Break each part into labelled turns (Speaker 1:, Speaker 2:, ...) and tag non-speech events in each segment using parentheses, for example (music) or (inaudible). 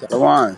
Speaker 1: Shalom.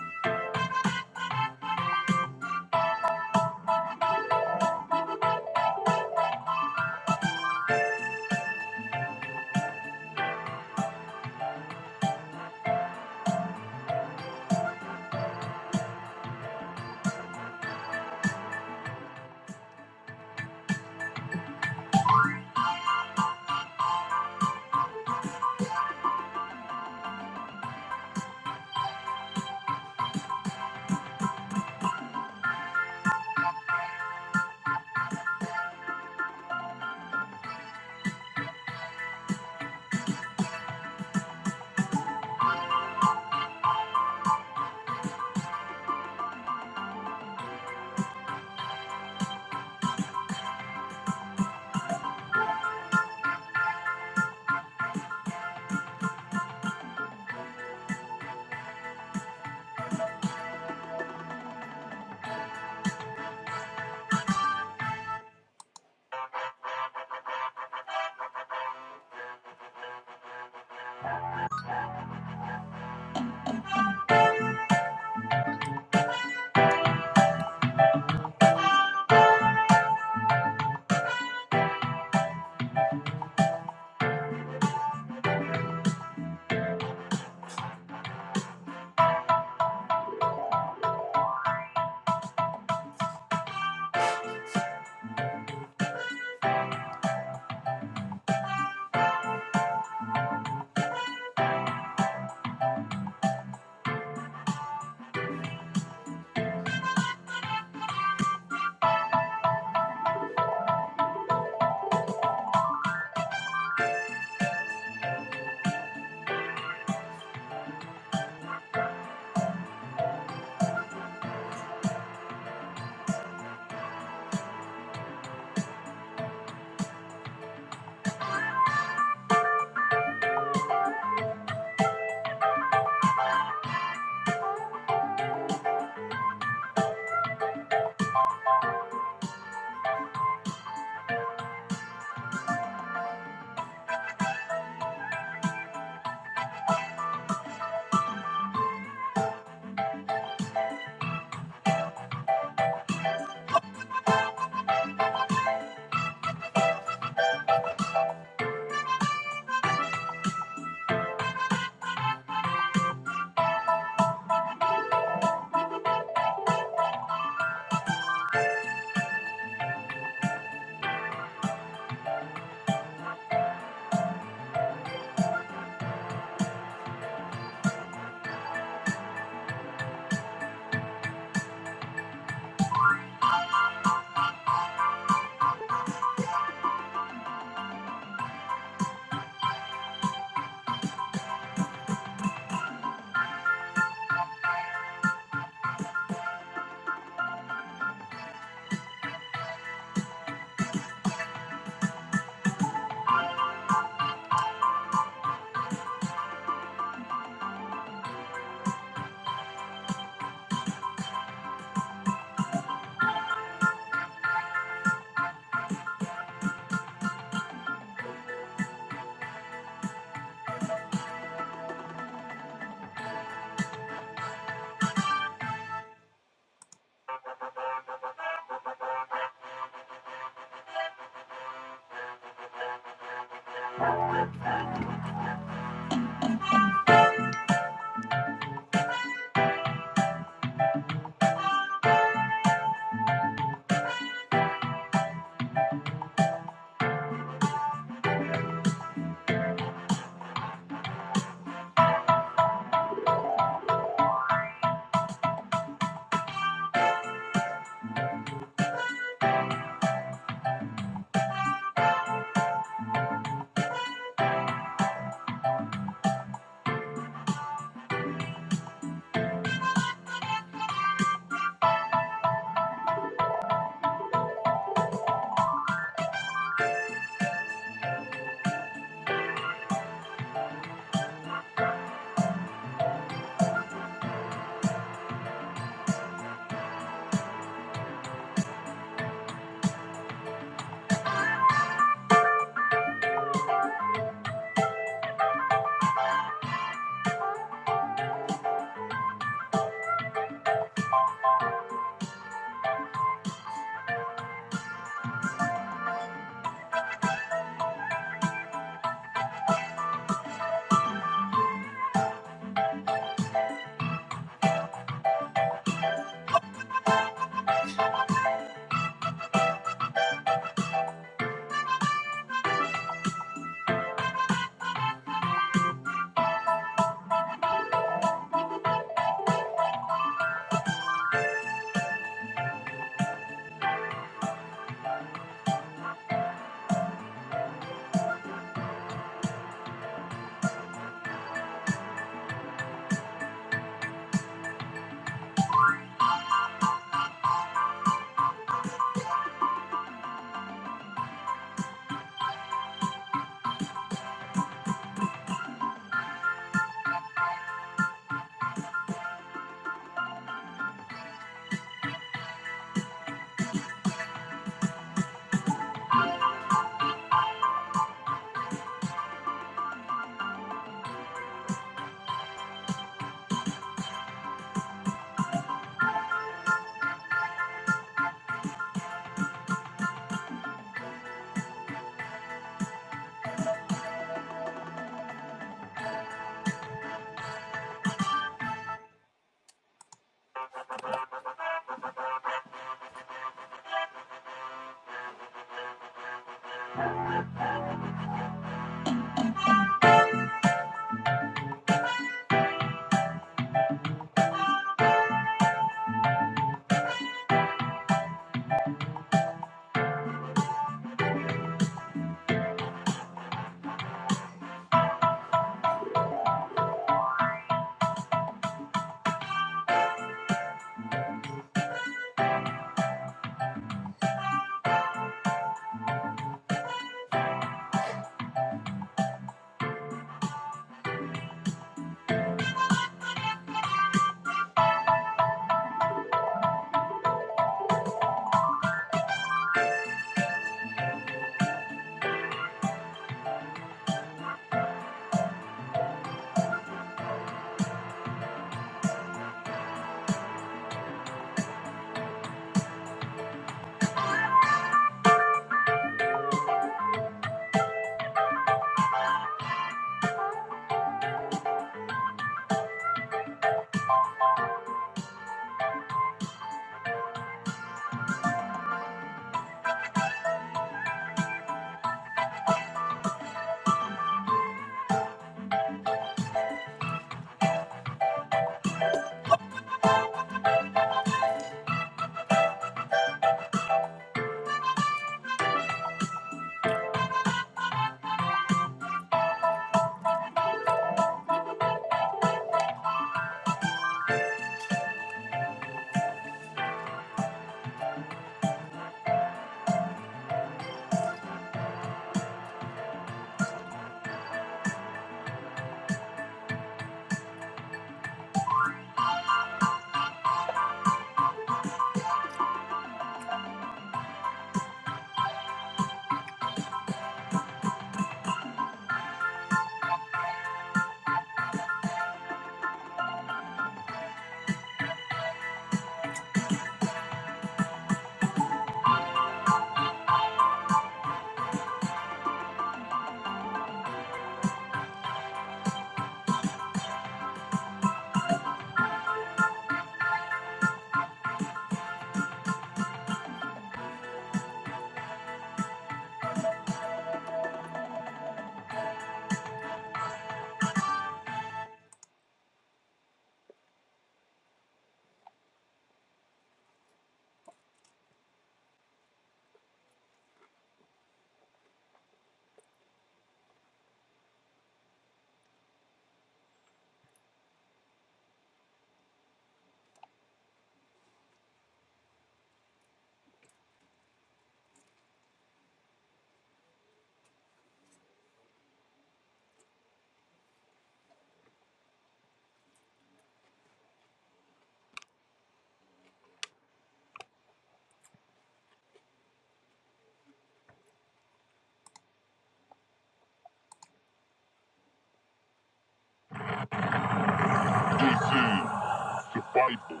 Speaker 2: survival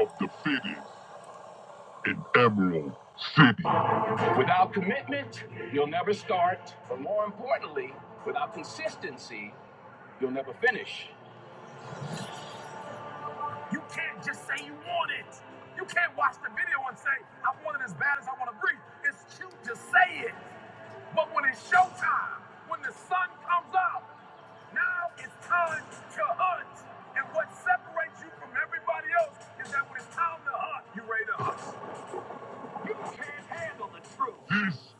Speaker 2: of the fittest in Emerald. Without commitment, you'll never start, but more importantly, without consistency, you'll never finish. You can't just say you want it. You can't watch the video and say, I want it as bad as I want to breathe. It's cute to say it. But when it's showtime, when the sun comes up, now it's time to hunt. And what separates you from everybody else is that when it's time to hunt, you are ready to hunt. You can't handle the truth. This is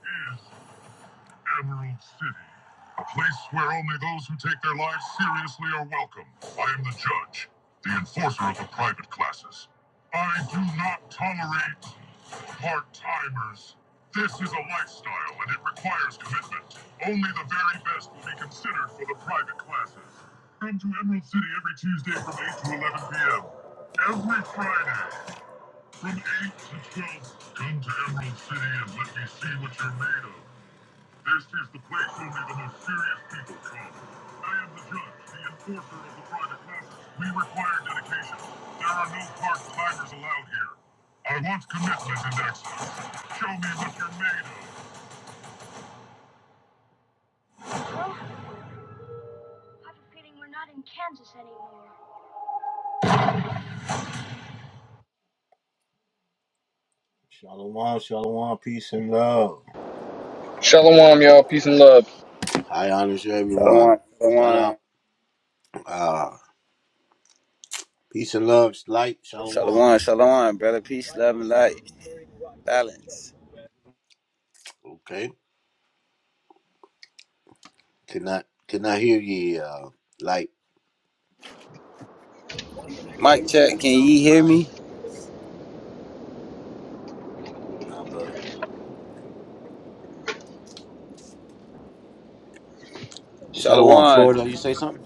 Speaker 2: Emerald City, a place where only those who take their lives seriously are welcome. I am the judge, the enforcer of the private classes. I do not tolerate part timers. This is a lifestyle and it requires commitment. Only the very best will be considered for the private classes. Come to Emerald City every Tuesday from 8 to 11 p.m. Every Friday. From eight to twelve, come to Emerald City and let me see what you're made of. This is the place only the most serious people come. I am the judge, the enforcer of the private classes. We require dedication. There are no park climbers allowed here. I want commitment and excellence. Show me what you're made of. Shalom, shalom, peace and love.
Speaker 3: Shalom, y'all. Peace and love.
Speaker 2: High honors to
Speaker 1: Shalom.
Speaker 2: everyone. Shout
Speaker 1: Shalom.
Speaker 2: out. Uh, peace and love, light, shalom.
Speaker 1: Shalom. Shalom. Brother, peace, love, and light. Balance.
Speaker 2: Okay. Cannot cannot hear ye, uh, light.
Speaker 1: Mic check. Can ye hear me?
Speaker 2: Nah, brother. Shalom, Florida.
Speaker 1: Shalom.
Speaker 2: You say something?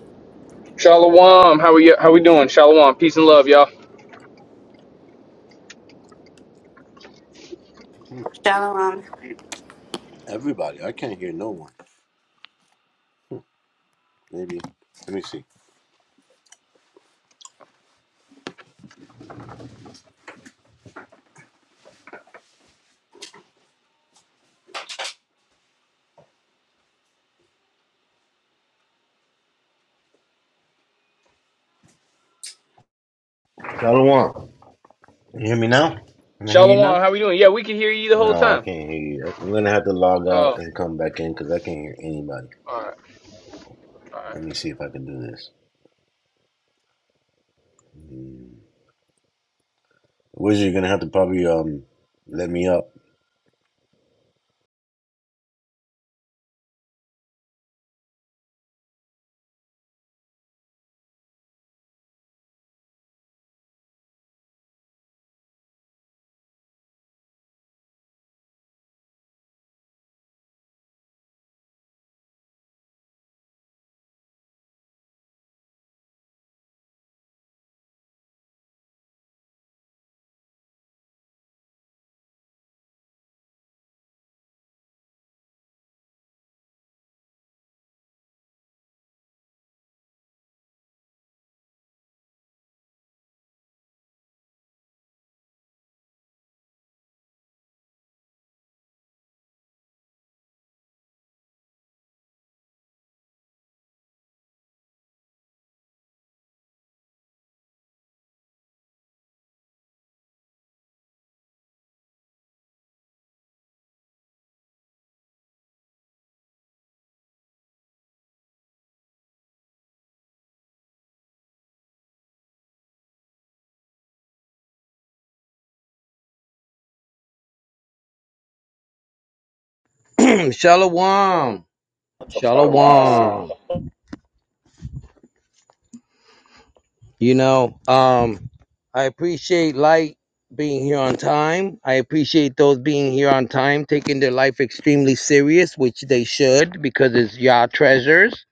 Speaker 3: Shalom. How we how we doing? Shalom. Peace and love, y'all.
Speaker 4: Shalom.
Speaker 2: Everybody. I can't hear no one. Maybe. Let me see. Shalom. Can You hear me now? Can I hear you now?
Speaker 3: Shalom. How we doing? Yeah, we can hear you the whole
Speaker 2: No, I
Speaker 3: time.
Speaker 2: can't hear you. I'm gonna have to log out
Speaker 3: Oh,
Speaker 2: and come back in because I can't hear anybody.
Speaker 3: all right, all
Speaker 2: Let
Speaker 3: right.
Speaker 2: me see if I can do this. Wizard, you're gonna have to probably um let me up.
Speaker 5: (clears throat) Shalom.
Speaker 1: Shalom.
Speaker 5: Shalom. You know, um, I appreciate Light being here on time. I appreciate those being here on time, taking their life extremely serious, which they should, because it's y'all treasures.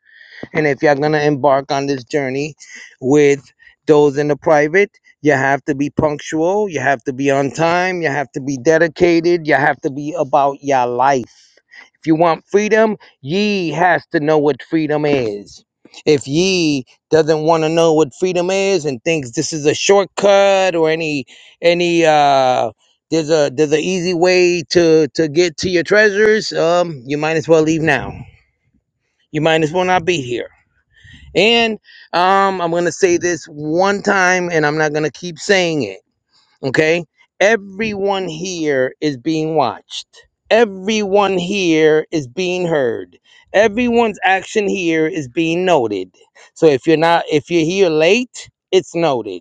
Speaker 5: And if y'all gonna embark on this journey with those in the private, you have to be punctual, you have to be on time, you have to be dedicated, you have to be about your life. If you want freedom, ye has to know what freedom is. If ye doesn't want to know what freedom is and thinks this is a shortcut or any any uh there's a there's an easy way to to get to your treasures, um, you might as well leave now. You might as well not be here. And um, I'm gonna say this one time, and I'm not gonna keep saying it Okay? Everyone here is being watched. Everyone here is being heard. Everyone's action here is being noted. So if you're not if you're here late, it's noted.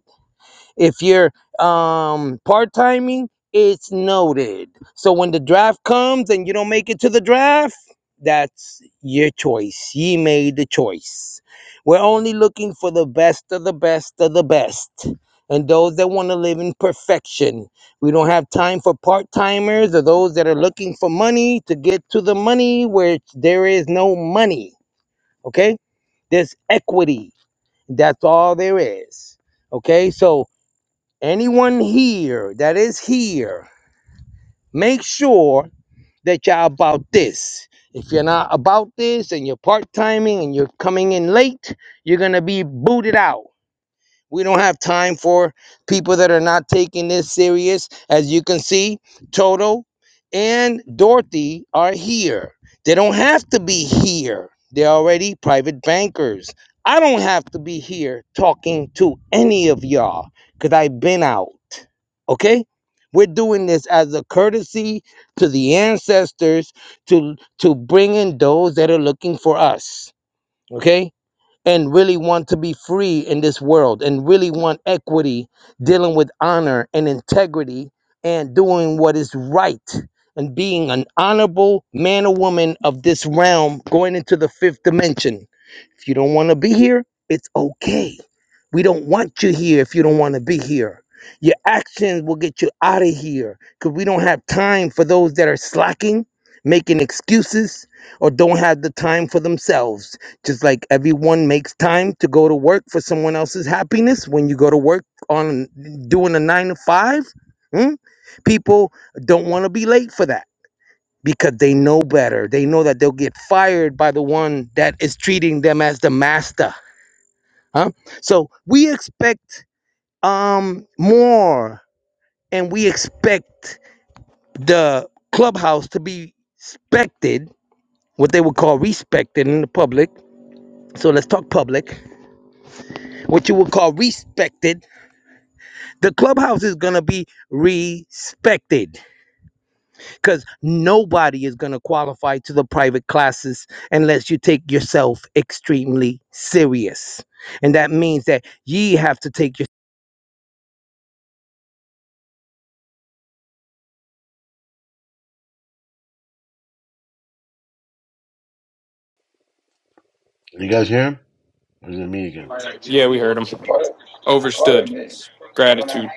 Speaker 5: If you're um part-timing, it's noted. So when the draft comes and you don't make it to the draft, that's your choice. You made the choice. We're only looking for the best of the best of the best. And those that want to live in perfection. We don't have time for part timers or those that are looking for money to get to the money where there is no money. Okay? There's equity. That's all there is. Okay? So anyone here that is here, make sure that y'all about this. If you're not about this and you're part timing and you're coming in late, you're gonna be booted out. We don't have time for people that are not taking this serious. As you can see, Toto and Dorothy are here. They don't have to be here. They're already private bankers. I don't have to be here talking to any of y'all because I've been out okay we're doing this as a courtesy to the ancestors to to bring in those that are looking for us okay and really want to be free in this world and really want equity dealing with honor and integrity and doing what is right and being an honorable man or woman of this realm going into the fifth dimension if you don't want to be here, it's okay. We don't want you here if you don't want to be here. Your actions will get you out of here because we don't have time for those that are slacking, making excuses, or don't have the time for themselves. Just like everyone makes time to go to work for someone else's happiness when you go to work on doing a nine to five, mm, people don't want to be late for that because they know better. They know that they'll get fired by the one that is treating them as the master. Huh? So we expect um more and we expect the clubhouse to be respected, what they would call respected in the public. So let's talk public. What you would call respected. The clubhouse is gonna be respected because nobody is going to qualify to the private classes unless you take yourself extremely serious. And that means that ye have to take your,
Speaker 2: You guys hear him? Or is it me again?
Speaker 3: all right. Yeah, we heard him. Overstood. Gratitude.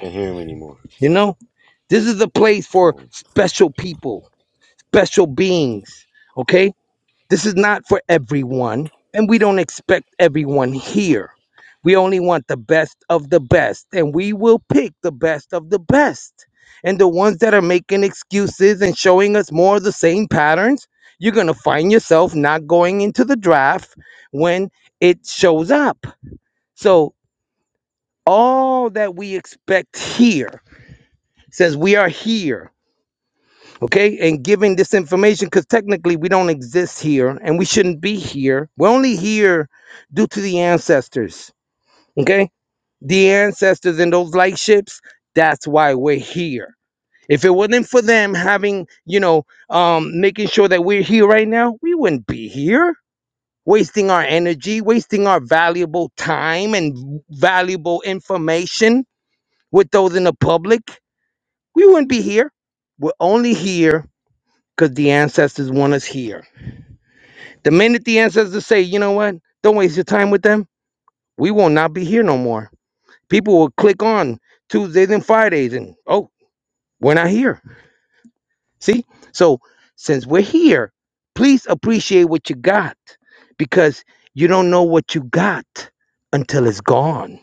Speaker 2: Can't hear him anymore.
Speaker 5: you know, this is a place for special people, special beings. Okay This is not for everyone, and we don't expect everyone here. We only want the best of the best, and we will pick the best of the best. And the ones that are making excuses and showing us more of the same patterns, you're going to find yourself not going into the draft when it shows up. So, all that we expect here says we are here okay and giving this information because technically we don't exist here and we shouldn't be here we're only here due to the ancestors okay the ancestors and those light ships that's why we're here if it wasn't for them having you know um making sure that we're here right now we wouldn't be here wasting our energy wasting our valuable time and valuable information with those in the public we wouldn't be here we're only here because the ancestors want us here. The minute the ancestors say, you know what, don't waste your time with them, we will not be here no more. People will click on Tuesdays and Fridays and, oh, we're not here. See? So since we're here, please appreciate what you got because you don't know what you got until it's gone.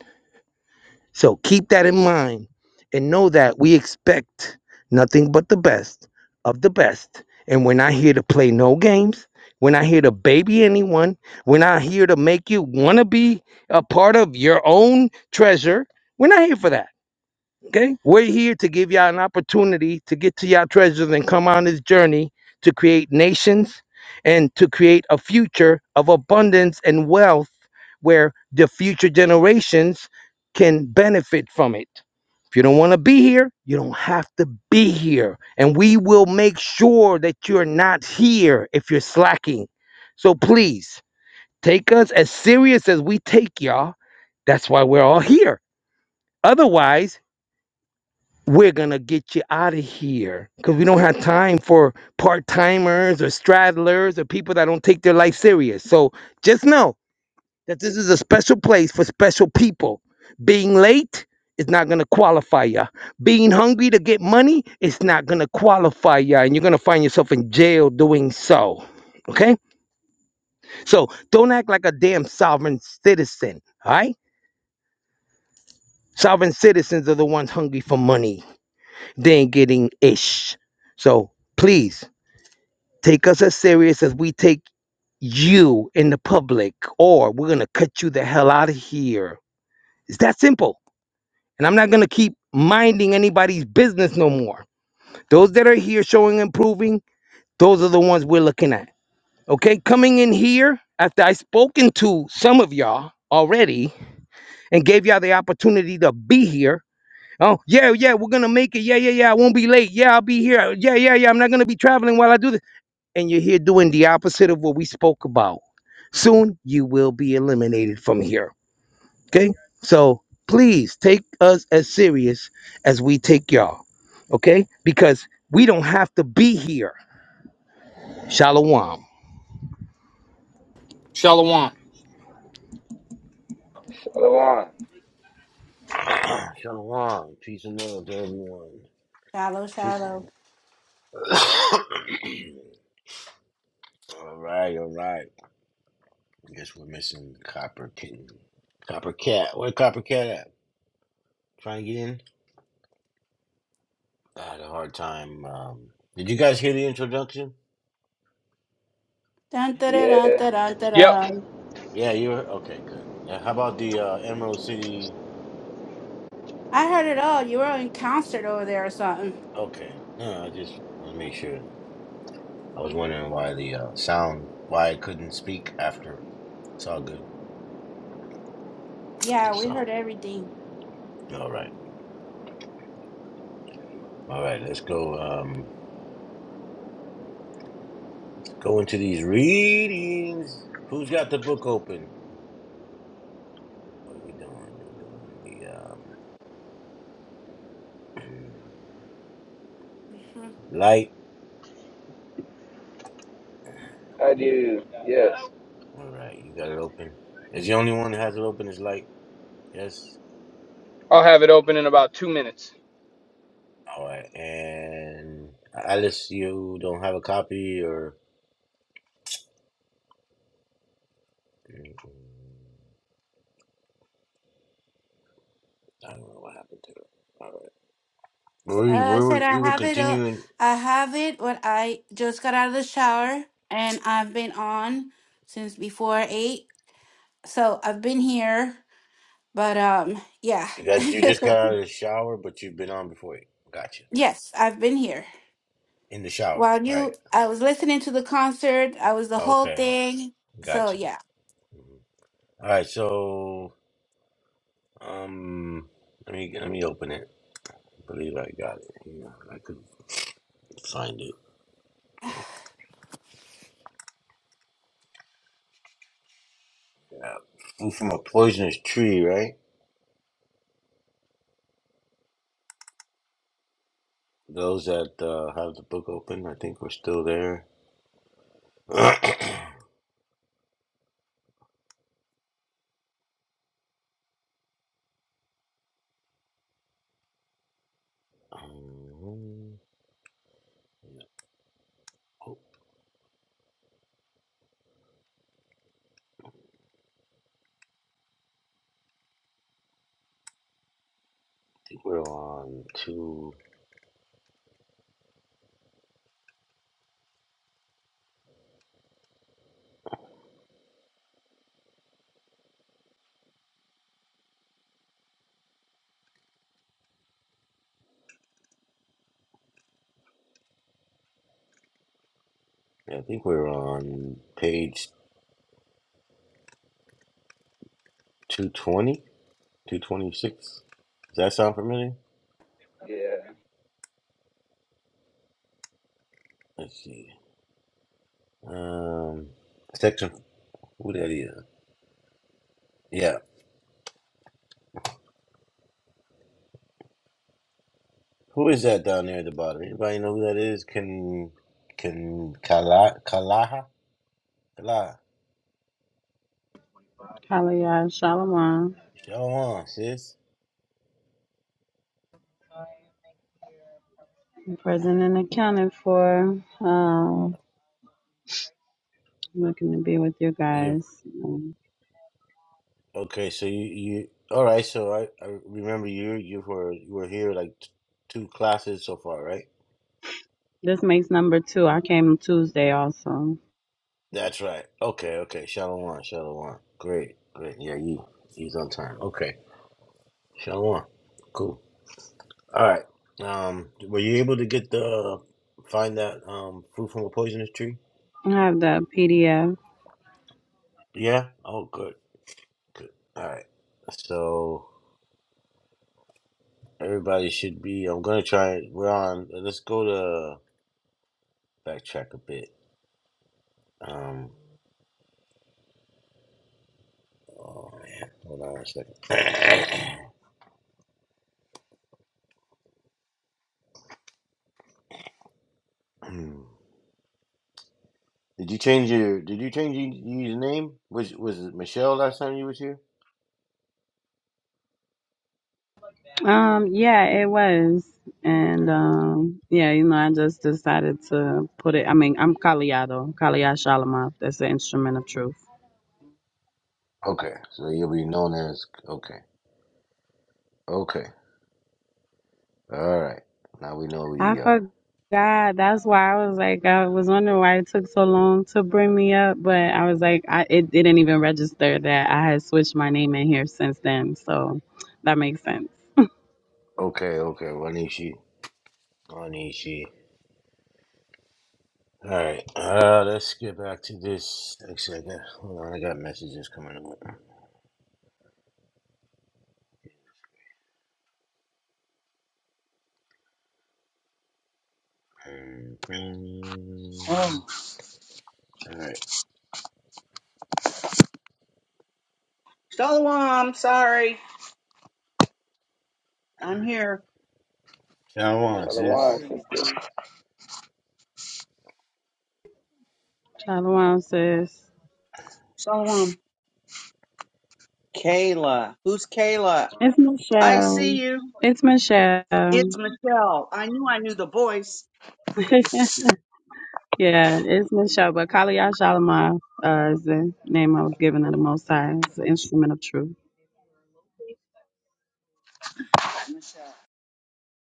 Speaker 5: So keep that in mind and know that we expect nothing but the best of the best. And we're not here to play no games. We're not here to baby anyone. We're not here to make you want to be a part of your own treasure. We're not here for that. Okay? We're here to give y'all an opportunity to get to y'all treasures and come on this journey to create nations and to create a future of abundance and wealth where the future generations can benefit from it. If you don't want to be here, you don't have to be here. And we will make sure that you're not here if you're slacking. So please take us as serious as we take y'all. That's why we're all here. Otherwise, we're gonna get you out of here because we don't have time for part-timers or straddlers or people that don't take their life serious so just know that this is a special place for special people being late is not gonna qualify ya being hungry to get money is not gonna qualify ya and you're gonna find yourself in jail doing so okay so don't act like a damn sovereign citizen all right sovereign citizens are the ones hungry for money than getting ish. So please take us as serious as we take you in the public, or we're gonna cut you the hell out of here. It's that simple. And I'm not gonna keep minding anybody's business no more. Those that are here showing improving, those are the ones we're looking at. Okay, coming in here after I spoken to some of y'all already and gave y'all the opportunity to be here. Oh, yeah, yeah, we're gonna make it. Yeah, yeah, yeah. I won't be late. Yeah, I'll be here. Yeah, yeah, yeah. I'm not gonna be traveling while I do this. and you're here doing the opposite of what we spoke about, soon you will be eliminated from here. Okay? So please take us as serious as we take y'all. Okay? Because we don't have to be here. Shalom.
Speaker 3: Shalom.
Speaker 1: Shalom.
Speaker 2: Shalom, peace and love to everyone.
Speaker 4: Shallow,
Speaker 2: Peace.
Speaker 4: shallow.
Speaker 2: All right, all right. I guess we're missing Copper Kitten. Copper Cat. Where Copper Cat at? trying to get in. I had a hard time. Um, did you guys hear the introduction?
Speaker 4: Dun, da, da, dun,
Speaker 1: Yeah,
Speaker 4: da, dun, da,
Speaker 3: Yep.
Speaker 4: dun.
Speaker 2: Yeah, you were okay. Good. Yeah, how about the uh, Emerald City?
Speaker 4: I heard it all. You were in concert over there or something.
Speaker 2: Okay, no, I just want to make sure. I was wondering why the uh, sound, why I couldn't speak after. It's all good.
Speaker 4: Yeah, we
Speaker 2: So,
Speaker 4: heard everything.
Speaker 2: all right, all right. Let's go. Um, go into these readings. Who's got the book open? What are we doing? We're doing the um,
Speaker 4: Mhm.
Speaker 2: (clears throat) light.
Speaker 1: I do. Yes.
Speaker 2: All right, you got it open. Is the only one that has it open is light. Yes.
Speaker 3: I'll have it open in about two minutes.
Speaker 2: All right, and Alice, you don't have a copy, or I don't know what happened to it. All
Speaker 4: Uh,
Speaker 2: right, we we
Speaker 4: I
Speaker 2: were,
Speaker 4: said I
Speaker 2: we were
Speaker 4: have it. Uh,
Speaker 2: continuing.
Speaker 4: I have it. What I just got out of the shower and I've been on since before eight. So I've been here, but um, yeah,
Speaker 2: You got you
Speaker 4: (laughs)
Speaker 2: just got out of the shower, but you've been on before. Gotcha.
Speaker 4: yes, I've been here.
Speaker 2: In the shower,
Speaker 4: While
Speaker 2: right?
Speaker 4: you, I was listening to the concert. I was the whole
Speaker 2: Okay,
Speaker 4: thing. So
Speaker 2: gotcha.
Speaker 4: yeah.
Speaker 2: All right, so um, let me let me open it. I believe I got it. Yeah, I could find it. Yeah. Food from a poisonous tree, right? Those that uh, have the book open, I think we're still there. (clears throat) Um, I think we're on two. yeah, I think we're on page two twenty, two twenty six. Does that sound familiar?
Speaker 1: Yeah.
Speaker 2: Let's see. Um, section. Who that is? Yeah. Who is that down there at the bottom? Anybody know who that is? Can can Kala Kalaha Kala?
Speaker 6: Kaliyah Shalom. I'm
Speaker 2: Show on, sis.
Speaker 6: Present and accounted for. Um, looking to be with you
Speaker 2: You
Speaker 6: guys. Um,
Speaker 2: okay? So you you all right? So I, I remember you you were you were here like t- two classes so far, right?
Speaker 6: this makes number two. I came Tuesday also.
Speaker 2: That's right. Okay, okay. Shalom, shalom. Great, great. Yeah, you he's on time. Okay, shalom. Cool. All right. Um, were you able to get the find that um fruit from a poisonous tree?
Speaker 6: I have the PDF.
Speaker 2: Yeah. Oh, good, good. All right. So everybody should be. I'm gonna try. We're on. Let's go to backtrack a bit. Um. Oh man. Hold on one second. (clears throat) Hmm. Did you change your Did you change your, your name? Was Was it Michelle last time you was here?
Speaker 6: Um, yeah, it was. And um, yeah, you know, I just decided to put it. I mean, I'm Kaliyah though. Kaliyah Shalom. That's the instrument of truth.
Speaker 2: Okay, so you'll be known as okay, okay, all right. Now we know
Speaker 6: I
Speaker 2: we uh
Speaker 6: forgot. That's why I was like, I was wondering why it took so long to bring me up, but I was like, I it didn't even register that I had switched my name in here since then. So that makes sense. (laughs)
Speaker 2: okay, okay, Wanishi, Wanishi. All right, uh, let's get back to this. Actually, I got hold on, I got messages coming up. hmm
Speaker 7: Oh,
Speaker 2: All right,
Speaker 7: Shalom. Sorry, I'm here.
Speaker 2: John wants
Speaker 1: Shalom,
Speaker 2: this.
Speaker 1: sister.
Speaker 6: Shalom, sis.
Speaker 7: Shalom. Kayla. Who's Kayla?
Speaker 6: It's
Speaker 7: I
Speaker 6: Michelle.
Speaker 7: see you.
Speaker 6: It's Michelle.
Speaker 7: It's Michelle. I knew I knew the voice.
Speaker 6: (laughs) Yeah, it's Michelle, but Kaliyah Shalimar uh, is the name I was given of the Most High. It's the instrument of truth.
Speaker 7: Michelle.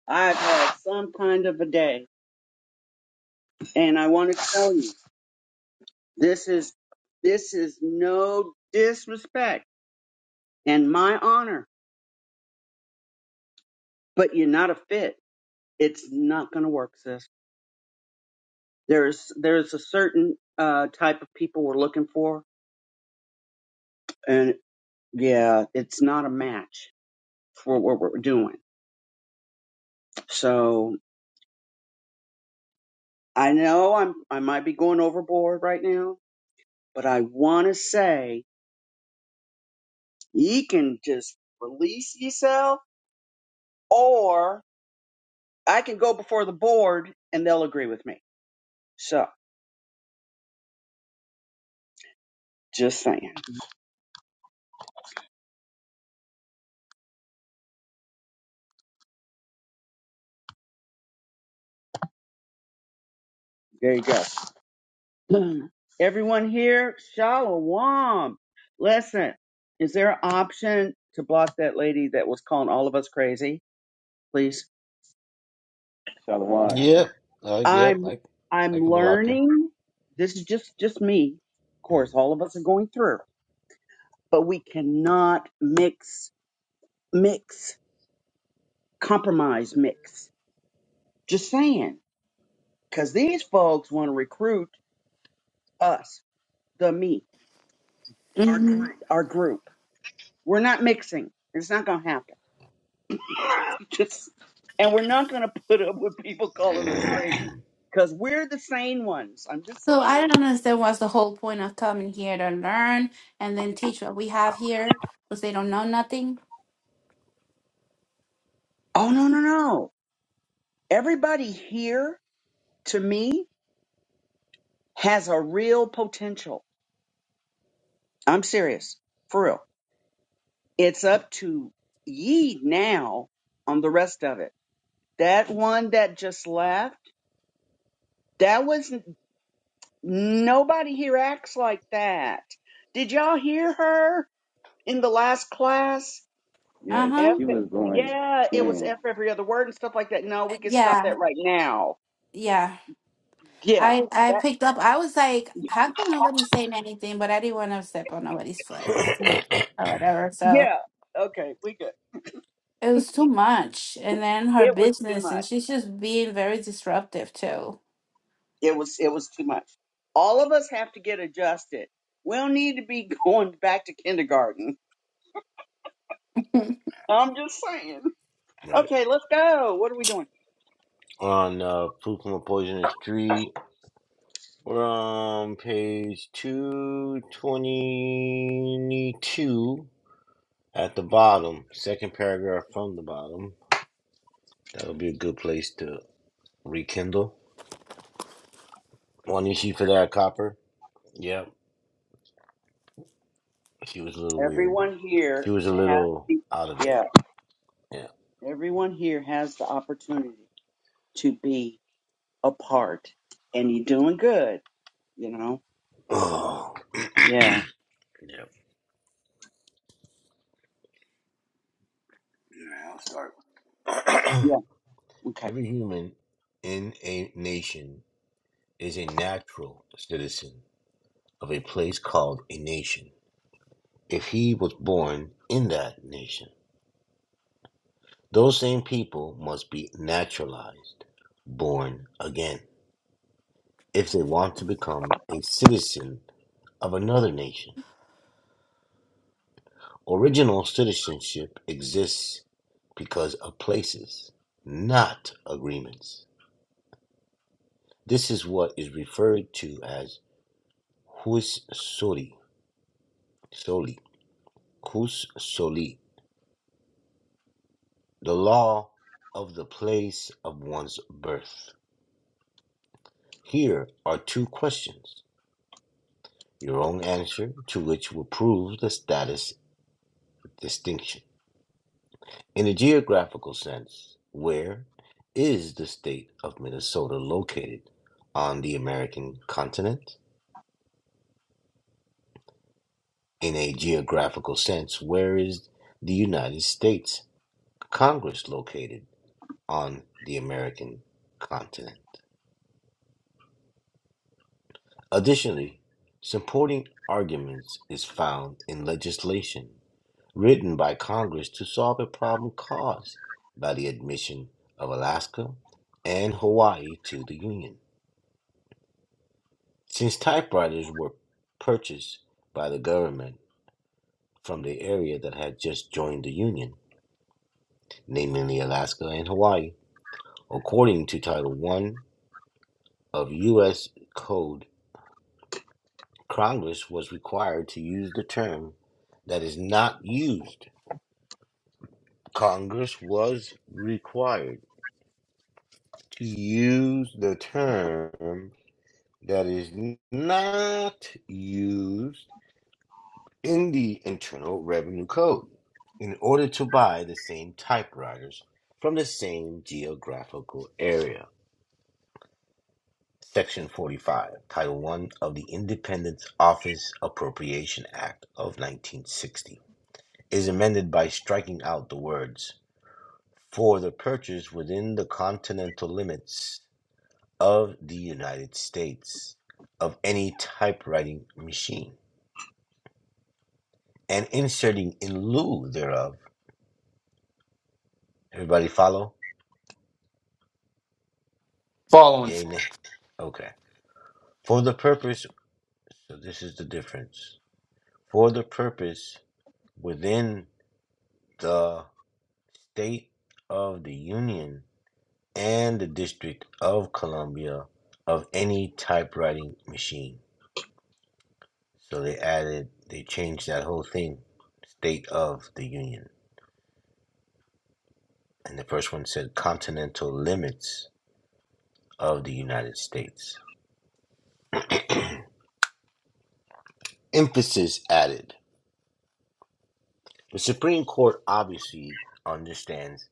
Speaker 7: I've had some kind of a day, and I want to tell you this is this is no disrespect and my honor, but you're not a fit. It's not going to work, sis. There's there's a certain uh, type of people we're looking for, and yeah, it's not a match for what we're doing. So I know I'm I might be going overboard right now, but I want to say you can just release yourself, or I can go before the board and they'll agree with me. So just saying, there you go. (clears throat) Everyone here, shalom. Listen, is there an option to block that lady that was calling all of us crazy? Please.
Speaker 1: Shalom.
Speaker 2: Yep, uh, yep,
Speaker 7: I'm
Speaker 2: I
Speaker 7: I'm
Speaker 2: I can block her.
Speaker 7: learning. This is just just me. Of course,
Speaker 2: Mhm.
Speaker 7: all of us are going through, but we cannot mix mix compromise mix. Just saying, because these folks want to recruit us, the me, our group. We're not mixing. It's not gonna happen. (laughs) just and we're not gonna put up with people calling us crazy because we're the sane ones. I'm just
Speaker 4: So I
Speaker 7: saying.
Speaker 4: don't understand what's the whole point of coming here to learn and then teach what we have here because they don't know nothing.
Speaker 7: Oh no no no! Everybody here to me has a real potential. I'm serious, for real. It's up to ye now on the rest of it. That one that just left, that was nobody here acts like that. Did y'all hear her in the last class?
Speaker 1: Yeah,
Speaker 4: Uh-huh.
Speaker 7: F,
Speaker 1: she was going
Speaker 7: yeah, it was
Speaker 1: in.
Speaker 7: F every other word and stuff like that. No, we
Speaker 4: Uh,
Speaker 7: can stop
Speaker 4: Yeah.
Speaker 7: that right now.
Speaker 4: Yeah.
Speaker 7: Yeah,
Speaker 4: I I
Speaker 7: that,
Speaker 4: picked up. I was like, how come nobody's saying anything? But I didn't want to step on nobody's foot feet or whatever. So
Speaker 7: yeah, okay, we good.
Speaker 4: it was too much. And then her
Speaker 7: It was too
Speaker 4: business,
Speaker 7: much.
Speaker 4: and she's just being very disruptive too.
Speaker 7: It was it was too much. All of us have to get adjusted. We'll need to be (laughs) going back to kindergarten.
Speaker 4: (laughs) that
Speaker 7: I'm just saying.
Speaker 2: Right
Speaker 7: Okay, let's go. What are we doing?
Speaker 2: on uh, food from a poisonous tree. We're on page two twenty two. At the bottom, second paragraph from the bottom, that would be a good place to rekindle. One issue for that copper. Yep, she was a little weird.
Speaker 7: Everyone
Speaker 2: She
Speaker 7: here
Speaker 2: was a
Speaker 7: has
Speaker 2: little
Speaker 7: the
Speaker 2: out of it.
Speaker 7: yeah,
Speaker 2: Yeah.
Speaker 7: everyone here has the opportunity to be a part. And you're doing good, you know?
Speaker 2: (clears throat) Oh,
Speaker 7: Yeah.
Speaker 2: yep. Yeah, I'll start. (clears throat)
Speaker 7: Yeah. Okay.
Speaker 2: Every human in a nation is a natural citizen of a place called a nation. If he was born in that nation, those same people must be naturalized, born again. if they want to become a citizen of another nation. Original citizenship exists because of places, not agreements. This is what is referred to as hus soli, soli, hus soli, the law of the place of one's birth. Here are two questions, your own answer to which will prove the status distinction. In a geographical sense, where is the state of Minnesota located on the American continent? In a geographical sense, where is the United States Congress located on the American continent? Additionally, supporting arguments is found in legislation written by Congress to solve a problem caused by the admission of Alaska and Hawaii to the Union. Since typewriters were purchased by the government from the area that had just joined the Union, namely Alaska and Hawaii, according to Title I of U.S. Code, Congress was required to use the term that is not used. Congress was required to use the term that is not used in the Internal Revenue Code in order to buy the same typewriters from the same geographical area. Section 45, Title 1 of the Independence Office Appropriation Act of 1960 is amended by striking out the words for the purchase within the continental limits of the United States of any typewriting machine and inserting in lieu thereof. Everybody follow?
Speaker 3: Following.
Speaker 2: Yea, nay. Okay. For the purpose, so this is the difference. For the purpose within the state of the Union and the District of Columbia of any typewriting machine. So they added, they changed that whole thing. State of the Union. And the first one said continental limits of the United States. Emphasis added. The Supreme Court obviously understands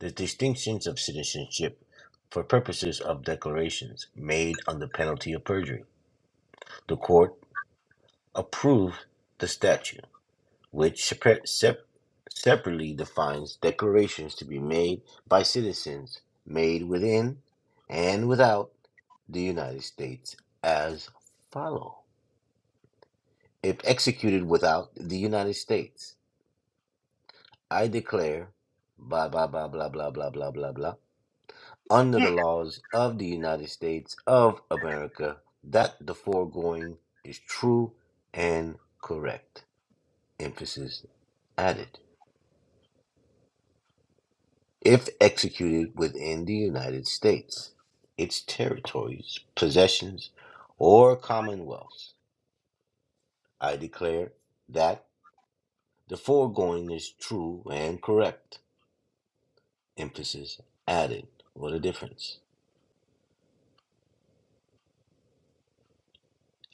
Speaker 2: the distinctions of citizenship for purposes of declarations made under penalty of perjury. The court approved the statute, which separ- sep- separately defines declarations to be made by citizens made within and without the United States as follow. If executed without the United States, I declare blah blah blah blah blah blah blah blah blah under
Speaker 7: Mm,
Speaker 2: the laws of the United States of America that the foregoing is true and correct. Emphasis added. If executed within the United States, its territories, possessions, or commonwealths, I declare that the foregoing is true and correct. Emphasis added. What a difference.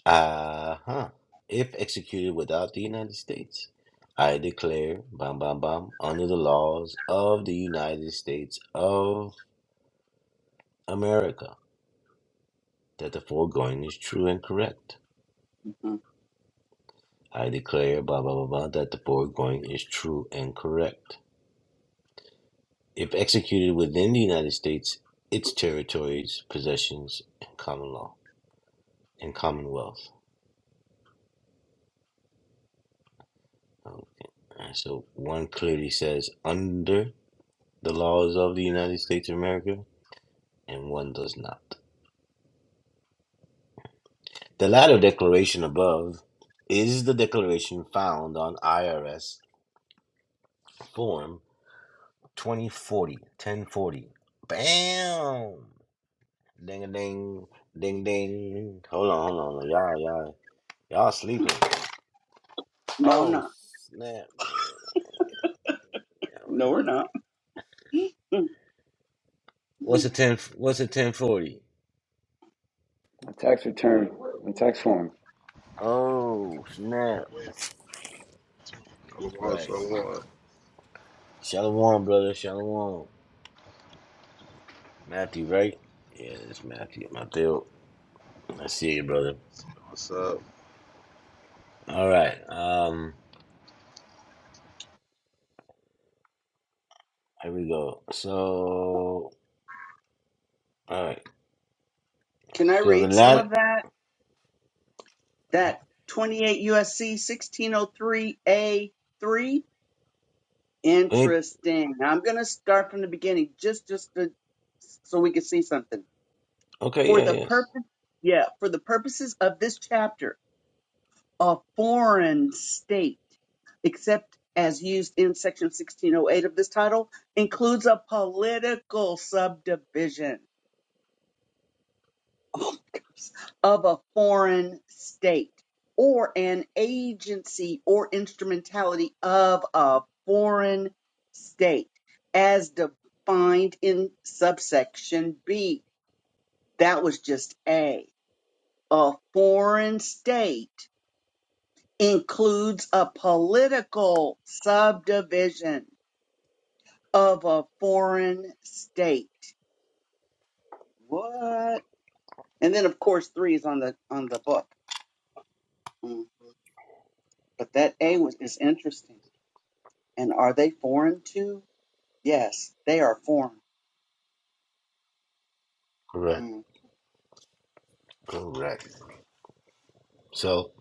Speaker 2: Uh-huh. If executed without the United States, I declare, bam, bam, bam, under the laws of the United States of America, that the foregoing is true and correct.
Speaker 7: mm.
Speaker 2: I declare, blah, blah, blah, blah, that the foregoing is true and correct. If executed within the United States, its territories, possessions, and common law, and commonwealth. Okay. And So one clearly says, under the laws of the United States of America, and one does not. The latter declaration above is the declaration found on IRS Form 2040 1040. Bam! Ding a ding, ding ding. Hold on, hold on. Y'all, y'all, y'all sleeping.
Speaker 7: No, I'm
Speaker 2: Oh,
Speaker 7: not.
Speaker 2: snap, man. Y'all wait
Speaker 7: No, we're
Speaker 2: on it.
Speaker 7: not. (laughs) Mm,
Speaker 2: What's
Speaker 7: mm.
Speaker 2: a 10 what's a 1040?
Speaker 1: A tax return, a tax form.
Speaker 2: Oh, snap.
Speaker 8: Shalom,
Speaker 2: Right.
Speaker 8: shalom.
Speaker 2: Shalom, brother. Shalom. Matthew, right? Yeah, it's Matthew. Matthew. I see you, brother.
Speaker 8: What's up?
Speaker 2: All right. Um, here we go. So, all right.
Speaker 7: Can I
Speaker 2: So the
Speaker 7: read some of
Speaker 2: lat.
Speaker 7: that? that 28 USC 1603A3.
Speaker 2: Wait.
Speaker 7: Interesting. I'm going to start from the beginning just just to, so we can see something.
Speaker 2: Okay.
Speaker 7: For the
Speaker 2: Yeah. Yes.
Speaker 7: purpose yeah, for the purposes of this chapter, a foreign state, except as used in section 1608 of this title, includes a political subdivision (laughs) oh my goodness, of a foreign state or an agency or instrumentality of a foreign state as defined in subsection B. That was just A. A foreign state includes a political subdivision of a foreign state. What? And then of course 3 is on the on the book. Mm. But that A was, is interesting. And are they foreign too? Yes, they are foreign.
Speaker 2: Correct.
Speaker 7: Mm.
Speaker 2: Correct. So,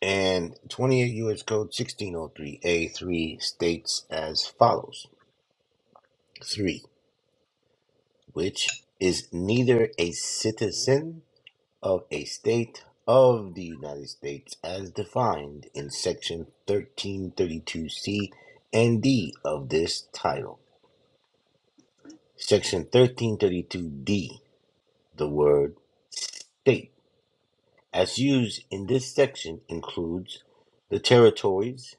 Speaker 2: and 28 U.S. Code 1603A3 states as follows: three, which is neither a citizen of a state of the United States as defined in Section 1332C and D of this title. Section 1332D, the word state, as used in this section, includes the territories,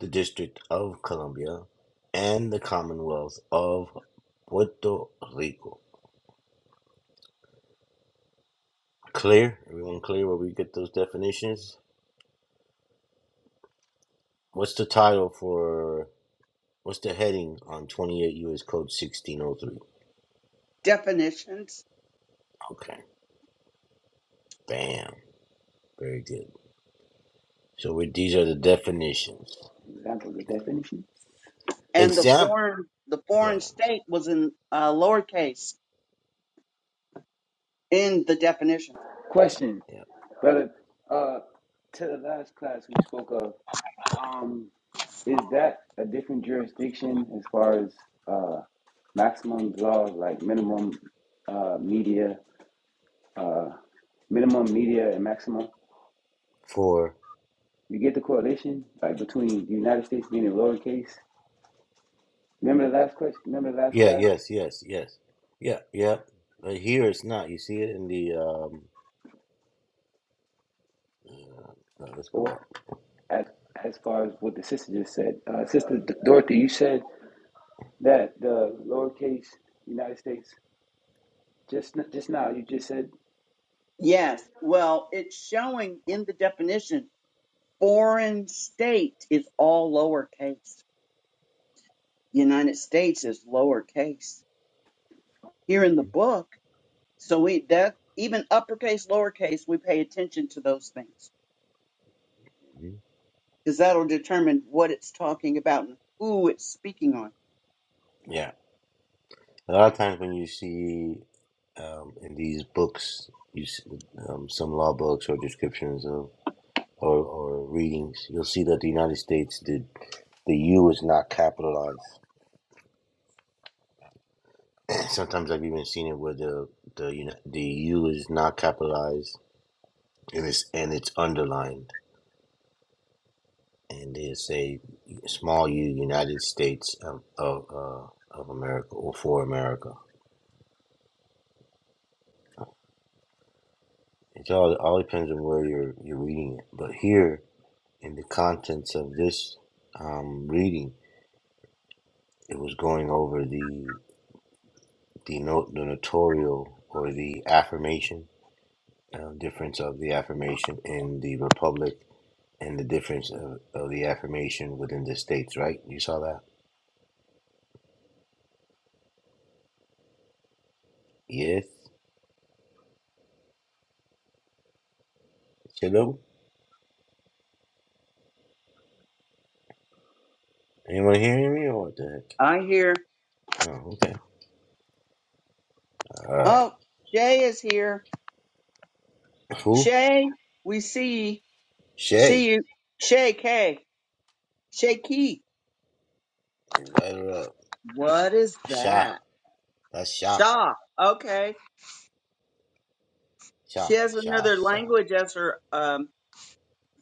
Speaker 2: the District of Columbia, and the Commonwealth of Puerto Rico. Clear? Everyone clear where we get those definitions? What's the title for, what's the heading on 28 U.S. Code 1603?
Speaker 7: Definitions
Speaker 2: Okay, bam, very good. So we, these are the definitions.
Speaker 1: Examples of definition.
Speaker 7: and the
Speaker 2: Example,
Speaker 7: foreign the
Speaker 2: go
Speaker 7: foreign
Speaker 2: ahead.
Speaker 7: state was in uh, lowercase in the definition.
Speaker 1: Question,
Speaker 2: Yeah,
Speaker 1: brother. Uh, to the last class we spoke of. Um. Is that a different jurisdiction as far as uh, maximum laws like minimum uh, media, uh, minimum media and maximum?
Speaker 2: for
Speaker 1: You get the correlation like between the United States being in lowercase. Remember the last question? Remember the last
Speaker 2: yeah
Speaker 1: class?
Speaker 2: yes yes yes yeah yeah but here it's not you see it in the um no, let's
Speaker 1: But
Speaker 2: go
Speaker 1: what,
Speaker 2: up
Speaker 1: as as far as what the sister just said, uh, sister D- Dorothy, you said that the lowercase United States just n- just now. You just said
Speaker 7: Yes, well, it's showing in the definition foreign state is all lowercase. United States is lowercase here in the book. So we that even uppercase, lowercase, we pay attention to those things.
Speaker 2: Mhm.
Speaker 7: because that'll determine what it's talking about and who it's speaking on.
Speaker 2: yeah a lot of times when you see um in these books you see, um, some law books or descriptions of or, or readings you'll see that the united states did the u is not capitalized (clears throat) sometimes i've even seen it where the the you know the u is not capitalized and it's and it's underlined and it's a small U United States of of, uh, of America or for America. It all all depends on where you're you're reading it. But here, in the contents of this um, reading, it was going over the the no, the notorial or the affirmation uh, difference of the affirmation in the republic and the difference of, of the affirmation within the states. Right? You saw that? Yes. Hello. Anyone hearing me or what the heck?
Speaker 7: I hear,
Speaker 2: Oh, okay. All right.
Speaker 7: oh, Shay is here.
Speaker 2: Who?
Speaker 7: Shay, we see See
Speaker 2: Shay.
Speaker 7: you. Shay K. Shay Key.
Speaker 2: Invite her up.
Speaker 7: What is
Speaker 2: Sha.
Speaker 7: that?
Speaker 2: That's Sha.
Speaker 7: Shaw. Okay.
Speaker 2: Sha.
Speaker 7: She has
Speaker 2: Sha.
Speaker 7: another
Speaker 2: Sha.
Speaker 7: language as her, um,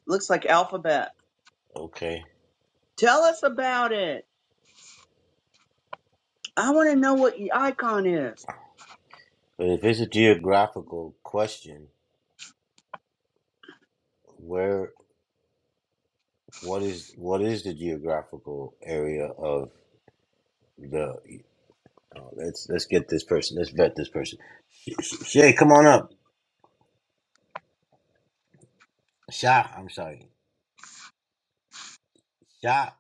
Speaker 7: looks like alphabet.
Speaker 2: Okay.
Speaker 7: Tell us about it. I want to know what the icon is.
Speaker 2: But if it's a geographical question, where? What is? What is the geographical area of the? Oh, let's let's get this person. Let's vet this person. Sh- Sh- Shay, come on up. Sha. I'm sorry. Sha.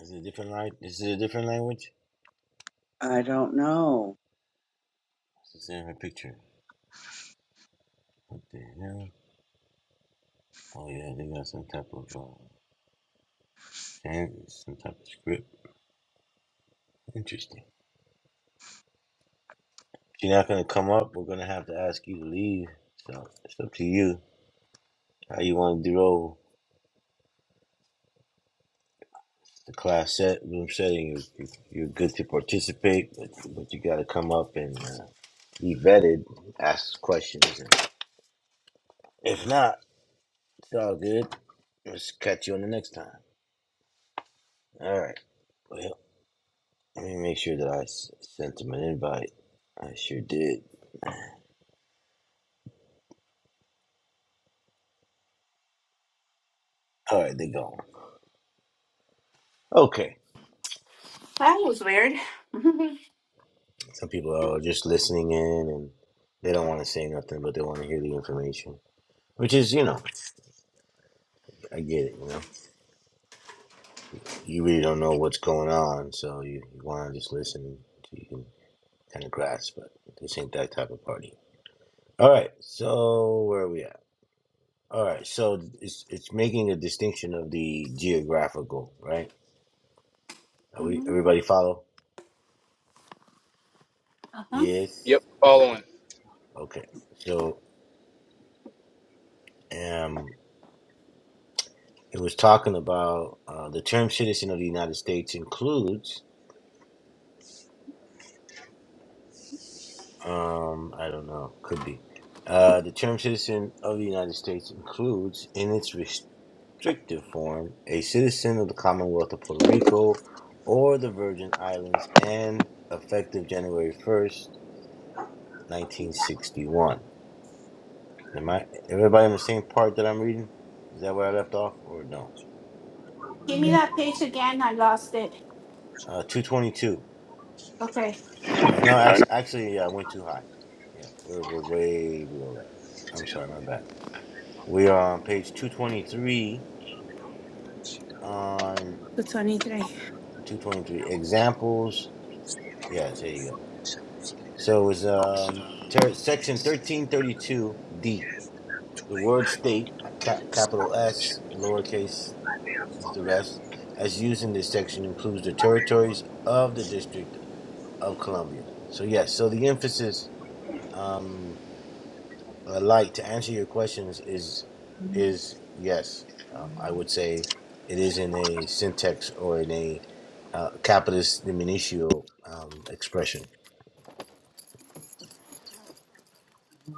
Speaker 2: Is it a different language? Is it a different language?
Speaker 7: I don't know.
Speaker 2: It's in her picture. What the hell? Oh yeah, they got some type of uh, sand, some type of script. Interesting. If you're not gonna come up, we're gonna have to ask you to leave. So it's up to you how you want to roll the class set room setting. If, if you're good to participate, but, but you got to come up and uh, be vetted, ask questions. And if not, it's all good. Let's catch you on the next time. All right. Well, let me make sure that I s- sent them an invite. I sure did. All right, they're gone. Okay.
Speaker 4: was weird. (laughs)
Speaker 2: Some people are just listening in and they don't want to say nothing, but they want to hear the information, which is, you know, I get it, you know. You really don't know what's going on, so you, you want to just listen so you can kind of grasp, but this ain't that type of party. All right, so where are we at? All right, so it's it's making a distinction of the geographical, right? Are we everybody
Speaker 4: uh-huh.
Speaker 2: follow? Yes.
Speaker 3: Yep. Following.
Speaker 2: Okay. Okay. So, um, It was talking about uh, the term citizen of the United States includes, um, I don't know, could be. Uh, the term citizen of the United States includes, in its restrictive form, a citizen of the Commonwealth of Puerto Rico or the Virgin Islands and effective January 1st, 1961. Am I everybody on the same part that I'm reading? Is that where I left off or no?
Speaker 4: Give me that page again. I lost it.
Speaker 2: Uh, 222.
Speaker 4: Okay.
Speaker 2: Uh, no, actually, actually, yeah, I went too high. Yeah, we're we're way below that. I'm sorry, my bad. We are on page 223 on
Speaker 4: The 23.
Speaker 2: 223 examples. Yes, there you go. So it's um ter- section 1332D. The word state, ca- capital S, lowercase the rest, as used in this section includes the territories of the District of Columbia. So yes, so the emphasis. um. Uh, light to answer your questions is is yes. Um, I would say it is in a syntax or in a uh, capitis diminutio um, expression.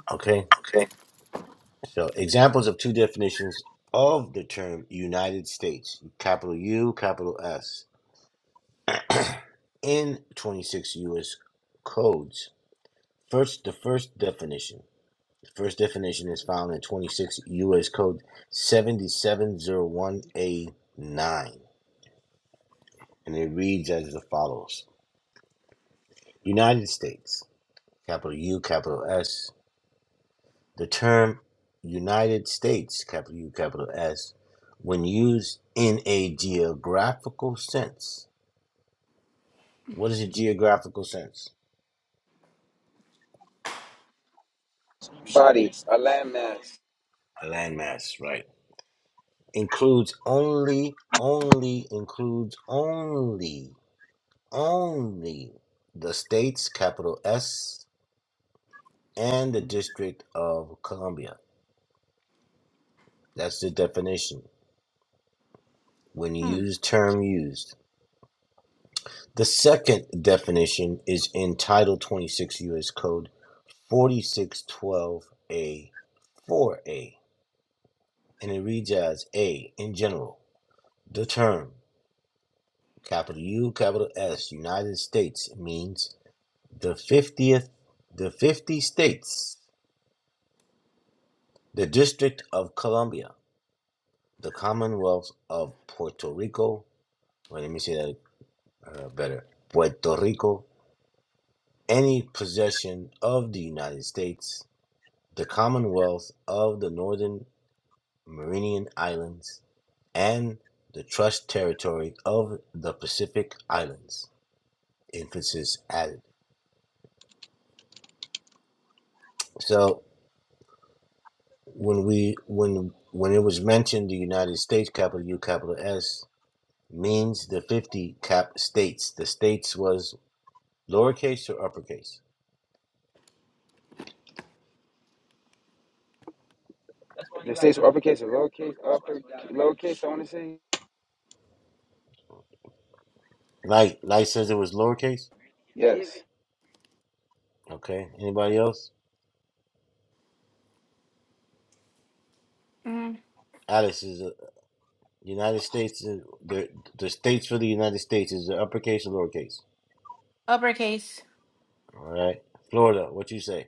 Speaker 2: Okay, so examples of two definitions of the term United States, capital U, capital S, in 26 U.S. codes. First, the first definition. The first definition is found in 26 U.S. Code 7701A9. and it reads as follows United States, capital U, capital S. The term United States, capital U, capital S, when used in a geographical sense, what is a geographical sense?
Speaker 1: Bodies, a landmass.
Speaker 2: A landmass, right? Includes only, only, includes only, only the states, capital S, and the District of Columbia. That's the definition when used term used. The second definition is in Title 26 U.S. Code 4612A 4A, and it reads as A in general. The term, capital U, capital S, United States means the 50th, the 50 states, the District of Columbia, the Commonwealth of Puerto Rico. Well, let me say that uh, better Puerto Rico, any possession of the United States the Commonwealth of the Northern Mariana Islands, and the Trust Territory of the Pacific Islands. Emphasis added. So when we when when it was mentioned the United States capital U capital S means the fifty cap states. The states was lowercase or uppercase.
Speaker 1: The states were uppercase or lowercase, upper lowercase. I want to say
Speaker 2: Light Light says it was lowercase.
Speaker 1: yes,
Speaker 2: Okay. Anybody else?
Speaker 4: Mm,
Speaker 2: Alice is the United States. The the states for the United States is the uppercase or lowercase.
Speaker 4: uppercase.
Speaker 2: All right. Florida, what you say?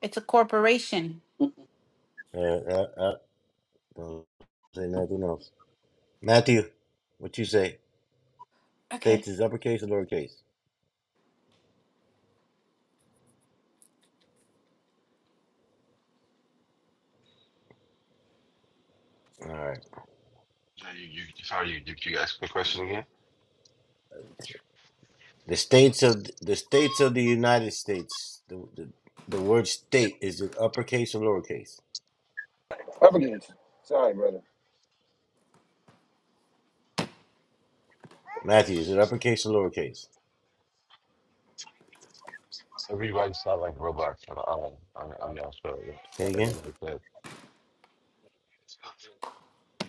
Speaker 4: It's a corporation.
Speaker 7: (laughs)
Speaker 2: Uh, uh, uh, don't say nothing else. Matthew, what you say?
Speaker 4: Okay.
Speaker 2: States is uppercase or lowercase? All right.
Speaker 8: So you, you sorry, you did you ask the question again?
Speaker 2: The states of the states of the United States. The the, the word state is it uppercase or lowercase?
Speaker 1: uppercase. Sorry, brother.
Speaker 2: Matthew, is it uppercase or lowercase?
Speaker 8: Everybody's not like Roblox on on on, on y'all show. yeah.
Speaker 2: Say again.
Speaker 8: Everybody said,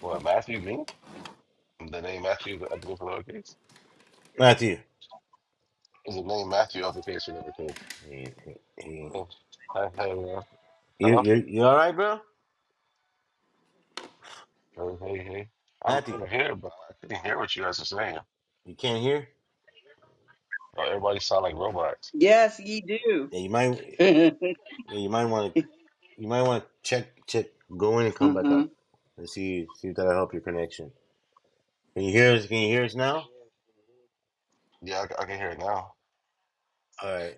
Speaker 8: What Matthew me? The name Matthew is upgrade for lowercase.
Speaker 2: Matthew.
Speaker 8: Is the name Matthew uppercase or lowercase?
Speaker 2: He- he- he-
Speaker 8: Oh, Hi, hi, everyone.
Speaker 2: You
Speaker 8: Hello.
Speaker 2: you you all right, bro?
Speaker 8: Hey, hey, hey. I'm,
Speaker 2: Matthew,
Speaker 8: I'm here, but I couldn't hear what you guys are saying.
Speaker 2: you can't hear?
Speaker 8: Oh, everybody sound like robots.
Speaker 7: Yes, ye do.
Speaker 2: Yeah, you might.
Speaker 7: (laughs)
Speaker 2: Yeah, you might want to you might want to check check go in and come back
Speaker 7: hmm
Speaker 2: out and see see if that'll help your connection. Can you hear us? Can you hear us now?
Speaker 8: Yeah, I, c- I can hear it now.
Speaker 2: All right.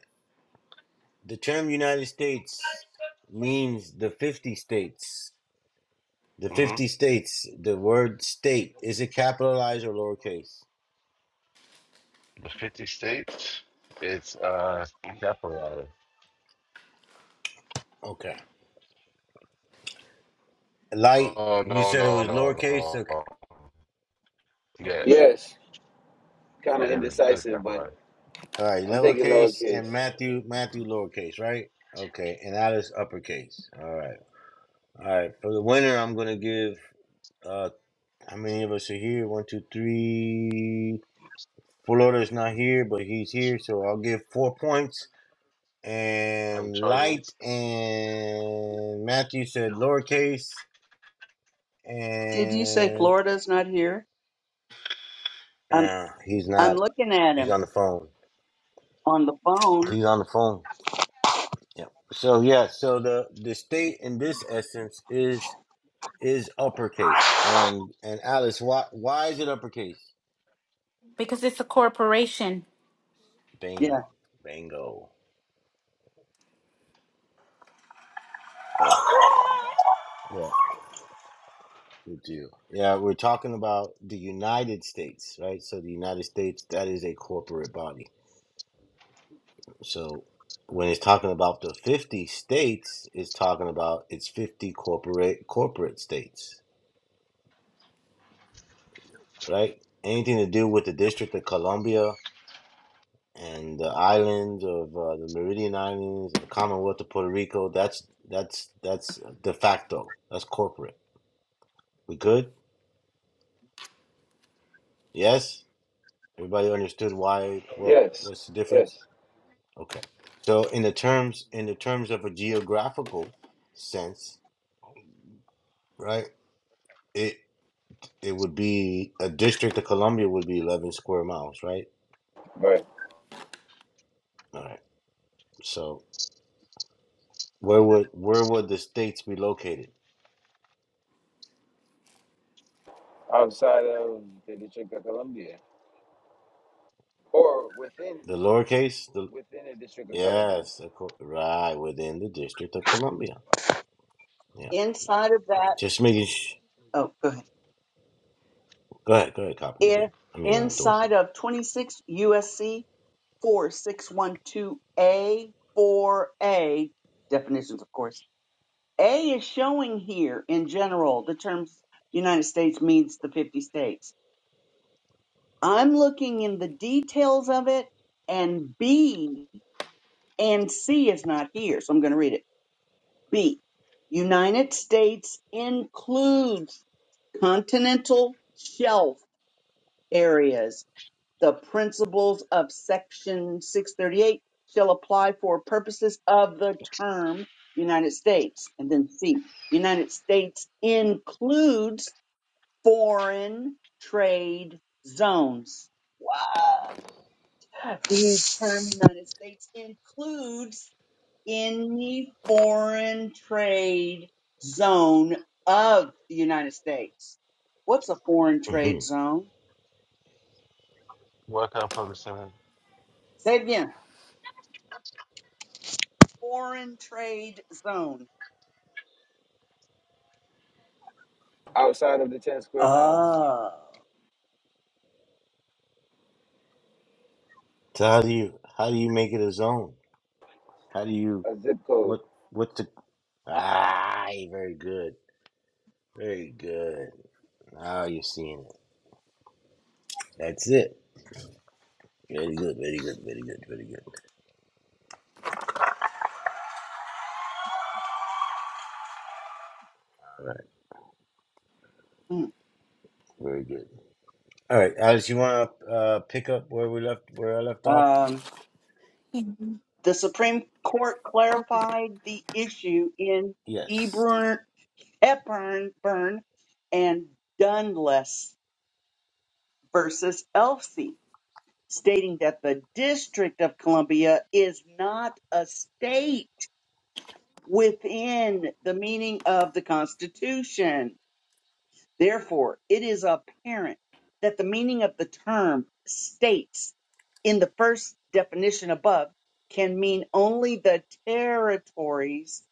Speaker 2: The term United States means the fifty states. The fifty
Speaker 8: Mm-hmm.
Speaker 2: states. The word state is it capitalized or lowercase?
Speaker 8: The 50 states. It's uh capitalized.
Speaker 2: Okay. Light.
Speaker 8: Oh
Speaker 2: You
Speaker 8: no
Speaker 2: said it
Speaker 8: no
Speaker 2: was
Speaker 8: no
Speaker 2: lowercase. Okay.
Speaker 8: no. Yeah,
Speaker 1: Yes, kind
Speaker 8: yeah
Speaker 1: of
Speaker 8: it is, it is
Speaker 1: indecisive, but
Speaker 8: capitalized.
Speaker 2: All right.
Speaker 1: I'm thinking
Speaker 2: Lowercase
Speaker 1: lowercase.
Speaker 2: and Matthew Matthew lowercase, right? Okay. And Alice uppercase. All right. All right. For the winner, I'm gonna give uh. How many of us are here? One, two, three. Florida's not
Speaker 8: You
Speaker 2: here, but he's here, so I'll give four points.
Speaker 8: gotta
Speaker 2: And
Speaker 8: charge
Speaker 2: Light
Speaker 8: us.
Speaker 2: and Matthew said lowercase,
Speaker 7: Did you say
Speaker 2: and
Speaker 7: Florida's not here?
Speaker 2: uh, he's
Speaker 7: I'm
Speaker 2: not.
Speaker 7: looking at
Speaker 2: He's
Speaker 7: him
Speaker 2: on the phone.
Speaker 7: on the phone.
Speaker 2: He's on the phone. Yeah. So yeah. So the the state in this essence is is uppercase. And and Alice, why why is it uppercase?
Speaker 4: Because it's a corporation.
Speaker 7: Yeah.
Speaker 2: Bing, bingo. Well, We do, Yeah, we're talking about the United States, right? So the United States, that is a corporate body. So when it's talking about the 50 states, it's talking about it's 50 corporate corporate states, right? Anything to do with the District of Columbia and the islands of uh, the Meridian Islands and the Commonwealth of Puerto Rico, that's that's that's de facto. That's corporate. We good? Yes? Everybody understood why what
Speaker 1: Yes,
Speaker 2: what's the difference?
Speaker 1: yes.
Speaker 2: Okay. So in the terms in the terms of a geographical sense, right? It it would be a district of Columbia would be 11 square miles, right?
Speaker 1: Right.
Speaker 2: All right. So where would where would the states be located?
Speaker 1: outside of the District of Columbia, or within
Speaker 2: The lowercase, the
Speaker 1: within the District of Columbia,
Speaker 2: yes, of cour- right within the District of Columbia. Yeah,
Speaker 7: Inside of
Speaker 2: yeah.
Speaker 7: that,
Speaker 2: Just making. Sh-
Speaker 7: oh, go ahead.
Speaker 2: go ahead, go ahead, copy. You
Speaker 7: If
Speaker 2: good? I mean, uh, Dorothy.
Speaker 7: inside of 26 USC 4612A, 4A, definitions, of course. A is showing here in general the term United States means the 50 states. I'm looking in the details of it, and B and C is not here, so I'm going to read it. B. United States includes continental shelf areas. The principles of Section 638 shall apply for purposes of the term United States. And then C, United States includes foreign trade zones. What? The term United States includes any foreign trade zone of the United States. What's a foreign
Speaker 2: (laughs) hmm
Speaker 7: trade zone?
Speaker 8: Work out public center.
Speaker 7: Say it again. Foreign trade zone.
Speaker 1: outside of the ten square miles,
Speaker 7: Oh.
Speaker 2: So how do you how do you make it a zone? How do you
Speaker 1: a zip code,
Speaker 2: what what's the ah very good. Very good. Now you're seeing it. That's it. Very good, very good, very good, very good.
Speaker 7: Mm.
Speaker 2: Very good. All right, Alice, you wanna uh pick up where we left where I left off?
Speaker 7: Um,
Speaker 4: Mhm.
Speaker 7: the Supreme Court
Speaker 4: Oh,
Speaker 7: clarified the issue in
Speaker 2: Yes.
Speaker 7: Eburn, Hepburn and Dunless versus Elsie, stating that the District of Columbia is not a state within the meaning of the Constitution. Therefore, it is apparent that the meaning of the term states in the first definition above can mean only the territories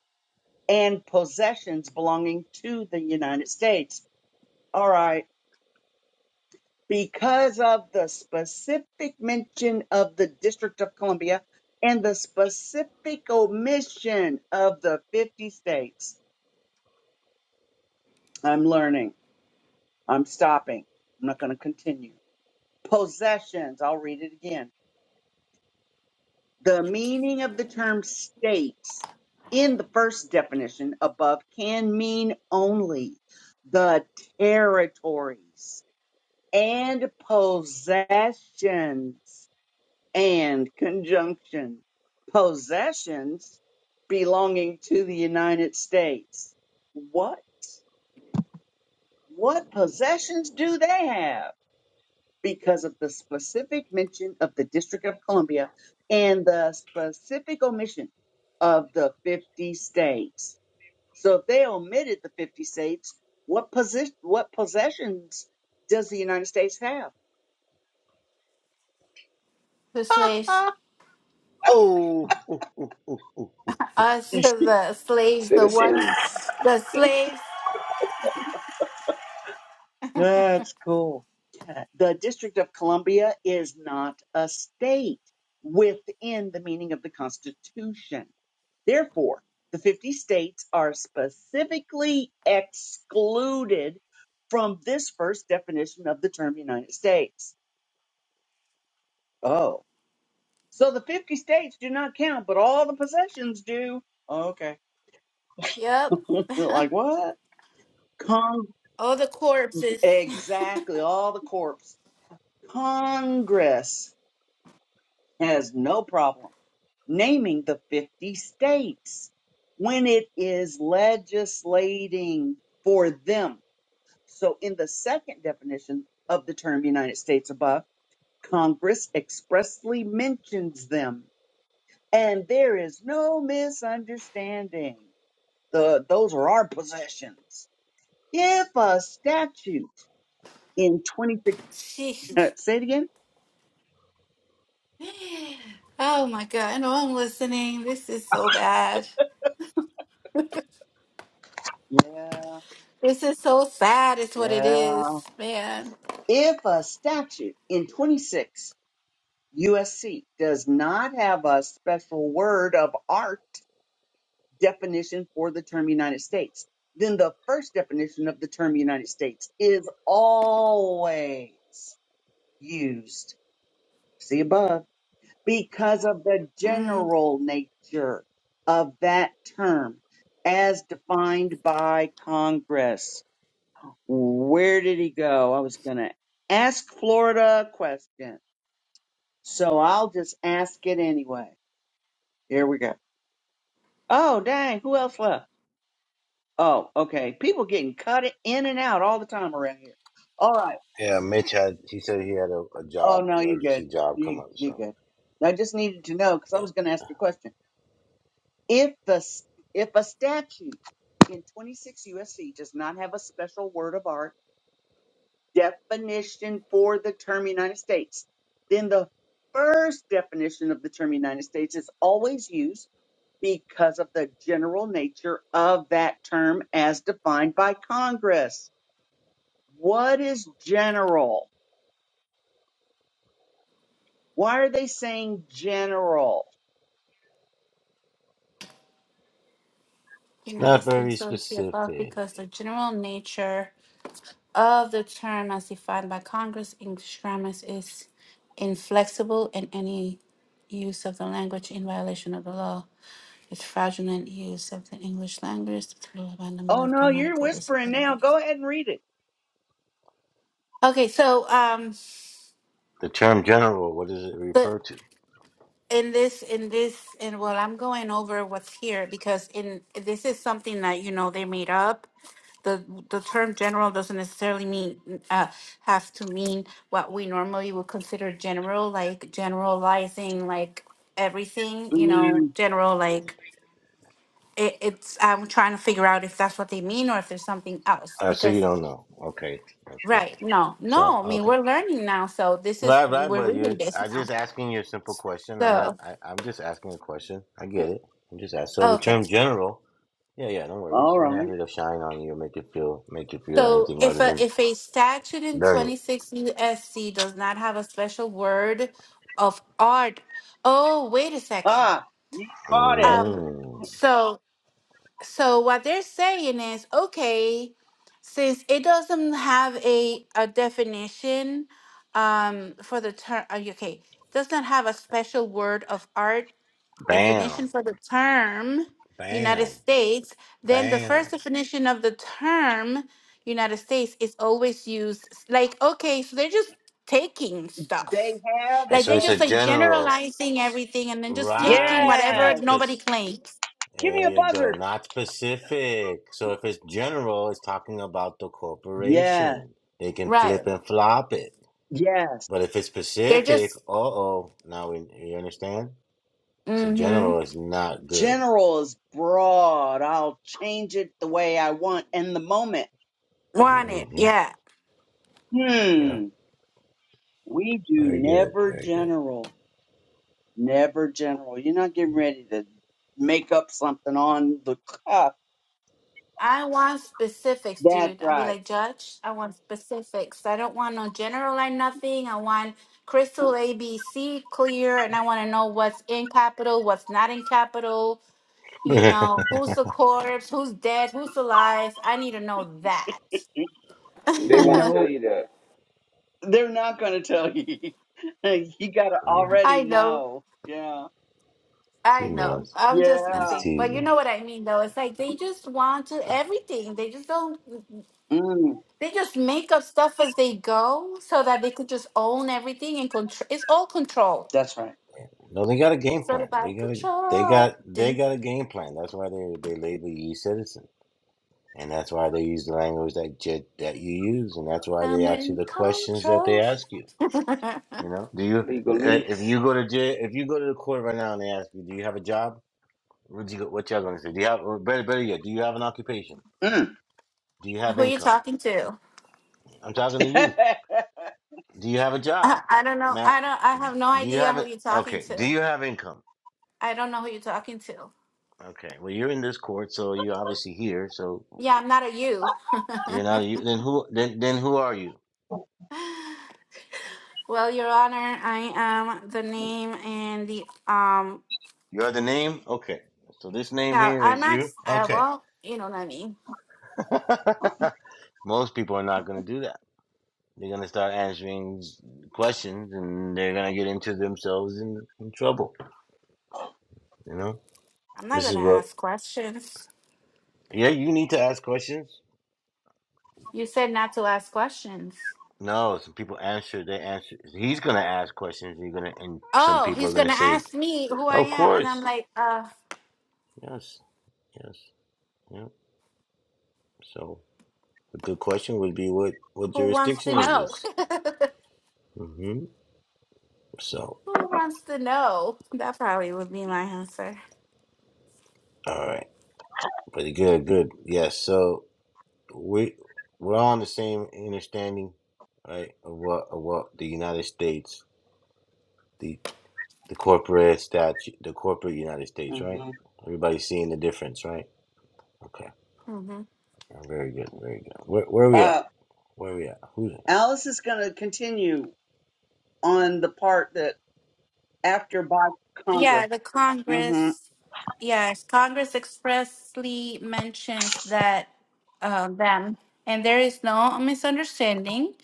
Speaker 7: and possessions belonging to the United States. All right. Because of the specific mention of the District of Columbia and the specific omission of the 50 states, I'm learning I'm stopping. I'm not going to continue. Possessions. I'll read it again. The meaning of the term states in the first definition above can mean only the territories and possessions and conjunction. Possessions belonging to the United States. What what possessions do they have? because of the specific mention of the District of Columbia and the specific omission of the 50 states. So if they omitted the 50 states, what posi- what possessions does the United States have?
Speaker 4: The slaves.
Speaker 7: (laughs)
Speaker 2: Oh, ooh, ooh, ooh, ooh.
Speaker 4: Us, (laughs) the slaves, the ones,
Speaker 1: citizens.
Speaker 4: the slaves.
Speaker 7: That's cool. The District of Columbia is not a state within the meaning of the Constitution. Therefore, the 50 states are specifically excluded from this first definition of the term United States. Oh, so the 50 states do not count, but all the possessions do. Okay.
Speaker 4: Yep.
Speaker 7: (laughs) like
Speaker 4: (laughs)
Speaker 7: what? Con-
Speaker 4: All the corpses. (laughs)
Speaker 7: exactly. All the corps. Congress has no problem naming the 50 states when it is legislating for them So, in the second definition of the term United States above, Congress expressly mentions them. And there is no misunderstanding. The, those are our possessions. If a statute in 26,
Speaker 4: Jeez.
Speaker 7: (laughs) say it again.
Speaker 4: Oh my God. I know I'm listening. This is so bad. (laughs)
Speaker 7: Yeah,
Speaker 4: This is so sad, is what it is,
Speaker 7: yeah.
Speaker 4: man.
Speaker 7: If a statute in 26 USC does not have a special word of art definition for the term United States. Then the first definition of the term United States is always used, see above, because of the
Speaker 4: Mm.
Speaker 7: general nature of that term as defined by Congress. Where did he go? I was going to ask Florida a question. So I'll just ask it anyway. Here we go. Oh, dang. Who else left? Oh, okay. People getting cut in and out all the time around here. All right.
Speaker 2: yeah. Mitch had. He said he had a, a
Speaker 7: Oh
Speaker 2: job,
Speaker 7: no, you good.
Speaker 2: emergency job, come
Speaker 7: You
Speaker 2: up.
Speaker 7: you
Speaker 2: So
Speaker 7: good. I just needed to know because I was going to ask a question. If the s- if a statute in 26 USC does not have a special word of art definition for the term United States, then the first definition of the term United States is always used because of the general nature of that term as defined by Congress. What is general? Why are they saying general?
Speaker 2: it's
Speaker 4: United
Speaker 2: not very
Speaker 4: States of the above
Speaker 2: specific.
Speaker 4: because the general nature. of the term as defined by Congress English grammar is inflexible and any use of the language in violation of the law is fraudulent use of the English language, the total abandonment
Speaker 7: Oh
Speaker 4: of
Speaker 7: no, you're
Speaker 4: grammatical
Speaker 7: whispering
Speaker 4: discipline and
Speaker 7: now. Go
Speaker 4: meanings.
Speaker 7: ahead and read it.
Speaker 4: Okay, so um,
Speaker 2: The term general. What does it refer to?
Speaker 4: in this in this and well i'm going over what's here because in this is something that you know they made up the the term general doesn't necessarily mean uh, have to mean what we normally would consider general like generalizing like everything you know
Speaker 7: Mm,
Speaker 4: general like it, it's i'm trying to figure out if that's what they mean or if there's something else
Speaker 2: Uh, so you
Speaker 4: because
Speaker 2: don't know. Okay, that's good.
Speaker 4: right no
Speaker 2: So
Speaker 4: no i mean
Speaker 2: okay.
Speaker 4: we're learning now so this is
Speaker 2: Right, right,
Speaker 4: we're
Speaker 2: but
Speaker 4: reading
Speaker 2: you
Speaker 4: this
Speaker 2: I
Speaker 4: now
Speaker 2: just asking you a simple question. I'm not
Speaker 4: so
Speaker 2: I, I'm just asking a question. I get it. I'm just asking. So the
Speaker 4: okay
Speaker 2: term general, yeah, yeah, no worries.
Speaker 7: all
Speaker 2: We're not
Speaker 7: right.
Speaker 2: here to shine on you or make you feel make you feel
Speaker 4: So
Speaker 2: anything
Speaker 4: if
Speaker 2: other
Speaker 4: a
Speaker 2: than
Speaker 4: if a statute in
Speaker 2: learning.
Speaker 4: 26 USC does not have a special word of art, oh wait a second.
Speaker 7: Ah, you caught it.
Speaker 4: Um
Speaker 2: Mm.
Speaker 4: so so what they're saying is okay, since it doesn't have a a definition um for the term uh, okay, does not have a special word of art
Speaker 2: Bam.
Speaker 4: definition for the term United
Speaker 2: Bam.
Speaker 4: States, then the
Speaker 2: Bam.
Speaker 4: first definition of the term United States is always used s- like, okay, so they're just taking
Speaker 7: They
Speaker 4: stuff.
Speaker 7: have
Speaker 2: And
Speaker 4: Like
Speaker 2: so
Speaker 4: they're
Speaker 7: no.
Speaker 2: it's a
Speaker 4: just like
Speaker 2: general.
Speaker 4: generalizing everything and then just taking
Speaker 2: Right, it's
Speaker 4: whatever
Speaker 7: Yes.
Speaker 2: not
Speaker 4: nobody
Speaker 2: specific.
Speaker 4: claims.
Speaker 7: Give
Speaker 2: There
Speaker 7: me a
Speaker 2: you go.
Speaker 7: buzzer.
Speaker 2: Not specific. So if it's general, it's talking about the
Speaker 7: Yes.
Speaker 2: corporation. They can
Speaker 4: Right.
Speaker 2: flip and flop it.
Speaker 7: Yes.
Speaker 2: But if it's
Speaker 4: They're
Speaker 2: specific,
Speaker 4: just
Speaker 2: uh oh, now we you understand. So
Speaker 4: mm-hmm,
Speaker 2: general is not good.
Speaker 7: General is broad. I'll change it the way I want in the moment.
Speaker 4: want it.
Speaker 2: hmm
Speaker 4: Yeah.
Speaker 2: Yeah,
Speaker 7: Hmm. We do
Speaker 2: very good,
Speaker 7: never
Speaker 2: very
Speaker 7: general. Never general. You're not getting ready to make up something on the cuff
Speaker 4: I want specifics,
Speaker 7: That's
Speaker 4: dude. I'll be
Speaker 7: right.
Speaker 4: like, Judge, I want specifics. I don't want no general like nothing. I want crystal ABC clear, and I want to know what's in capital, what's not in capital. You know, who's
Speaker 2: good.
Speaker 4: the corpse, who's dead, who's alive. I need to know that.
Speaker 1: They
Speaker 7: You
Speaker 1: won't
Speaker 4: (laughs)
Speaker 1: tell
Speaker 7: know,
Speaker 1: you that
Speaker 7: they're not going to tell you. (laughs) you got to
Speaker 2: (laughs) no,
Speaker 7: already
Speaker 4: I know.
Speaker 7: know. Yeah.
Speaker 4: I
Speaker 2: she
Speaker 4: know.
Speaker 2: knows.
Speaker 4: I'm just
Speaker 2: She's
Speaker 7: Yeah.
Speaker 4: messing. But you
Speaker 2: teasing.
Speaker 4: know what I mean, though. It's like they just want to everything. They just don't
Speaker 7: Mm,
Speaker 4: they just make up stuff as they go so that they could just own everything and control it's all control
Speaker 7: that's right.
Speaker 2: No, they got a game
Speaker 4: It's all
Speaker 2: plan. They
Speaker 4: about
Speaker 2: got a they
Speaker 4: control.
Speaker 2: got they
Speaker 4: Then
Speaker 2: got a game plan. That's why they they label you citizen, and that's why they use the language that j- that you use, and that's why they
Speaker 4: I'm
Speaker 2: ask you
Speaker 4: in
Speaker 2: the questions that they
Speaker 4: control.
Speaker 2: ask you.
Speaker 4: (laughs) who
Speaker 2: You know, do you eh, if
Speaker 1: legalese.
Speaker 2: you go to jail, if you go to the court right now and they ask you, do you have a job? What you what y'all gonna say? Do you have or better better yet? Do you have an occupation?
Speaker 7: Mm.
Speaker 2: Do you have
Speaker 4: are you
Speaker 2: income?
Speaker 4: talking to?
Speaker 2: I'm talking to you.
Speaker 7: (laughs)
Speaker 2: Do you have a job,
Speaker 4: I, I don't know.
Speaker 2: Matt?
Speaker 4: I don't. I have no
Speaker 2: Do you
Speaker 4: idea
Speaker 2: have
Speaker 4: who
Speaker 2: it?
Speaker 4: you're talking
Speaker 2: Okay. Do
Speaker 4: to.
Speaker 2: you have income?
Speaker 4: I don't know who you're talking to.
Speaker 2: Okay. Well, you're in this court, so you're obviously here. So
Speaker 4: Yeah, I'm not a you. (laughs)
Speaker 2: you're not. You then who? Then then who are you?
Speaker 4: well, Your Honor, I am the name and the um.
Speaker 2: You are the name. Okay. So this name
Speaker 4: Yeah,
Speaker 2: here
Speaker 4: I'm
Speaker 2: is you.
Speaker 4: ax- uh
Speaker 2: Okay.
Speaker 4: Well, you know what I mean.
Speaker 2: (laughs) Most people are not gonna do that. They're gonna start answering questions, and they're gonna get into themselves in, in trouble. You know.
Speaker 4: I'm not
Speaker 2: This is
Speaker 4: gonna
Speaker 2: what
Speaker 4: ask questions.
Speaker 2: Yeah, you need to ask questions.
Speaker 4: You said not to ask questions.
Speaker 2: No, some people answer. They answer. He's gonna ask questions. You're gonna, and some
Speaker 4: Oh,
Speaker 2: people are
Speaker 4: he's
Speaker 2: gonna
Speaker 4: gonna
Speaker 2: say,
Speaker 4: ask me who I
Speaker 2: "Of
Speaker 4: am, and I'm
Speaker 2: course,
Speaker 4: like, uh.
Speaker 2: yes, yes, yeah." So a good question would be, "What what
Speaker 4: Who wants
Speaker 2: jurisdiction
Speaker 4: to
Speaker 2: is
Speaker 4: know?
Speaker 2: this?"
Speaker 4: (laughs)
Speaker 2: hmm So,
Speaker 4: Who wants to know? That probably would be my answer.
Speaker 2: all right, pretty good, good. Yes, so we we're all on the same understanding, right? Of what of what the United States, the the corporate statute, the corporate United States, right?
Speaker 7: Mhm.
Speaker 2: Everybody's seeing the difference, right? Okay.
Speaker 4: hmm
Speaker 2: Oh, Very good, very good. Where where are we
Speaker 7: uh,
Speaker 2: at? Where are we at? Who's it?
Speaker 7: Alice is going to continue on the part that after by Congress.
Speaker 4: Yeah, the
Speaker 7: hmm
Speaker 4: Congress. Yes, Congress expressly mentions that uh, them, and there is no misunderstanding.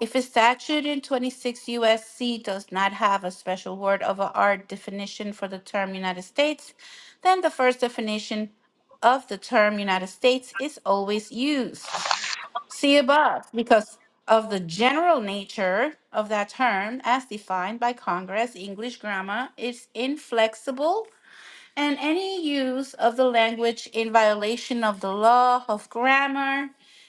Speaker 4: If a statute in 26 U.S.C. does not have a special word of a art definition for the term United States, then the first definition of the term United States is always used. See above, because of the general nature of that term as defined by Congress, English grammar is inflexible, and any use of the language in violation of the law of grammar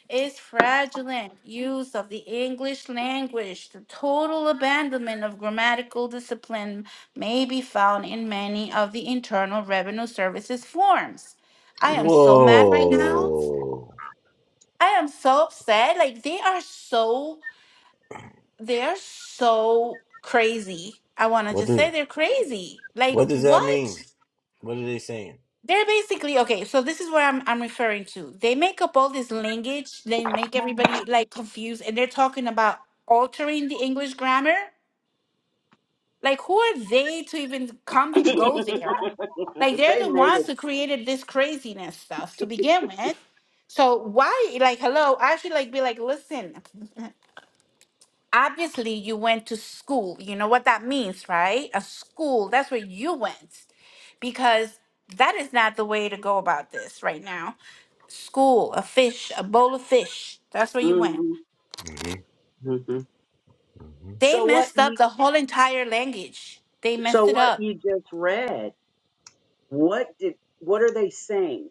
Speaker 4: is fraudulent use of the English language. The total abandonment of grammatical discipline may be found in many of the Internal Revenue Services forms. I am so mad right now
Speaker 2: Whoa!
Speaker 4: I am so upset. Like they are so they're so crazy. I want to
Speaker 2: What
Speaker 4: just
Speaker 2: does
Speaker 4: say they're crazy. Like
Speaker 2: what does that
Speaker 4: what?
Speaker 2: mean? What are they saying?
Speaker 4: They're basically okay. So this is what I'm I'm referring to. They make up all this language. They make everybody like confused, and they're talking about altering the English grammar. Like who are they to even
Speaker 7: (laughs) they
Speaker 4: come go there? Like they're the
Speaker 7: made it.
Speaker 4: ones who created this craziness stuff to begin with. So why like hello? I should like be like listen. (laughs) obviously you went to school. You know what that means, right? A school, that's where you went. Because that is not the way to go about this right now. School, a fish, a bowl of fish, that's where you went.
Speaker 7: hmm
Speaker 2: hmm
Speaker 7: hmm
Speaker 2: hmm
Speaker 4: They
Speaker 7: So what
Speaker 4: messed up
Speaker 7: you
Speaker 4: the whole entire language. They
Speaker 7: so
Speaker 4: messed it
Speaker 7: what
Speaker 4: up.
Speaker 7: you just read? What did what are they saying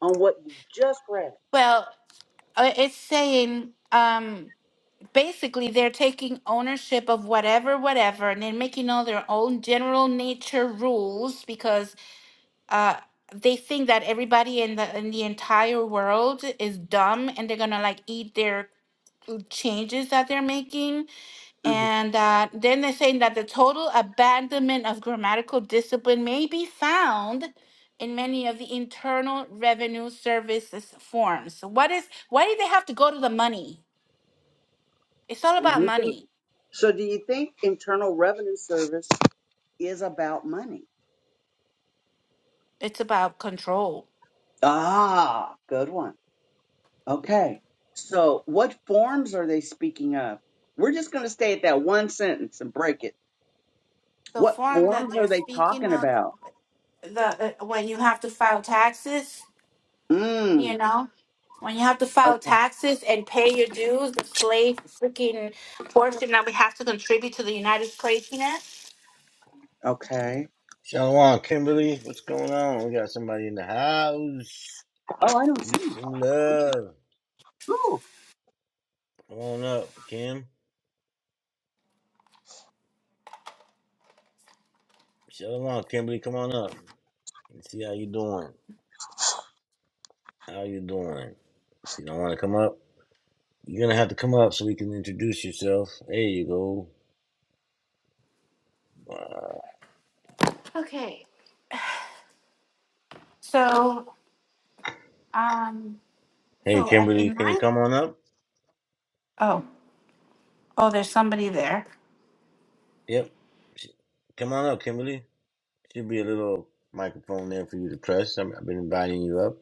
Speaker 7: on what you just read?
Speaker 4: Well, uh, it's saying um basically they're taking ownership of whatever whatever and then making all their own general nature rules because. uh they think that everybody in the in the entire world is dumb and they're gonna like eat their changes that they're making and uh, then they're saying that the total abandonment of grammatical discipline may be found in many of the internal revenue services forms so what is why do they have to go to the money it's all about
Speaker 7: You think-
Speaker 4: money
Speaker 7: So do you think Internal Revenue Service is about money?
Speaker 4: it's about control
Speaker 7: Ah, good one. Okay. So what forms are they speaking of? We're just going to stay at that one sentence and break it.
Speaker 4: the
Speaker 7: What
Speaker 4: form that
Speaker 7: forms
Speaker 4: they're
Speaker 7: are they
Speaker 4: speaking
Speaker 7: talking
Speaker 4: of
Speaker 7: about?
Speaker 4: the uh, when you have to file taxes
Speaker 7: Mm.
Speaker 4: You know, when you have to file
Speaker 7: Okay.
Speaker 4: taxes and pay your dues, the slave freaking portion that we have to contribute to the United Craziness.
Speaker 7: Okay.
Speaker 2: Shalom, Kimberly. What's going on? We got somebody in the house.
Speaker 7: Oh, I don't see.
Speaker 2: Peace
Speaker 7: you.
Speaker 2: and love.
Speaker 7: Ooh.
Speaker 2: Come on up, Kim. Shalom, Kimberly. Come on up. Let's see how you doing. How you doing? If you don't want to come up, you're gonna have to come up so we can introduce yourself. There you go. Wow.
Speaker 4: Okay. So, um,
Speaker 2: Hey,
Speaker 4: so I-
Speaker 2: Kimberly.
Speaker 4: in
Speaker 2: Can you
Speaker 4: my
Speaker 2: come on up?
Speaker 4: oh oh, there's somebody there.
Speaker 2: Yep. Sh- Come on up, Kimberly. Should be a little microphone there for you to press. I'm, I've been inviting you up.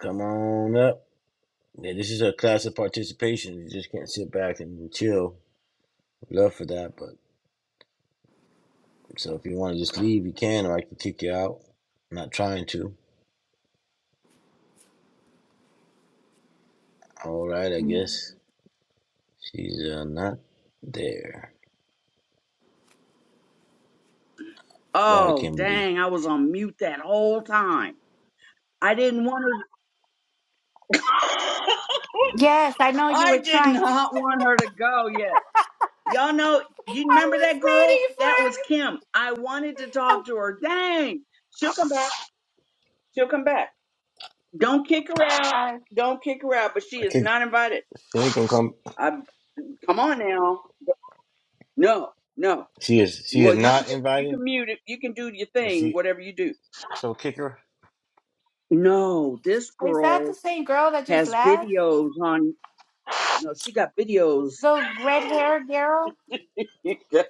Speaker 2: Come on up. Yeah, this is a class of participation. You just can't sit back and chill. Love for that, but so if you want to just leave, you can, or I can kick you out. I'm not trying to. All right, I guess she's uh, not there. Bye, bye,
Speaker 7: Oh,
Speaker 2: Kimberly.
Speaker 7: dang. I was on mute that whole time. I didn't want to.
Speaker 4: Yes, I know
Speaker 7: (laughs)
Speaker 4: you
Speaker 7: I
Speaker 4: were
Speaker 7: did
Speaker 4: trying. To,
Speaker 7: not want her to go yet. Y'all know,
Speaker 4: (laughs)
Speaker 7: you
Speaker 4: I
Speaker 7: remember that girl?
Speaker 4: was
Speaker 7: That was Kim. I wanted to
Speaker 4: waiting for.
Speaker 7: talk to her. Dang. She'll come back. She'll come back. Don't kick her out.
Speaker 4: Uh,
Speaker 7: Don't kick her out, but she
Speaker 2: I
Speaker 7: is
Speaker 2: kick.
Speaker 7: not invited.
Speaker 2: She ain't gonna come.
Speaker 7: I come on now. No, no.
Speaker 2: She is. She is
Speaker 7: Well, you can
Speaker 2: not
Speaker 7: get- you
Speaker 2: invited.
Speaker 7: can mute it. You can do your
Speaker 2: Is
Speaker 7: thing,
Speaker 2: she?
Speaker 7: whatever you do.
Speaker 2: So kick her.
Speaker 7: No, this
Speaker 4: is that the
Speaker 7: girl
Speaker 4: same girl that just
Speaker 7: has
Speaker 4: left?
Speaker 7: videos on. No, she got videos.
Speaker 4: The red haired girl.
Speaker 7: (laughs) yeah,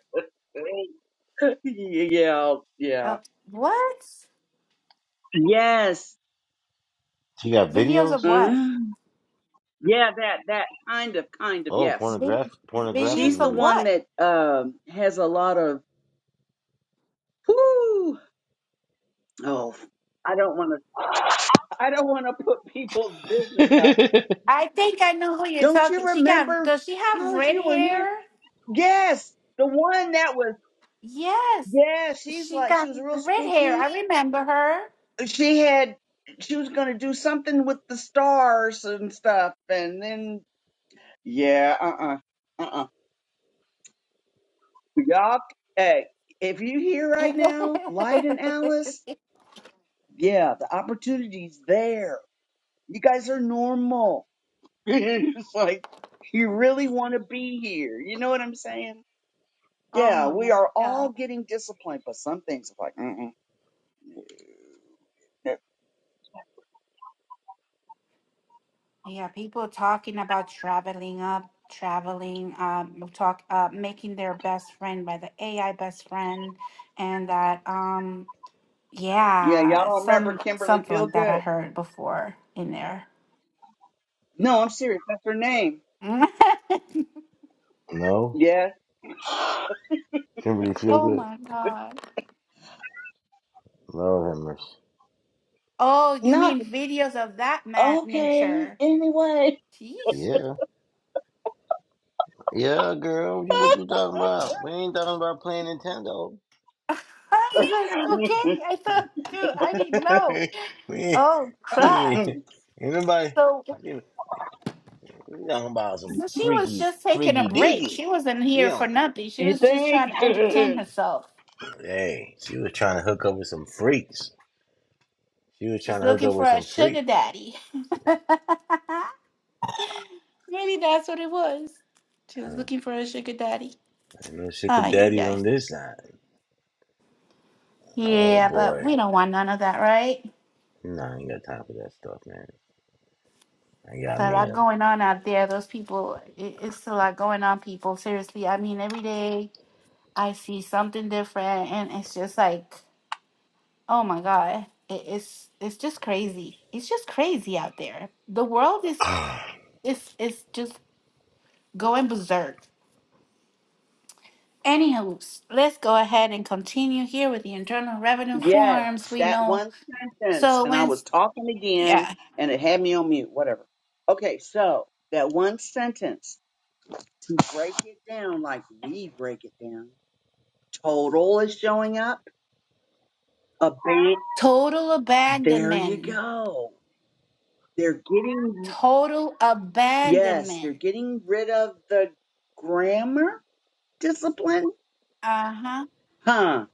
Speaker 7: yeah.
Speaker 4: Uh, what?
Speaker 7: Yes.
Speaker 2: She got
Speaker 4: Videos
Speaker 2: videos.
Speaker 4: of what?
Speaker 7: Uh-huh. Yeah, that that kind of kind of
Speaker 2: Oh,
Speaker 7: yes.
Speaker 4: Vid-
Speaker 2: pornographic pornographic
Speaker 7: She's
Speaker 4: videos
Speaker 7: the
Speaker 4: of
Speaker 2: videos.
Speaker 7: one
Speaker 4: what?
Speaker 7: that um has a lot of whoo. Oh, I don't want to. I don't want to put people's business out.
Speaker 4: I think I know who you're
Speaker 7: Don't
Speaker 4: talking.
Speaker 7: you
Speaker 4: She got.
Speaker 7: remember,
Speaker 4: Does she have
Speaker 7: Alice?
Speaker 4: red
Speaker 7: You were here.
Speaker 4: hair?
Speaker 7: Yes, the one that was.
Speaker 4: Yes,
Speaker 7: Yeah, she's
Speaker 4: she
Speaker 7: like she
Speaker 4: got
Speaker 7: was real
Speaker 4: red hair.
Speaker 7: spooky.
Speaker 4: I remember her.
Speaker 7: She had she was gonna do something with the stars and stuff, and then yeah, uh, uh-uh, uh, Y'all, hey, if you here
Speaker 4: (laughs)
Speaker 7: right now, Light and Alice, yeah, the opportunity's there. You guys are normal. (laughs) it's like you really want to be here. You know what I'm saying?
Speaker 4: oh
Speaker 7: Yeah, we
Speaker 4: my
Speaker 7: are all
Speaker 4: god!
Speaker 7: getting disciplined, but some things are like, mm-mm.
Speaker 4: Yeah, people talking about traveling up, traveling, um, talk, uh, making their best friend by the AI best friend, and that, um,
Speaker 7: yeah, y'all
Speaker 4: yeah,
Speaker 7: don't remember
Speaker 4: some
Speaker 7: Kimberly
Speaker 4: something like that I
Speaker 7: Feelgood?
Speaker 4: heard before in there.
Speaker 7: No, I'm serious. That's her name.
Speaker 4: (laughs)
Speaker 2: No,
Speaker 7: Yeah,
Speaker 2: Kimberly feel
Speaker 4: oh
Speaker 2: good.
Speaker 4: my god!
Speaker 2: Lord have mercy.
Speaker 4: Oh, you
Speaker 7: not
Speaker 4: mean videos of that ma
Speaker 7: okay.
Speaker 4: nature?
Speaker 7: Anyway,
Speaker 4: Jeez.
Speaker 2: Yeah, yeah, girl. You, what you talking about? We ain't talking about playing Nintendo.
Speaker 4: (laughs) I was
Speaker 7: (laughs)
Speaker 4: like, okay, I thought, dude, I didn't know.
Speaker 2: (laughs) we ain't,
Speaker 4: Oh,
Speaker 2: we
Speaker 4: crap.
Speaker 2: ain't,
Speaker 7: you
Speaker 2: ain't nobody.
Speaker 4: So,
Speaker 2: We we talking about some
Speaker 4: so she was
Speaker 2: freaky,
Speaker 4: just taking a
Speaker 2: freaky
Speaker 4: break.
Speaker 2: diggy.
Speaker 4: She wasn't
Speaker 2: She
Speaker 4: here for
Speaker 2: on that.
Speaker 4: nothing. She was just
Speaker 7: think?
Speaker 4: trying to entertain
Speaker 7: (laughs)
Speaker 4: herself.
Speaker 2: Hey, she was trying to hook up with some freaks. She was trying
Speaker 4: She's
Speaker 2: to hook
Speaker 4: looking
Speaker 2: up
Speaker 4: for
Speaker 2: with
Speaker 4: a
Speaker 2: some
Speaker 4: sugar
Speaker 2: freaks.
Speaker 4: daddy. (laughs) Really, that's what it was. She was
Speaker 2: Huh.
Speaker 4: looking for a sugar daddy.
Speaker 2: Ain't no sugar
Speaker 4: Ay,
Speaker 2: daddies
Speaker 4: yeah.
Speaker 2: on this side. Oh
Speaker 4: Yeah, but
Speaker 2: boy,
Speaker 4: we don't want none of that, right?
Speaker 2: nah, I ain't got time for that stuff, man. I
Speaker 4: It's
Speaker 2: got
Speaker 4: a
Speaker 2: me
Speaker 4: lot
Speaker 2: a
Speaker 4: going on out there. Those people, it, it's a lot going on, people. Seriously, I mean, every day I see something different, and it's just like, oh my God, it, it's it's just crazy. It's just crazy out there. The world is is is just going berserk. Anywho, let's go ahead and continue here with the internal revenue
Speaker 7: Yes,
Speaker 4: forms. We
Speaker 7: that
Speaker 4: know
Speaker 7: one sentence.
Speaker 4: so
Speaker 7: And I
Speaker 4: when
Speaker 7: was talking again
Speaker 4: yeah,
Speaker 7: and it had me on mute, whatever. Okay, so that one sentence, to break it down like we break it down, total is showing up, a band,
Speaker 4: total
Speaker 7: there you
Speaker 4: abandonment,
Speaker 7: go. They're getting,
Speaker 4: total
Speaker 7: yes, they're
Speaker 4: abandonment.
Speaker 7: getting rid of the grammar discipline.
Speaker 4: Uh huh
Speaker 7: Huh.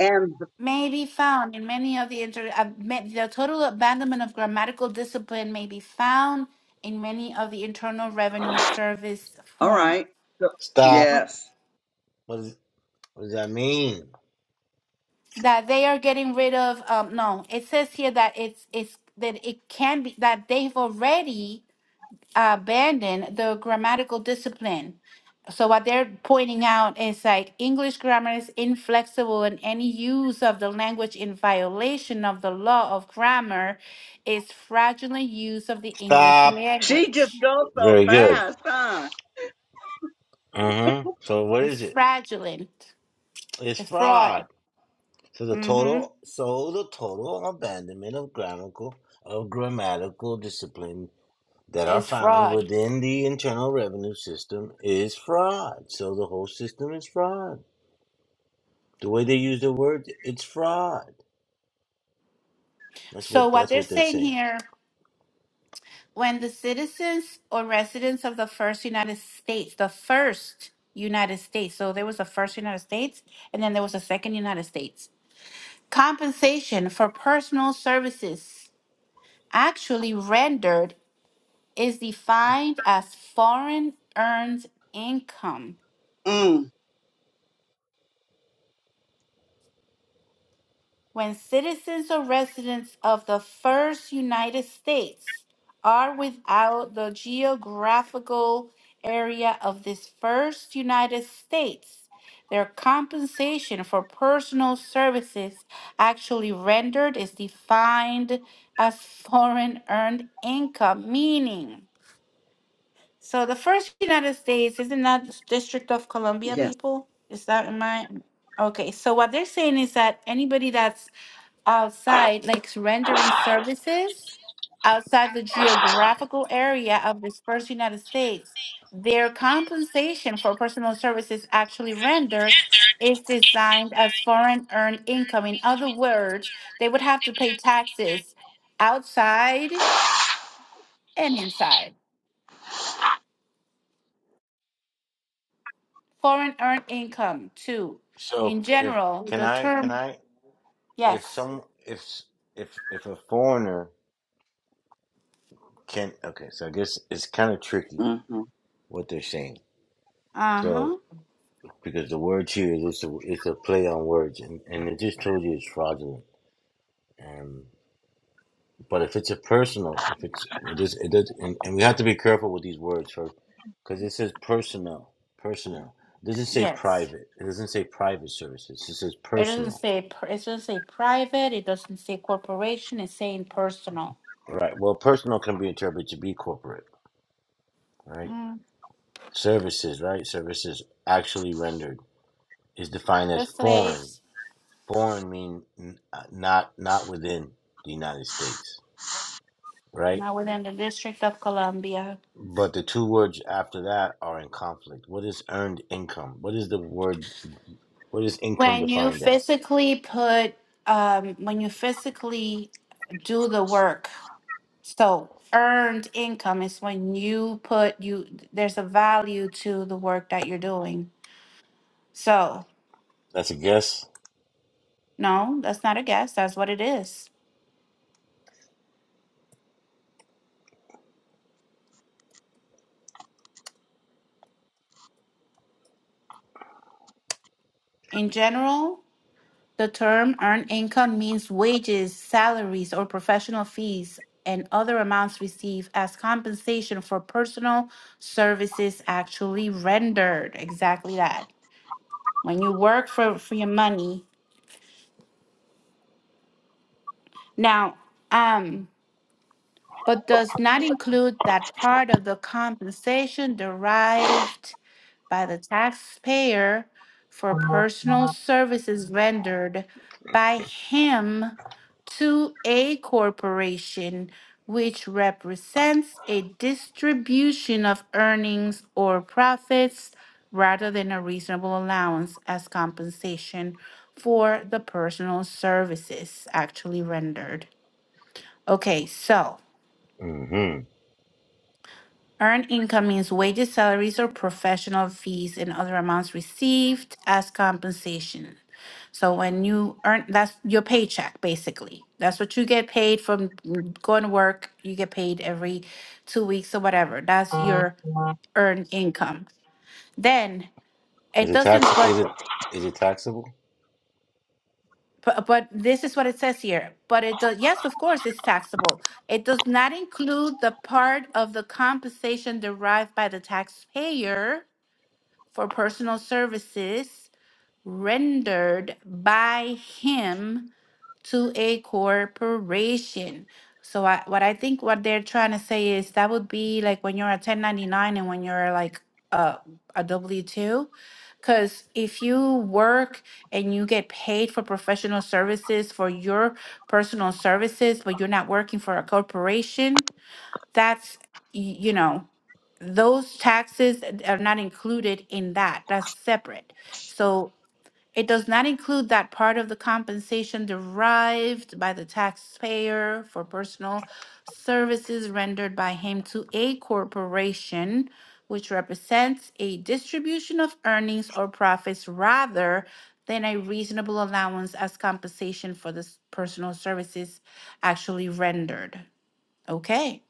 Speaker 7: And,
Speaker 4: may be found in many of the inter uh, ma- the total abandonment of grammatical discipline may be found in many of the internal revenue service
Speaker 7: all
Speaker 4: forms
Speaker 7: right. So,
Speaker 2: stop.
Speaker 7: yes.
Speaker 2: What, is, what does that mean?
Speaker 4: that they are getting rid of um no it says here that it's it's that it can be that they've already abandon the grammatical discipline. So what they're pointing out is like English grammar is inflexible and any use of the language in violation of the law of grammar is fraudulent use of the English
Speaker 2: Stop.
Speaker 7: She just
Speaker 4: language.
Speaker 7: goes so
Speaker 2: Very good.
Speaker 7: fast, huh?
Speaker 2: Uh-huh. So what
Speaker 4: It's
Speaker 2: is it?
Speaker 4: fraudulent.
Speaker 2: It's
Speaker 4: It's fraud.
Speaker 2: fraud. So the
Speaker 4: mm hmm
Speaker 2: total so the total abandonment of grammatical of grammatical discipline that are
Speaker 4: It's
Speaker 2: found
Speaker 4: fraud.
Speaker 2: within the internal revenue system is fraud. So the whole system is fraud. The way they use the word, it's fraud. That's
Speaker 4: So
Speaker 2: what
Speaker 4: what
Speaker 2: that's
Speaker 4: they're
Speaker 2: what they're
Speaker 4: saying
Speaker 2: saying.
Speaker 4: here when the citizens or residents of the first United States, the first United States, so there was a first United States and then there was a second United States, compensation for personal services actually rendered is defined as foreign earned income
Speaker 7: Mm,
Speaker 4: when citizens or residents of the first United States are without the geographical area of this first United States, their compensation for personal services actually rendered is defined as foreign earned income, meaning. So the first United States isn't that the District of Columbia
Speaker 7: yes.
Speaker 4: people? Is that in my okay? So what they're saying is that anybody that's outside, like rendering services outside the geographical area of the first United States, their compensation for personal services actually rendered is designed as foreign earned income. In other words, they would have to pay taxes outside and inside. Foreign earned income, too.
Speaker 2: So
Speaker 4: In
Speaker 2: if
Speaker 4: general,
Speaker 2: can
Speaker 4: the
Speaker 2: I can
Speaker 4: term,
Speaker 2: I if
Speaker 4: yes.
Speaker 2: some if if if a foreigner can okay so i guess it's kind of tricky
Speaker 7: hmm
Speaker 2: what they're saying
Speaker 4: Uh
Speaker 2: so
Speaker 4: huh.
Speaker 2: because the word here is it's a, it's a play on words and, and it just told you it's fraudulent um but if it's a personal if it's well, this it does and, and we have to be careful with these words for because it says personal personal it doesn't say
Speaker 4: Yes.
Speaker 2: private it doesn't say private services it says
Speaker 4: It doesn't
Speaker 2: personal
Speaker 4: say, pr- it doesn't say private, it doesn't say corporation, it's saying personal.
Speaker 2: right well personal can be interpreted to be corporate right
Speaker 4: Mm.
Speaker 2: services, right? Services actually rendered is defined
Speaker 4: The
Speaker 2: as foreign.
Speaker 4: slaves,
Speaker 2: Foreign mean n- uh, not not within the United States, right?
Speaker 4: not within the District of Columbia.
Speaker 2: But the two words after that are in conflict. What is earned income? What is the word? What is income
Speaker 4: When you
Speaker 2: defined as?
Speaker 4: physically put, um, when you physically do the work, so earned income is when you put, you, there's a value to the work that you're doing. So,
Speaker 2: That's a guess.
Speaker 4: no, that's not a guess, that's what it is. In general, The term earned income means wages, salaries, or professional fees and other amounts received as compensation for personal services actually rendered. Exactly that. When you work for, for your money. Now, um, but does not include that part of the compensation derived by the taxpayer for personal services rendered by him to a corporation which represents a distribution of earnings or profits rather than a reasonable allowance as compensation for the personal services actually rendered. Okay, so.
Speaker 2: hmm
Speaker 4: Earned income means wages, salaries, or professional fees and other amounts received as compensation. So when you earn, that's your paycheck, basically. That's what you get paid from mm, going to work. You get paid every two weeks or whatever. That's your earned income. Then
Speaker 2: Is
Speaker 4: it
Speaker 2: it tax?
Speaker 4: doesn't, but
Speaker 2: Is it is it taxable? (laughs)
Speaker 4: but, but this is what it says here. But it does, yes, of course, it's taxable. It does not include the part of the compensation derived by the taxpayer for personal services rendered by him to a corporation. So I, what I think what they're trying to say is that would be like when you're a 1099 and when you're like a, a W-2. Because if you work and you get paid for professional services for your personal services, but you're not working for a corporation, that's you know those taxes uh, are not included in that that's separate so it does not include that part of the compensation derived by the taxpayer for personal services rendered by him to a corporation which represents a distribution of earnings or profits rather than a reasonable allowance as compensation for the s- personal services actually rendered okay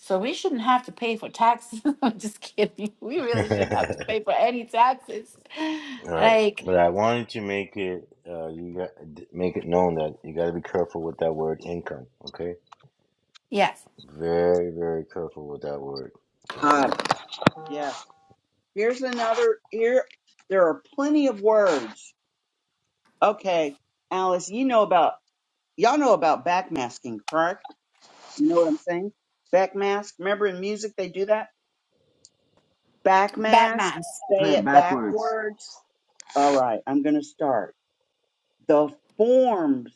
Speaker 4: so we shouldn't have to pay for taxes. (laughs) I'm just kidding. (laughs) We really shouldn't have to
Speaker 2: All
Speaker 4: pay for any taxes.
Speaker 2: right,
Speaker 4: Like,
Speaker 2: but I wanted to make it uh, you got make it known that you got to be careful with that word income. Okay,
Speaker 4: yes,
Speaker 2: Very, very careful with that word. Okay.
Speaker 7: Uh, yeah. Here's another. Here, there are plenty of words. Okay, Alice, you know about y'all know about backmasking, correct? You know what I'm saying? Backmask. Remember in music they do that. Backmask.
Speaker 4: Batman.
Speaker 1: Put
Speaker 7: Say
Speaker 1: it
Speaker 7: it
Speaker 1: backwards.
Speaker 7: backwards. All right, I'm gonna start. The forms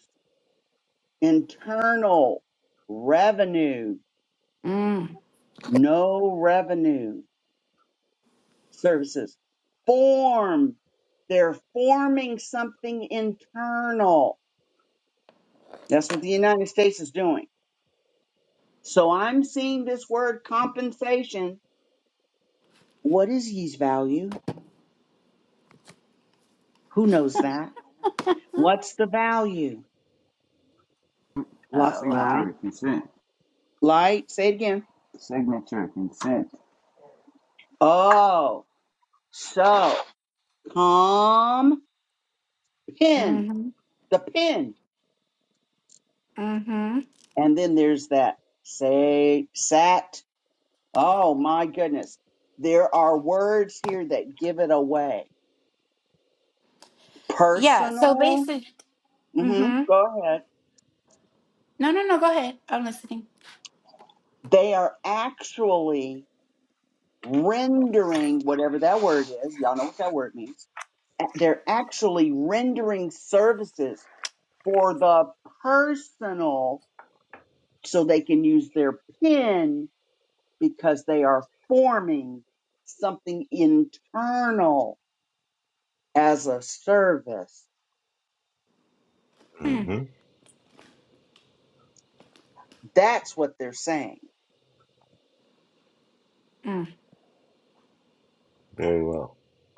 Speaker 7: internal revenue.
Speaker 4: Mm.
Speaker 7: No revenue. services. Form. They're forming something internal. That's what the United States is doing. So I'm seeing this word compensation. What is ye's value? Who knows that?
Speaker 4: Oh,
Speaker 7: What's the value? Light,
Speaker 4: wow.
Speaker 7: light,
Speaker 1: Signature consent.
Speaker 7: light. Say it again.
Speaker 1: Signature consent.
Speaker 7: Oh, so com pin
Speaker 4: Mm-hmm.
Speaker 7: the pin,
Speaker 4: Mm-hmm.
Speaker 7: and then there's that say sat Oh my goodness. There are words here that give it away.
Speaker 4: Yeah, so
Speaker 7: Personal.
Speaker 4: basically,
Speaker 7: hmm
Speaker 4: mm-hmm.
Speaker 7: Go ahead.
Speaker 4: No, no, no, go ahead. I'm listening.
Speaker 7: They are actually rendering whatever that word is. Y'all know what that word means. A- They're actually rendering services for the personal so they can use their pen because they are forming something internal as a service.
Speaker 2: Mm-hmm.
Speaker 7: That's what they're saying.
Speaker 4: Mm.
Speaker 2: Very well.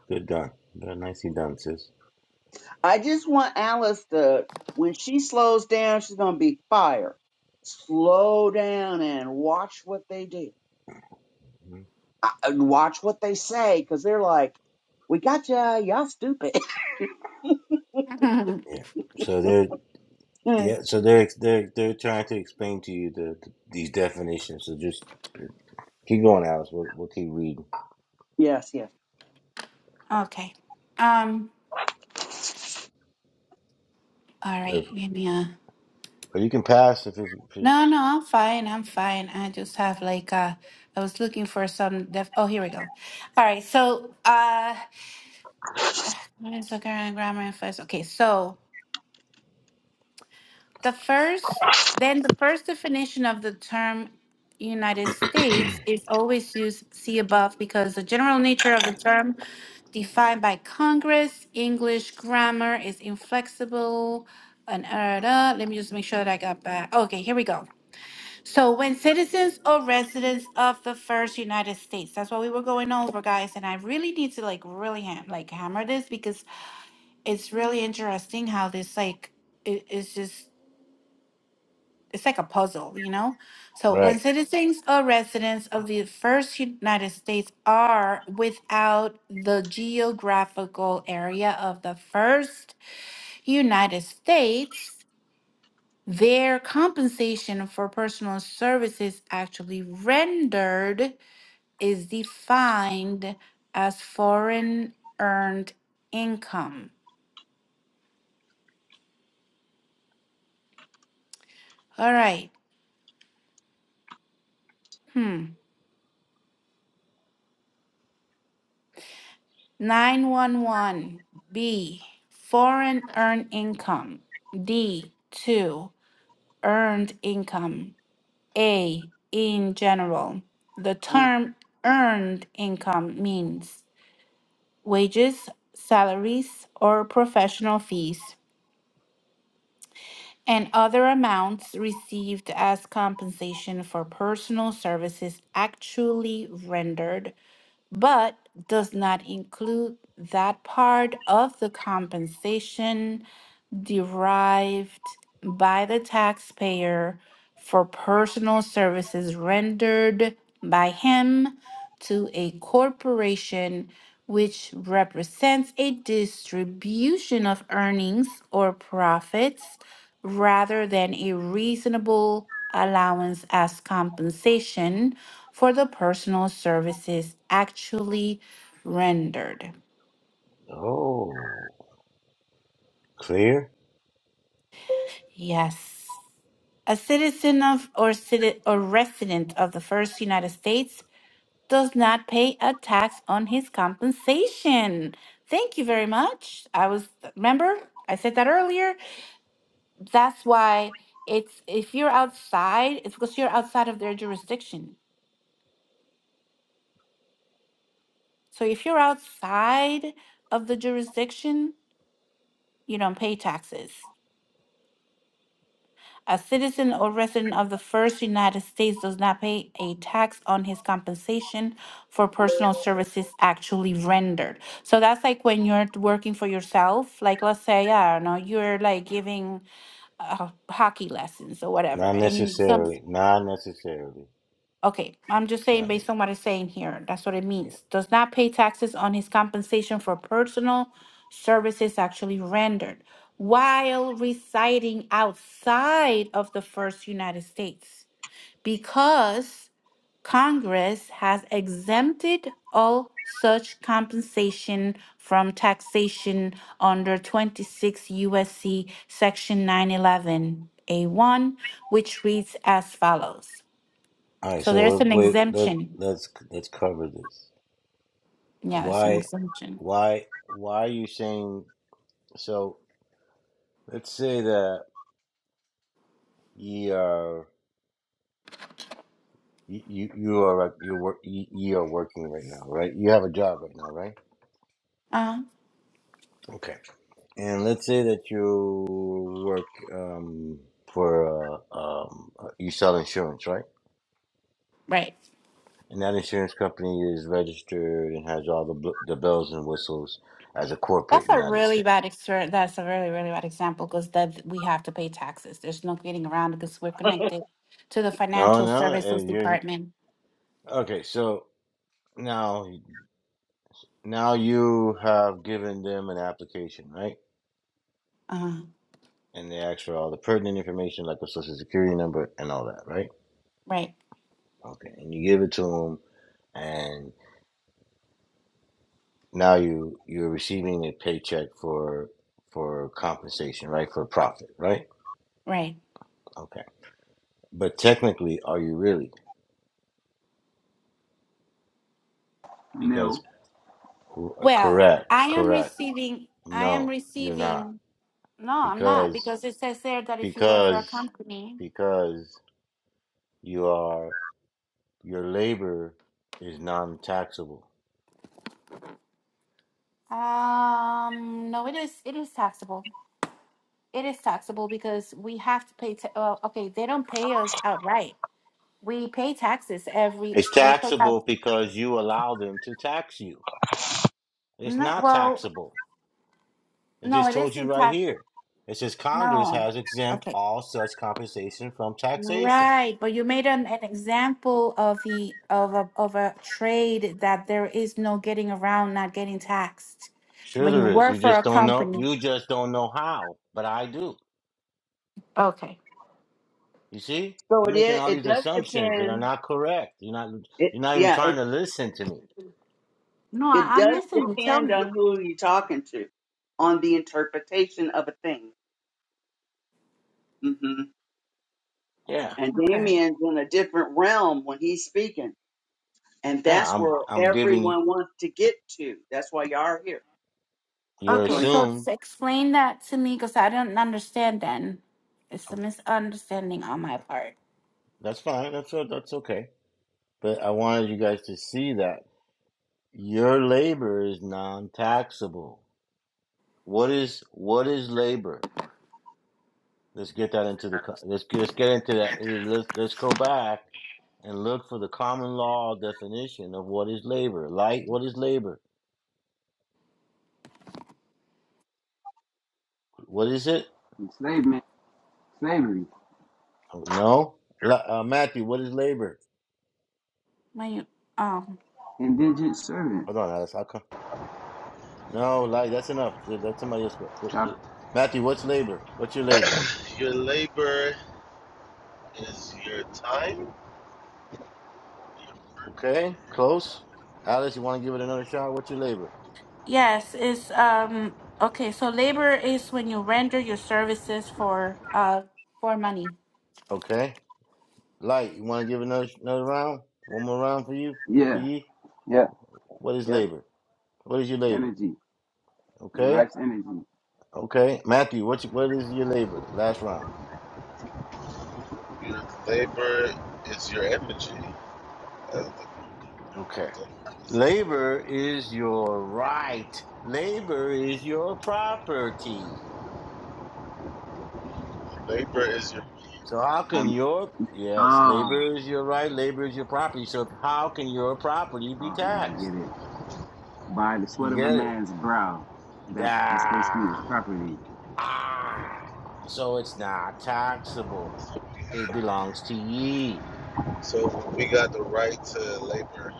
Speaker 2: Good done. Very nicely done, sis.
Speaker 7: I just want Alice to, when she slows down, she's gonna be fire. Slow down and watch what they do.
Speaker 2: hmm
Speaker 7: I, and watch what they say, because they're like, "We got ya, y'all stupid."
Speaker 4: (laughs)
Speaker 2: Yeah. So they're
Speaker 7: (laughs) yes,
Speaker 2: yeah. So they're they're they're trying to explain to you the, the these definitions. So just keep going, Alice. We'll, we'll keep reading.
Speaker 7: yes.
Speaker 4: okay. Um, all
Speaker 2: Or,
Speaker 4: right, give me a...
Speaker 2: or you can pass if it's, if
Speaker 4: No,
Speaker 2: it's
Speaker 4: no, I'm fine. I'm fine. I just have like uh I was looking for some def- Oh, here we go. All right. So, uh What is the current grammar and first? Okay, so the first, then the first definition of the term United States is always used, see above, because the general nature of the term defined by Congress, English grammar is inflexible. And uh, da- let me just make sure that I got back. Okay, here we go. So, when citizens or residents of the first United States, that's what we were going over, guys. And I really need to like really ham- like hammer this because it's really interesting how this like it, it's just it's like a puzzle you know so when
Speaker 2: right.
Speaker 4: citizens or residents of the first united states are without the geographical area of the first united states their compensation for personal services actually rendered is defined as foreign earned income all right hmm 911. B. Foreign earned income. D. 2. Earned income. A. In general. The
Speaker 7: Uh,
Speaker 4: term earned income means wages, salaries, or professional fees, and other amounts received as compensation for personal services actually rendered, but does not include that part of the compensation derived by the taxpayer for personal services rendered by him to a corporation which represents a distribution of earnings or profits rather than a reasonable allowance as compensation for the personal services actually rendered.
Speaker 2: Oh, clear.
Speaker 4: Yes. A citizen of or citi- or resident of the first United States does not pay a tax on his compensation. Thank you very much. I was remember I said that earlier. That's why it's if you're outside, it's because you're outside of their jurisdiction. So if you're outside of the jurisdiction, you don't pay taxes. A citizen or resident of the first United States does not pay a tax on his compensation for personal services actually rendered. So that's like when you're working for yourself, like let's say, I don't know, you're like giving uh, hockey lessons or whatever,
Speaker 2: Not
Speaker 4: and you some.
Speaker 2: necessarily. Not necessarily.
Speaker 4: Okay, I'm just saying
Speaker 2: Not
Speaker 4: based on what it's saying here, that's what it
Speaker 2: yeah.
Speaker 4: means. Does not pay taxes on his compensation for personal services actually rendered while residing outside of the first United States because Congress has exempted all such compensation from taxation under 26 USC section 911 A1 which reads as follows.
Speaker 2: All right.
Speaker 4: So
Speaker 2: So
Speaker 4: there's an
Speaker 2: wait. Let
Speaker 4: exemption.
Speaker 2: let's let's cover this.
Speaker 4: Yeah, it's an
Speaker 2: Why,
Speaker 4: exemption.
Speaker 2: why, why are you saying so? Let's say that ye are you you you are you work ye ye are working right now, right? You have a job right now, right?
Speaker 4: Uh,
Speaker 2: Okay. And let's say that you work um, for uh, um, uh, you sell insurance, right?
Speaker 4: right.
Speaker 2: And that insurance company is registered and has all the bl- the bells and whistles as a corporate
Speaker 4: That's a
Speaker 2: United
Speaker 4: really
Speaker 2: States.
Speaker 4: bad exper- that's a really really bad example because that we have to pay taxes. There's no getting around because we're connected to the
Speaker 2: No,
Speaker 4: financial
Speaker 2: no,
Speaker 4: services
Speaker 2: and you're
Speaker 4: department.
Speaker 2: okay. So now Now you have given them an application, right?
Speaker 4: Uh,
Speaker 2: And they ask for all the pertinent information, like a social security number and all that, right?
Speaker 4: right.
Speaker 2: Okay. And you give it to them, and now you you're receiving a paycheck for for compensation, right? For profit, right?
Speaker 4: Right.
Speaker 2: Okay. But technically, are you really?
Speaker 1: No.
Speaker 2: Because r-
Speaker 4: Well,
Speaker 2: correct,
Speaker 4: I am
Speaker 2: correct.
Speaker 4: receiving, I am
Speaker 2: No, you're not.
Speaker 4: receiving, no, I'm not,
Speaker 2: Because
Speaker 4: because it says there that if you work for a
Speaker 2: because
Speaker 4: company,
Speaker 2: because you are your labor is non-taxable
Speaker 4: um, no, it is, it is taxable. It is taxable because we have to pay, ta- uh, okay, they don't pay us outright. We pay taxes every,
Speaker 2: It's
Speaker 4: they pay tax,
Speaker 2: taxable because you allow them to tax you. It's
Speaker 4: no,
Speaker 2: not
Speaker 4: well,
Speaker 2: taxable. It
Speaker 4: no,
Speaker 2: just
Speaker 4: it
Speaker 2: told you
Speaker 4: isn't
Speaker 2: right
Speaker 4: tax,
Speaker 2: here. It says Congress
Speaker 4: no.
Speaker 2: has exempt
Speaker 4: Okay.
Speaker 2: all such compensation from taxation.
Speaker 4: Right, but you made an, an example of the of a of a trade that there is no getting around not getting taxed
Speaker 2: Sure
Speaker 4: when you
Speaker 2: there is. You
Speaker 4: work for a
Speaker 2: just don't know
Speaker 4: company.
Speaker 2: you just don't know how, but I do.
Speaker 4: Okay.
Speaker 2: You see?
Speaker 7: so
Speaker 2: You're
Speaker 7: it
Speaker 2: making
Speaker 7: is.
Speaker 2: all
Speaker 7: It
Speaker 2: these
Speaker 7: does
Speaker 2: assumptions that are
Speaker 7: depend.
Speaker 2: not correct. You're not
Speaker 7: It
Speaker 2: you're not even
Speaker 7: yeah.
Speaker 2: trying
Speaker 7: It
Speaker 2: to listen to me.
Speaker 4: No, I,
Speaker 7: it
Speaker 4: I'm
Speaker 7: does
Speaker 4: listening. Tell
Speaker 7: depend
Speaker 4: me.
Speaker 7: on who you're talking to, on the interpretation of a thing. hmm
Speaker 2: Yeah.
Speaker 7: And
Speaker 4: Okay.
Speaker 7: Damien's in a different realm when he's speaking. And
Speaker 2: Yeah,
Speaker 7: that's
Speaker 2: I'm
Speaker 7: where
Speaker 2: I'm giving
Speaker 7: everyone wants to get to. That's why y'all are here.
Speaker 2: your
Speaker 7: You
Speaker 4: Okay,
Speaker 7: want
Speaker 4: so
Speaker 7: to
Speaker 4: s-
Speaker 2: assume.
Speaker 4: explain that to me because I don't understand then. It's a misunderstanding on my part.
Speaker 2: That's fine. That's that's okay. But I wanted you guys to see that Your labor is non-taxable. What is what is labor? Let's get that into the let's let's get into that. Let's let's go back and look for the common law definition of what is labor. Like what is labor? What is it?
Speaker 1: enslavement, slavery,
Speaker 2: Oh, No, uh, Matthew, what is labor?
Speaker 4: When you um
Speaker 1: indigent servant.
Speaker 2: Hold on, Alice. I'll come. No, like That's enough. Let somebody else go. go. uh,
Speaker 1: Top,
Speaker 2: Matthew, what's labor? What's your labor?
Speaker 8: Your labor is your time.
Speaker 2: Okay, close. Alice, you want to give it another shot? What's your labor?
Speaker 4: yes, it's um okay, so labor is when you render your services for uh for money.
Speaker 2: Okay. Light, you want to give another another round? One more round for you? For
Speaker 1: yeah,
Speaker 2: you?
Speaker 1: yeah,
Speaker 2: What is
Speaker 1: yeah.
Speaker 2: labor? What is your labor?
Speaker 1: Energy, your
Speaker 2: Okay?
Speaker 1: life's energy.
Speaker 2: Okay. Matthew, what you, what is your labor? Last round.
Speaker 8: Your labor is your energy. That's the
Speaker 2: Okay.
Speaker 8: thing. It's-
Speaker 2: Labor is your right. Labor is your property.
Speaker 8: Labor is your.
Speaker 2: So how can
Speaker 1: Um,
Speaker 2: your yes,
Speaker 1: ah,
Speaker 2: labor is your right, labor is your property. So how can your property
Speaker 1: oh
Speaker 2: be
Speaker 1: oh man, I
Speaker 2: taxed?
Speaker 1: get it. By the sweat
Speaker 2: You
Speaker 1: of a
Speaker 2: get it?
Speaker 1: man's brow, that that's basically his
Speaker 2: Ah.
Speaker 1: property,
Speaker 2: Ah, so it's not taxable. It belongs to ye.
Speaker 8: So we got the right to labor.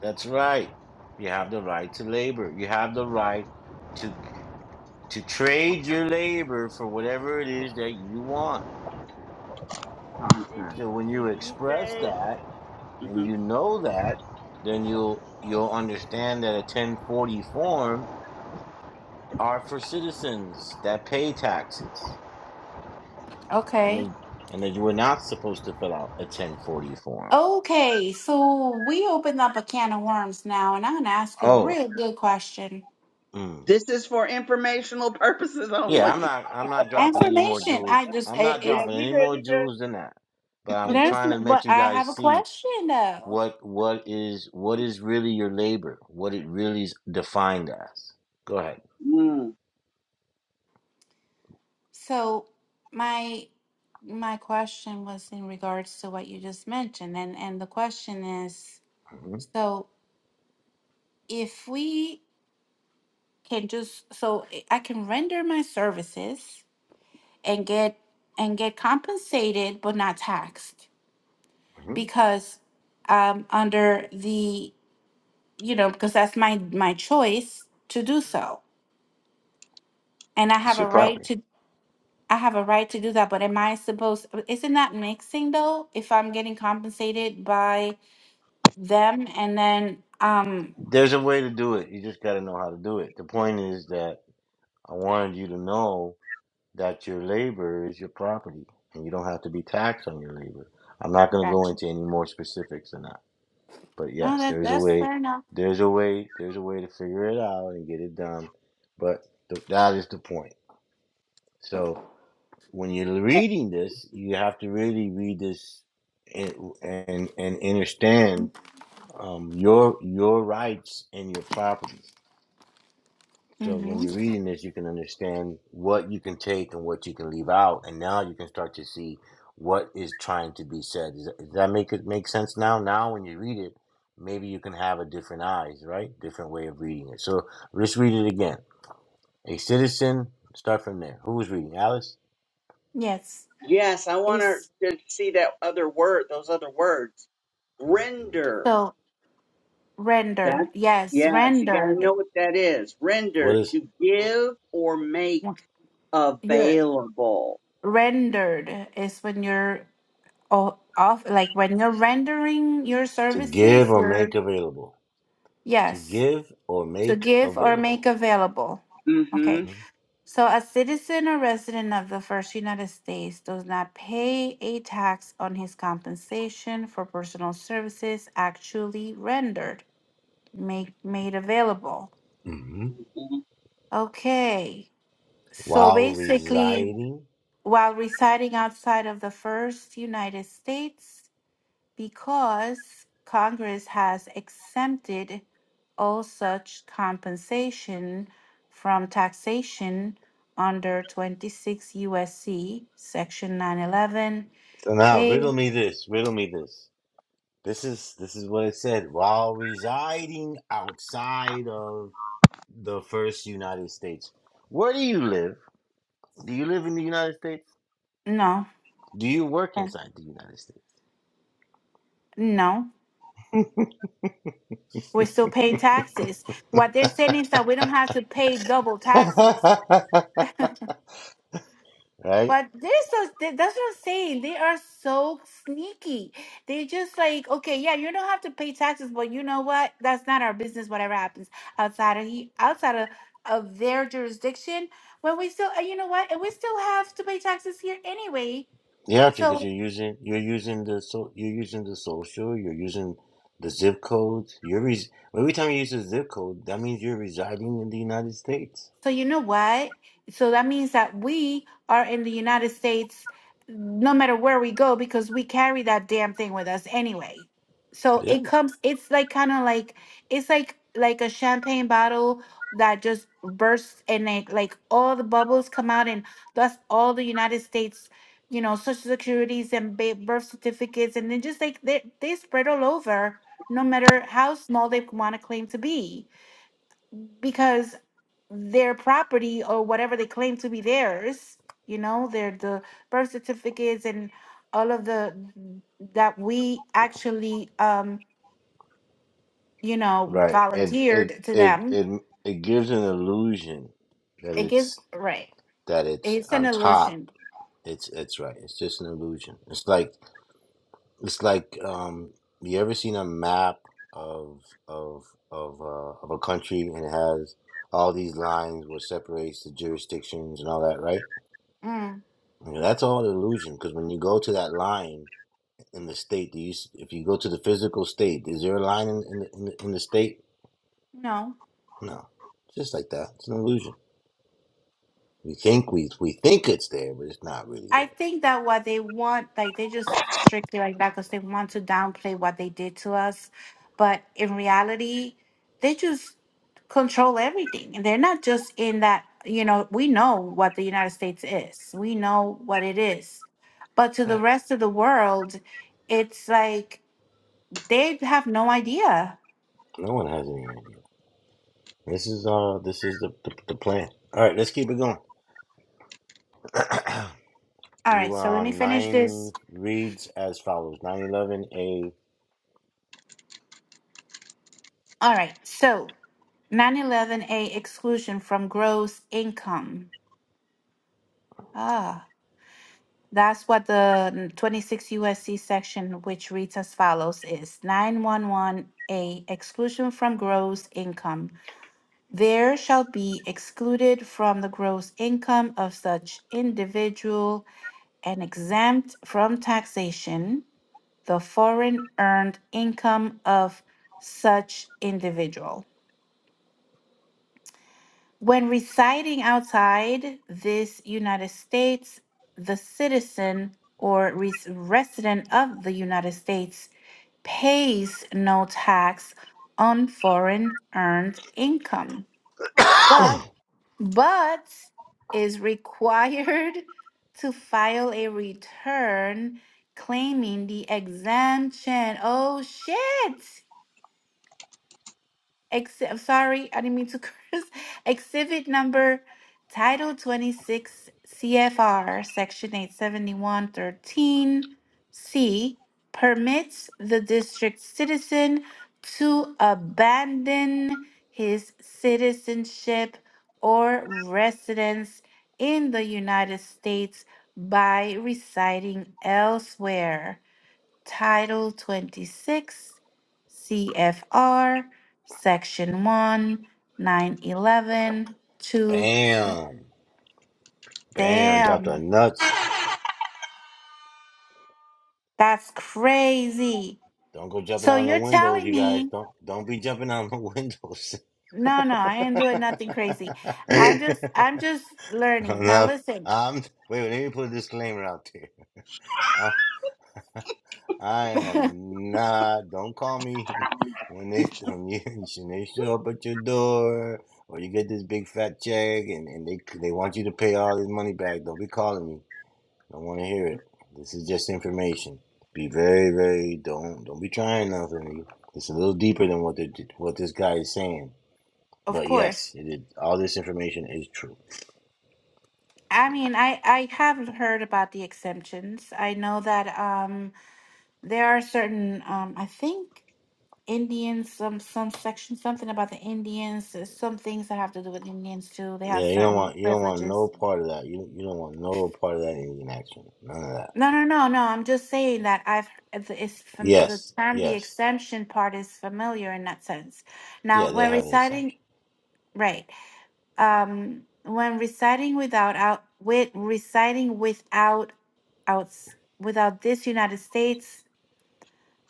Speaker 2: That's right. You have the right to labor. You have the right to to trade your labor for whatever it is that you want.
Speaker 1: the
Speaker 7: Did you
Speaker 1: contract.
Speaker 2: So when you
Speaker 7: did you
Speaker 2: express
Speaker 7: say?
Speaker 2: that
Speaker 7: get.
Speaker 2: and
Speaker 7: hmm
Speaker 2: you know that, then you'll you'll understand that a 1040 form are for citizens that pay taxes. And
Speaker 4: Okay.
Speaker 2: they and that you were not supposed to fill out a 1040 form.
Speaker 4: Okay, so we opened up a can of worms now, and I'm gonna ask you a
Speaker 2: Oh,
Speaker 4: real good question.
Speaker 2: mm.
Speaker 7: This is for informational (laughs) purposes
Speaker 2: Yeah, I'm
Speaker 7: only.
Speaker 2: not. I'm not dropping any more
Speaker 4: Information, I
Speaker 2: jewels.
Speaker 4: just
Speaker 2: I'm
Speaker 4: it,
Speaker 2: not
Speaker 7: Yeah,
Speaker 4: it's
Speaker 2: dropping
Speaker 7: you
Speaker 2: any
Speaker 7: good,
Speaker 2: more
Speaker 7: you
Speaker 2: jewels
Speaker 7: good.
Speaker 2: than that. But I'm
Speaker 4: there's,
Speaker 2: trying to
Speaker 4: n-
Speaker 2: let
Speaker 4: but
Speaker 2: you
Speaker 4: I have
Speaker 2: guys
Speaker 4: a
Speaker 2: see
Speaker 4: question though.
Speaker 2: what what is what is really your labor, what it really is defined as. Go ahead.
Speaker 7: Mm.
Speaker 4: So my my question was in regards to what you just mentioned, and and the question is,
Speaker 2: hmm
Speaker 4: so if we can just, so I I can render my services and get and get compensated, but not taxed.
Speaker 2: hmm
Speaker 4: because um under the you know because that's my my choice to do so and i
Speaker 2: It's
Speaker 4: have
Speaker 2: your
Speaker 4: a right
Speaker 2: property.
Speaker 4: to i have a right to do that but am i supposed isn't that mixing though if i'm getting compensated by them and then um
Speaker 2: There's a way to do it. You just got to know how to do it. The point is that I wanted you to know that your labor is your property, and you don't have to be taxed on your labor. I'm not going to go
Speaker 4: gotcha
Speaker 2: into any more specifics than that. But
Speaker 4: no
Speaker 2: yes,
Speaker 4: that
Speaker 2: there's a
Speaker 4: that's
Speaker 2: way.
Speaker 4: fair enough
Speaker 2: There's a way. There's a way to figure it out and get it done. But th- that is the point. So when you're
Speaker 7: Eh,
Speaker 2: reading this, you have to really read this and and, and understand um, your your rights and your property. So when
Speaker 4: mm-hmm.
Speaker 2: you're reading this, you can understand what you can take and what you can leave out, and now you can start to see what is trying to be said. Does that, does that make it make sense now? Now, when you read it, maybe you can have a different eyes, right? Different way of reading it. So let's read it again. A citizen. Start from there. Who was reading? Alice.
Speaker 4: yes
Speaker 7: Yes, I want her
Speaker 4: it's
Speaker 7: to see that other word, those other words. Render.
Speaker 4: so
Speaker 7: That
Speaker 4: render yes
Speaker 7: yes, you got to
Speaker 4: rendered
Speaker 7: know what that is.
Speaker 2: What
Speaker 7: Render
Speaker 2: is
Speaker 7: to give or make
Speaker 4: Wha- you're
Speaker 7: available.
Speaker 4: rendered is when you're all off like when you're rendering your
Speaker 2: to give
Speaker 4: services
Speaker 2: or
Speaker 4: your
Speaker 2: make available? To
Speaker 4: yes
Speaker 2: give or
Speaker 4: to
Speaker 2: make
Speaker 4: give or make
Speaker 2: available.
Speaker 4: available
Speaker 7: Mm-hmm.
Speaker 4: okay
Speaker 2: hmm
Speaker 4: so a citizen or resident of the first united states does not pay a tax on his compensation for personal services actually rendered make made available
Speaker 2: hmm
Speaker 7: Mm-hmm.
Speaker 4: okay so
Speaker 2: While
Speaker 4: basically
Speaker 2: residing.
Speaker 4: while residing outside of the first united states because Congress has exempted all such compensation from taxation under 26 USC section 911
Speaker 2: So now
Speaker 4: A
Speaker 2: riddle me this. Riddle me this. This is this is what it said. While residing outside of the first United States, where do you live? Do you live in the United States?
Speaker 4: no
Speaker 2: Do you work
Speaker 4: eh,
Speaker 2: inside the United States?
Speaker 4: no we're still paying taxes what they're saying is that we don't have to pay double taxes
Speaker 2: (laughs) right?
Speaker 4: But they're so th- that's what I'm saying. They are so sneaky. They just like, okay, yeah, you don't have to pay taxes, but you know what? That's not our business. Whatever happens outside of he outside of, of their jurisdiction, when we still, uh, you know what, and we still have to pay taxes here anyway.
Speaker 2: Yeah,
Speaker 4: So
Speaker 2: because you're using you're using the so you're using the social, you're using the zip code. You're res- every time you use a zip code, that means you're residing in the United States.
Speaker 4: So you know what? So that means that we are in the United States no matter where we go because we carry that damn thing with us anyway. So
Speaker 2: Yeah.
Speaker 4: it comes it's like kind of like it's like like a champagne bottle that just bursts and like like all the bubbles come out and that's all the United States you know social securities and ba- birth certificates and then just like they they spread all over no matter how small they want to claim to be because their property or whatever they claim to be theirs, you know, their the birth certificates and all of the that we actually um, you know,
Speaker 2: Right. It it
Speaker 4: volunteered to
Speaker 2: it
Speaker 4: them.
Speaker 2: it it gives an illusion that
Speaker 4: It gives
Speaker 2: it's
Speaker 4: right.
Speaker 2: that it's
Speaker 4: It's an
Speaker 2: on top.
Speaker 4: illusion.
Speaker 2: It's it's right. It's just an illusion. It's like it's like um you ever seen a map of of of uh, of a country and it has all these lines which separates the jurisdictions and all that, right?
Speaker 4: Mm,
Speaker 2: You that's all an illusion because when you go to that line in the state, do you s- if you go to the physical state, is there a line in in the, in the, in the state?
Speaker 4: no.
Speaker 2: No, it's just like that. It's an illusion. We think we we think it's there, but it's not really
Speaker 4: I
Speaker 2: there.
Speaker 4: think that what they want, like they just strictly like that because they want to downplay what they did to us. But in reality, they just control everything. And they're not just in that, you know, we know what the United States is, we know what it is. But to the
Speaker 2: Right?
Speaker 4: rest of the world, it's like they have no idea.
Speaker 2: No one has any idea. This is uh this is the the, the plan. All right, let's keep it going.
Speaker 4: All
Speaker 2: You
Speaker 4: right, so
Speaker 2: are
Speaker 4: let me
Speaker 2: on
Speaker 4: finish
Speaker 2: nine
Speaker 4: this.
Speaker 2: reads as follows: nine eleven a
Speaker 4: All right, so nine eleven a exclusion from gross income. Ah. That's what the mm, 26 USC section, which reads as follows, is 911A exclusion from gross income. There shall be excluded from the gross income of such individual and exempt from taxation the foreign earned income of such individual. When residing outside this United States, the citizen or res- resident of the United States pays no tax on foreign earned income, but but is required (laughs) to file a return claiming the exemption. Oh shit! Exhibit, sorry, I didn't mean to (laughs) curse. Exhibit number Title 26 CFR Section 871.13C permits the district citizen to abandon his citizenship or residence in the United States by residing elsewhere. Title 26, CFR, Section 1, nine eleven two.
Speaker 2: bam bam dropped a
Speaker 4: Damn,
Speaker 2: nuts.
Speaker 4: that's crazy.
Speaker 2: Don't go jumping
Speaker 4: So
Speaker 2: on the
Speaker 4: you're
Speaker 2: windows,
Speaker 4: telling
Speaker 2: you guys.
Speaker 4: me,
Speaker 2: Don't don't be jumping on the (laughs) windows.
Speaker 4: no, no, I ain't doing nothing crazy. I'm just,
Speaker 2: (laughs)
Speaker 4: I'm just
Speaker 2: I'm
Speaker 4: learning. Now
Speaker 2: not.
Speaker 4: listen,
Speaker 2: I'm wait. Let me put a disclaimer out there. I, (laughs) I am not. Don't call me (laughs) when they when you (laughs) when they show up at your door or you get this big fat check and, and they they want you to pay all this money back. Don't be calling me. Don't want to hear it. This is just information. Be very very don't don't be trying nothing. It's a little deeper than what the what this guy is saying.
Speaker 4: of
Speaker 2: But yes,
Speaker 4: course.
Speaker 2: it is, all this information is true.
Speaker 4: I mean, I, I have heard about the exemptions. I know that um, there are certain, um, I think Indians, some some section, something about the Indians. There's some things that have to do with Indians too. They have
Speaker 2: Yeah, you don't
Speaker 4: certain
Speaker 2: want you don't want no
Speaker 4: privileges.
Speaker 2: part of that. You you don't want no part of that alien action. None of that.
Speaker 4: No, no, no, no. I'm just saying that I've it's it's from the
Speaker 2: Yes,
Speaker 4: term the
Speaker 2: yes,
Speaker 4: exemption part is familiar in that sense.
Speaker 2: yeah.
Speaker 4: Now,
Speaker 2: They
Speaker 4: when
Speaker 2: have an
Speaker 4: reciting,
Speaker 2: exemption.
Speaker 4: right? Um, when reciting without out with reciting without out without this United States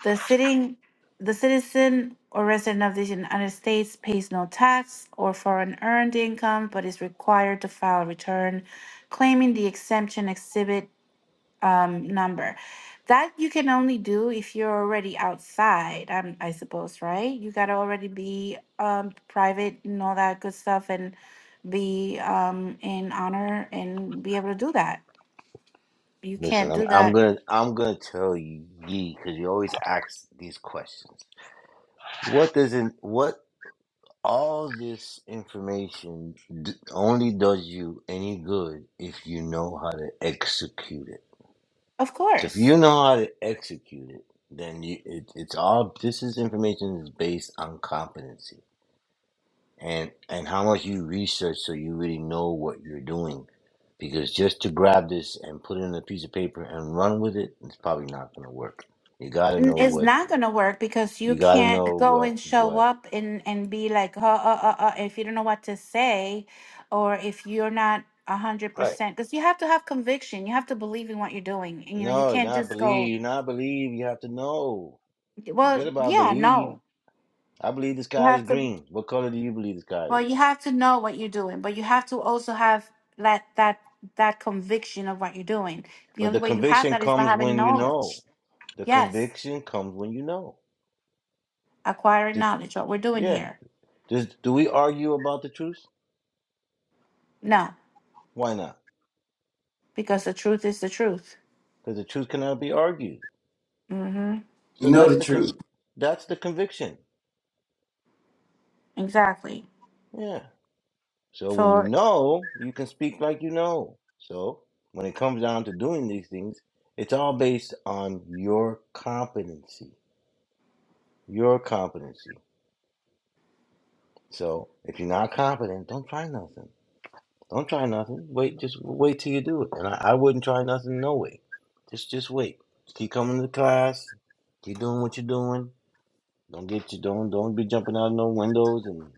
Speaker 4: The sitting, the citizen or resident of the United States pays no tax or foreign earned income, but is required to file a return claiming the exemption exhibit um, number. That you can only do if you're already outside, um, I suppose, right? You gotta already be um, private and all that good stuff and be um, in honor and be able to do that. You
Speaker 2: Listen,
Speaker 4: can't
Speaker 2: I'm
Speaker 4: do
Speaker 2: I'm
Speaker 4: that,
Speaker 2: gonna I'm gonna tell you, ye, because you always ask these questions. What does in what all this information d- only does you any good if you know how to execute it.
Speaker 4: of
Speaker 2: So if
Speaker 4: course.
Speaker 2: you know how to execute it, then you it, it's all. This is information is based on competency. and and how much you research so you really know what you're doing because just to grab this and put it in a piece of paper and run with it it's probably not going to work you got to
Speaker 4: N-
Speaker 2: know
Speaker 4: it's
Speaker 2: what
Speaker 4: not gonna work because you
Speaker 2: you got to know
Speaker 4: can't go
Speaker 2: what
Speaker 4: and show
Speaker 2: what
Speaker 4: up and and be like uh, uh, uh, uh, if you don't know what to say or if you're not a hundred
Speaker 2: Right.
Speaker 4: percent because you have to have conviction you have to believe in what you're doing and, you know you
Speaker 2: no
Speaker 4: can't
Speaker 2: not
Speaker 4: just go
Speaker 2: believe not believe you have to know forget
Speaker 4: well
Speaker 2: about
Speaker 4: yeah
Speaker 2: believe
Speaker 4: no
Speaker 2: i believe the
Speaker 4: you
Speaker 2: sky is
Speaker 4: have to
Speaker 2: green what color do you believe the sky
Speaker 4: well
Speaker 2: is
Speaker 4: you have to know what you're doing but you have to also have that that that conviction of what you're doing the
Speaker 2: but the
Speaker 4: only way you have
Speaker 2: conviction
Speaker 4: that is by
Speaker 2: comes
Speaker 4: having
Speaker 2: when you know
Speaker 4: knowledge
Speaker 2: the
Speaker 4: yes
Speaker 2: conviction comes when you know
Speaker 4: acquiring
Speaker 2: Did-
Speaker 4: knowledge what we're doing
Speaker 2: yeah
Speaker 4: here
Speaker 2: Does, do we argue about the truth
Speaker 4: no
Speaker 2: why not
Speaker 4: because the truth is the truth
Speaker 2: because the truth cannot be argued.
Speaker 4: Mm-hmm.
Speaker 1: You
Speaker 2: So
Speaker 1: know
Speaker 2: that's
Speaker 1: the
Speaker 2: the
Speaker 1: truth.
Speaker 2: con- that's the conviction.
Speaker 4: Exactly.
Speaker 2: Yeah. So when you
Speaker 4: So
Speaker 2: know, you can speak like you know. So when it comes down to doing these things, it's all based on your competency. Your competency. So if you're not competent, don't try nothing. Don't try nothing. Wait, just wait till you do it. And I, I wouldn't try nothing no way. Just just wait. Keep coming to class. Keep doing what you're doing. Don't get you don't don't be jumping out of no windows and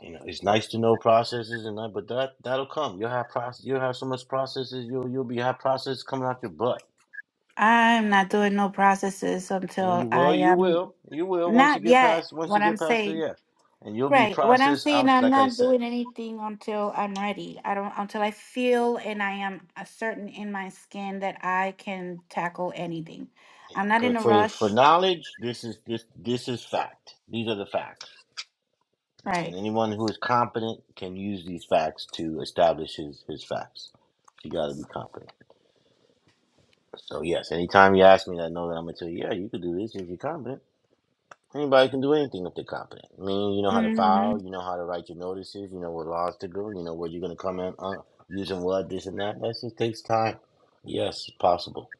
Speaker 2: You know, it's nice to know processes and that, but that that'll come. You'll have process. You'll have so much processes. You'll you'll be have processes coming out your butt.
Speaker 4: I'm not doing no processes
Speaker 2: And you
Speaker 4: until
Speaker 2: will.
Speaker 4: I
Speaker 2: you
Speaker 4: am
Speaker 2: will, you will once you
Speaker 4: not
Speaker 2: get
Speaker 4: yet.
Speaker 2: past once
Speaker 4: What
Speaker 2: you
Speaker 4: I'm
Speaker 2: get past the
Speaker 4: saying,
Speaker 2: yeah, and you'll be
Speaker 4: right? What I'm
Speaker 2: processed
Speaker 4: saying,
Speaker 2: out.
Speaker 4: I'm
Speaker 2: Like I
Speaker 4: not
Speaker 2: said,
Speaker 4: doing anything until I'm ready. I don't until I feel and I am a certain in my skin that I can tackle anything.
Speaker 2: yeah.
Speaker 4: I'm not in
Speaker 2: But
Speaker 4: a
Speaker 2: for for
Speaker 4: rush,
Speaker 2: knowledge, this is this this is fact. These are the facts, Yes, and
Speaker 4: right?
Speaker 2: anyone who is competent can use these facts to establish his his facts. You got to be competent. So yes, anytime you ask me, I know that I'm gonna tell you, yeah, you could do this if you're competent. Anybody can do anything if they're competent. I mean, you know how to
Speaker 4: Mm-hmm.
Speaker 2: file, you know how to write your notices, you know what laws to do, you know where you're going to come in uh, using what, this and that. That just takes time. Yes, it's possible.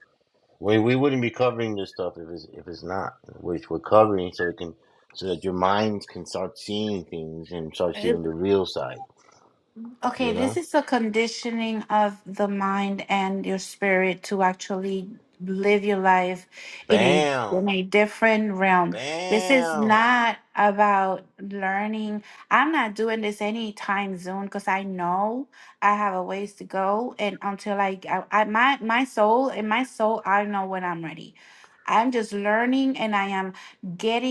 Speaker 2: We, we wouldn't be covering this stuff if it's if it's not, which we're covering so it can so that your mind can start seeing things and start seeing the real side.
Speaker 4: Okay,
Speaker 2: You
Speaker 4: this
Speaker 2: know,
Speaker 4: is a conditioning of the mind and your spirit to actually live your life in a
Speaker 2: bam,
Speaker 4: in a different realm. This is
Speaker 2: bam.
Speaker 4: not about learning. I'm not doing this anytime soon because I know I have a ways to go, and until I, I, I my my soul in my soul, I know when I'm ready. I'm just learning, and I am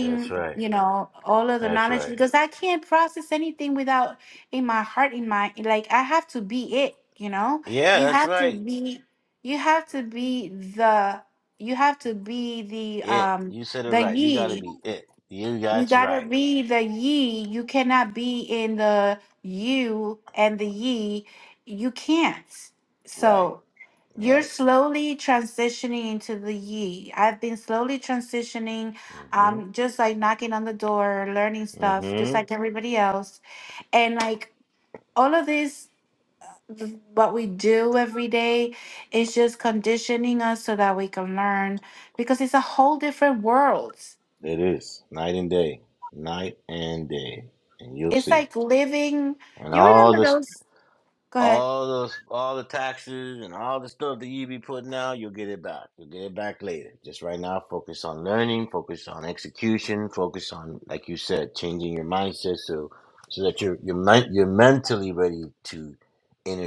Speaker 2: That's right.
Speaker 4: you know all of the
Speaker 2: That's
Speaker 4: knowledge
Speaker 2: right.
Speaker 4: because I can't process anything without in my heart in my like i have to be it you know
Speaker 2: Yeah,
Speaker 4: you
Speaker 2: that's
Speaker 4: have to
Speaker 2: right.
Speaker 4: be you have to be the you have to be the
Speaker 2: It.
Speaker 4: um
Speaker 2: You said it
Speaker 4: the
Speaker 2: right. You got to
Speaker 4: ye
Speaker 2: be it. You.
Speaker 4: you
Speaker 2: That's
Speaker 4: gotta
Speaker 2: right.
Speaker 4: be the ye you cannot be in the you and the ye you can't
Speaker 2: Right.
Speaker 4: so you're
Speaker 2: Right.
Speaker 4: slowly transitioning into the ye i've been slowly transitioning
Speaker 2: Mm-hmm.
Speaker 4: um just like knocking on the door learning stuff just
Speaker 2: Mm-hmm.
Speaker 4: like everybody else and like all of this th- what we do every day is just conditioning us so that we can learn because it's a whole different world
Speaker 2: It is night and day, night and day, and you'll
Speaker 4: it's
Speaker 2: see.
Speaker 4: like living
Speaker 2: And
Speaker 4: you
Speaker 2: all
Speaker 4: remember
Speaker 2: this,
Speaker 4: those go ahead
Speaker 2: all those, all the taxes and all the stuff that you be putting out, you'll get it back. You'll get it back later. Just right now, focus on learning, focus on execution, focus on, like you said, changing your mindset so so that you're you're men- you're mentally ready to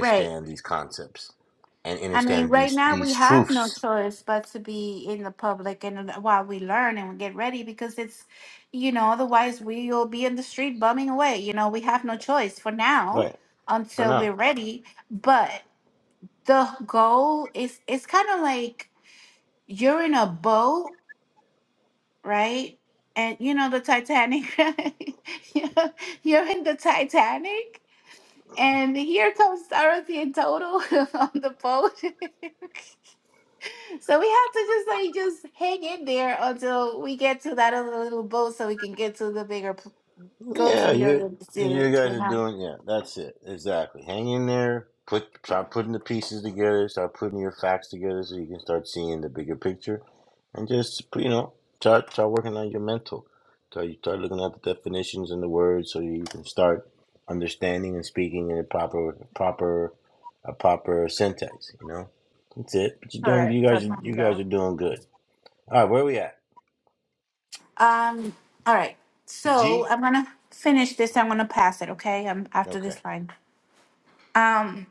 Speaker 4: right
Speaker 2: these concepts and
Speaker 4: i mean
Speaker 2: understand
Speaker 4: right
Speaker 2: these
Speaker 4: now we
Speaker 2: these
Speaker 4: have no
Speaker 2: truths.
Speaker 4: choice but to be in the public and uh, while we learn and we get ready because it's you know otherwise we will be in the street bumming away you know we have no choice for now
Speaker 2: Right. For
Speaker 4: until
Speaker 2: now.
Speaker 4: we're ready but the goal is it's kind of like you're in a boat, right? And you know the Titanic. (laughs) you're you're in the Titanic, and here comes Dorothy and Total (laughs) on the boat. (laughs) so we have to just like just hang in there until we get to that other little boat, so we can get to the bigger, p- go to
Speaker 2: Yeah,
Speaker 4: the
Speaker 2: you
Speaker 4: other,
Speaker 2: you
Speaker 4: to,
Speaker 2: guys
Speaker 4: you
Speaker 2: are
Speaker 4: know.
Speaker 2: doing yeah, that's it. Exactly. Hang in there, put start putting the pieces together, start putting your facts together so you can start seeing the bigger picture and just you know, start start working on your mental. So you start looking at the definitions and the words so you can start understanding and speaking in a proper proper a proper syntax, you know? That's it. But you're
Speaker 4: All
Speaker 2: doing
Speaker 4: right,
Speaker 2: you
Speaker 4: so
Speaker 2: guys
Speaker 4: I'm gonna
Speaker 2: you guys
Speaker 4: go.
Speaker 2: are doing good. All right, where are we at?
Speaker 4: Um. All right. So
Speaker 2: G?
Speaker 4: I'm gonna finish this. I'm gonna pass it. Okay. I'm after
Speaker 2: Okay.
Speaker 4: this line. Um,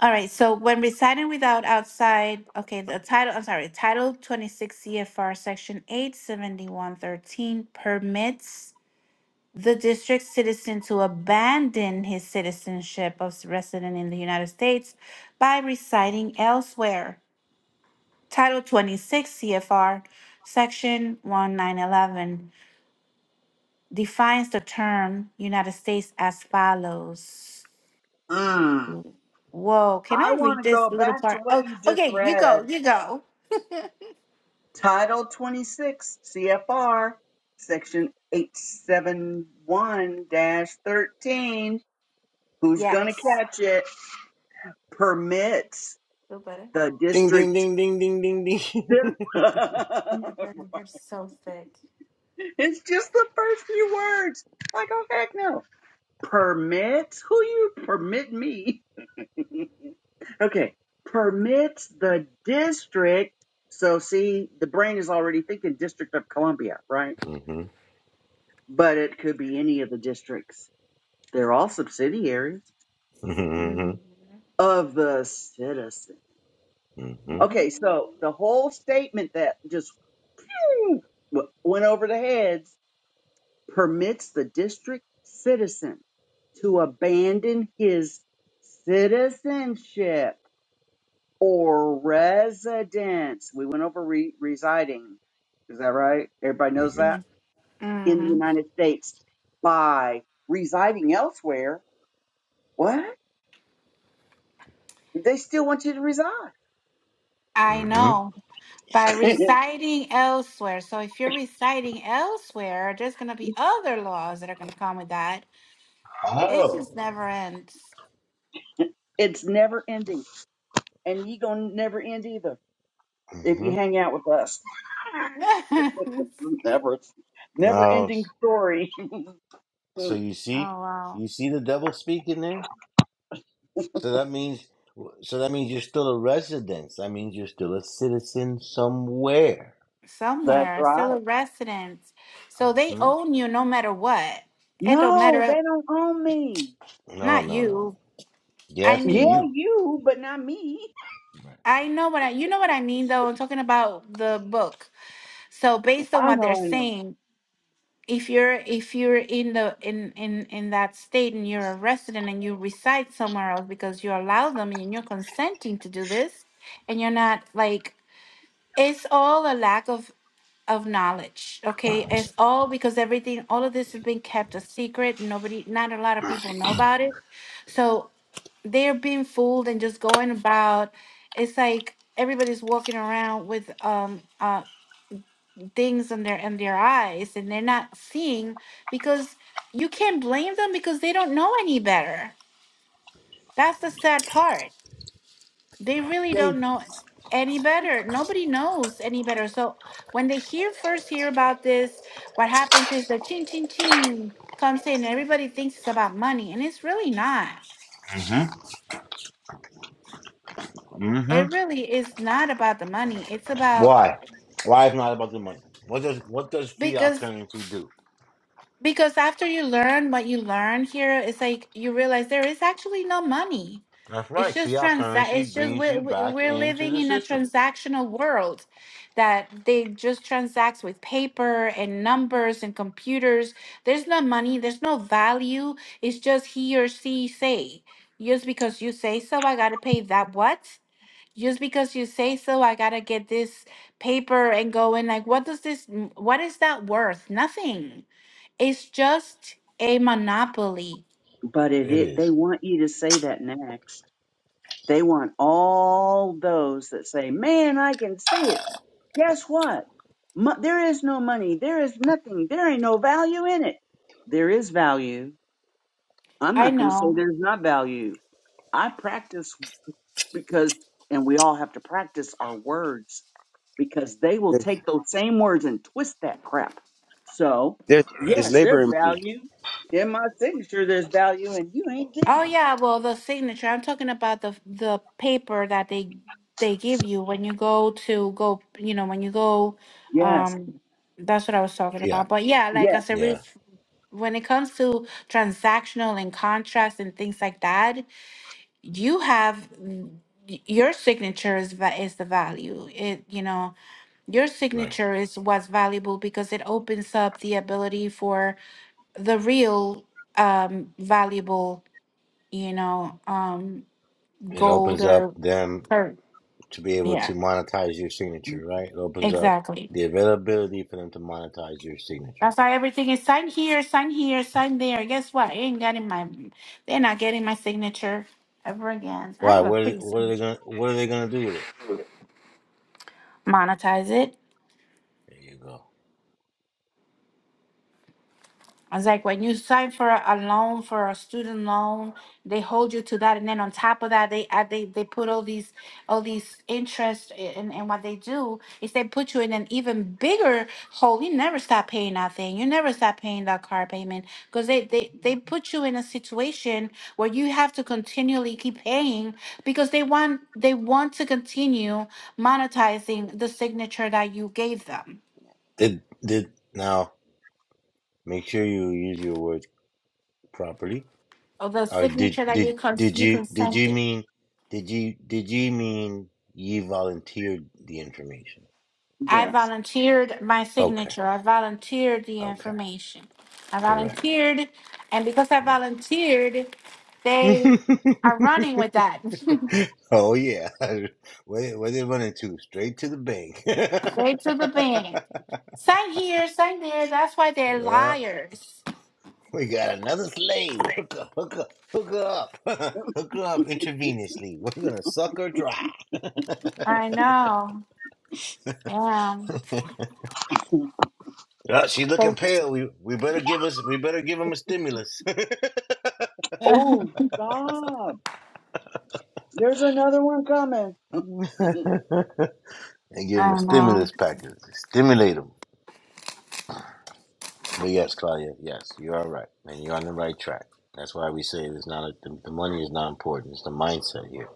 Speaker 4: all right, so when residing without outside, okay, the title, I'm sorry, Title 26 CFR Section 87113 permits the district citizen to abandon his citizenship of resident in the United States by residing elsewhere. Title 26 CFR Section 1911 defines the term United States as follows.
Speaker 7: Mm.
Speaker 4: Whoa, can
Speaker 7: I
Speaker 4: I
Speaker 7: want
Speaker 4: read
Speaker 7: to go
Speaker 4: this little
Speaker 7: back to
Speaker 4: part?
Speaker 7: what
Speaker 4: Oh,
Speaker 7: you just
Speaker 4: okay, you go,
Speaker 7: read,
Speaker 4: you go.
Speaker 7: Title 26 CFR, Section 871 13. Who's going to
Speaker 4: Yes.
Speaker 7: catch it? Permits
Speaker 4: Feel better?
Speaker 7: the
Speaker 2: Ding ding
Speaker 7: district.
Speaker 2: ding ding ding ding
Speaker 7: (laughs) it's
Speaker 2: ding.
Speaker 4: Oh my God, your hair's so thick.
Speaker 7: just the first few words. Like, oh, heck no. Permits? Who you permit me? Okay. Permits the district. So, see, the brain is already thinking District of Columbia, right?
Speaker 2: (laughs) mhm.
Speaker 7: but it could be any of the districts. They're all subsidiaries
Speaker 2: Mm
Speaker 4: Mhm.
Speaker 7: of the citizen.
Speaker 2: hmm hmm
Speaker 7: Okay, so the whole statement that just w- went over the heads permits the district citizen to abandon his citizenship or residence. We went over re- residing. Is that right? Everybody
Speaker 2: hmm
Speaker 7: knows that in the
Speaker 4: Mhm.
Speaker 7: United States by residing elsewhere. What? They still want you to resign.
Speaker 4: I
Speaker 2: hmm
Speaker 4: know. by
Speaker 7: (laughs)
Speaker 4: residing elsewhere. So if you're residing elsewhere, there's going to be other laws that are going to come with that. It
Speaker 2: Oh.
Speaker 4: just never ends.
Speaker 7: it's never ending, and you gonna never end either
Speaker 2: Mm
Speaker 7: if you
Speaker 2: hmm
Speaker 7: hang out with us.
Speaker 4: (laughs)
Speaker 7: (laughs)
Speaker 4: oh
Speaker 7: never, never
Speaker 2: No.
Speaker 7: ending
Speaker 2: s-
Speaker 7: story. (laughs)
Speaker 2: So you see,
Speaker 4: wow.
Speaker 2: you see the devil speaking there. So that means, so that means you're still a resident. That means you're still a citizen somewhere.
Speaker 7: That's
Speaker 4: Somewhere, still
Speaker 7: right.
Speaker 4: a resident. So they
Speaker 2: hmm
Speaker 4: own you no matter what. It don't
Speaker 7: No,
Speaker 4: matter
Speaker 7: they don't own me.
Speaker 2: No,
Speaker 4: not
Speaker 2: no, no.
Speaker 4: you. I
Speaker 2: Yes, the
Speaker 7: Yeah,
Speaker 4: mean,
Speaker 2: you.
Speaker 7: you, but not me.
Speaker 4: I know what I you know what I mean though. I'm talking about the book. So based on
Speaker 7: I
Speaker 4: what
Speaker 7: know,
Speaker 4: they're
Speaker 7: I know.
Speaker 4: saying, if you're if you're in the in in in that state and you're a resident and you reside somewhere else because you allow them and you're consenting to do this and you're not like it's all a lack of of knowledge okay it's all because everything all of this has been kept a secret nobody not a lot of people know about it so they're being fooled and just going about it's like everybody's walking around with um uh things in their in their eyes and they're not seeing because you can't blame them because they don't know any better that's the sad part they really
Speaker 7: They,
Speaker 4: don't know any better nobody knows any better so when they hear first hear about this what happens is the ching ching ching comes in and everybody thinks it's about money and it's really not
Speaker 2: hmm hmm
Speaker 4: it really is not about the money it's about
Speaker 2: Why? Why it's not about the money? What does what does fiat
Speaker 4: because
Speaker 2: currency do?
Speaker 4: Because after you learn what you learn here, it's like you realize there is actually no money.
Speaker 2: That's
Speaker 4: It's
Speaker 2: right.
Speaker 4: just
Speaker 2: Fiat
Speaker 4: trans.
Speaker 2: currency
Speaker 4: It's just
Speaker 2: brings
Speaker 4: we're,
Speaker 2: you back
Speaker 4: we're
Speaker 2: into
Speaker 4: living
Speaker 2: the
Speaker 4: in a
Speaker 2: system.
Speaker 4: transactional world that they just transact with paper and numbers and computers. There's no money. There's no value. It's just he or she say. Just because you say so, I gotta pay that what? Just because you say so, I gotta get this paper and go in. Like, what does this? What is that worth? Nothing it's just a monopoly.
Speaker 7: but it,
Speaker 2: It
Speaker 7: it, they
Speaker 2: is
Speaker 7: want you to say that next. They want all those that say, man, I can see it. Guess what? Mo- there is no money. There is nothing. There ain't no value in it. There is value. I'm
Speaker 4: I
Speaker 7: not going to say
Speaker 4: know.
Speaker 7: there's not value. I practice because, and we all have to practice our words because they will take those same words and twist that crap. So,
Speaker 1: There's there's
Speaker 7: yes,
Speaker 1: labor
Speaker 7: there's
Speaker 1: in money.
Speaker 7: value in my signature. There's value, and you ain't getting
Speaker 4: Oh
Speaker 7: it.
Speaker 4: yeah, well the signature. I'm talking about the the paper that they they give you when you go to go, you know, when you go
Speaker 7: Yes,
Speaker 4: um that's what I was talking
Speaker 2: Yeah.
Speaker 4: about. But yeah,
Speaker 7: yes,
Speaker 4: like I said re-
Speaker 2: Yeah.
Speaker 4: when it comes to transactional and contracts and things like that, you have y- your signature is va- is the value. It, you know, your
Speaker 2: Right.
Speaker 4: signature is what's valuable because it opens up the ability for the real um valuable you know um
Speaker 2: It
Speaker 4: gold
Speaker 2: opens up
Speaker 4: or
Speaker 2: them
Speaker 4: or
Speaker 2: to be able
Speaker 4: yeah
Speaker 2: to monetize your signature, right? It opens up
Speaker 4: exactly
Speaker 2: the availability for them to monetize your signature.
Speaker 4: that's why everything is sign here sign here sign there guess what they ain't getting my they're not getting my signature ever again i
Speaker 2: Why?
Speaker 4: have a
Speaker 2: What? Are,
Speaker 4: pretty
Speaker 2: what are they
Speaker 4: signature
Speaker 2: gonna? What are they gonna do with it?
Speaker 4: monetize it
Speaker 2: There you go.
Speaker 4: It's like when you sign for a a loan, for a student loan, they hold you to that, and then on top of that, they add they they put all these all these interest. i- And and what they do is they put you in an even bigger hole. You never stop paying that thing. You never stop paying that car payment because they they they put you in a situation where you have to continually keep paying because they want they want to continue monetizing the signature that you gave them
Speaker 2: Did did now? Make sure you use your words properly.
Speaker 4: or the
Speaker 2: Or did
Speaker 4: signature that
Speaker 2: did
Speaker 4: you cons-
Speaker 2: did
Speaker 4: you
Speaker 2: you did you
Speaker 4: consented.
Speaker 2: mean did you did you mean you volunteered the information?
Speaker 4: I
Speaker 7: yes.
Speaker 4: volunteered my
Speaker 2: Okay.
Speaker 4: signature. I volunteered the
Speaker 2: Okay.
Speaker 4: information. I
Speaker 2: Correct.
Speaker 4: volunteered, and because I
Speaker 2: Yes.
Speaker 4: volunteered,
Speaker 2: (laughs)
Speaker 4: they are running with that. (laughs)
Speaker 2: oh yeah, (laughs) where where they running to? Straight to the bank.
Speaker 4: they to the bank.
Speaker 2: (laughs)
Speaker 4: Sign here, sign there. That's why they're
Speaker 2: well,
Speaker 4: liars.
Speaker 2: we got another slave. Hook up, hook up, hook her up, (laughs) hook her up intravenously. We're gonna suck her dry.
Speaker 4: I know. Damn.
Speaker 2: (laughs) Uh, she's looking pale.
Speaker 4: (laughs)
Speaker 2: We we better give us we better give him a stimulus (laughs) and
Speaker 7: Oh, stop. There's another one coming. (laughs) I
Speaker 2: give him a
Speaker 4: I know.
Speaker 2: stimulus package. Stimulate him. But yes, Claudia, yes, you are right, and you're on the right track. That's why we say it's not a, the, the money is not important. It's the mindset here.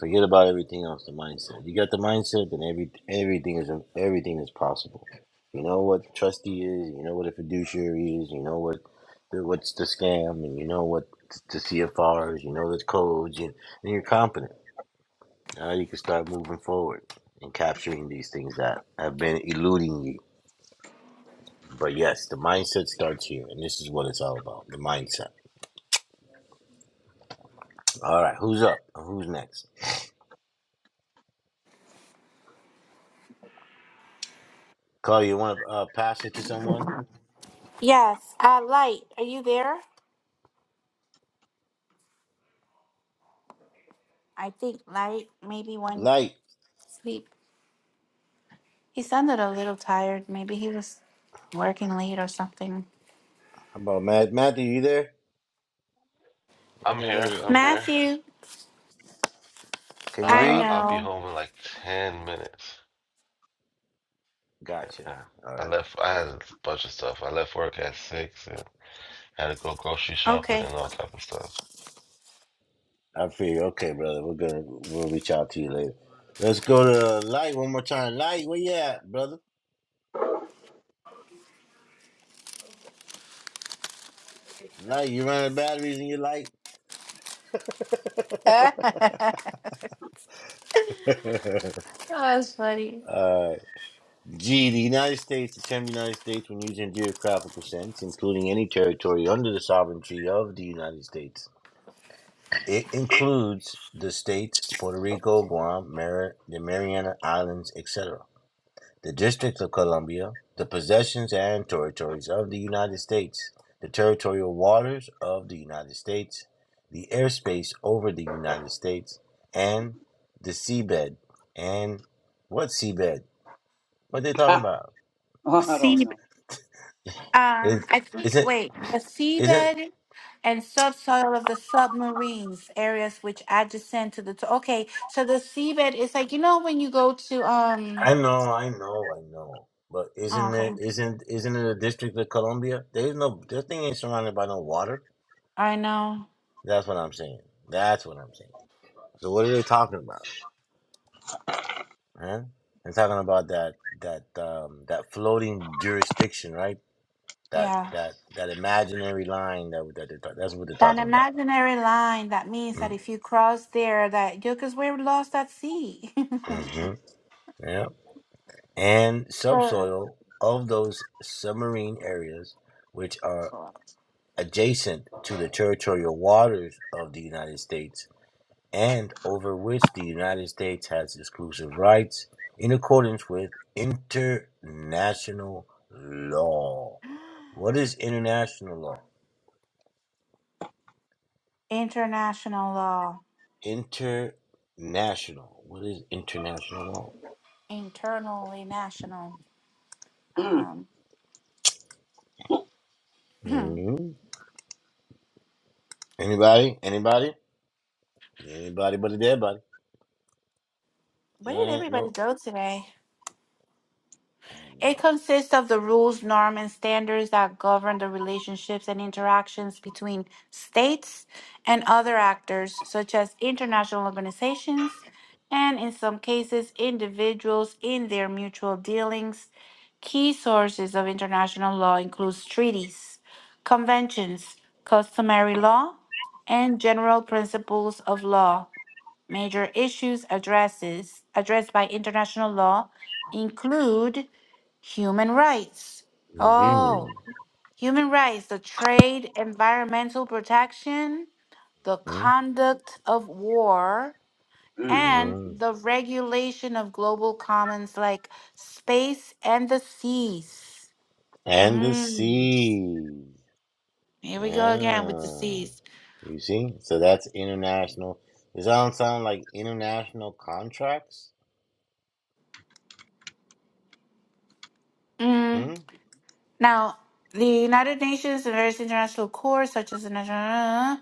Speaker 2: Forget about everything else. The mindset. You got the mindset, then every everything is everything is possible. You know what trustee is. You know what a fiduciary is. You know what the, what's the scam, and you know what the CFRs. You know the codes, and, and you're competent. Now you can start moving forward and capturing these things that have been eluding you but yes, the mindset starts here, and this is what it's all about the mindset. All right, who's up? Who's next? Carl, you want to uh, pass it to someone?
Speaker 4: Yes. Uh, Light, are you there? I think Light maybe went
Speaker 2: Light.
Speaker 4: to sleep. He sounded a little tired. Maybe he was working late or something.
Speaker 2: How about Matt? Matthew, you there? Where's
Speaker 8: I'm here.
Speaker 2: everybody at?
Speaker 8: I'm here.
Speaker 4: Matthew,
Speaker 8: Uh,
Speaker 2: Can you
Speaker 4: I
Speaker 8: I,
Speaker 2: read?
Speaker 8: I'll be
Speaker 4: know.
Speaker 8: home in like ten minutes.
Speaker 2: Gotcha.
Speaker 8: Yeah.
Speaker 2: All
Speaker 8: I
Speaker 2: right.
Speaker 8: left. I had a bunch of stuff. I left work at six. and. Had to go grocery shopping
Speaker 4: Okay.
Speaker 8: and all type of stuff.
Speaker 2: I feel okay, brother. We're gonna we'll reach out to you later. Let's go to Light one more time. Light, where you at, brother? Light, you running batteries in your light?
Speaker 4: (laughs) That's
Speaker 2: (laughs) All
Speaker 4: funny.
Speaker 2: right. G. The United States, the term United States, when used in a geographical sense, including any territory under the sovereignty of the United States. It includes the states Puerto Rico, Guam, Mar- the Mariana Islands, etc., the District of Columbia, the possessions and territories of the United States, the territorial waters of the United States, the airspace over the United States, and the seabed. And what seabed? What they talking about?
Speaker 7: don't
Speaker 4: Seabed.
Speaker 7: know.
Speaker 4: Um,
Speaker 2: It's,
Speaker 4: I
Speaker 2: it's
Speaker 4: think,
Speaker 2: it?
Speaker 4: wait, the
Speaker 2: Isn't
Speaker 4: seabed and subsoil of the submarines, areas which adjacent to the. To- okay, so the seabed is like, you know, when you go to. um.
Speaker 2: I know, I know, I know. But
Speaker 4: oh,
Speaker 2: isn't
Speaker 4: okay.
Speaker 2: it isn't isn't it a district of Columbia? There's no that thing ain't surrounded by no water.
Speaker 4: I know.
Speaker 2: That's what I'm saying. That's what I'm saying. So what are they talking about? Huh? They're talking about that that um that floating jurisdiction, right? That
Speaker 4: Yeah.
Speaker 2: that that imaginary line that that they're, ta- that's what they're
Speaker 4: An
Speaker 2: talking about.
Speaker 4: imaginary line that means that
Speaker 2: Mm,
Speaker 4: if you cross there, that you, because we're lost at sea. (laughs)
Speaker 2: Mm-hmm. Yeah. And
Speaker 4: But-
Speaker 2: subsoil of those submarine areas, which are adjacent to the territorial waters of the United States and over which the United States has exclusive rights in accordance with international law. What is international law?
Speaker 4: International law.
Speaker 2: International. What is international law?
Speaker 4: internally national.
Speaker 7: Mm,
Speaker 4: Um, (clears throat) where
Speaker 2: hmm Anybody? Anybody? Anybody but a dead body.
Speaker 4: did
Speaker 2: No,
Speaker 4: everybody
Speaker 2: no.
Speaker 4: go today? It consists of the rules, norms, and standards that govern the relationships and interactions between states and other actors, such as international organizations and, in some cases, individuals in their mutual dealings. Key sources of international law includes treaties, conventions, customary law, and general principles of law. Major issues addresses addressed by international law include human rights.
Speaker 2: Mm-hmm.
Speaker 4: Oh, human rights, the trade, environmental protection, the conduct of war,
Speaker 7: mm.
Speaker 4: and
Speaker 2: Mm-hmm.
Speaker 4: the regulation of global commons like space and the seas.
Speaker 2: And the
Speaker 4: Mm.
Speaker 2: sea.
Speaker 4: Here we go again with the
Speaker 2: Ah,
Speaker 4: seas.
Speaker 2: you see? So that's international. Does that sound like international contracts? Hmm?
Speaker 4: Mm. Now, the United Nations and various international courts, such as the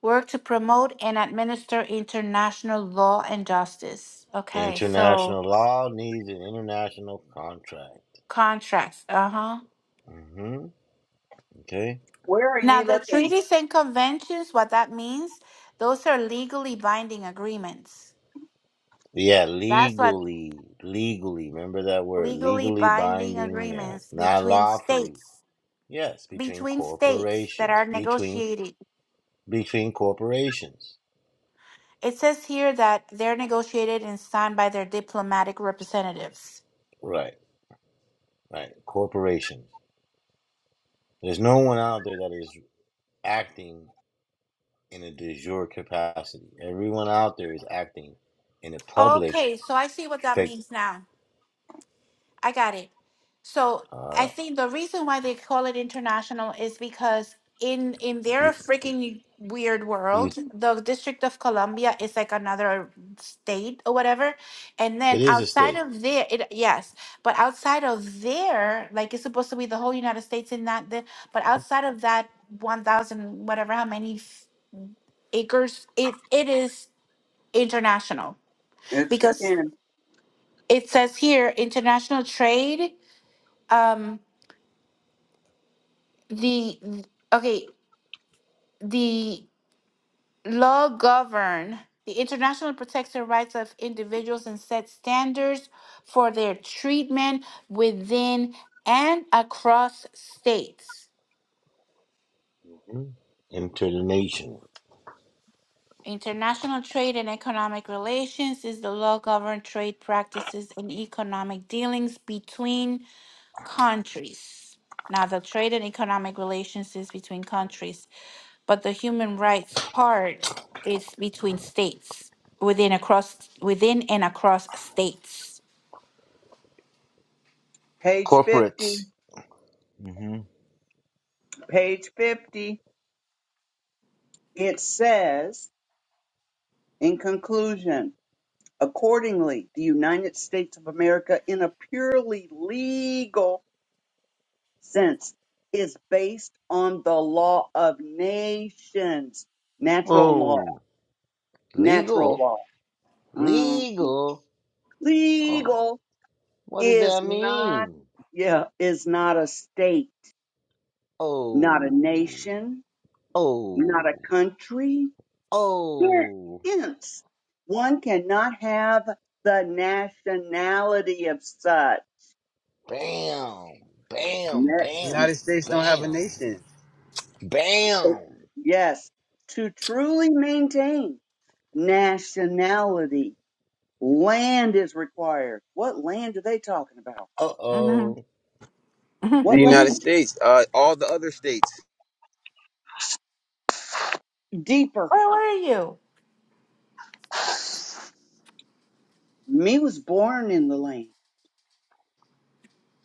Speaker 4: Work to promote and administer international law and justice. Okay, so
Speaker 2: International law needs an international contract.
Speaker 4: contracts. Uh huh.
Speaker 2: hmm Okay.
Speaker 7: Where are
Speaker 4: Now,
Speaker 7: you
Speaker 4: the
Speaker 7: looking?
Speaker 4: treaties and conventions, what that means, those are legally binding agreements.
Speaker 2: Yeah,
Speaker 4: That's what
Speaker 2: legally, legally. Remember that word,
Speaker 4: legally
Speaker 2: legally
Speaker 4: binding
Speaker 2: binding. Yes,
Speaker 4: agreements
Speaker 2: not
Speaker 4: between
Speaker 2: lawfully.
Speaker 4: states,
Speaker 2: Yes, between
Speaker 4: between states that
Speaker 2: corporations,
Speaker 4: are
Speaker 2: between
Speaker 4: negotiated.
Speaker 2: between corporations.
Speaker 4: It says here that they're negotiated and signed by their diplomatic representatives.
Speaker 2: Right, right. Corporations. There's no one out there that is acting in a de jure capacity. Everyone out there is acting in a public
Speaker 4: Okay, so I see what that
Speaker 2: fake.
Speaker 4: means now. I got it. So
Speaker 2: All
Speaker 4: I
Speaker 2: right,
Speaker 4: think the reason why they call it international is because in in their
Speaker 2: you,
Speaker 4: freaking weird
Speaker 2: you,
Speaker 4: world, the District of Columbia is like another state or whatever. And
Speaker 2: it
Speaker 4: then
Speaker 2: is a
Speaker 4: outside
Speaker 2: state
Speaker 4: of there, it yes, but outside of there, like it's supposed to be the whole United States in that. The, but outside of that, one thousand whatever how many f- acres, it it is international
Speaker 7: It's
Speaker 4: because
Speaker 7: in
Speaker 4: it says here international trade. Um, the okay the law govern the international protects the rights of individuals and set standards for their treatment within and across states
Speaker 2: into the nation.
Speaker 4: international trade and economic relations is the law govern trade practices and economic dealings between countries now the trade and economic relations is between countries but the human rights part is between states within across within and across states.
Speaker 7: page 50.
Speaker 2: Corporates.
Speaker 7: Page 50. It says, in conclusion, accordingly, the United States of America, in a purely legal sense, is based on the law of nations, natural law,
Speaker 2: Oh,
Speaker 7: natural
Speaker 2: legal,
Speaker 7: law, Mm,
Speaker 2: legal. Oh,
Speaker 7: legal
Speaker 2: what does
Speaker 7: is
Speaker 2: that
Speaker 7: not
Speaker 2: mean?
Speaker 7: yeah is not a state not a
Speaker 2: Oh,
Speaker 7: nation not a
Speaker 2: oh,
Speaker 7: country They're
Speaker 2: oh.
Speaker 7: hence one cannot have the nationality of such
Speaker 2: Bam, bam,
Speaker 1: The
Speaker 2: bam,
Speaker 7: Ne-
Speaker 1: United States don't have a
Speaker 2: bam,
Speaker 1: nation.
Speaker 2: bam.
Speaker 7: yes to truly maintain nationality land is required what land are they talking about
Speaker 2: Uh
Speaker 4: hmm
Speaker 2: oh.
Speaker 4: (laughs)
Speaker 1: The
Speaker 7: what
Speaker 1: United
Speaker 7: land
Speaker 1: States, uh, all the other states,
Speaker 7: deeper
Speaker 4: Where were you?
Speaker 7: me was born in the land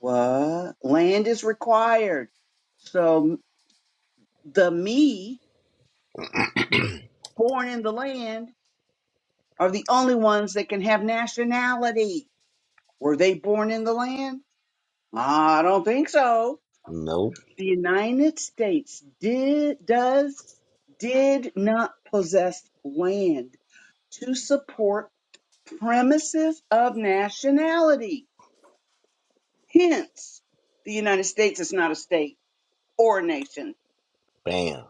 Speaker 7: What? Land is required. So the me born in the land are the only ones that can have nationality. Were they born in the land? I don't think so.
Speaker 2: Nope.
Speaker 7: The United States did, does, did not possess land to support premises of nationality. Hence, the United States is not a state or a nation.
Speaker 2: Bam,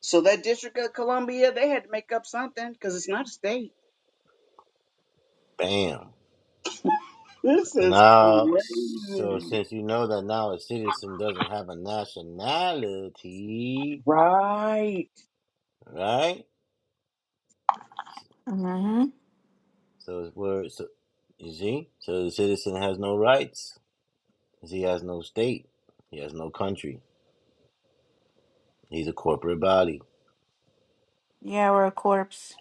Speaker 7: So that District of Columbia, they had to make up something because it's not a state.
Speaker 2: bam.
Speaker 7: This
Speaker 2: So
Speaker 7: is
Speaker 2: now, so
Speaker 7: crazy.
Speaker 2: since you know that now a citizen doesn't have a nationality,
Speaker 7: Right.
Speaker 2: right?
Speaker 4: hmm
Speaker 2: So it's where, so, you see? So the citizen has no rights 'cause he has no state. He has no country. He's a corporate body.
Speaker 4: Yeah, we're a corpse.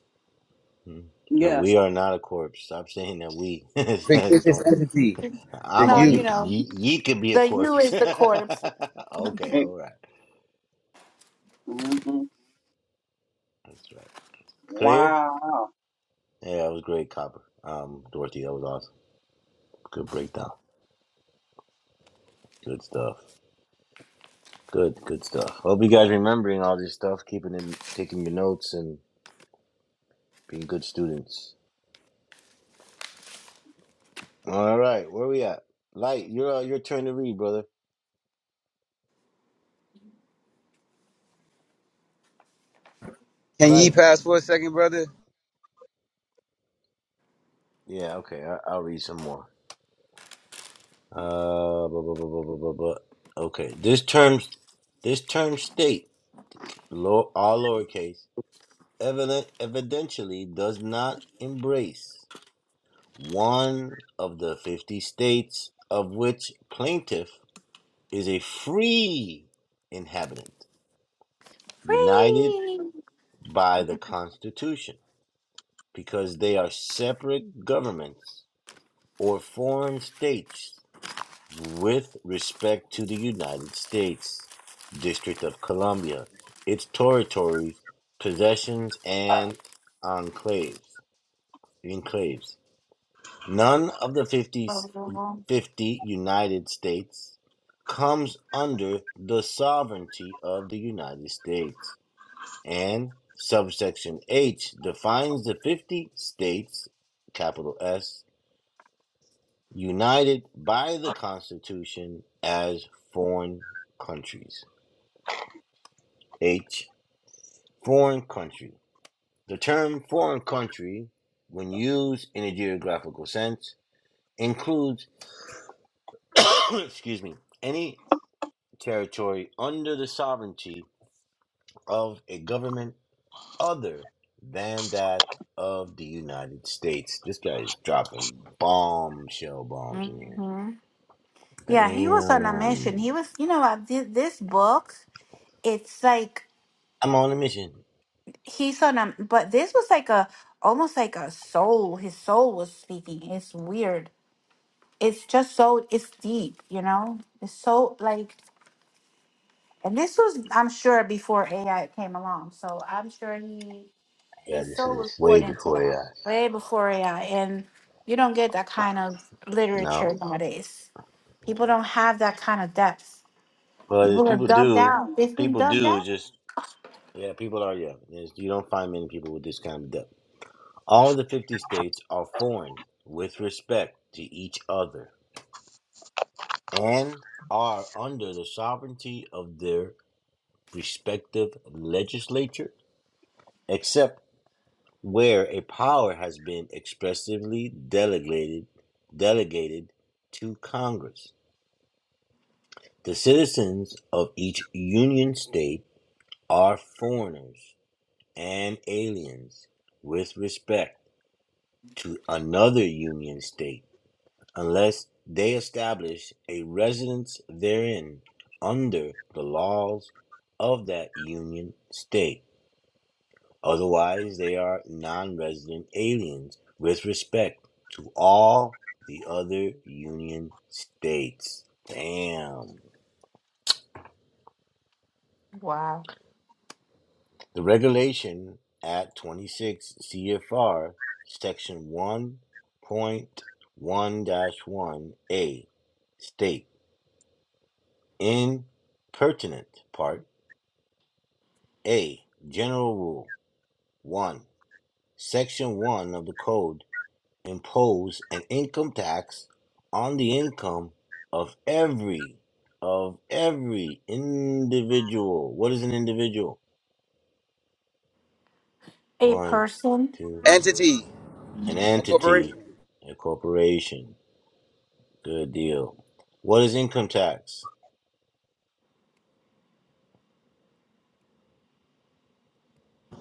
Speaker 2: Hmm. No,
Speaker 7: Yes.
Speaker 2: we are not a corpse. Stop saying that we. (laughs)
Speaker 1: fictitious
Speaker 2: Don't.
Speaker 1: entity. The
Speaker 2: I'm a,
Speaker 4: No,
Speaker 2: you
Speaker 4: you
Speaker 1: you.
Speaker 2: could,
Speaker 4: know,
Speaker 2: ye, ye could be a
Speaker 4: the U
Speaker 2: corpse. (laughs)
Speaker 4: is the corpse.
Speaker 2: okay,
Speaker 7: It-
Speaker 2: all right.
Speaker 7: mhm.
Speaker 2: That's right. Clear?
Speaker 7: Wow.
Speaker 2: Yeah, that was great, Copper. Um, Dorothy, that was awesome. Good breakdown. Good stuff. Good, good stuff. Hope you guys remembering all this stuff, keeping in taking your notes and being good students. All right, where we at? Light, you're uh, your turn to read, brother.
Speaker 1: Can ye
Speaker 2: Light.
Speaker 1: pass for a second, brother?
Speaker 2: Yeah, okay. I, I'll read some more. Uh, bu- bu- bu- bu- bu- bu- bu- okay. This term, this term state, low, all lowercase, evident, evidentially does not embrace one of the fifty states of which plaintiff is a free inhabitant, united
Speaker 4: Free.
Speaker 2: by the Constitution, because they are separate governments or foreign states with respect to the United States, District of Columbia, its territories, possessions, and enclaves. enclaves. None of the 50
Speaker 4: hmm
Speaker 2: 50 United States comes under the sovereignty of the United States And subsection H defines the 50 states, capital S, united by the Constitution as foreign countries. H, foreign country. The term foreign country, when used in a geographical sense, includes, (coughs) excuse me, any territory under the sovereignty of a government other than that of the United States. This guy is dropping bombshell bombs in here.
Speaker 4: Yeah, he was on a mission.
Speaker 2: Bam.
Speaker 4: He was, you know, uh, thi- this book. It's like
Speaker 2: I'm on a mission.
Speaker 4: he's on a, but this was like a almost like a soul. His soul was speaking. It's weird. it's just so it's deep, you know. It's so like, and this was I'm sure before AI came along, so I'm sure he
Speaker 2: Yeah,
Speaker 4: his
Speaker 2: this
Speaker 4: soul
Speaker 2: is
Speaker 4: was
Speaker 2: way
Speaker 4: poured into
Speaker 2: before
Speaker 4: that
Speaker 2: AI.
Speaker 4: way before AI, and you don't get that kind of literature
Speaker 2: No.
Speaker 4: nowadays. People don't have that kind of depth.
Speaker 2: Well, if
Speaker 4: People are
Speaker 2: people
Speaker 4: dumbed
Speaker 2: do.
Speaker 4: down. They've been
Speaker 2: People
Speaker 4: dumbed
Speaker 2: do
Speaker 4: down.
Speaker 2: just, yeah, people are, yeah. There's- You don't find many people with this kind of depth. All the 50 states are foreign with respect to each other and are under the sovereignty of their respective legislature except. where a power has been expressly delegated delegated to Congress. The citizens of each union state are foreigners and aliens with respect to another union state unless they establish a residence therein under the laws of that union state Otherwise, they are non resident aliens with respect to all the other Union states. Damn.
Speaker 4: Wow.
Speaker 2: The regulation at 26 CFR, section 1.1 dash 1A, state in pertinent part A, general rule 1, section 1 of the code impose an income tax on the income of every of every individual. What is an individual?
Speaker 4: A
Speaker 2: One,
Speaker 4: person.
Speaker 2: two,
Speaker 1: Entity,
Speaker 2: an
Speaker 1: a corporation.
Speaker 2: entity, a corporation. Good deal. What is income tax?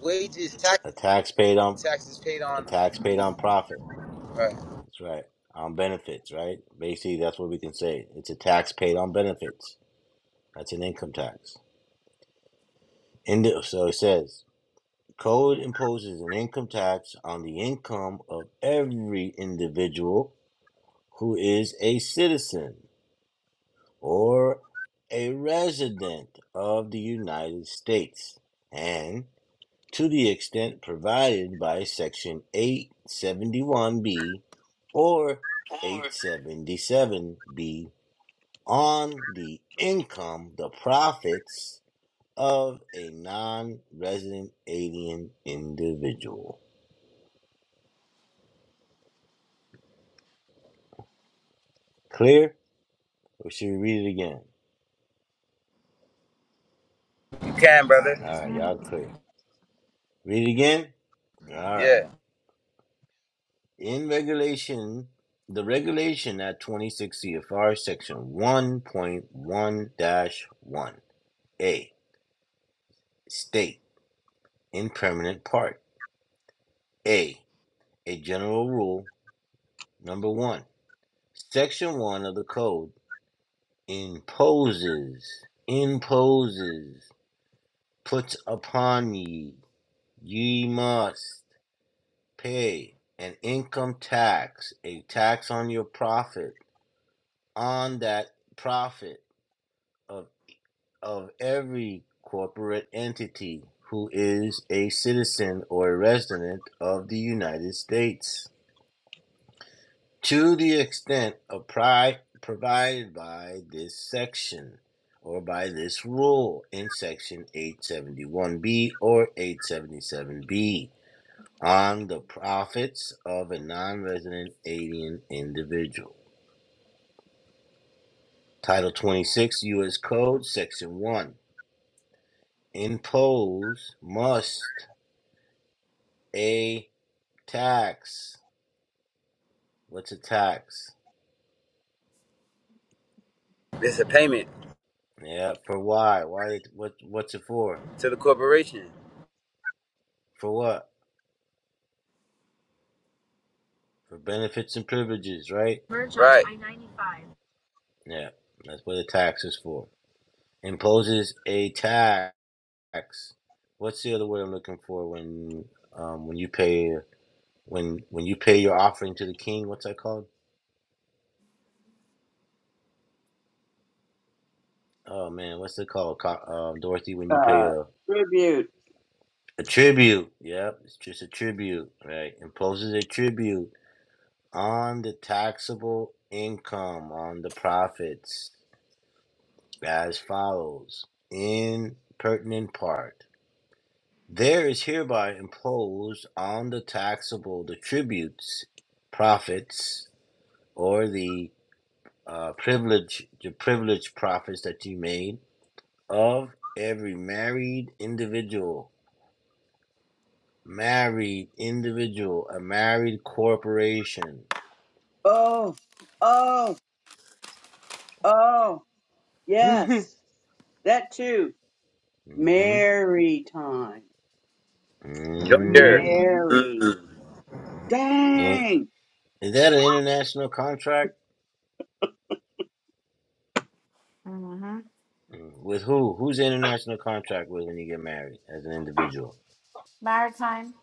Speaker 1: Wages,
Speaker 2: A
Speaker 1: taxes,
Speaker 2: tax paid on
Speaker 1: taxes paid
Speaker 2: a
Speaker 1: on.
Speaker 2: tax paid on profit.
Speaker 1: Right.
Speaker 2: That's right. On benefits, right? Basically, that's what we can say. It's a tax paid on benefits. That's an income tax. Indi- so it says. Code imposes an income tax on the income of every individual who is a citizen or a resident of the United States and to the extent provided by Section 871B or 877B on the income, the profits of a non resident alien individual. Clear? Or should we read it again?
Speaker 1: You can, brother.
Speaker 2: All right, y'all clear. Read it again? All right.
Speaker 1: Yeah,
Speaker 2: In regulation, the regulation at 26 CFR section 1.1-1. dash one. A. State in permanent part. A. A general rule. Number one. Section 1 of the code imposes, imposes, puts upon ye, ye must. pay an income tax, a tax on your profit, on that profit of, of every corporate entity who is a citizen or a resident of the United States to the extent of pri- provided by this section or by this rule in section 871B or 877B. on the profits of a non resident alien individual. Title 26 U.S. Code, Section 1 Impose must a tax. What's a tax?
Speaker 1: it's a payment
Speaker 2: Yeah, for why? Why? What? What's it for?
Speaker 1: to the corporation.
Speaker 2: For what? For benefits and privileges, right?
Speaker 1: Merge on right. I-95.
Speaker 2: Yeah, that's what a tax is for. Imposes a tax. What's the other word I'm looking for when um, when you pay? when when you pay your offering to the king, what's that called? Oh man, what's it called, Co- um, Dorothy? When you pay
Speaker 7: Uh,
Speaker 2: a
Speaker 7: tribute.
Speaker 2: a tribute, yep, it's just a tribute, right? Imposes a tribute on the taxable income on the profits as follows: in pertinent part, there is hereby imposed on the taxable the tributes, profits, or the uh, privilege, the privilege profits that you made of every married individual, married individual, a married corporation.
Speaker 7: Oh, oh, oh.
Speaker 2: Mm
Speaker 7: Yes.
Speaker 2: hmm
Speaker 7: That too.
Speaker 2: Mm hmm
Speaker 7: Mary time.
Speaker 2: mm
Speaker 1: Joinder.
Speaker 4: hmm
Speaker 7: Mary.
Speaker 1: Mm.
Speaker 2: hmm.
Speaker 7: Dang.
Speaker 2: Is that an international contract? Mm. With who? Who's the international contract with when you get married as an individual?
Speaker 4: Maritime.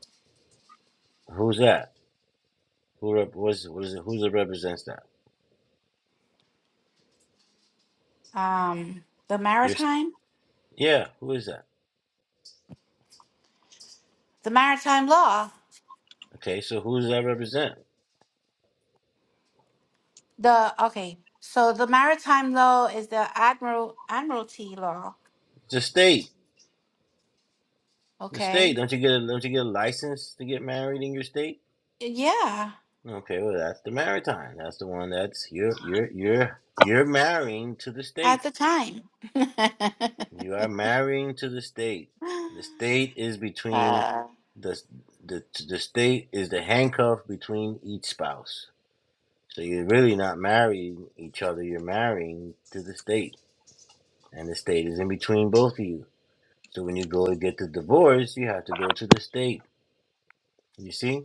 Speaker 2: Who's that? Who rep- what's, what is it? Who represents that?
Speaker 4: Um, the
Speaker 2: Your,
Speaker 4: maritime.
Speaker 2: yeah, who is that?
Speaker 4: The maritime law.
Speaker 2: Okay, so who does that represent?
Speaker 4: The okay, so the maritime law is the admiral admiralty law.
Speaker 2: The state. The state.
Speaker 4: Okay,
Speaker 2: Don't you get a, don't you get a license to get married in your state?
Speaker 4: yeah,
Speaker 2: Okay, well that's the maritime. That's the one that's you're you're you're you're marrying to the
Speaker 4: at
Speaker 2: state.
Speaker 4: the time,
Speaker 2: You are marrying to the state. The state is
Speaker 4: (laughs)
Speaker 2: between
Speaker 4: uh,
Speaker 2: the the the state is the handcuff between each spouse. So you're really not marrying each other. You're marrying to the state, and the state is in between both of you. So when you go to get the divorce, you have to go to the state. You see.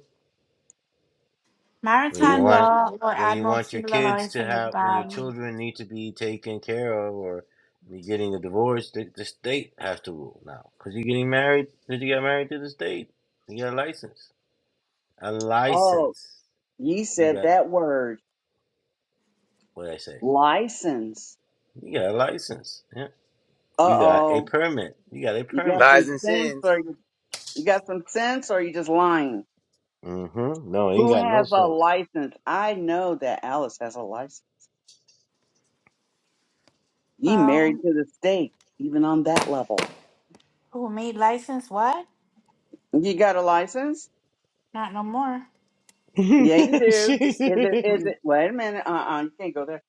Speaker 2: When you
Speaker 7: He-
Speaker 4: maritime
Speaker 2: want
Speaker 4: law or
Speaker 2: when you want your
Speaker 4: admiralty law
Speaker 2: kids
Speaker 4: is the
Speaker 2: to have when your
Speaker 4: um,
Speaker 2: children need to be taken care of or you're getting a divorce, the, the state has to rule now because you're getting married. cause you got married to the state? You got a license. A
Speaker 7: oh,
Speaker 2: license.
Speaker 7: you
Speaker 2: You
Speaker 7: said
Speaker 2: got
Speaker 7: that word.
Speaker 2: what did I say?
Speaker 7: License.
Speaker 2: You got a license. Yeah.
Speaker 7: Uh
Speaker 2: You got a
Speaker 7: oh.
Speaker 2: permit. You got a
Speaker 7: You got
Speaker 2: permit.
Speaker 1: Lies
Speaker 7: some
Speaker 1: and
Speaker 7: sense,
Speaker 1: sins.
Speaker 7: or you? You got some sense or you just lying?
Speaker 2: Mm-hmm. No, it ain't
Speaker 7: Who
Speaker 2: got no
Speaker 7: has a
Speaker 2: sense.
Speaker 7: license? I know that Alice has a license. You married
Speaker 4: well,
Speaker 7: to the state, even on that level.
Speaker 4: who made license? What?
Speaker 7: You got a license?
Speaker 4: Not no more.
Speaker 7: Yeah, you
Speaker 2: (laughs)
Speaker 7: do.
Speaker 2: She's-
Speaker 7: Is it, is it, wait a minute. Uh uh you can't go there.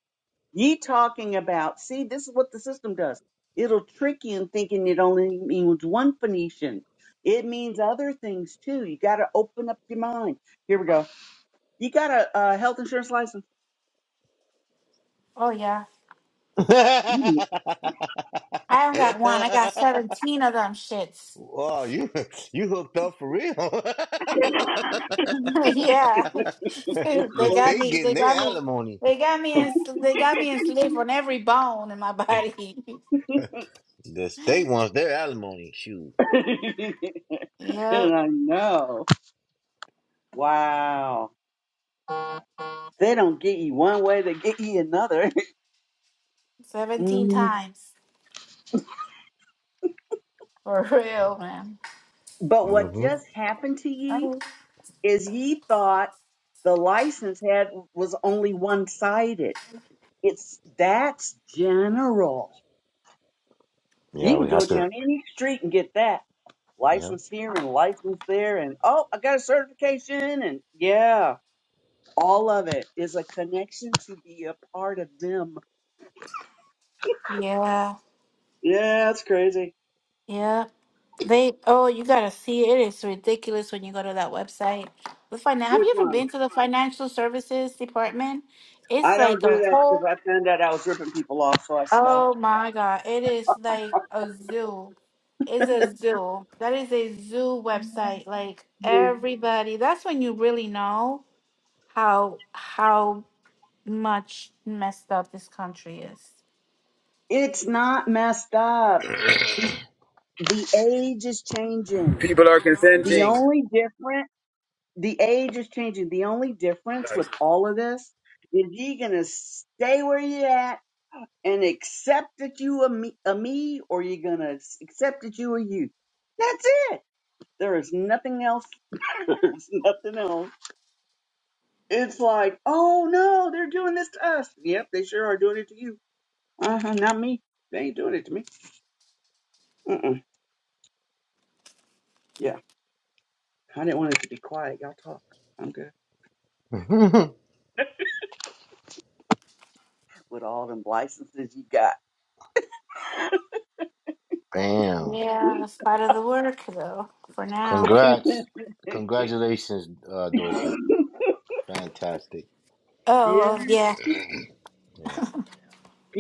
Speaker 7: You talking about, see, this is what the system does. It'll trick you in thinking it only means one Phoenician. It means other things too. You got to open up your mind. Here we go. You got a, uh health insurance license.
Speaker 4: Oh yeah,
Speaker 7: You
Speaker 4: I don't got one. I got
Speaker 2: (laughs)
Speaker 4: seventeen of them shits.
Speaker 2: Wow, you (laughs) you hooked up for real. (laughs)
Speaker 4: (laughs) yeah, (laughs)
Speaker 2: the
Speaker 4: they got
Speaker 2: state
Speaker 4: me.
Speaker 2: getting
Speaker 4: They
Speaker 2: their
Speaker 4: got me.
Speaker 2: alimony.
Speaker 4: They got me in. They got me enslaved on every bone in my body. (laughs)
Speaker 2: The state wants their alimony. Shoot.
Speaker 7: (laughs) And
Speaker 4: Yep,
Speaker 7: I know. Wow. They don't get ye one way, they get ye another. (laughs)
Speaker 4: 17
Speaker 7: Mm.
Speaker 4: times. (laughs) For real, man.
Speaker 7: But what
Speaker 2: hmm
Speaker 7: just happened to ye
Speaker 4: Oh.
Speaker 7: is ye thought the license had was only one sided. It's that's general.
Speaker 2: Yeah,
Speaker 7: You can
Speaker 2: we
Speaker 7: go
Speaker 2: have to.
Speaker 7: down any street and get that.
Speaker 2: Yeah.
Speaker 7: License here and license there and oh I got a certification and yeah. All of it is a connection to be a part of them.
Speaker 4: Yeah,
Speaker 7: Yeah, that's crazy.
Speaker 4: yeah. They, oh, you gotta see it. It is ridiculous when you go to that website. The finan have
Speaker 7: Which
Speaker 4: you ever
Speaker 7: one?
Speaker 4: been to the financial services department? It's
Speaker 7: I
Speaker 4: like
Speaker 7: don't do
Speaker 4: the
Speaker 7: that because
Speaker 4: whole,
Speaker 7: I found out I was ripping people off, so I stopped.
Speaker 4: oh my God, it is like a zoo. It's a zoo. That is a zoo website. Like
Speaker 7: Yeah.
Speaker 4: everybody, that's when you really know how how much messed up this country is.
Speaker 7: It's not messed up. The age is changing.
Speaker 1: People are
Speaker 7: The
Speaker 1: consenting.
Speaker 7: only different, the age is changing. The only difference with all of this is you gonna stay where you at and accept that you a me, a me, or you gonna accept that you are you. That's it. There is nothing else. (laughs) There's nothing else. It's like, oh no, they're doing this to us. Yep, they sure are doing it to you Uh huh. Not me. They ain't doing it to me. Mm-mm. Yeah. I didn't want it to be quiet. Y'all talk. I'm good.
Speaker 2: (laughs)
Speaker 7: with all them licenses you got.
Speaker 2: Bam.
Speaker 4: Yeah, in spite of the work though, for now.
Speaker 7: (laughs)
Speaker 2: Congrats.
Speaker 7: yeah.
Speaker 2: Congratulations, uh, Dorothy. Fantastic.
Speaker 4: Oh
Speaker 7: If
Speaker 4: well, yeah.
Speaker 2: Yeah.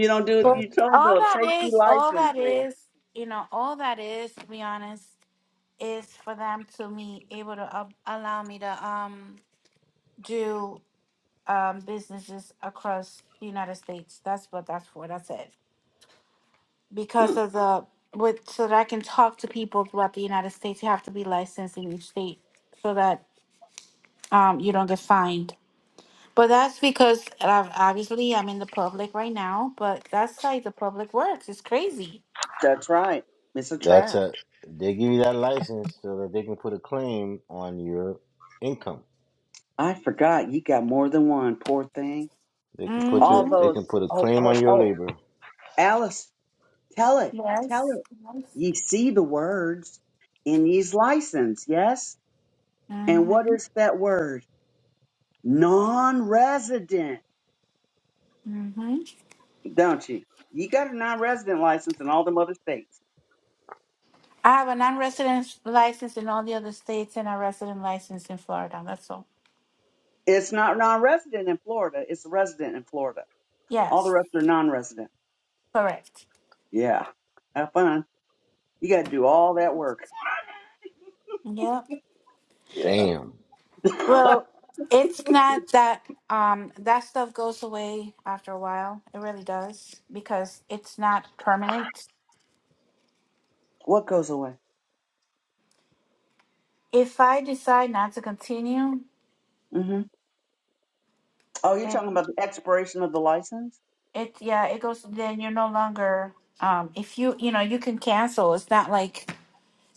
Speaker 7: you don't do it,
Speaker 4: But
Speaker 2: Fant-
Speaker 7: you told
Speaker 4: all
Speaker 7: they'll
Speaker 4: that
Speaker 7: take your
Speaker 4: is, all
Speaker 7: license
Speaker 4: that
Speaker 7: away.
Speaker 4: is, you know, all that is, to be honest, is for them to be able to up allow me to um do um businesses across the United States. That's what that's for. That's it.
Speaker 7: Hmm,
Speaker 4: Because of the with so that I can talk to people throughout the United States, you have to be licensed in each state so that um you don't get fined But that's because uh, obviously I'm in the public right now, but that's how the public works. It's crazy.
Speaker 7: that's right. It's a
Speaker 2: That's
Speaker 7: trap.
Speaker 2: a. They give you that license so that they can put a claim on your income.
Speaker 7: I forgot you got more than one, poor thing.
Speaker 2: They can put your.
Speaker 7: All
Speaker 4: Mm-hmm.
Speaker 2: They
Speaker 7: those
Speaker 2: can put a
Speaker 7: oh
Speaker 2: claim
Speaker 7: oh
Speaker 2: on your
Speaker 7: oh
Speaker 2: labor.
Speaker 7: Alice, tell it, tell
Speaker 4: Yes.
Speaker 7: it.
Speaker 4: yes.
Speaker 7: Ye see the words in these license, yes? And what
Speaker 4: Mm-hmm.
Speaker 7: is that word? Non resident.
Speaker 4: Mm-hmm.
Speaker 7: don't you? You got a non-resident license in all them other states.
Speaker 4: I have a non-resident license in all the other states and a resident license in Florida. That's all.
Speaker 7: It's not non-resident in Florida. It's a resident in Florida. All the
Speaker 4: Yes.
Speaker 7: rest are non-resident.
Speaker 4: Correct.
Speaker 7: Yeah. Have fun. You got to do all that work.
Speaker 4: Yeah.
Speaker 7: Yeah.
Speaker 2: Damn.
Speaker 7: (laughs)
Speaker 4: Well, it's not that um that stuff goes away after a while. It really does because it's not permanent.
Speaker 7: what goes away?
Speaker 4: If I decide not to continue,
Speaker 7: hmm Oh, you're talking about the expiration of the license?
Speaker 4: It yeah, it goes then you're no longer um if you you know, you can cancel. It's not like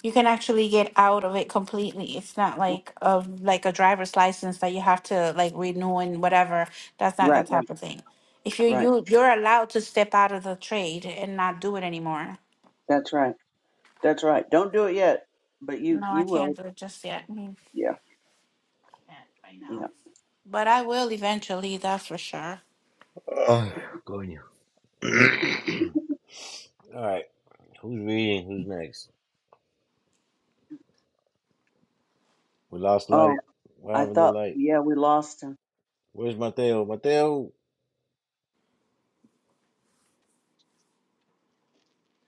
Speaker 4: you can actually get out of it completely. It's not like of like a driver's license that you have to like renew and whatever. That's not
Speaker 7: Right,
Speaker 4: that
Speaker 7: right,
Speaker 4: type of thing. If you
Speaker 7: right.
Speaker 4: you you're allowed to step out of the trade and not do it anymore.
Speaker 7: That's right. That's right. Don't do it yet, but you
Speaker 4: No, I
Speaker 7: you will.
Speaker 4: can't do it just yet. I mean,
Speaker 7: Yeah,
Speaker 4: can't right
Speaker 7: yeah.
Speaker 4: now. But I will eventually, that's for sure.
Speaker 2: (sighs) Oh, go on you. All right, who's reading? Who's next? We lost
Speaker 7: Oh,
Speaker 2: light. What
Speaker 7: I
Speaker 2: happened to
Speaker 7: thought.
Speaker 2: light?
Speaker 7: Yeah, we lost him.
Speaker 2: Where's Mateo? Mateo,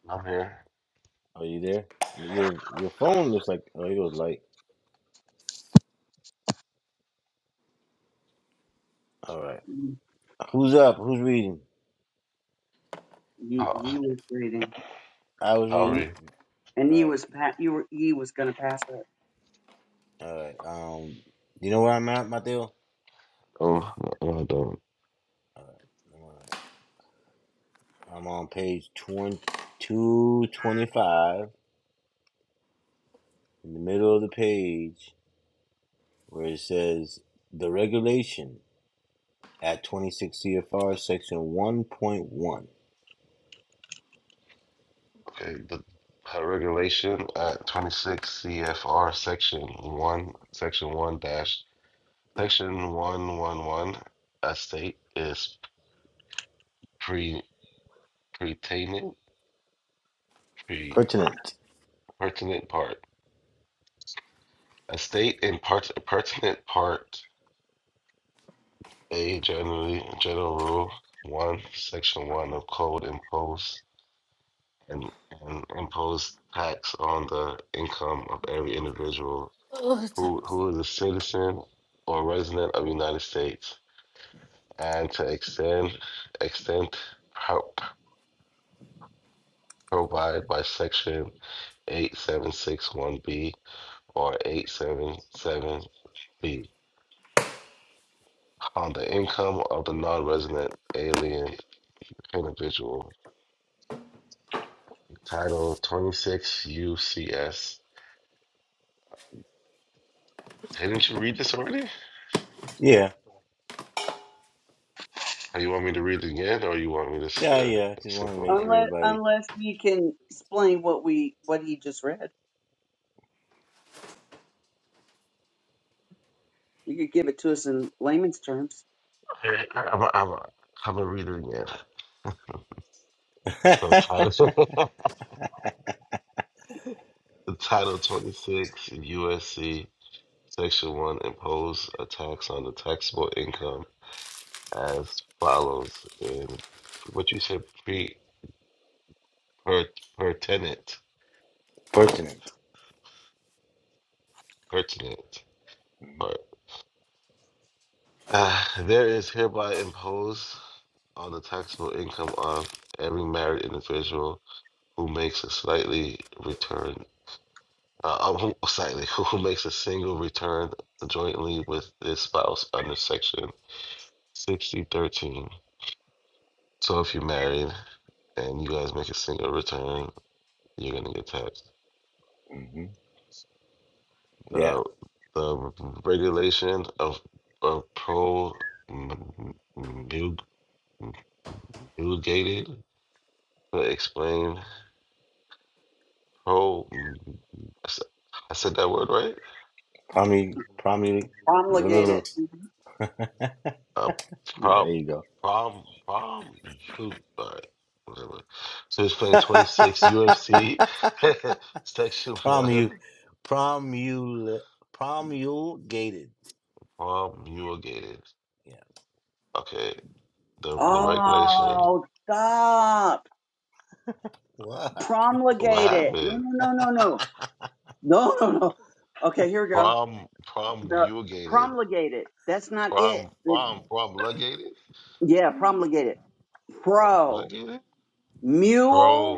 Speaker 8: I'm here.
Speaker 2: are you there? Your your phone looks like oh, it was light. All right, who's up? Who's reading?
Speaker 7: He
Speaker 8: How,
Speaker 7: he was reading,
Speaker 2: I was
Speaker 8: how are
Speaker 2: reading.
Speaker 7: and
Speaker 8: you?
Speaker 2: All
Speaker 7: he
Speaker 2: right,
Speaker 7: was pa- you were he was gonna pass it.
Speaker 2: all right. Um, you know where I'm at, Mateo?
Speaker 8: Oh, no, I don't.
Speaker 2: All right, I'm on I'm on page twenty two twenty five in the middle of the page where it says the regulation at 26 CFR section 1.1.
Speaker 8: Okay, the her regulation at 26 CFR section 1, section 1 dash, section 111, a state is pre pertaining, pre
Speaker 2: Pertinent.
Speaker 8: pertinent part. A state in part, pertinent part, a generally general rule 1, section 1 of code imposed and and impose tax on the income of every individual
Speaker 4: Ugh,
Speaker 8: who
Speaker 4: it's-
Speaker 8: who is a citizen or resident of the United States, and to extend extent pro- provide by Section 8761B or 877B on the income of the non-resident alien individual. Title 26 UCS. Didn't you read this already?
Speaker 2: Yeah.
Speaker 8: Do you want me to read it again, or you want me to s-
Speaker 2: Yeah,
Speaker 8: uh,
Speaker 2: yeah. I Just wanted
Speaker 8: skip
Speaker 2: to make
Speaker 8: over?
Speaker 2: sure
Speaker 7: Unless
Speaker 2: everybody
Speaker 7: unless you can explain what we what he just read. You could give it to us in layman's terms.
Speaker 8: it? I- I'm, gonna I'm, a- I'm gonna read it again. So
Speaker 2: (laughs)
Speaker 8: title, (laughs) the title 26 USC Section 1 impose a tax on the taxable income as follows in what you said pre per, pertinent part
Speaker 2: pertinent.
Speaker 8: pertinent part. (sighs) Uh, there is hereby imposed on the taxable income of every married individual who makes a slightly return Uh, um, who, slightly, who makes a single return jointly with his spouse under section 6013. So if you're married and you guys make a single return, you're gonna get taxed.
Speaker 2: hmm Yeah.
Speaker 8: The the regulation of of pro m- m- mug- to explain pro. I said that word right.
Speaker 2: Promi promu
Speaker 7: Promulgate it.
Speaker 2: (laughs)
Speaker 8: a
Speaker 2: Yeah, there
Speaker 8: prob
Speaker 2: you go.
Speaker 8: prom prom shoot sorry, whatever. So he's playing 26
Speaker 2: (laughs)
Speaker 8: UFC (laughs) section
Speaker 2: promu
Speaker 8: one
Speaker 2: promul promulgated.
Speaker 8: promulgated.
Speaker 2: Yeah.
Speaker 8: Okay, the the regulation.
Speaker 7: Oh stop.
Speaker 2: What?
Speaker 8: What
Speaker 7: Promulgate it. No
Speaker 8: happened?
Speaker 7: no no no no. No (laughs) no no. Okay, here we go.
Speaker 8: Prom
Speaker 7: The
Speaker 8: promulgated.
Speaker 7: promulgate it. That's not it.
Speaker 8: Prom
Speaker 7: It-
Speaker 8: prom promulgated.
Speaker 7: yeah, promulgate it. Pro.
Speaker 8: Promulgated.
Speaker 7: Mule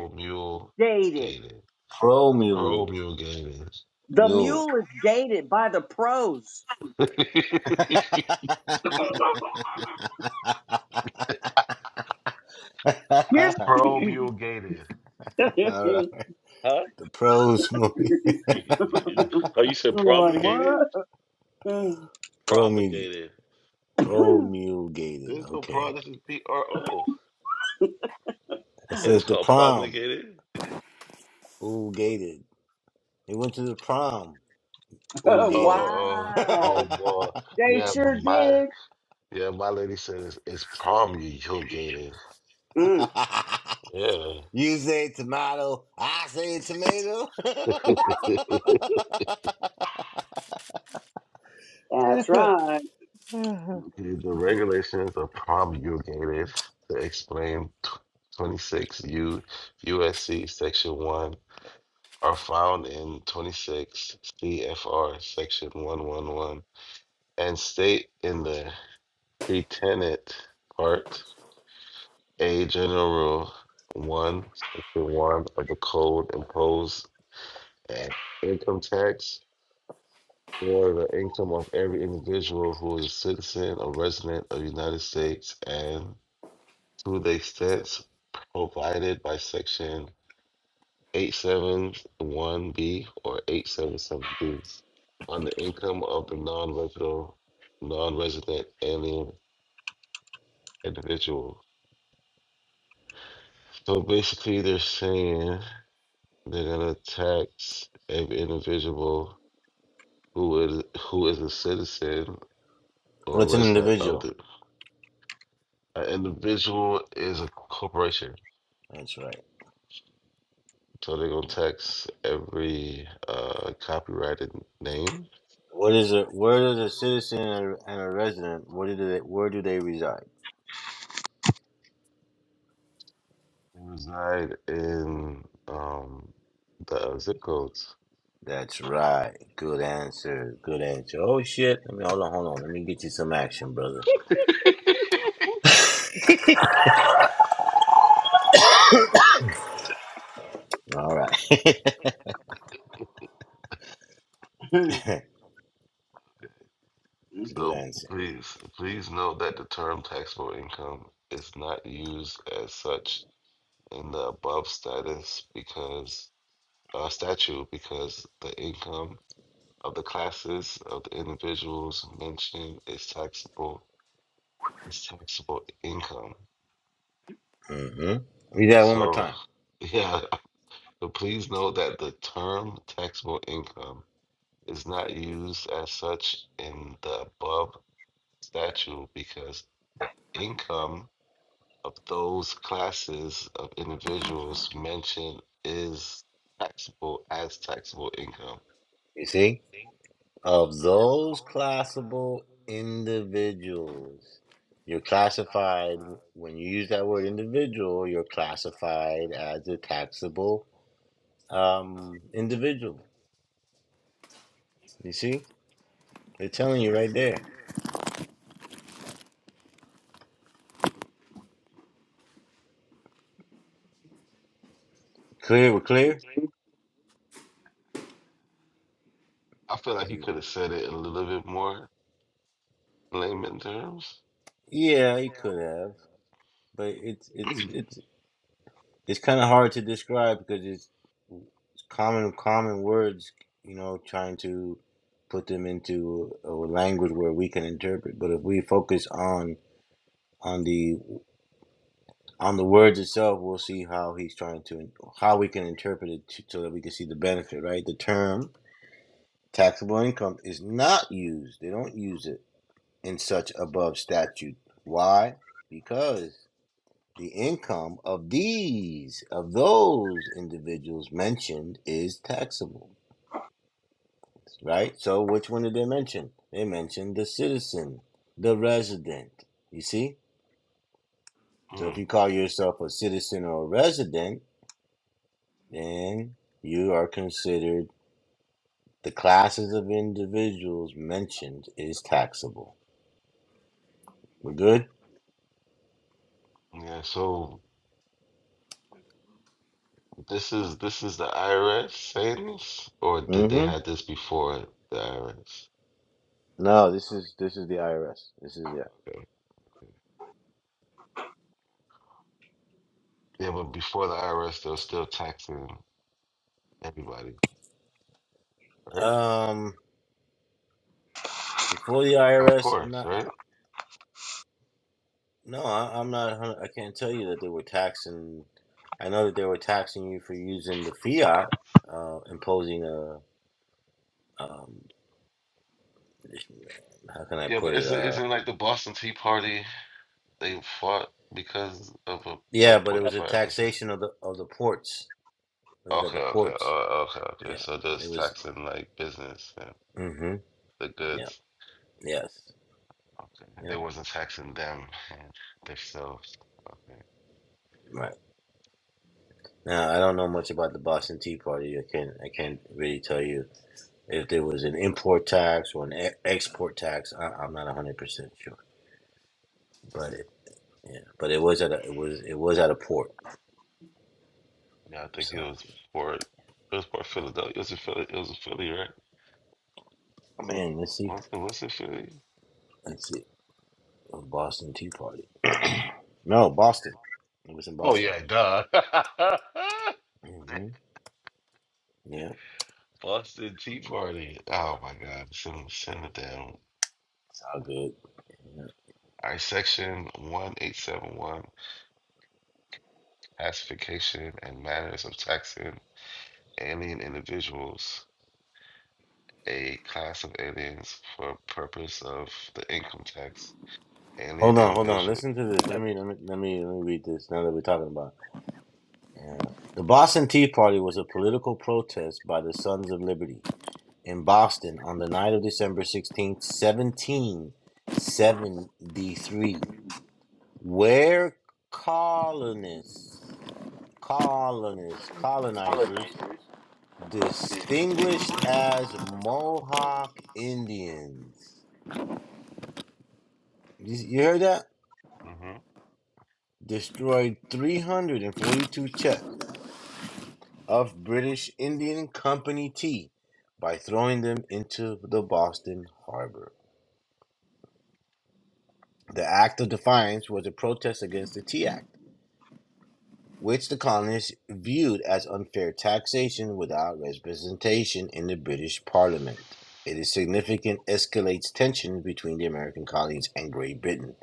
Speaker 7: gated.
Speaker 2: Promul
Speaker 8: Promulgated.
Speaker 7: The
Speaker 2: mule.
Speaker 7: mule is gated by the pros.
Speaker 2: (laughs)
Speaker 8: (laughs)
Speaker 7: Here's (laughs) you
Speaker 8: Promulgated.
Speaker 2: All right.
Speaker 8: Huh?
Speaker 2: The pros movie.
Speaker 8: You- you- How you said
Speaker 7: know like what?
Speaker 8: promulgated?
Speaker 7: Mm.
Speaker 2: (laughs) promulgated.
Speaker 8: Promulgated.
Speaker 7: (laughs)
Speaker 2: Promulgated.
Speaker 8: There's no
Speaker 2: Okay.
Speaker 8: prom. This is P R O,
Speaker 2: It
Speaker 8: and
Speaker 2: says
Speaker 8: it's
Speaker 2: the
Speaker 8: called
Speaker 2: prom.
Speaker 8: promulgated.
Speaker 2: Oolgated. He went to the prom.
Speaker 8: Oh,
Speaker 2: Oolgated.
Speaker 8: uh, uh,
Speaker 7: wow.
Speaker 8: well, well,
Speaker 7: They
Speaker 8: yeah,
Speaker 7: sure
Speaker 8: my
Speaker 7: did.
Speaker 8: yeah, my lady said it's, it's promulgated.
Speaker 7: Mm.
Speaker 2: (laughs)
Speaker 8: Yeah,
Speaker 2: you say tomato. I say tomato. (laughs)
Speaker 8: (laughs) the
Speaker 7: That's right.
Speaker 8: regulations are promulgated to explain 26 U USC Section One are found in 26 CFR Section 111 and state in the P. Part A, General Rule 1, Section 1 of the Code imposed an income tax for the income of every individual who is a citizen or resident of the United States and to the extent provided by Section 871B or 877B on the income of the non-resident non-resident alien individual. So basically, they're saying. They're gonna tax every individual who is who is a citizen or a
Speaker 2: What's an
Speaker 8: resident of
Speaker 2: individual?
Speaker 8: the. An individual is a corporation,
Speaker 2: That's right.
Speaker 8: so they're gonna tax every uh, copyrighted name.
Speaker 2: What is a where does a citizen and a, and a resident? Where do they where do they reside?
Speaker 8: They reside in um, the uh, zip codes.
Speaker 2: That's right. Good answer. Good answer. Oh shit. Let me hold on. Hold on. Let me get you some action, brother. All right.
Speaker 7: (laughs)
Speaker 2: (laughs) Do Good
Speaker 8: So
Speaker 2: answer.
Speaker 8: please, please note that the term taxable income is not used as such in the above status because uh, statute because the income of the classes of the individuals mentioned is taxable is taxable income.
Speaker 2: hmm Read that one more
Speaker 8: So
Speaker 2: time.
Speaker 8: yeah, (laughs) but please note that the term taxable income is not used as such in the above statute because the income of those classes of individuals mentioned is taxable as taxable income.
Speaker 2: You see? Of those classable individuals, you're classified, when you use that word individual, you're classified as a taxable um, individual. You see? They're telling you right there. Clear, we're clear?
Speaker 8: I feel like he could have said it in a little bit more layman terms.
Speaker 2: Yeah, you could have. But it's it's it's it's kind of hard to describe because it's, it's common common words you know trying to put them into a language where we can interpret but if we focus on on the on the words itself we'll see how he's trying to how we can interpret it to, so that we can see the benefit right the term taxable income is not used they don't use it in such above statute why because The income of these, of those individuals mentioned is taxable, right? So which one did they mention? They mentioned the citizen, the resident. You see? So
Speaker 8: (clears throat)
Speaker 2: if you call yourself a citizen or a resident, then you are considered the classes of individuals mentioned is taxable. We're good?
Speaker 8: Yeah, so this is this is the IRS saying this, or did they
Speaker 2: Mm-hmm.
Speaker 8: had this before the IRS?
Speaker 2: No, this is this is the IRS. This is yeah.
Speaker 8: Okay. Yeah, but before the IRS, they're still taxing everybody, right?
Speaker 2: Um before the
Speaker 8: Of
Speaker 2: IRS, I'm
Speaker 8: course,
Speaker 2: not.
Speaker 8: right?
Speaker 2: No, I, I'm not. a hun- I can't tell you that they were taxing. I know that they were taxing you for using the fiat, uh, imposing a. Um, how can I
Speaker 8: Yeah, but
Speaker 2: put it?
Speaker 8: isn't
Speaker 2: Uh,
Speaker 8: isn't like the Boston Tea Party they fought because of a
Speaker 2: yeah,
Speaker 8: like
Speaker 2: but it
Speaker 8: point
Speaker 2: was a
Speaker 8: five percent?
Speaker 2: taxation of the of the ports. It was at
Speaker 8: Okay,
Speaker 2: the
Speaker 8: okay,
Speaker 2: ports.
Speaker 8: oh, okay, okay.
Speaker 2: Yeah,
Speaker 8: So they're
Speaker 2: it
Speaker 8: just
Speaker 2: was.
Speaker 8: taxing like business and
Speaker 2: Mm-hmm.
Speaker 8: the
Speaker 2: Yeah.
Speaker 8: goods.
Speaker 2: Yes.
Speaker 8: Okay,
Speaker 2: Yeah.
Speaker 8: they wasn't taxing them and themselves. Okay.
Speaker 2: Right. Now I don't know much about the Boston Tea Party. I can't. I can't really tell you if there was an import tax or an e- export tax. I, I'm not 100 percent sure.
Speaker 8: okay.
Speaker 2: Yeah, but it was at a it was it was at a port.
Speaker 8: Yeah, I think it
Speaker 2: So
Speaker 8: was for it was for Philadelphia. It was a Philly. It was a Philly, right?
Speaker 2: man, let's see,
Speaker 8: Was it was it Philly?
Speaker 2: let's see, a Boston Tea Party. No, Boston. It was in
Speaker 8: Oh
Speaker 2: Boston.
Speaker 8: yeah, duh. (laughs)
Speaker 2: hmm Yeah,
Speaker 8: Boston Tea Party. Oh my God! Send send it down.
Speaker 2: it's all good. Yeah.
Speaker 8: All right, section one eight seven one classification and manners of taxing alien individuals. A class of aliens for purpose of the income tax. Alien
Speaker 2: Hold on, hold on.
Speaker 8: individual.
Speaker 2: Listen to this. Let
Speaker 4: ugh.
Speaker 2: me let me let me let me read this. Now that we're talking about, it. yeah, the Boston Tea Party was a political protest by the Sons of Liberty in Boston on the night of December 16th, 1773, where colonists colonists, colonizers, distinguished as Mohawk Indians. You, you heard that?
Speaker 8: Mm-hmm.
Speaker 2: Destroyed 342 chests of British Indian Company tea by throwing them into the Boston Harbor. The act of defiance was a protest against the Tea Act which the colonists viewed as unfair taxation without representation in the British Parliament. It is significant escalates tensions between the American colonies and Great Britain,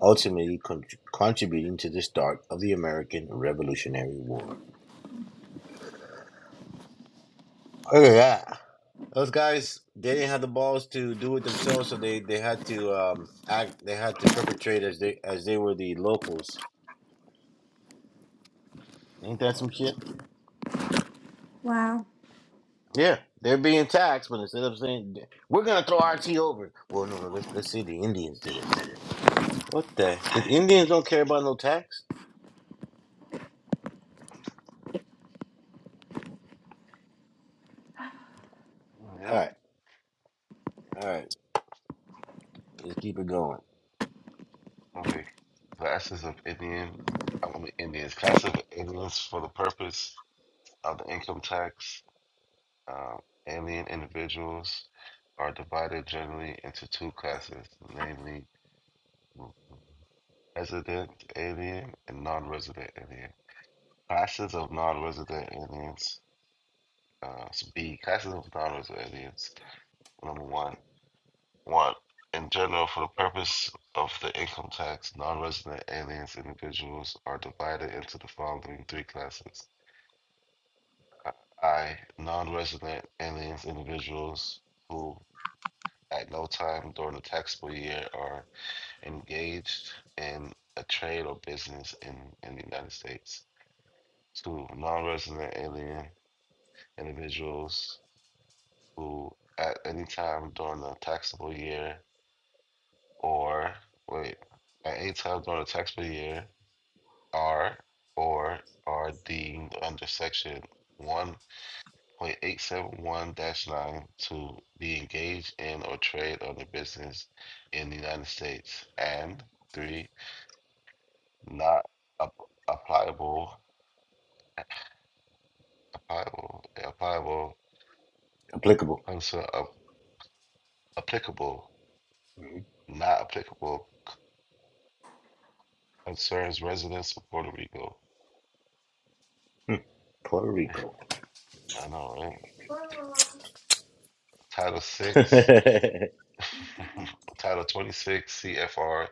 Speaker 2: ultimately con- contributing to the start of the American Revolutionary War. Look at that. Those guys, they didn't have the balls to do it themselves, so they, they had to um, act. They had to perpetrate as they as they were the locals. Ain't that some shit?
Speaker 4: Wow.
Speaker 2: Yeah, they're being taxed, but instead of saying we're gonna throw RT over, well, no, no, let's let's see the Indians did it. What the? The Indians don't care about no tax.
Speaker 8: Yeah.
Speaker 2: All right, all right, let's keep it going.
Speaker 8: Okay. Classes of Indian, I mean Indians, classes of Indians for the purpose of the income tax. Um, alien individuals are divided generally into two classes, namely resident alien and non-resident alien. Classes of non-resident aliens. Uh, so B, classes of non-resident aliens. Number one. One, in general, for the purpose of the income tax, non-resident aliens individuals are divided into the following three classes. I, non-resident aliens individuals who at no time during the taxable year are engaged in a trade or business in, in the United States. Two, non-resident alien individuals who at any time during the taxable year or wait, at eight times more the tax per year, R or RD under section one point eight seven one nine to be engaged in or trade on the business in the United States, and three, not ap- applicable, applicable, applicable,
Speaker 2: Applicable,
Speaker 8: concern, ap- applicable, not applicable concerns residents of Puerto Rico.
Speaker 2: Puerto Rico.
Speaker 8: I know, right? Title
Speaker 2: (laughs)
Speaker 8: six. (laughs) Title 26 CFR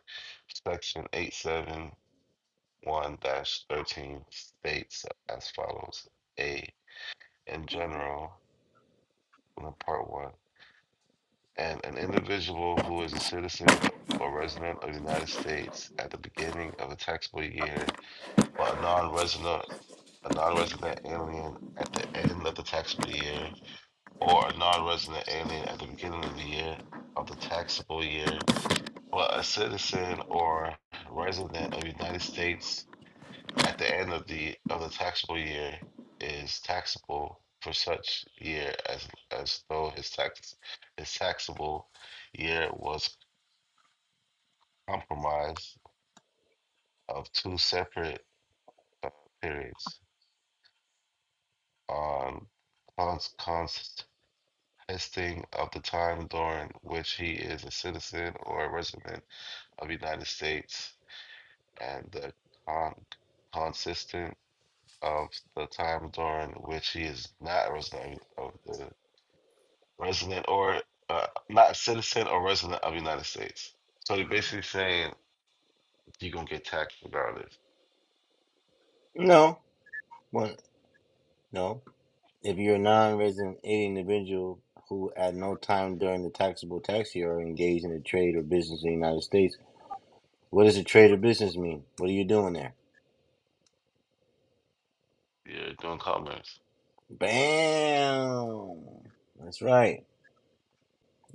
Speaker 8: Section 871 13 states as follows A. In general, in Part 1, and an individual who is a citizen or resident of the United States at the beginning of a taxable year, but a non-resident, a non-resident alien at the end of the taxable year, or a non-resident alien at the beginning of the year of the taxable year well, a citizen or resident of the United States at the end of the of the taxable year is taxable for such year as as though his tax his taxable year was compromised of two separate uh, periods on cons- consisting of the time during which he is a citizen or a resident of the United States and the con- consistent of the time during which he is not a resident of the resident or uh, not a citizen or resident of the United States. So they're basically saying you're gonna get taxed regardless.
Speaker 2: no, well, no. If you're a non-resident alien individual who, at no time during the taxable tax year, are engaged in a trade or business in the United States, what does a trade or business mean? What are you doing there?
Speaker 8: You're doing commerce.
Speaker 2: Bam. That's right.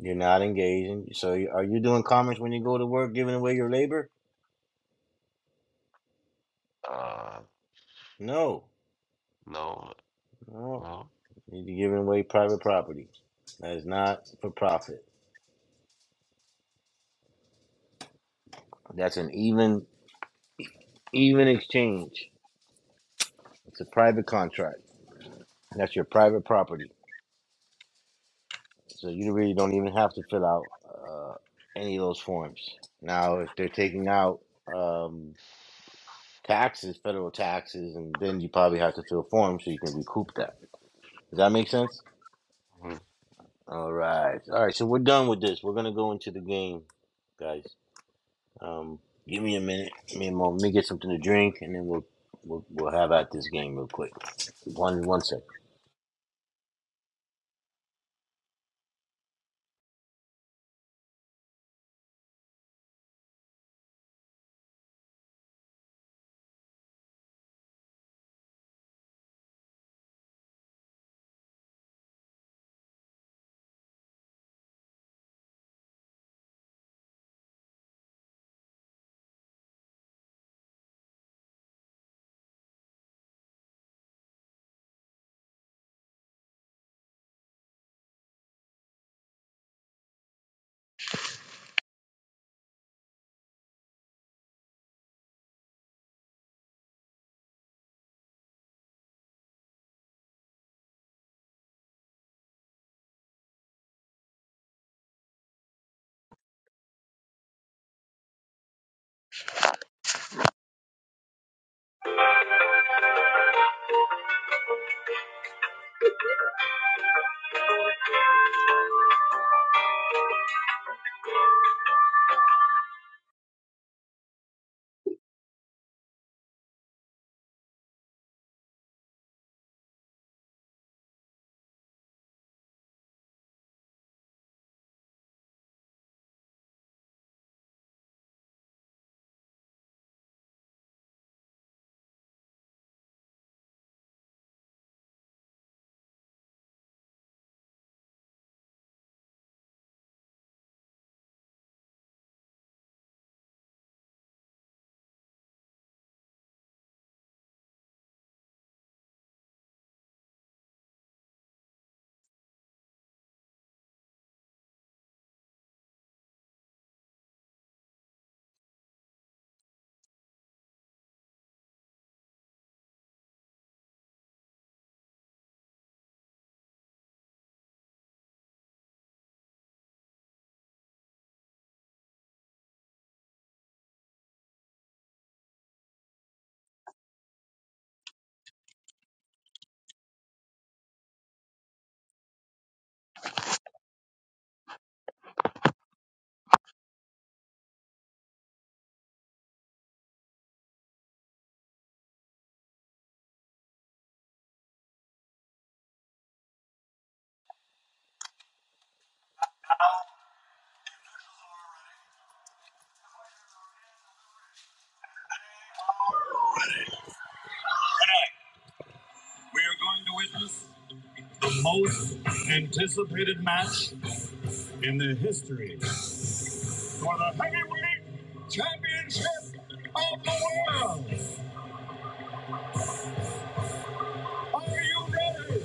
Speaker 2: You're not engaging. So you- are you doing commerce when you go to work, giving away your labor?
Speaker 8: Uh,
Speaker 2: No,
Speaker 8: no,
Speaker 2: no.
Speaker 8: no.
Speaker 2: You're giving away private property. That is not for profit. That's an even even exchange. It's a private contract. That's your private property. So you really don't even have to fill out uh, any of those forms. Now, if they're taking out um, taxes, federal taxes, and then you probably have to fill forms so you can recoup that. Does that make sense? All right. All right. So we're done with this. We're gonna go into the game, guys. Um, give me a minute. Me and Mom, let me get something to drink, and then we'll we'll, we'll have at this game real quick. One one sec. We are going to witness the most anticipated match in the history for the heavyweight championship of the world. Are you ready?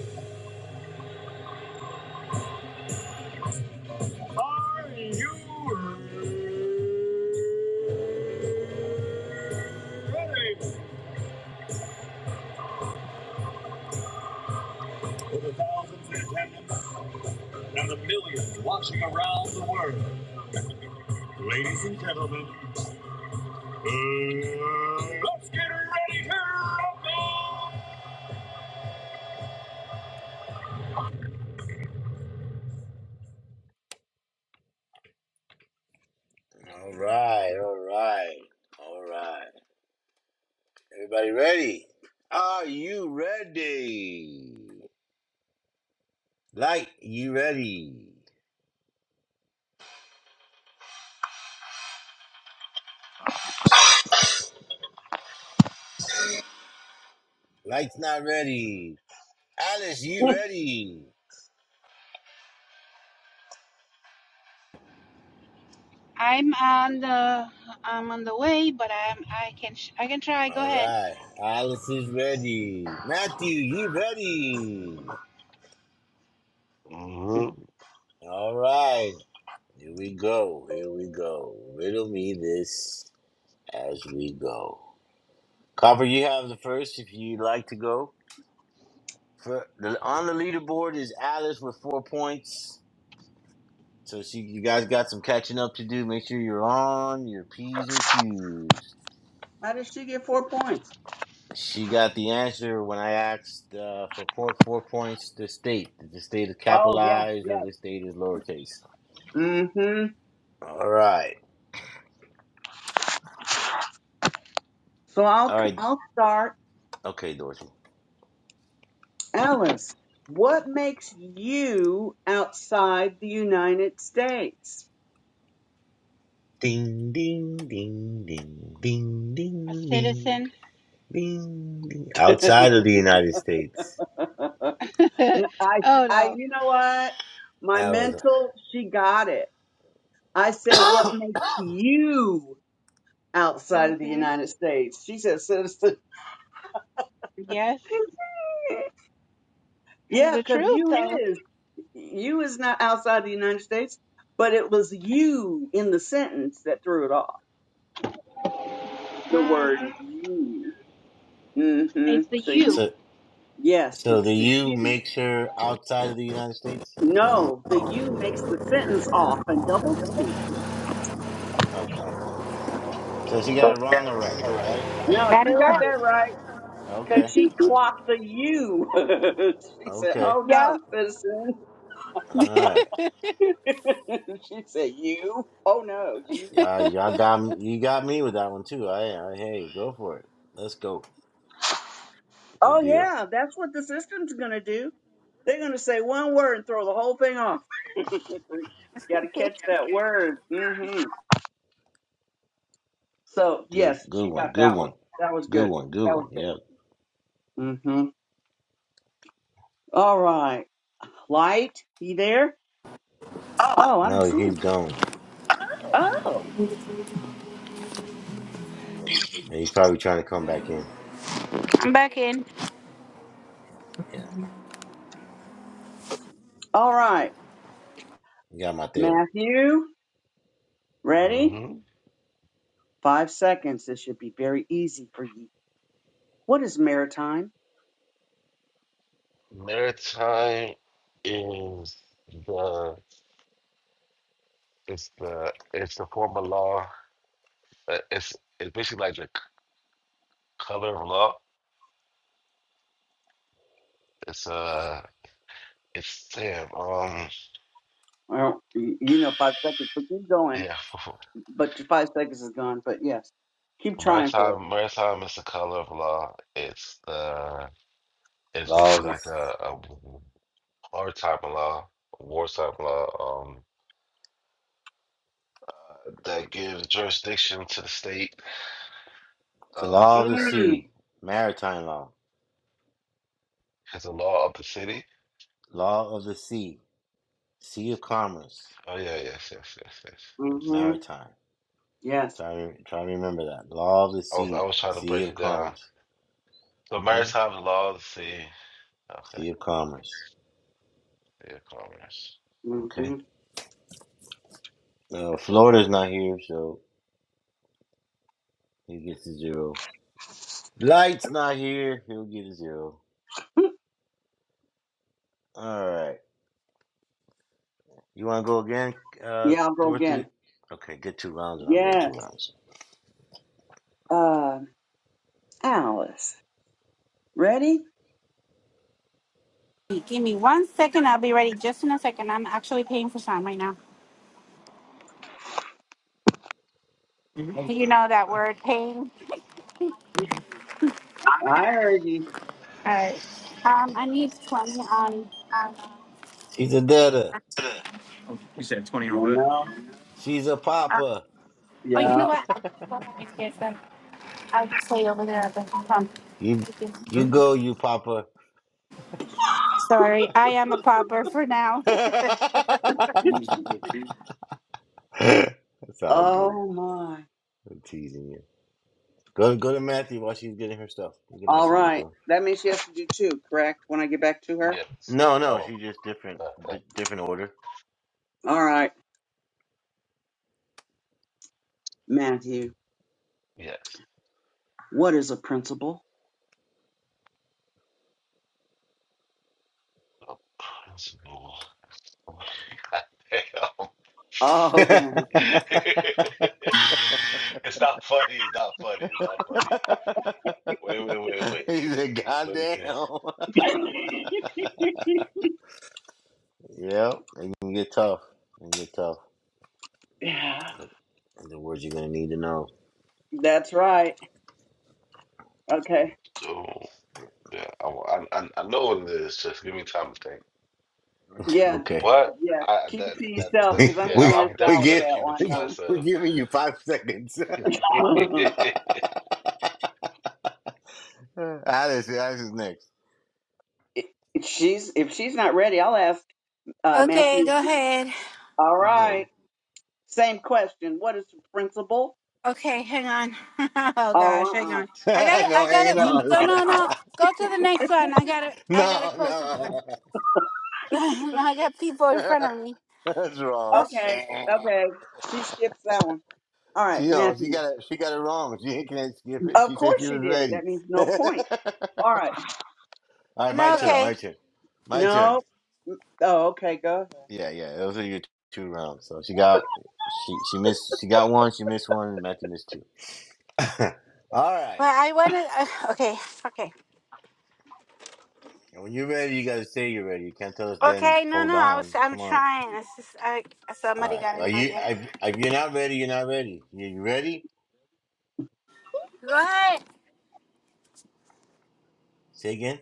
Speaker 2: Are you ready? For the thousands in attendance and the millions watching around the world. Ladies and gentlemen, let's get ready to rumble. Everybody ready? Are you ready? Light, you ready? Light's not ready. Alice, you ready?
Speaker 4: I'm on the I'm on the way, but I'm I can sh- I can try. Go
Speaker 2: All
Speaker 4: ahead,
Speaker 2: right. Alice is ready. Matthew, you ready?
Speaker 8: Mm-hmm.
Speaker 2: All right. Here we go. Here we go. Riddle me this as we go. Copper, you have the first if you'd like to go. For, the, on the leaderboard is Alice with four points. So she, you guys got some catching up to do. Make sure you're on your P's and Q's.
Speaker 7: How did she get four points?
Speaker 2: She got the answer when I asked uh, for point four points. The state, Did the state is
Speaker 7: Oh, yes,
Speaker 2: capitalized or
Speaker 7: yes.
Speaker 2: the state is lowercase.
Speaker 7: Mm-hmm.
Speaker 2: All right,
Speaker 7: So I'll,
Speaker 2: all right,
Speaker 7: I'll start.
Speaker 2: okay, Dorsey.
Speaker 7: Alice, what makes you outside the United States?
Speaker 2: Ding ding ding ding ding ding
Speaker 4: a
Speaker 2: ding
Speaker 4: citizen.
Speaker 2: ding ding.
Speaker 7: (laughs) N-
Speaker 2: Outside of the United States,
Speaker 4: (laughs) oh
Speaker 7: I, I,
Speaker 4: no.
Speaker 7: you know what? My
Speaker 2: I was.
Speaker 7: mental, she got it. I said, what
Speaker 2: (coughs)
Speaker 7: makes you outside of the
Speaker 4: hmm
Speaker 7: United States? She said, citizen.
Speaker 4: Yes,
Speaker 7: (laughs)
Speaker 4: it's
Speaker 7: Yeah,
Speaker 4: the
Speaker 7: because
Speaker 4: truth
Speaker 7: you
Speaker 4: though.
Speaker 7: is you is not outside the United States, but it was you in the sentence that threw it off. The word
Speaker 4: hmm
Speaker 7: you. Mm-hmm.
Speaker 4: It's the
Speaker 7: So you,
Speaker 4: you.
Speaker 2: So
Speaker 7: yes,
Speaker 2: So the
Speaker 7: it's the
Speaker 2: U
Speaker 7: you.
Speaker 2: makes her outside of the United States?
Speaker 7: No, the you makes the sentence off and double speak.
Speaker 2: Okay. So she got it wrong or right? Right?
Speaker 7: No,
Speaker 4: Got
Speaker 7: she got that right because
Speaker 2: Okay.
Speaker 7: she
Speaker 2: I,
Speaker 7: clocked the you. (laughs) she said,
Speaker 2: okay.
Speaker 7: "Oh no, citizen."
Speaker 2: All right.
Speaker 7: (laughs) she said, "You? Oh no, you."
Speaker 2: Y'all, y'all got m- you got me with that one too. I, I hey, go for it. Let's go. Good
Speaker 7: Oh
Speaker 2: deal.
Speaker 7: yeah, that's what the system's gonna do They're going to say one word and throw the whole thing off. (laughs) Got to catch that word. hmm So,
Speaker 2: Good
Speaker 7: yes,
Speaker 2: good
Speaker 7: she
Speaker 2: one.
Speaker 7: got
Speaker 2: Good
Speaker 7: that one.
Speaker 2: one.
Speaker 7: That was
Speaker 2: Good
Speaker 7: good.
Speaker 2: one. Good
Speaker 7: That was
Speaker 2: one. Yep.
Speaker 7: good. hmm All right. Light, you there? Oh, I don't
Speaker 2: No,
Speaker 7: see
Speaker 2: he's
Speaker 7: him.
Speaker 2: gone.
Speaker 7: Oh.
Speaker 2: And he's probably trying to come back in.
Speaker 4: I'm back in.
Speaker 2: Yeah.
Speaker 7: All right.
Speaker 2: You got my deal.
Speaker 7: Matthew, ready?
Speaker 8: hmm
Speaker 7: Five seconds. This should be very easy for you. What is maritime?
Speaker 8: Maritime is the it's the it's the form of law. uh, It's it's basically like the c- color of law. It's uh it's damn um
Speaker 7: Well, y- you know five seconds, but keep going.
Speaker 8: yeah (laughs)
Speaker 7: But your five seconds is gone, but yes. Keep trying for
Speaker 8: Maritime,
Speaker 7: it.
Speaker 8: maritime is the color of law. It's the it's
Speaker 2: Law of
Speaker 8: basically
Speaker 2: the
Speaker 8: like a, a maritime law, wartime law, um, uh, that gives jurisdiction to the state
Speaker 2: the
Speaker 8: of
Speaker 2: law of the
Speaker 8: uh,
Speaker 7: Mm.
Speaker 2: sea. Maritime law.
Speaker 8: it's a law of the city.
Speaker 2: Law of the sea. Sea of commerce.
Speaker 8: Oh yeah, yes, yes, yes, yes, yes.
Speaker 7: hmm
Speaker 2: Maritime.
Speaker 7: Yes.
Speaker 2: Try, try to remember that. Law of the
Speaker 8: I was I
Speaker 2: sea,
Speaker 8: was trying to
Speaker 2: sea
Speaker 8: break
Speaker 2: of
Speaker 8: it down.
Speaker 2: commerce.
Speaker 8: So
Speaker 2: hmm
Speaker 8: maritime is law of the sea. Okay,
Speaker 2: Sea of commerce.
Speaker 8: yeah, commerce.
Speaker 2: Okay.
Speaker 7: hmm
Speaker 2: Uh, Florida's not here, so he gets a zero. Light's not here, he'll get a zero. All right. You want to go again, uh,
Speaker 7: Yeah, I'll go
Speaker 2: Dorothy?
Speaker 7: again.
Speaker 2: Okay, get two rounds and I'll go two
Speaker 7: Yes.
Speaker 2: rounds.
Speaker 7: Uh, Alice, ready?
Speaker 4: Give me one second. I'll be ready just in a second. I'm actually paying for some right now. Do You know that word, paying.
Speaker 7: I heard you.
Speaker 4: All right. Um, I need 20 on. Um,
Speaker 2: She's a debtor.
Speaker 4: You said twenty on
Speaker 7: You
Speaker 4: what?
Speaker 7: know?
Speaker 2: She's a
Speaker 4: uh,
Speaker 2: papa.
Speaker 4: oh, you know
Speaker 7: Yeah.
Speaker 4: what? I'll just go over and get them. I'll just wait over there at the pump.
Speaker 2: You you go, you papa.
Speaker 4: Sorry, I am a pauper for
Speaker 2: (laughs)
Speaker 4: now. (laughs)
Speaker 2: That's all good.
Speaker 7: Oh, my.
Speaker 2: I'm teasing you. Go go to Matthew while she's getting her stuff. You can
Speaker 7: All
Speaker 2: ask him another
Speaker 7: right.
Speaker 2: one.
Speaker 7: That means she has to do two, correct? When I get back to her?
Speaker 8: Yes.
Speaker 2: No, no,
Speaker 8: Oh,
Speaker 2: she's just different,
Speaker 8: uh, uh,
Speaker 2: di different order.
Speaker 7: All right. Matthew,
Speaker 8: yes.
Speaker 7: what is a principal?
Speaker 8: Oh, principle. (laughs) Goddamn.
Speaker 2: (laughs) he
Speaker 7: Oh,
Speaker 8: (laughs) it's not funny. It's not funny. It's not funny. Wait, wait, wait, wait.
Speaker 2: said, "God
Speaker 8: Let me think.
Speaker 2: damn."
Speaker 7: (laughs) darn.
Speaker 2: yep, it can get tough. It can get tough.
Speaker 7: Yeah,
Speaker 2: And the words you're gonna need to know.
Speaker 7: that's right. Okay.
Speaker 8: So, yeah, I, I, I I know what it is. Just give me time to think.
Speaker 7: Yeah,
Speaker 2: Okay,
Speaker 8: But
Speaker 7: yeah.
Speaker 8: I
Speaker 7: Keep it
Speaker 8: that
Speaker 7: to
Speaker 8: that,
Speaker 2: (laughs)
Speaker 8: that
Speaker 7: yourself
Speaker 2: we
Speaker 7: because
Speaker 8: that's
Speaker 7: I'm
Speaker 8: yeah.
Speaker 7: going to
Speaker 2: we
Speaker 8: I'm,
Speaker 7: ask
Speaker 8: I'm
Speaker 2: we
Speaker 8: definitely
Speaker 7: Alice
Speaker 8: going
Speaker 2: give
Speaker 8: to keep it to
Speaker 2: we
Speaker 7: that
Speaker 2: we're
Speaker 8: myself.
Speaker 2: giving you five seconds. (laughs)
Speaker 8: (laughs)
Speaker 7: one time. (laughs)
Speaker 2: Alice, Alice is next.
Speaker 7: If she's if she's not ready, I'll ask uh, Matthew.
Speaker 4: Okay, go ahead.
Speaker 7: All
Speaker 2: He's ready.
Speaker 7: right. Same question. What is the principle?
Speaker 4: Okay, hang on. (laughs) oh gosh, hang
Speaker 7: Oh, uh-uh.
Speaker 4: on.
Speaker 2: (laughs)
Speaker 4: I got it.
Speaker 2: no
Speaker 4: I got it.
Speaker 2: hanging
Speaker 4: Wait,
Speaker 2: on.
Speaker 4: no, no, no. Go to the next
Speaker 7: (laughs)
Speaker 4: one. I got to I got to
Speaker 2: No,
Speaker 4: close the door.
Speaker 2: no.
Speaker 4: (laughs) I got people in front of me.
Speaker 2: (laughs) That's wrong.
Speaker 4: Oh, sh-
Speaker 7: okay,
Speaker 2: (laughs)
Speaker 7: okay. She skips that one. All right,
Speaker 2: She oh, she
Speaker 7: Matthew.
Speaker 2: got it. She got it wrong. She (laughs) can't skip it.
Speaker 7: Of
Speaker 2: She said
Speaker 7: course
Speaker 2: she
Speaker 7: she
Speaker 2: was
Speaker 7: did.
Speaker 2: ready.
Speaker 7: That means
Speaker 2: (laughs)
Speaker 7: no point. All right.
Speaker 2: All right, my
Speaker 4: no,
Speaker 7: So,
Speaker 2: turn. My
Speaker 4: okay.
Speaker 2: turn. My turn.
Speaker 7: no. Mm, Oh, okay. Go ahead.
Speaker 2: Yeah, yeah. Those are your t- two rounds. So she got she she missed. She got one. She missed one. And Matthew missed two. (laughs) All right.
Speaker 4: Well, I want to. Uh, okay, okay,
Speaker 2: And When you're ready, you gotta say you're ready. You can't tell us then.
Speaker 4: okay. No,
Speaker 2: Hold
Speaker 4: no. I was.
Speaker 2: on.
Speaker 4: I'm
Speaker 2: Come on.
Speaker 4: trying. It's just. I
Speaker 2: All
Speaker 4: somebody
Speaker 2: right.
Speaker 4: got
Speaker 2: Well,
Speaker 4: in my
Speaker 2: you
Speaker 4: way.
Speaker 2: if, if you're not ready, you're not ready. You you ready?
Speaker 4: Go ahead.
Speaker 2: Say again.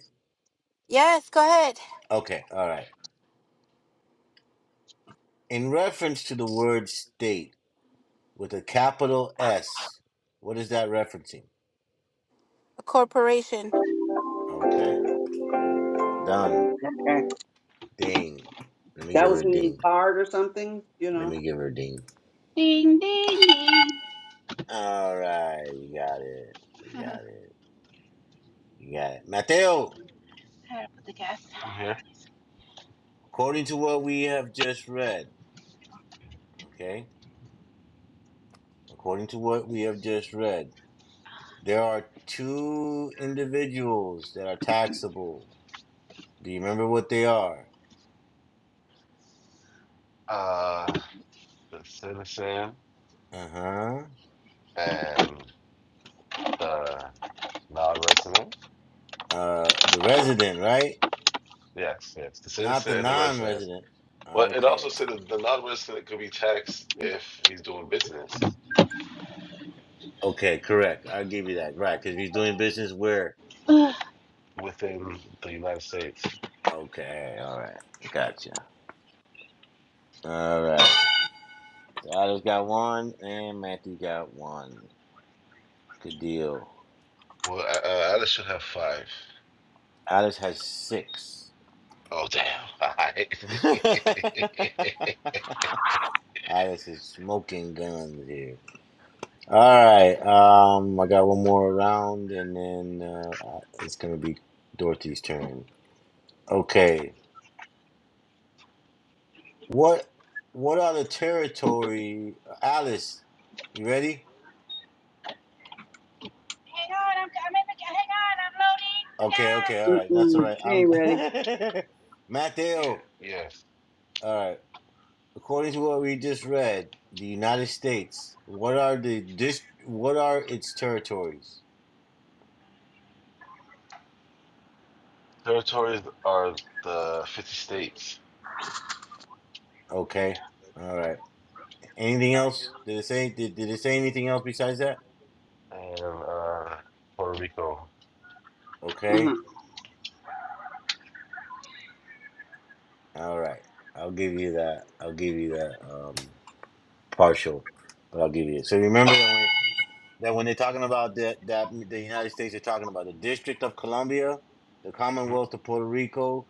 Speaker 4: Yes, go ahead.
Speaker 2: Okay. All right. In reference to the word state. with a capital S. What is that referencing?
Speaker 4: A corporation.
Speaker 2: Okay, done.
Speaker 7: Okay.
Speaker 2: Ding. Let me
Speaker 7: That
Speaker 2: give her
Speaker 7: was
Speaker 2: a
Speaker 7: in the
Speaker 2: ding.
Speaker 7: card or something, you
Speaker 2: Let
Speaker 7: know.
Speaker 2: me give her a ding.
Speaker 4: Ding, ding, ding.
Speaker 2: All right, you got it.
Speaker 4: (laughs)
Speaker 2: You got
Speaker 4: Sorry
Speaker 2: it. You got it. Mateo,
Speaker 4: about the gas.
Speaker 8: I'm here.
Speaker 2: according to what we have just read, okay, according to what we have just read, there are two individuals that are taxable. Do you remember what they are?
Speaker 8: Uh, the citizen
Speaker 2: Uh-huh.
Speaker 8: and the non-resident.
Speaker 2: Uh The resident, right?
Speaker 8: Yes, yes. The
Speaker 2: Not
Speaker 8: citizen
Speaker 2: the
Speaker 8: and the resident.
Speaker 2: non-resident.
Speaker 8: But it also
Speaker 2: Okay.
Speaker 8: said that the non-resident could be taxed if he's doing business.
Speaker 2: Okay, correct. I'll give you that. Right, because you're doing business where.
Speaker 4: (sighs)
Speaker 8: within the United States?
Speaker 2: Okay, all right. Gotcha. All right. So Alice got one, and Matthew got one. Good deal.
Speaker 8: Well, uh, uh, Alice should have five.
Speaker 2: Alice has six.
Speaker 8: Oh, damn. (laughs) All right.
Speaker 2: (laughs) Alice is smoking guns here. All right. Um, I got one more round, and then uh, it's gonna be Dorothy's turn. Okay. What What are the territory? Alice, you ready?
Speaker 4: Oh
Speaker 2: Okay, okay, all right. That's
Speaker 7: Mm-mm,
Speaker 2: all right.
Speaker 7: she
Speaker 2: I'm
Speaker 7: ain't ready.
Speaker 2: (laughs) Mateo.
Speaker 8: (laughs) yes.
Speaker 2: All right. According to what we just read, the United States, what are the dis what are its territories?
Speaker 8: Territories are the 50 states
Speaker 2: Okay. All right. Anything else? Did it say did, did it say anything else besides that?
Speaker 8: and uh, Puerto Rico.
Speaker 7: Uh-huh.
Speaker 2: Okay. All right. I'll give you that. I'll give you that um partial, but I'll give you it. So remember that when, that when they're talking about that that the United States, they're talking about the District of Columbia, the
Speaker 8: Mhm.
Speaker 2: Commonwealth of Puerto Rico,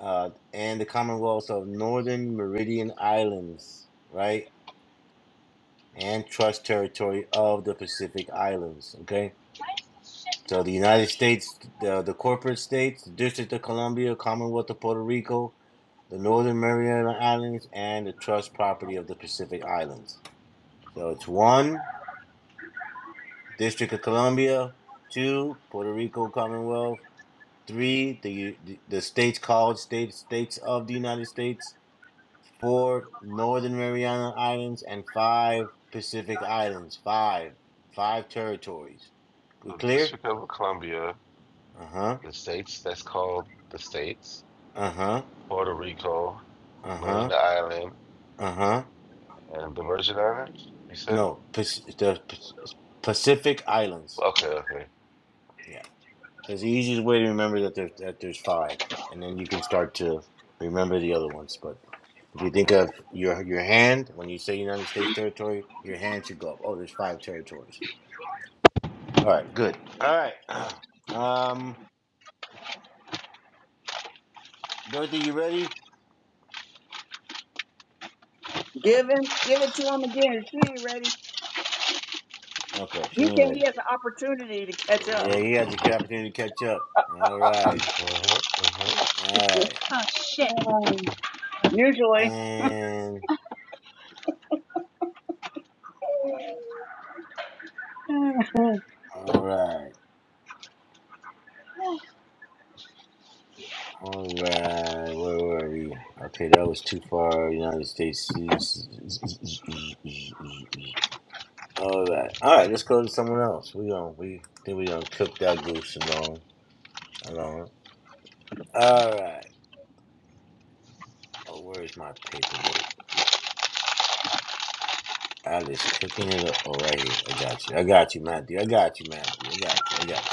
Speaker 2: uh, and the Commonwealth of Northern Meridian Islands, right? And trust territory of the Pacific Islands, okay? So the United States, the, the corporate states, the District of Columbia, Commonwealth of Puerto Rico, the Northern Mariana Islands, and the trust property of the Pacific Islands. So it's one, District of Columbia, two, Puerto Rico Commonwealth, three, the, the, the states called states, states of the United States, four Northern Mariana Islands, and five Pacific Islands. Five. Five territories. We
Speaker 8: The
Speaker 2: clear?
Speaker 8: District of Columbia,
Speaker 2: Uh huh.
Speaker 8: the states, that's called the states,
Speaker 2: Uh huh.
Speaker 8: Puerto Rico,
Speaker 2: Uh huh.
Speaker 8: Marina Island,
Speaker 2: Uh huh.
Speaker 8: and the Virgin Islands, you said?
Speaker 2: No, the Pacific Islands.
Speaker 8: Okay, okay.
Speaker 2: Yeah. That's the easiest way to remember that there's, that there's five. And then you can start to remember the other ones. But if you
Speaker 8: Okay.
Speaker 2: think of your your hand, when you say United States territory, your hand should go up. Oh, there's five territories. All right, good. All right. (clears throat) Um, Dorothy, you ready?
Speaker 7: Give him, give it to him again. She ain't ready.
Speaker 2: Okay, she
Speaker 7: He
Speaker 2: ain't
Speaker 7: can.
Speaker 2: ready.
Speaker 7: He has an opportunity to catch
Speaker 2: Yeah,
Speaker 7: up.
Speaker 2: he
Speaker 8: Mm-hmm,
Speaker 2: has the
Speaker 8: mm-hmm,
Speaker 2: opportunity to catch up. All right.
Speaker 8: mm-hmm, mm-hmm.
Speaker 2: All right.
Speaker 4: my God, I'm loading the gas.
Speaker 7: (laughs) usually.
Speaker 2: And
Speaker 7: (laughs)
Speaker 2: all right.
Speaker 4: Oh shit.
Speaker 2: All right. Where were we? Okay, that was too far. United States. All right. All right, let's go to someone else. We gonna we think we gonna cook that goose alone. Alone. All right. Oh, where's my paperwork? I just cooking it up. Oh, right here. I got you. I got you, Matthew. I got you, Matthew. I got you. I got you.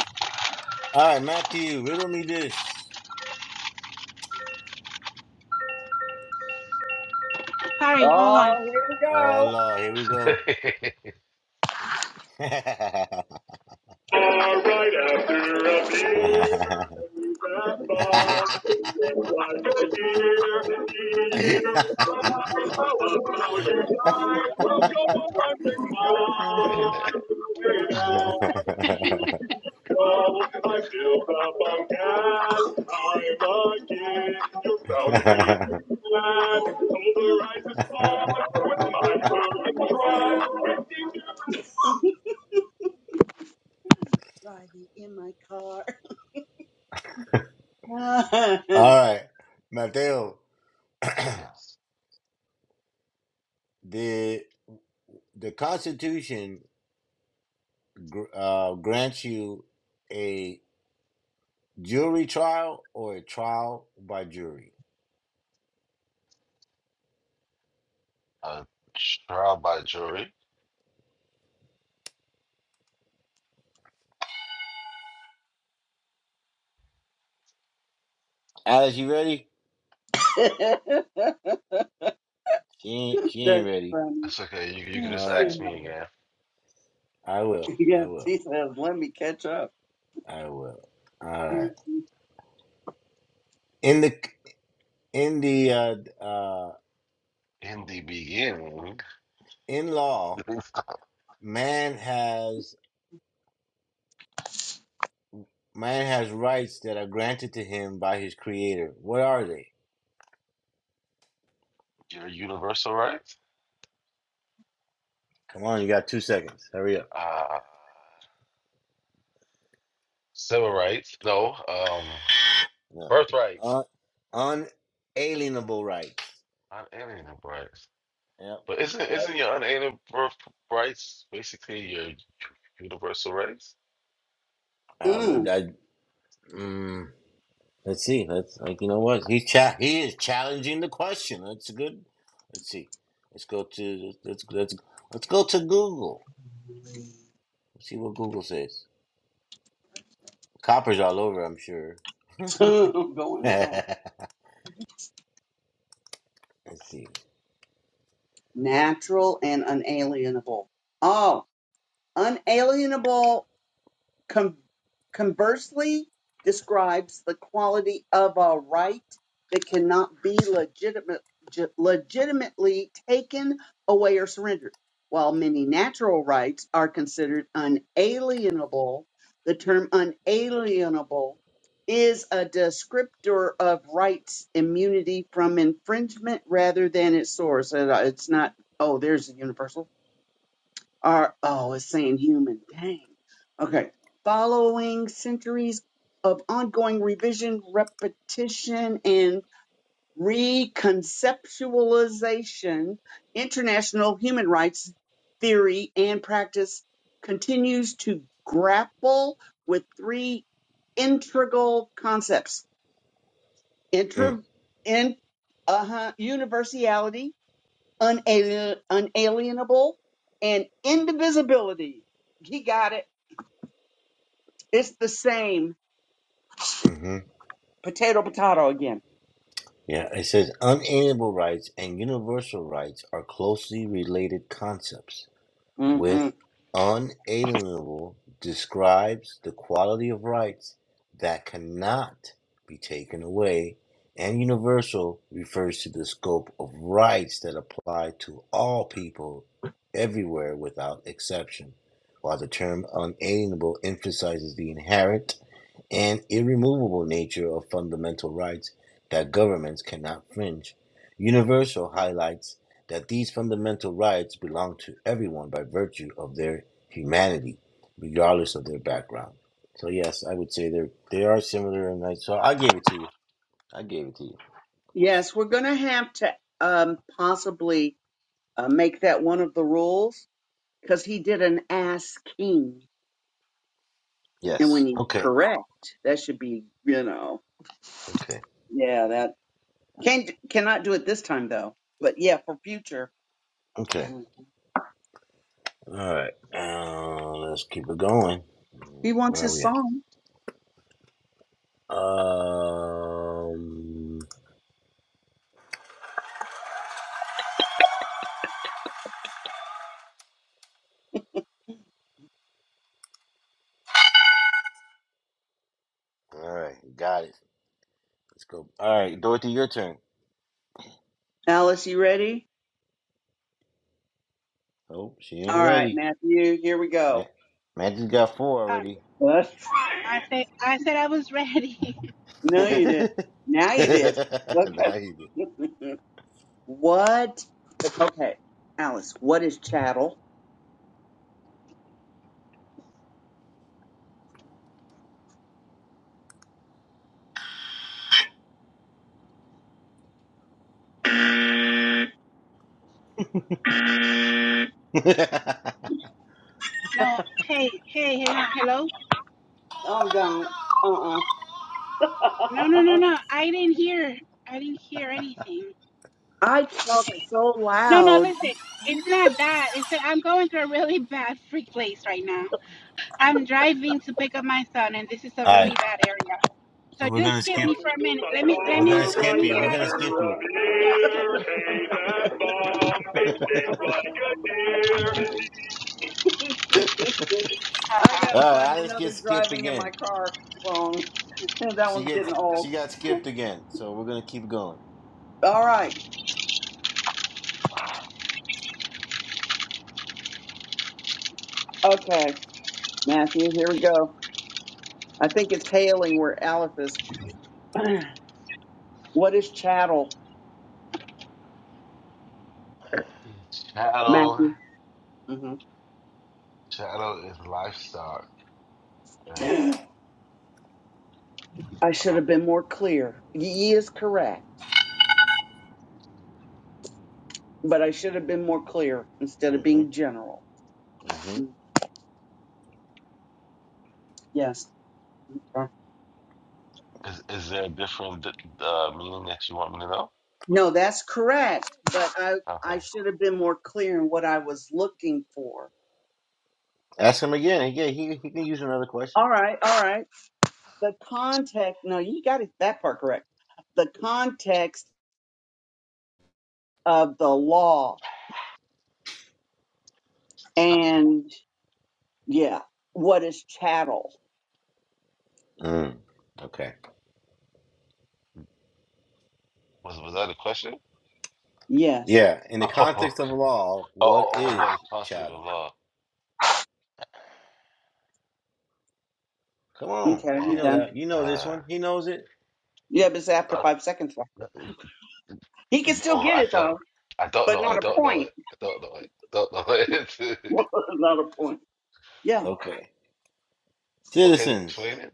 Speaker 2: All right, Matthew, riddle me this.
Speaker 4: Sorry, hold on.
Speaker 7: Oh, here we
Speaker 2: Oh,
Speaker 7: go.
Speaker 2: Lord, here we go.
Speaker 7: All right after a beer, we grab on. Like a deer, you how you die. we go on
Speaker 2: (laughs)
Speaker 8: Wait a minute.
Speaker 7: and I filled up on gas. I'm a kid. You're about to make glad. Over eyes is fine. With my food and drive. driving in my car. (laughs)
Speaker 2: All right, Mateo, (clears throat)
Speaker 8: Yes.
Speaker 2: the the Constitution gr- uh, grants you a jury trial or a trial by jury.
Speaker 8: a trial by jury.
Speaker 2: Alice, you ready? She ain't, she ain't
Speaker 7: That's
Speaker 2: ready.
Speaker 7: funny.
Speaker 8: It's okay. You you
Speaker 2: All
Speaker 8: can just
Speaker 2: right.
Speaker 7: She
Speaker 8: ask me again.
Speaker 2: I will.
Speaker 7: (laughs) yeah,
Speaker 2: I will.
Speaker 7: she says, let me catch up.
Speaker 2: I will. All right.
Speaker 7: Mm.
Speaker 2: In the in the uh, uh,
Speaker 8: In the beginning,
Speaker 2: in law,
Speaker 8: (laughs)
Speaker 2: man has man has rights that are granted to him by his creator. What are they?
Speaker 8: your universal rights,
Speaker 2: Come on, you got two seconds. Hurry up.
Speaker 8: uh, civil rights, no, um,
Speaker 2: No.
Speaker 8: birth rights,
Speaker 2: Un, unalienable rights.
Speaker 8: unalienable rights.
Speaker 2: Yep.
Speaker 8: But isn't isn't
Speaker 2: Rights.
Speaker 8: your unalienable birth rights basically your universal rights?
Speaker 2: I would.
Speaker 7: (laughs)
Speaker 2: I. Mm, let's see. Let's like you know what he cha- he is challenging the question. That's good. Let's see. Let's go to let's let's let's go to Google. see what Google says. Copper's all over, I'm sure.
Speaker 7: I'm
Speaker 2: (laughs)
Speaker 7: going and going.
Speaker 2: Let's see.
Speaker 7: Natural and unalienable. Oh, unalienable Con- conversely describes the quality of a right that cannot be legitimate, ge- legitimately taken away or surrendered. While many natural rights are considered unalienable, the term unalienable is a descriptor of rights immunity from infringement rather than its source. And, uh, It's not, oh, there's a universal are oh it's saying human dang okay following centuries of ongoing revision repetition and reconceptualization international human rights theory and practice continues to grapple with three integral concepts
Speaker 2: Mm,
Speaker 7: intra in uh-huh, universality unalien- unalienable, and indivisibility. He got it. It's the same
Speaker 2: Mm-hmm.
Speaker 7: potato, potato again.
Speaker 2: Yeah, it says unalienable rights and universal rights are closely related concepts.
Speaker 7: hmm
Speaker 2: with unalienable describes the quality of rights that cannot be taken away, and universal refers to the scope of rights that apply to all people everywhere without exception, while the term unalienable emphasizes the inherent and irremovable nature of fundamental rights that governments cannot fringe. Universal highlights that these fundamental rights belong to everyone by virtue of their humanity, regardless of their background. So yes, I would say they are they are similar, and I, so I gave it to you. I gave it to you.
Speaker 7: Yes, we're going to have to um, possibly uh, make that one of the rules because he did an ass king, and
Speaker 2: Yes.
Speaker 7: when you
Speaker 2: Okay.
Speaker 7: correct, that should be you know
Speaker 2: Okay.
Speaker 7: yeah that can't cannot do it this time though. But yeah, for future,
Speaker 2: Okay.
Speaker 7: mm.
Speaker 2: All right. Uh, let's keep it going.
Speaker 7: he wants
Speaker 2: Where are
Speaker 7: his
Speaker 2: we at?
Speaker 7: song.
Speaker 2: Um. All right. Got it. Let's go. All right, Dorothy, your turn.
Speaker 7: Alice, you ready?
Speaker 2: Oh, she
Speaker 7: All
Speaker 2: ain't
Speaker 7: right,
Speaker 2: ready.
Speaker 7: Matthew, here we
Speaker 2: Man,
Speaker 7: go.
Speaker 2: man just got four
Speaker 4: Um,
Speaker 2: already.
Speaker 7: (laughs)
Speaker 4: I said I said I was ready.
Speaker 2: (laughs) nah,
Speaker 7: No, you did. Now you did.
Speaker 2: he did.
Speaker 7: Okay. (laughs) what? Okay, Alice. What is chattel?
Speaker 2: (laughs)
Speaker 4: (laughs) no, hey, hey, hang on. Hello?
Speaker 7: Oh, don't. Uh. uh
Speaker 4: No, no, no, no. I didn't hear. I didn't hear anything.
Speaker 7: I talk
Speaker 4: Okay.
Speaker 7: so
Speaker 4: No, no,
Speaker 7: loud.
Speaker 4: listen.
Speaker 7: You
Speaker 4: It's
Speaker 7: didn't-
Speaker 4: not that. It's that I'm going through a really bad freak place right now. I'm driving to pick up my son, and this is a
Speaker 2: All
Speaker 4: really
Speaker 2: right,
Speaker 4: bad area.
Speaker 2: so
Speaker 4: So
Speaker 2: we're
Speaker 4: just
Speaker 2: gonna
Speaker 4: skip
Speaker 2: skip.
Speaker 4: me for a minute. Let me, let
Speaker 2: We're gonna
Speaker 4: me, let
Speaker 2: skip
Speaker 4: me
Speaker 2: you.
Speaker 4: get
Speaker 2: We're
Speaker 4: out of
Speaker 2: gonna
Speaker 4: this.
Speaker 2: skip you.
Speaker 4: Yeah, skip me.
Speaker 2: (laughs) All
Speaker 7: I
Speaker 4: Uh-huh.
Speaker 7: gotta
Speaker 2: right,
Speaker 7: find
Speaker 2: I just get
Speaker 7: another
Speaker 2: skipped
Speaker 7: driving in my
Speaker 2: again.
Speaker 7: car phone. (laughs) That
Speaker 2: She
Speaker 7: one's
Speaker 2: gets.
Speaker 7: getting old.
Speaker 2: She got skipped again. So we're gonna keep going.
Speaker 7: All right. Okay, Matthew. Here we go. I think it's hailing where Aleph is. (clears throat) what is chattel,
Speaker 8: Chattel,
Speaker 7: Matthew? hmm
Speaker 8: chattel is livestock. That's,
Speaker 7: I should
Speaker 8: uh,
Speaker 7: have been more clear. Ye is correct, but I should have been more clear instead of
Speaker 2: hmm
Speaker 7: being general.
Speaker 2: hmm
Speaker 7: Mm, Yes.
Speaker 8: is is there a different uh, meaning that you want me to know?
Speaker 7: No, that's correct, but I I
Speaker 8: Okay.
Speaker 7: should have been more clear in what I was looking for.
Speaker 2: Ask him again. Yeah, he he can use another question.
Speaker 7: All right, all right. The context. No, you got it, that part correct. The context of the law and yeah, what is chattel?
Speaker 2: Mm. Okay.
Speaker 8: Was was that a question?
Speaker 7: Yes.
Speaker 2: Yeah. In the
Speaker 8: Oh, (laughs)
Speaker 2: context of
Speaker 8: okay.
Speaker 2: law, what
Speaker 8: oh, what a
Speaker 2: is chattel?
Speaker 8: constitutional law.
Speaker 2: Come on.
Speaker 7: Okay,
Speaker 2: You
Speaker 7: I'm
Speaker 2: know
Speaker 8: Damn.
Speaker 7: done.
Speaker 2: that. You know this
Speaker 8: Uh,
Speaker 2: one. He knows it.
Speaker 7: Yeah, but it's after
Speaker 8: I
Speaker 7: five seconds. left.
Speaker 8: don't-
Speaker 7: He can still
Speaker 8: no,
Speaker 7: get
Speaker 8: I
Speaker 7: it though,
Speaker 8: don't. I don't
Speaker 7: but
Speaker 8: know. I
Speaker 7: not a
Speaker 2: Okay.
Speaker 8: don't know
Speaker 7: point.
Speaker 8: it. I don't know it. I don't know
Speaker 7: (laughs)
Speaker 8: it. (laughs)
Speaker 7: not a point. Yeah,
Speaker 2: Okay.
Speaker 8: Well, can you explain
Speaker 2: Citizens.
Speaker 8: it?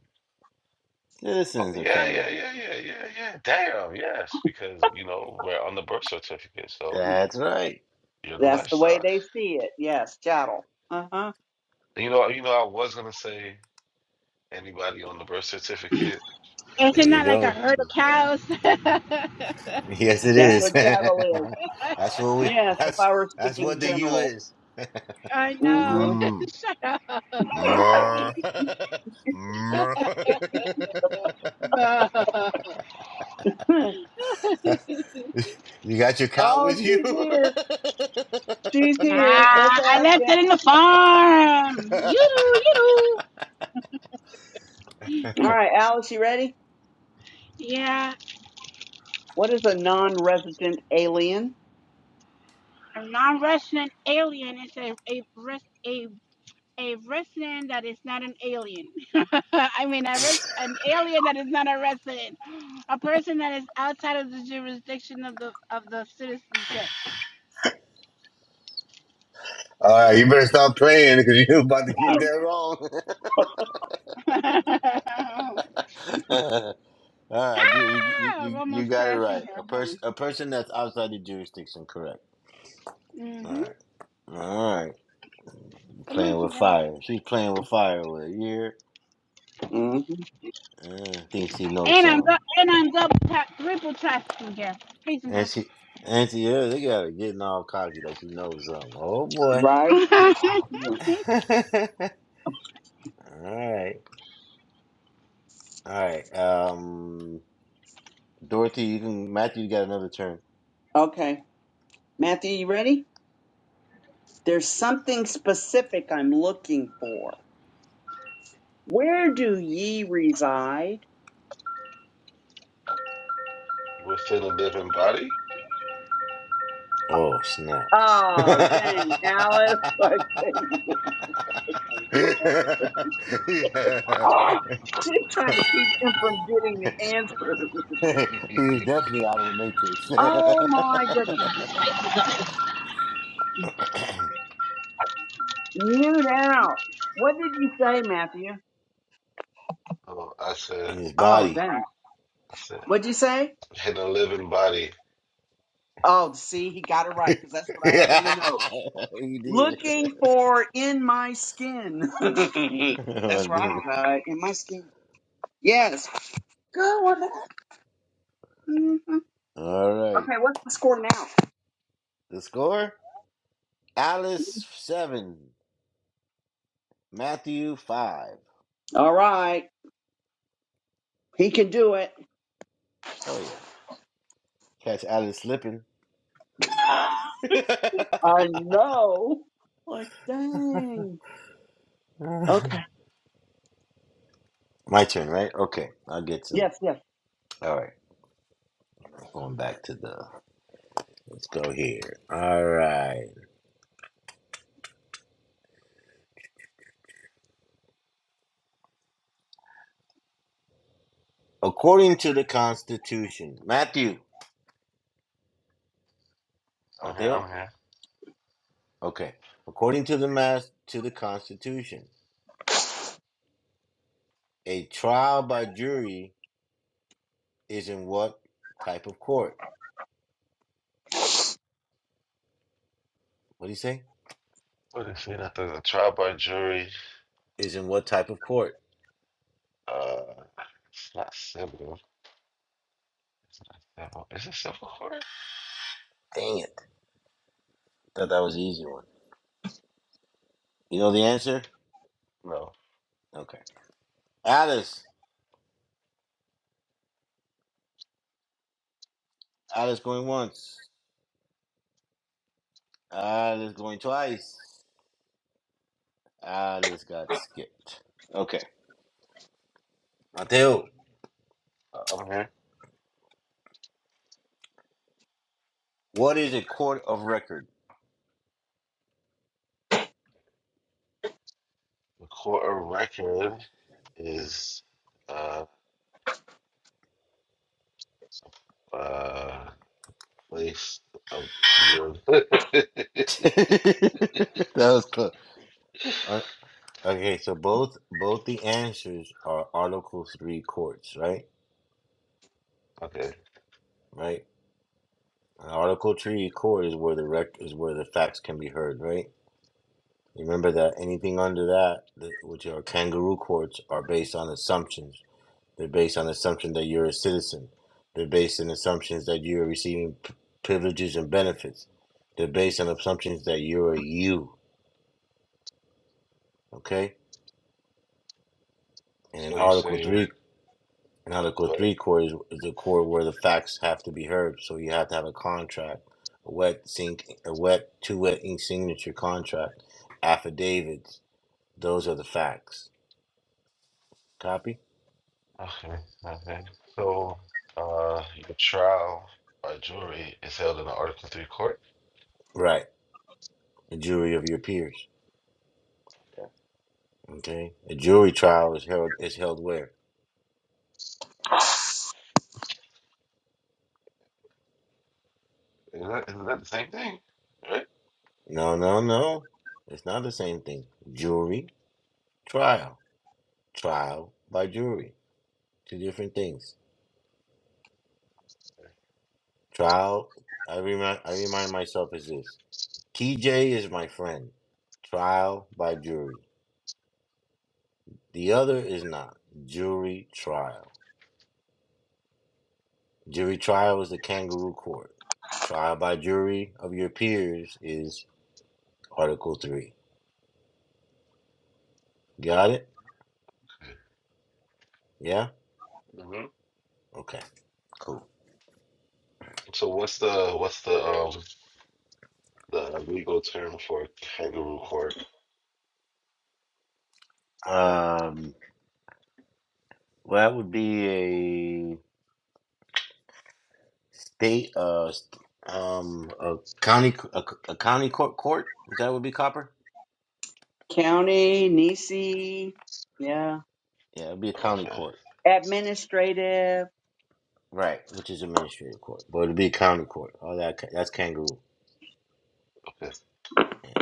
Speaker 8: Oh,
Speaker 2: Citizens are
Speaker 8: yeah,
Speaker 2: chattel.
Speaker 8: yeah, yeah, yeah, yeah, yeah. Damn, yes, because you know we're on the birth certificate, so
Speaker 2: That's right.
Speaker 8: you're the
Speaker 7: that's the way
Speaker 8: livestock.
Speaker 7: they see it. Yes, chattel. Uh huh.
Speaker 8: You know, you know, I was gonna say anybody on the birth certificate
Speaker 2: There
Speaker 4: Isn't
Speaker 2: you
Speaker 4: that like a
Speaker 2: go. (laughs)
Speaker 4: herd of cows? (laughs)
Speaker 2: Yes, it
Speaker 7: That's
Speaker 2: is. (laughs)
Speaker 7: what chattel is.
Speaker 2: that's what we.
Speaker 7: Yes,
Speaker 2: (laughs)
Speaker 7: if
Speaker 2: That's
Speaker 7: I were
Speaker 2: that's
Speaker 7: speaking
Speaker 2: what the U
Speaker 7: general.
Speaker 2: is.
Speaker 4: I know. (laughs)
Speaker 7: Mm-hmm.
Speaker 2: Mm,
Speaker 4: Shut up.
Speaker 2: mer. (laughs) mer. (laughs) you got your
Speaker 7: (laughs)
Speaker 2: cow with
Speaker 7: oh,
Speaker 2: you. (laughs)
Speaker 7: she's
Speaker 2: All
Speaker 7: here. She's
Speaker 4: nah,
Speaker 7: here. Let's
Speaker 4: I
Speaker 7: ask
Speaker 4: left
Speaker 7: it.
Speaker 4: it in the farm. You do, you do.
Speaker 7: All right, Alice, you ready?
Speaker 4: Yeah,
Speaker 7: What is a non-resident alien?
Speaker 4: a non-resident alien is a a res- a a resident that is not an alien. (laughs) I mean, a res- an alien that is not a resident, a person that is outside of the jurisdiction of the of the citizenship.
Speaker 2: right, you better stop playing because you're about to get that wrong.
Speaker 4: (laughs) ah,
Speaker 2: (laughs) All right, I get, you, you
Speaker 4: I'm
Speaker 2: you you
Speaker 4: almost
Speaker 2: got it
Speaker 4: crashing
Speaker 2: right.
Speaker 4: here.
Speaker 2: A person
Speaker 4: Hold
Speaker 2: a person that's outside the jurisdiction, correct?
Speaker 4: on.
Speaker 2: All
Speaker 4: hmm
Speaker 2: right, all right.
Speaker 4: Come on,
Speaker 2: playing with
Speaker 4: Santana.
Speaker 2: fire. She's playing with fire with a year.
Speaker 7: hmm
Speaker 2: Uh, thinks she knows
Speaker 4: And I'm dou-
Speaker 2: something.
Speaker 4: and I'm double tap triple trafficking here. Please
Speaker 2: And
Speaker 4: Santana,
Speaker 2: she and she yeah, they got her getting all cocky like she knows something. Oh boy.
Speaker 7: Right. Yeah.
Speaker 2: (laughs) Alright. Alright. Um Dorothy, you can Matthew you got another turn.
Speaker 7: Okay, Matthew, you ready? There's something specific I'm looking for. Where do ye reside?
Speaker 8: within a living body.
Speaker 2: Oh snap. (laughs)
Speaker 7: Oh, dang, Alice. (laughs) I think-
Speaker 2: yeah.
Speaker 7: She's (laughs) trying to keep him from getting the answer.
Speaker 2: (laughs) He's definitely out of the matrix.
Speaker 7: Oh, my goodness.
Speaker 2: (laughs)
Speaker 7: Mute out. What did he say, Matthew?
Speaker 8: So I said,
Speaker 2: In his
Speaker 7: Oh,
Speaker 2: body.
Speaker 7: dang.
Speaker 8: I said,
Speaker 7: What'd you say?
Speaker 8: hidden living body.
Speaker 7: Oh, see, he got it
Speaker 2: (laughs) you
Speaker 7: right because that's what I
Speaker 2: did. (laughs)
Speaker 7: have in the note. Looking for in my skin. (laughs)
Speaker 2: I
Speaker 7: that's where I
Speaker 2: did.
Speaker 7: reside, in my skin. Yes. Good one.
Speaker 2: All right.
Speaker 7: Okay, what's the score now?
Speaker 2: The score? Alice seven, Matthew five.
Speaker 7: All right. He can do it.
Speaker 2: Oh yeah. Catch Alice slipping.
Speaker 7: I
Speaker 2: (laughs)
Speaker 7: know. Like, dang. Okay.
Speaker 2: My turn, right? Okay. I'll get some.
Speaker 7: Yes, yes.
Speaker 2: All right. Going back to the. Let's go here. All right. According to the Constitution, Matthew.
Speaker 8: I'm here. I'm
Speaker 2: Mateo.
Speaker 8: here.
Speaker 2: Okay. According to the mass to the Constitution, a trial by jury Is in what type of court? What do you say?
Speaker 8: What is it? After a trial by jury,
Speaker 2: Is in what type of court?
Speaker 8: uh, it's not civil. It's not civil. Is it civil court?
Speaker 2: Dang it. Thought that was the easy one. You know the answer?
Speaker 8: No.
Speaker 2: Okay. Alice. Alice going once. Alice going twice. Alice got skipped. Okay. Mateo.
Speaker 8: Uh, I'm here.
Speaker 2: What is a court of record?
Speaker 8: The court of record is uh uh place of your. (laughs)
Speaker 2: (laughs) that was close. Uh, Okay, so both both the answers are Article Three courts, right?
Speaker 8: okay.
Speaker 2: Right. And Article Three court is where the rec is where the facts can be heard, right? Remember that anything under that, th- which are kangaroo courts, are based on assumptions. They're based on assumption that you're a citizen. They're based on assumptions that you're receiving p- privileges and benefits. They're based on assumptions that you're a you. Okay. And in
Speaker 8: So you
Speaker 2: Article
Speaker 8: saying,
Speaker 2: Three, in Article
Speaker 8: but
Speaker 2: Three court is, is the court where the facts have to be heard. So you have to have a contract, a wet sink, a wet two wet ink signature contract, affidavits. Those are the facts. Copy.
Speaker 8: okay, okay. So uh, your trial by jury is held in an Article Three court.
Speaker 2: Right. a jury of your peers. Okay, a jury trial is held is held where?
Speaker 8: Is that isn't that the same thing? Right.
Speaker 2: No, no, no. It's not the same thing. Jury trial, trial by jury, two different things. Trial. I remind I remind myself is this. TJ is my friend. Trial by jury. The other is not jury trial. Jury trial is the kangaroo court. Trial by jury of your peers is Article Three. Got it? Yeah.
Speaker 8: hmm
Speaker 2: Okay, cool.
Speaker 8: So what's the what's the um The legal term for kangaroo court.
Speaker 2: Um, well, that would be a state, uh, st- um, a county, c- a, c- a county court, court. Is that would be copper?
Speaker 7: County, Nisi. Yeah.
Speaker 2: Yeah, it'd be a county
Speaker 8: Okay,
Speaker 2: court,
Speaker 7: Administrative.
Speaker 2: right? Which is administrative court, but it'd be a county court. Oh, that ca- that's kangaroo.
Speaker 8: okay.
Speaker 2: Yeah.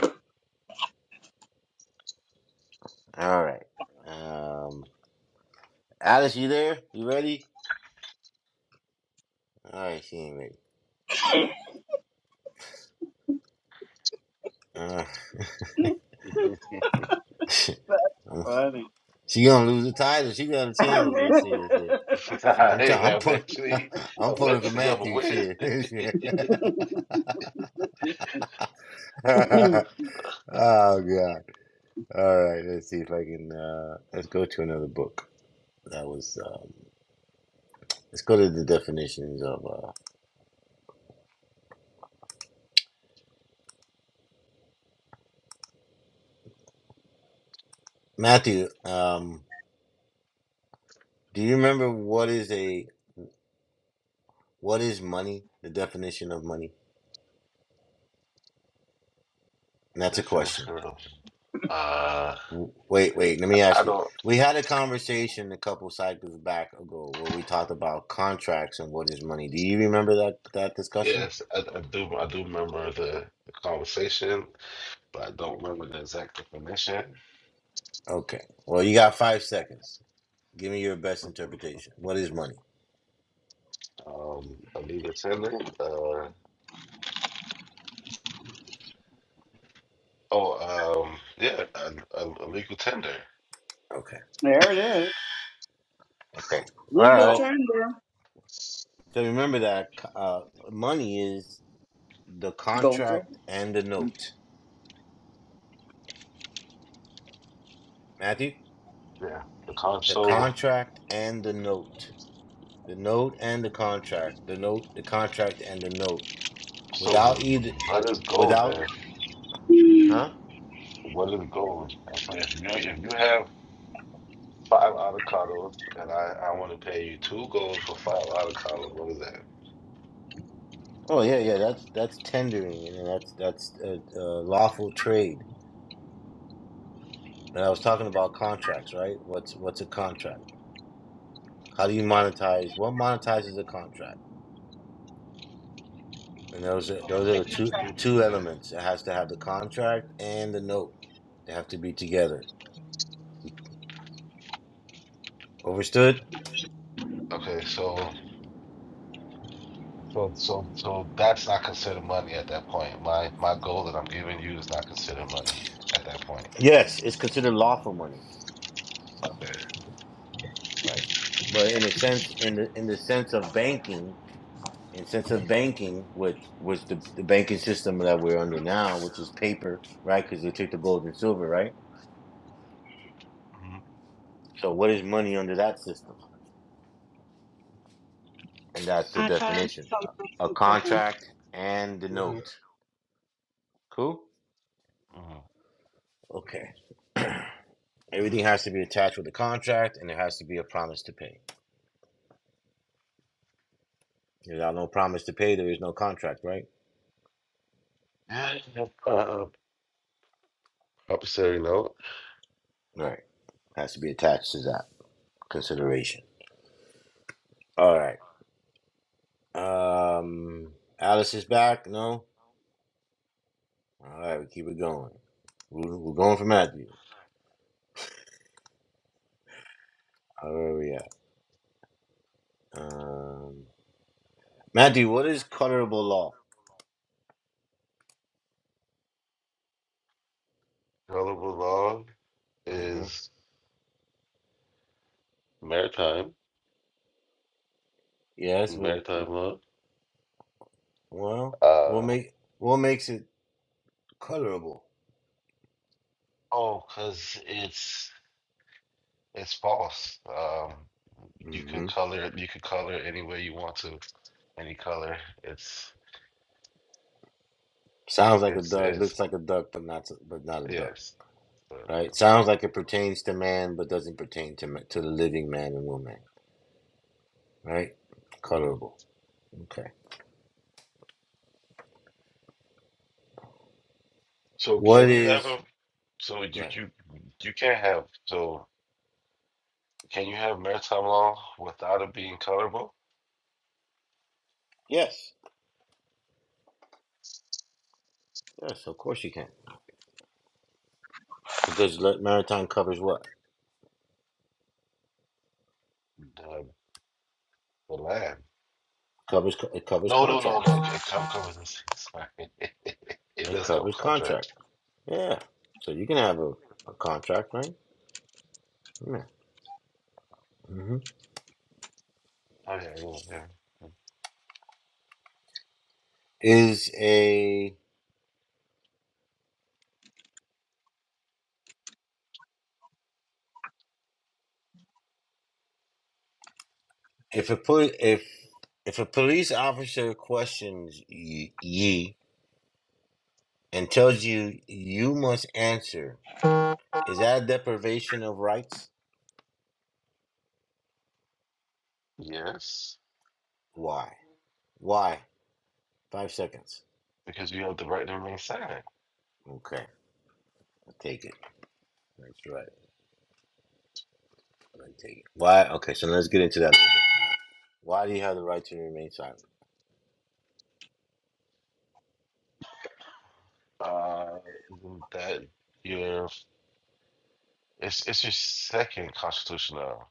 Speaker 2: All right. Um, Alice, you there? You ready? All right, she ain't ready. Uh,
Speaker 8: (laughs)
Speaker 2: (laughs) she
Speaker 7: Funny.
Speaker 2: gonna lose the title. She got a
Speaker 7: (laughs)
Speaker 2: chance. Let's see. Let's see. I'm
Speaker 8: hey
Speaker 2: trying.
Speaker 8: man,
Speaker 2: I'm pulling.
Speaker 8: eventually,
Speaker 2: (laughs) I'm pulling for
Speaker 8: eventually I'm going
Speaker 2: Matthew
Speaker 8: win.
Speaker 2: shit. (laughs)
Speaker 8: (laughs)
Speaker 2: Shit. (laughs) oh god. All right. Let's see if I can. Uh, let's go to another book. That was. Um, let's go to the definitions of uh, Matthew. Um, do you remember what is a what is money? The definition of money. And that's a question.
Speaker 8: Definition of uh,
Speaker 2: W- Wait, wait, let me ask you. We had a conversation a couple cycles back ago where we talked about contracts and what is money. Do you remember that that discussion?
Speaker 8: yes, I, I do. I do remember the, the conversation, but I don't remember the exact definition.
Speaker 2: Okay. Well, you got 5 seconds. Give me your best interpretation. What is money?
Speaker 8: Um, a legal tender. Uh, oh, um, yeah, a, a, a legal tender.
Speaker 2: Okay.
Speaker 7: there it is.
Speaker 2: Okay. All
Speaker 7: Legal
Speaker 2: right.
Speaker 8: No,
Speaker 7: tender.
Speaker 2: So remember that uh, money is the
Speaker 7: Go.
Speaker 2: contract and the note. Matthew,
Speaker 8: yeah, the con.
Speaker 2: the
Speaker 8: So,
Speaker 2: contract and the note. The note and the contract. The note, the contract and the note.
Speaker 8: so
Speaker 2: Without either
Speaker 8: let us go, man.
Speaker 2: without huh?
Speaker 8: What is gold? If if you if you have five avocados and I I want to pay you two gold for five avocados, what is that?
Speaker 2: Oh yeah, yeah. That's that's tendering, and that's that's a, a lawful trade. And I was talking about contracts, right? What's what's a contract? How do you monetize? What monetizes a contract? And those are, those
Speaker 8: Um,
Speaker 2: are the two
Speaker 8: two.
Speaker 2: two
Speaker 8: Okay.
Speaker 2: elements. It has to have the contract and the note. They have to be together. Overstood?
Speaker 8: Okay. So so so so that's not considered money at that point. My my goal that I'm giving you is not considered money at that point.
Speaker 2: Yes, it's considered lawful money,
Speaker 8: Okay.
Speaker 2: right? But in a sense, in the in the sense of banking, And since of banking, with was the, the banking system that we're under now, which is paper, right? Because they took the gold and silver, right? So what is money under that system? And that's the
Speaker 4: I I call him
Speaker 2: definition: a, a
Speaker 4: some chicken.
Speaker 2: contract and the note. Cool.
Speaker 8: Mm-hmm.
Speaker 2: Okay. Everything has to be attached with a contract, and there has to be a promise to pay. Without no promise to pay, there is no contract, right?
Speaker 8: Uh, uh, promissory note.
Speaker 2: Right. Has to be attached to that consideration. All right. Um, Alice is back. No. All right, we keep it going. We're, we're going for Matthew. All right, where we at? Um, Matthew, what is colorable law?
Speaker 8: Available law
Speaker 2: hmm
Speaker 8: is maritime
Speaker 2: Yes. Well,
Speaker 8: maritime law.
Speaker 2: well, what
Speaker 8: Uh
Speaker 2: make what makes it colorable?
Speaker 8: oh, because it's It's false. Um, you can
Speaker 2: hmm
Speaker 8: color it. You can color it any way you want to, any color. It's
Speaker 2: Sounds like a
Speaker 8: it's
Speaker 2: duck.
Speaker 8: it's
Speaker 2: Looks like a duck, but not but not a duck.
Speaker 8: yes.
Speaker 2: Right?
Speaker 8: hmm
Speaker 2: Sounds like it pertains to man, but doesn't pertain to ma- to the living man and woman. Right? Colorable. Okay.
Speaker 8: So
Speaker 2: What
Speaker 8: can you have
Speaker 2: is?
Speaker 8: a? So
Speaker 2: Go
Speaker 8: you
Speaker 2: ahead.
Speaker 8: you you can't have. So can you have maritime law without it being colorable?
Speaker 2: Yes. Yes. Of course you can. Because le- maritime covers what?
Speaker 8: The the land.
Speaker 2: Covers it covers
Speaker 8: No no no no.
Speaker 2: contracts.
Speaker 8: It co- covers this. (laughs) Sorry, it
Speaker 2: It
Speaker 8: does cover
Speaker 2: covers contract.
Speaker 8: contract.
Speaker 2: Yeah. So you can have a, a contract, right? Yeah. hmm
Speaker 8: Okay. Yeah, yeah.
Speaker 2: Is a if a poli- if if a police officer questions ye, ye and tells you you must answer, is that a deprivation of rights?
Speaker 8: Yes,
Speaker 2: Why? Why? Five seconds.
Speaker 8: because you have the right to remain silent.
Speaker 2: Okay, I'll take it. That's right. I'll take it. Why? Okay, so let's get into that. Why do you have the right to remain silent?
Speaker 8: Uh, isn't that your It's it's your second constitutional,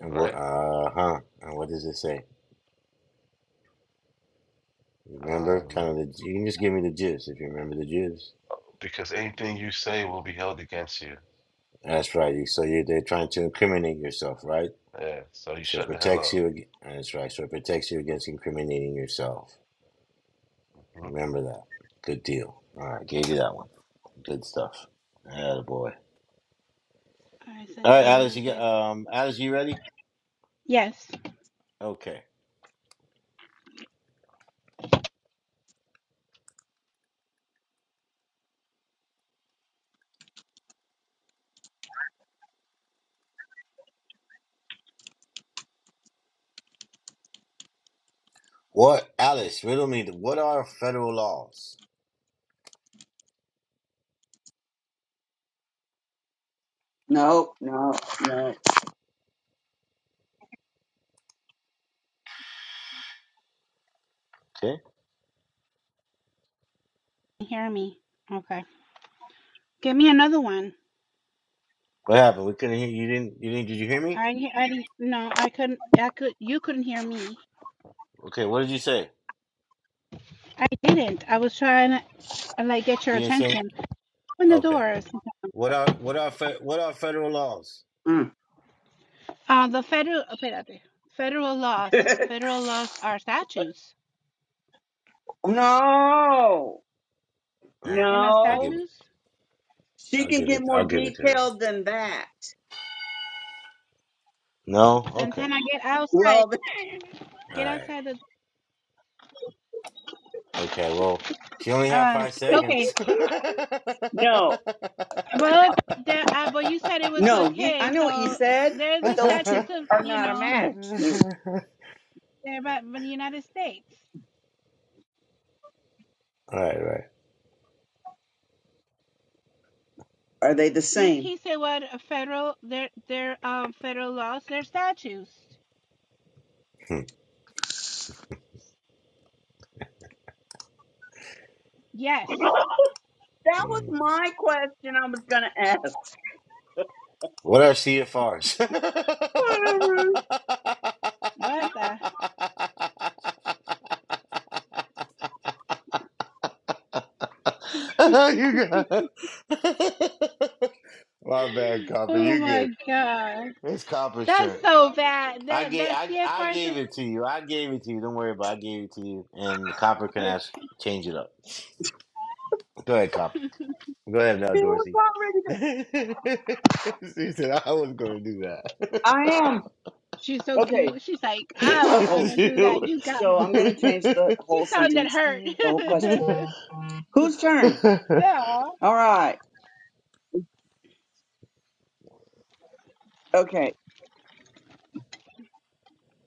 Speaker 2: And what?
Speaker 8: right?
Speaker 2: Uh huh. And what does it say? Remember,
Speaker 8: Um,
Speaker 2: kind of the. You can just give me the gist if you remember the gist.
Speaker 8: because anything you say will be held against you.
Speaker 2: That's right. You, so you they're trying to incriminate yourself, right?
Speaker 8: Yeah, so you
Speaker 2: So it
Speaker 8: shut the hell
Speaker 2: protects
Speaker 8: up.
Speaker 2: you. ag- That's right. So it protects you against incriminating yourself.
Speaker 8: Mhm.
Speaker 2: Remember that. Good deal. All right, gave you that one. Good stuff. Yeah, boy.
Speaker 4: Alright,
Speaker 2: All right,
Speaker 4: Santana, you
Speaker 2: Alice.
Speaker 4: wanna
Speaker 2: You get
Speaker 4: get
Speaker 2: um, Alice. You ready?
Speaker 4: Yes.
Speaker 2: Okay. What, Alice? Riddle me. What are federal laws?
Speaker 7: No, no, no.
Speaker 2: Okay.
Speaker 4: You hear me. Okay. Give me another one.
Speaker 2: What happened? We couldn't hear you. Didn't you? Didn't? Did you hear me?
Speaker 4: I didn't I didn't no, I couldn't I could you couldn't hear me.
Speaker 2: Okay. What did you say?
Speaker 4: I didn't. I was trying to uh, like get your
Speaker 2: You didn't say.
Speaker 4: attention. Open the
Speaker 2: Okay.
Speaker 4: doors.
Speaker 2: What are what are fe- what are federal laws?
Speaker 7: Mm.
Speaker 4: Uh the federal oh, espérate. federal laws.
Speaker 7: (laughs)
Speaker 4: Federal laws are statutes.
Speaker 7: no.
Speaker 2: Mm,
Speaker 4: You know
Speaker 2: I'll
Speaker 7: No.
Speaker 2: give it.
Speaker 4: statutes?
Speaker 7: She
Speaker 2: I'll
Speaker 7: can
Speaker 2: give
Speaker 7: get
Speaker 2: it. I'll
Speaker 7: more
Speaker 2: give it to her.
Speaker 7: detailed than that.
Speaker 2: No. Okay.
Speaker 4: Santana get outside.
Speaker 7: Well,
Speaker 2: All
Speaker 4: Get
Speaker 2: right.
Speaker 4: outside the
Speaker 2: Okay. Well, she only had
Speaker 4: um
Speaker 2: five
Speaker 4: okay.
Speaker 2: seconds. (laughs) All
Speaker 7: (laughs) no,
Speaker 4: But there, uh, but you said it was
Speaker 7: no. Ye,
Speaker 4: okay.
Speaker 7: I know what you
Speaker 4: So
Speaker 7: said,
Speaker 4: there's
Speaker 7: but
Speaker 4: the
Speaker 7: those two
Speaker 4: statutes of
Speaker 7: are
Speaker 4: you
Speaker 7: not a
Speaker 4: know
Speaker 7: match.
Speaker 4: they're about the United States.
Speaker 2: right. Right.
Speaker 7: Are they the
Speaker 4: You,
Speaker 7: same?
Speaker 4: he said what a federal their their um federal laws their statutes.
Speaker 2: Hmm,
Speaker 4: Yes.
Speaker 7: That was
Speaker 2: hmm.
Speaker 7: my question I was going to ask.
Speaker 2: what are CFRs?
Speaker 7: Whatever.
Speaker 4: What the?
Speaker 2: (laughs) (laughs) you got it. (laughs) My bad, Copper.
Speaker 4: Oh
Speaker 2: You good.
Speaker 4: my god.
Speaker 2: It's Copper's
Speaker 4: That's
Speaker 2: turn.
Speaker 4: so bad.
Speaker 2: I
Speaker 4: That
Speaker 2: gave
Speaker 4: that
Speaker 2: I, I
Speaker 4: CFR
Speaker 2: gave
Speaker 4: is
Speaker 2: it to you. I gave it to you. Don't worry about it. I gave it to you. And Copper can
Speaker 4: okay.
Speaker 2: ask change it up. Go ahead, Copper. Go ahead now,
Speaker 7: It was
Speaker 2: Dorsey.
Speaker 7: already
Speaker 2: (laughs)
Speaker 7: there.
Speaker 2: she said I was gonna do that.
Speaker 7: I am.
Speaker 4: She's so
Speaker 7: Okay.
Speaker 4: cute. She's like I was
Speaker 7: So,
Speaker 4: gonna do that. You got
Speaker 7: so
Speaker 4: me.
Speaker 7: I'm going to change the
Speaker 4: She
Speaker 7: whole
Speaker 4: sounded
Speaker 7: sentence,
Speaker 4: hurt.
Speaker 2: (laughs)
Speaker 7: the whole question. Whose turn?
Speaker 4: (laughs) no.
Speaker 7: All right. Okay.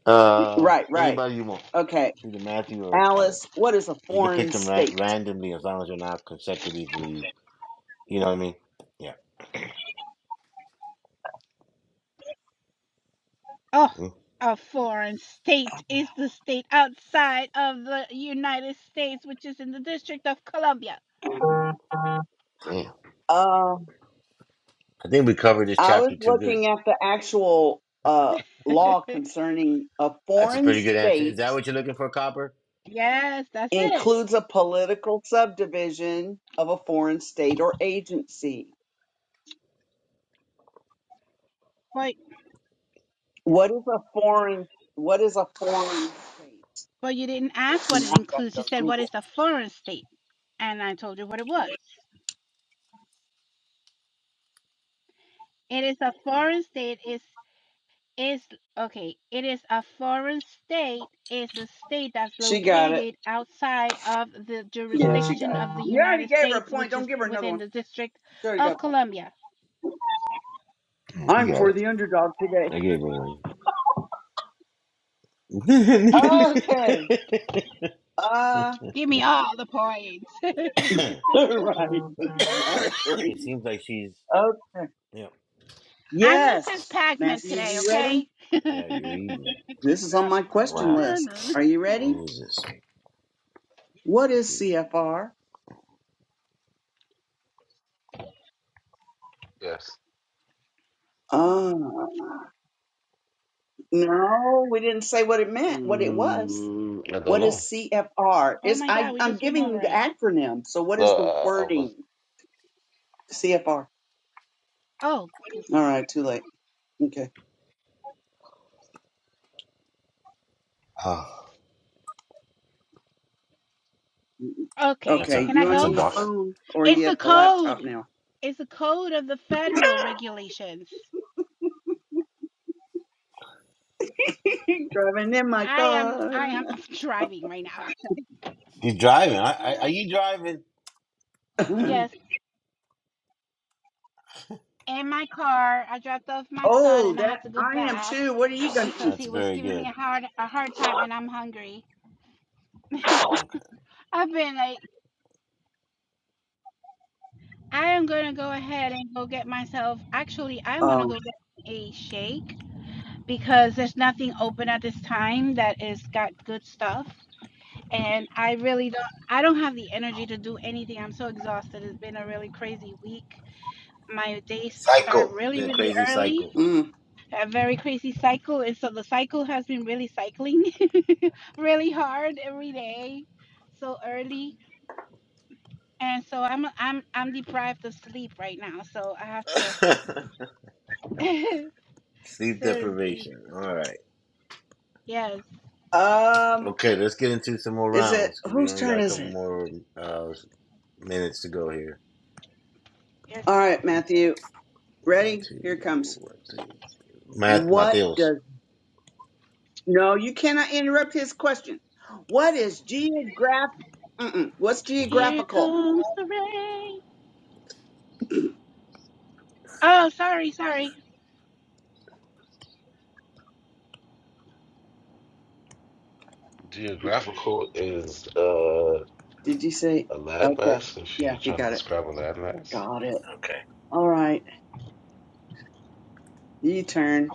Speaker 2: Um,
Speaker 7: Right, right.
Speaker 2: anybody you want.
Speaker 7: Okay.
Speaker 2: It's either Matthew or
Speaker 7: Alice,
Speaker 2: Alice.
Speaker 7: what is a
Speaker 2: You can pick
Speaker 7: foreign
Speaker 2: them ra-
Speaker 7: state?
Speaker 2: randomly as long as you're not consecutively. You know what I mean? Yeah.
Speaker 4: Oh,
Speaker 2: Mm,
Speaker 4: a foreign state is the state outside of the United States, which is in the District of Columbia.
Speaker 2: Damn.
Speaker 7: Uh,
Speaker 2: I think we covered this
Speaker 7: I was
Speaker 2: chapter too good.
Speaker 7: looking at the actual uh, law concerning a
Speaker 2: That's a
Speaker 7: foreign
Speaker 2: pretty good answer. Is
Speaker 7: state
Speaker 2: that what you're looking for, Copper?
Speaker 4: Yes, that's it.
Speaker 7: includes a political subdivision of a foreign state or agency.
Speaker 4: But
Speaker 7: What is a foreign? What is a foreign state?
Speaker 4: but you didn't ask
Speaker 7: So
Speaker 4: what
Speaker 7: now
Speaker 4: it
Speaker 7: I'm gonna
Speaker 4: includes.
Speaker 7: go
Speaker 4: You
Speaker 7: to
Speaker 4: said what
Speaker 7: Google.
Speaker 4: is a foreign state, and I told you what it was. It is a foreign state. Is is okay. It is a foreign state. Is a state that's
Speaker 7: She got it.
Speaker 4: located outside of the
Speaker 7: Yeah, she got
Speaker 4: jurisdiction of
Speaker 7: it.
Speaker 4: the
Speaker 7: You already
Speaker 4: United
Speaker 7: gave her a
Speaker 4: States,
Speaker 7: point.
Speaker 4: which
Speaker 7: Don't
Speaker 4: is
Speaker 7: give her another
Speaker 4: within
Speaker 7: one.
Speaker 4: the District
Speaker 7: She already got
Speaker 4: of
Speaker 7: a point.
Speaker 4: Columbia.
Speaker 2: Mm, She
Speaker 7: I'm
Speaker 2: got
Speaker 7: for
Speaker 2: it.
Speaker 7: the underdog today.
Speaker 2: I gave her one. (laughs)
Speaker 7: Okay.
Speaker 2: it
Speaker 7: Uh,
Speaker 4: Give me all the points.
Speaker 7: (laughs) right. Exactly.
Speaker 2: seems like she's.
Speaker 7: Okay.
Speaker 2: Yeah.
Speaker 4: I'm Mrs.
Speaker 7: Yes.
Speaker 4: Pac-Man
Speaker 7: Matthew,
Speaker 4: today,
Speaker 7: you ready?
Speaker 4: okay?
Speaker 2: Yeah, you're
Speaker 4: (laughs)
Speaker 2: eating.
Speaker 7: This is on
Speaker 4: Yeah.
Speaker 7: my
Speaker 2: What
Speaker 7: question
Speaker 2: happened?
Speaker 7: list. Are you ready?
Speaker 2: Who is this?
Speaker 7: What is CFR?
Speaker 8: Yes.
Speaker 7: Ah, no, we didn't say what it meant, what it was.
Speaker 8: Mm, I don't
Speaker 7: What is
Speaker 8: know.
Speaker 7: CFR?
Speaker 4: Oh
Speaker 7: It's,
Speaker 4: my
Speaker 7: I,
Speaker 4: god, we
Speaker 7: I'm
Speaker 4: just went
Speaker 7: giving
Speaker 4: over
Speaker 7: the
Speaker 4: it.
Speaker 7: acronym. So what
Speaker 8: No,
Speaker 7: is the
Speaker 8: I, I
Speaker 7: wording?
Speaker 8: was.
Speaker 7: CFR. All
Speaker 4: Oh,
Speaker 7: right, too late. Okay.
Speaker 2: Oh,
Speaker 4: okay.
Speaker 2: that's
Speaker 7: Okay,
Speaker 2: a
Speaker 4: Can
Speaker 7: you
Speaker 4: I
Speaker 7: on
Speaker 2: that's a
Speaker 4: go?
Speaker 7: your
Speaker 2: dog.
Speaker 7: phone or
Speaker 4: It's
Speaker 7: you
Speaker 4: the
Speaker 7: at the laptop
Speaker 4: code.
Speaker 7: now?
Speaker 4: It's the code of the federal regulations.
Speaker 7: (laughs) Driving in my
Speaker 4: I am I
Speaker 7: car.
Speaker 4: am (laughs) driving right now.
Speaker 2: He's driving. I, I, are you driving?
Speaker 7: (laughs)
Speaker 4: Yes, in my car. I dropped off my son
Speaker 7: oh,
Speaker 4: and I
Speaker 7: that
Speaker 4: had to go
Speaker 7: I am
Speaker 4: back
Speaker 7: too. What are you gonna
Speaker 4: because
Speaker 7: eat?
Speaker 2: That's
Speaker 4: he was
Speaker 2: very
Speaker 4: giving me
Speaker 2: good.
Speaker 4: a hard a hard time and I'm hungry. (laughs)
Speaker 2: Okay.
Speaker 4: I've been like I am going to go ahead and go get myself. Actually, I'm going to
Speaker 7: Oh,
Speaker 4: go get a shake because there's nothing open at this time that is got good stuff. And I really don't I don't have the energy to do anything. I'm so exhausted. It's been a really crazy week. My days start
Speaker 2: Cycle.
Speaker 4: really,
Speaker 2: Been a
Speaker 4: really
Speaker 2: crazy
Speaker 4: early.
Speaker 2: cycle.
Speaker 7: mm.
Speaker 4: A very crazy cycle. And so the cycle has been really cycling (laughs) really hard every day. So early. And so I'm I'm I'm deprived of sleep right now. So I have to
Speaker 2: (laughs)
Speaker 4: (laughs)
Speaker 2: Sleep
Speaker 4: seriously.
Speaker 2: deprivation. All right.
Speaker 4: Yes.
Speaker 7: um,
Speaker 2: Okay, let's get into some more
Speaker 7: Is it
Speaker 2: rounds because we
Speaker 7: whose
Speaker 2: only got
Speaker 7: turn
Speaker 2: a
Speaker 7: is
Speaker 2: couple
Speaker 7: it?
Speaker 2: more uh, minutes to go here.
Speaker 4: Yes.
Speaker 7: All right, Matthew.
Speaker 2: One,
Speaker 7: Ready? Here it
Speaker 2: two,
Speaker 7: comes.
Speaker 2: one, two. Math,
Speaker 7: What
Speaker 2: Mateos.
Speaker 7: does no, you cannot interrupt his question. What is geograph mm-mm. what's
Speaker 8: hmm
Speaker 4: Here
Speaker 7: geographical?
Speaker 4: comes the rain. Oh, sorry, sorry.
Speaker 8: Geographical is uh,
Speaker 7: Did you say
Speaker 8: a
Speaker 7: okay.
Speaker 8: landmass. If
Speaker 7: Yeah,
Speaker 8: you're
Speaker 7: he
Speaker 8: trying to
Speaker 7: got it.
Speaker 8: describe a landmass,
Speaker 7: Got it. All right. You turn.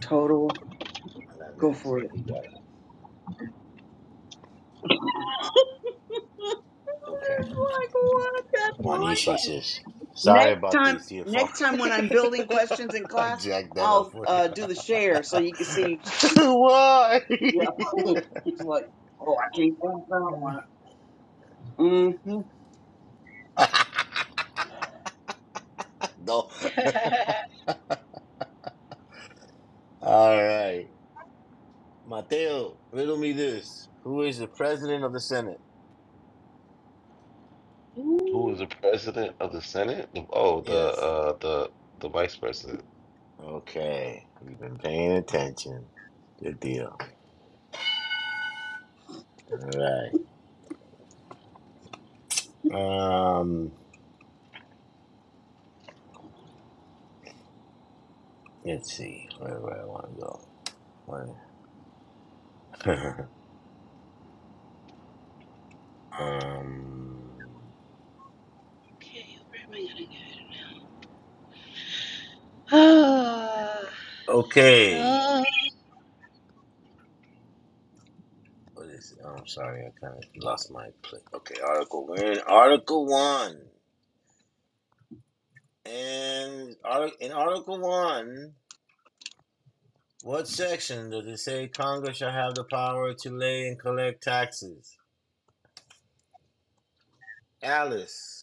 Speaker 7: Total.
Speaker 2: Not
Speaker 7: Go
Speaker 2: Math.
Speaker 7: for
Speaker 2: Yeah,
Speaker 7: it.
Speaker 2: he
Speaker 7: (laughs)
Speaker 2: got it. Okay.
Speaker 7: like what? That's my
Speaker 2: Wanishi
Speaker 7: question.
Speaker 2: says, "Sorry
Speaker 7: Next
Speaker 2: about the
Speaker 7: time
Speaker 2: CFR.
Speaker 7: next time when I'm building questions in
Speaker 2: (laughs) I
Speaker 7: class,
Speaker 2: jacked that up
Speaker 7: I'll
Speaker 2: for you.
Speaker 7: uh, do the share so you can see
Speaker 2: (laughs) Why?
Speaker 7: Yeah. (laughs) it's like, oh, I can't think that
Speaker 2: (laughs)
Speaker 7: one. Mm-hmm.
Speaker 2: no.
Speaker 4: (laughs) okay,
Speaker 2: (laughs) All right, Mateo. Riddle me this: Who is the president of the Senate?
Speaker 8: who is the president of the Senate? Oh, the
Speaker 2: Yes.
Speaker 8: uh, the the vice president.
Speaker 2: Okay, you've been paying attention. Good deal. All right. Um, let's see. Where do I want to go? Where- (laughs) um.
Speaker 4: where am I gonna go? Oh, this is
Speaker 2: Okay.
Speaker 4: so.
Speaker 2: What is? Oh, I'm sorry. I kind of lost my place. Okay. Article. We're in Article One. And arti- in Article One, what section does it say Congress shall have the power to lay and collect taxes? Alice.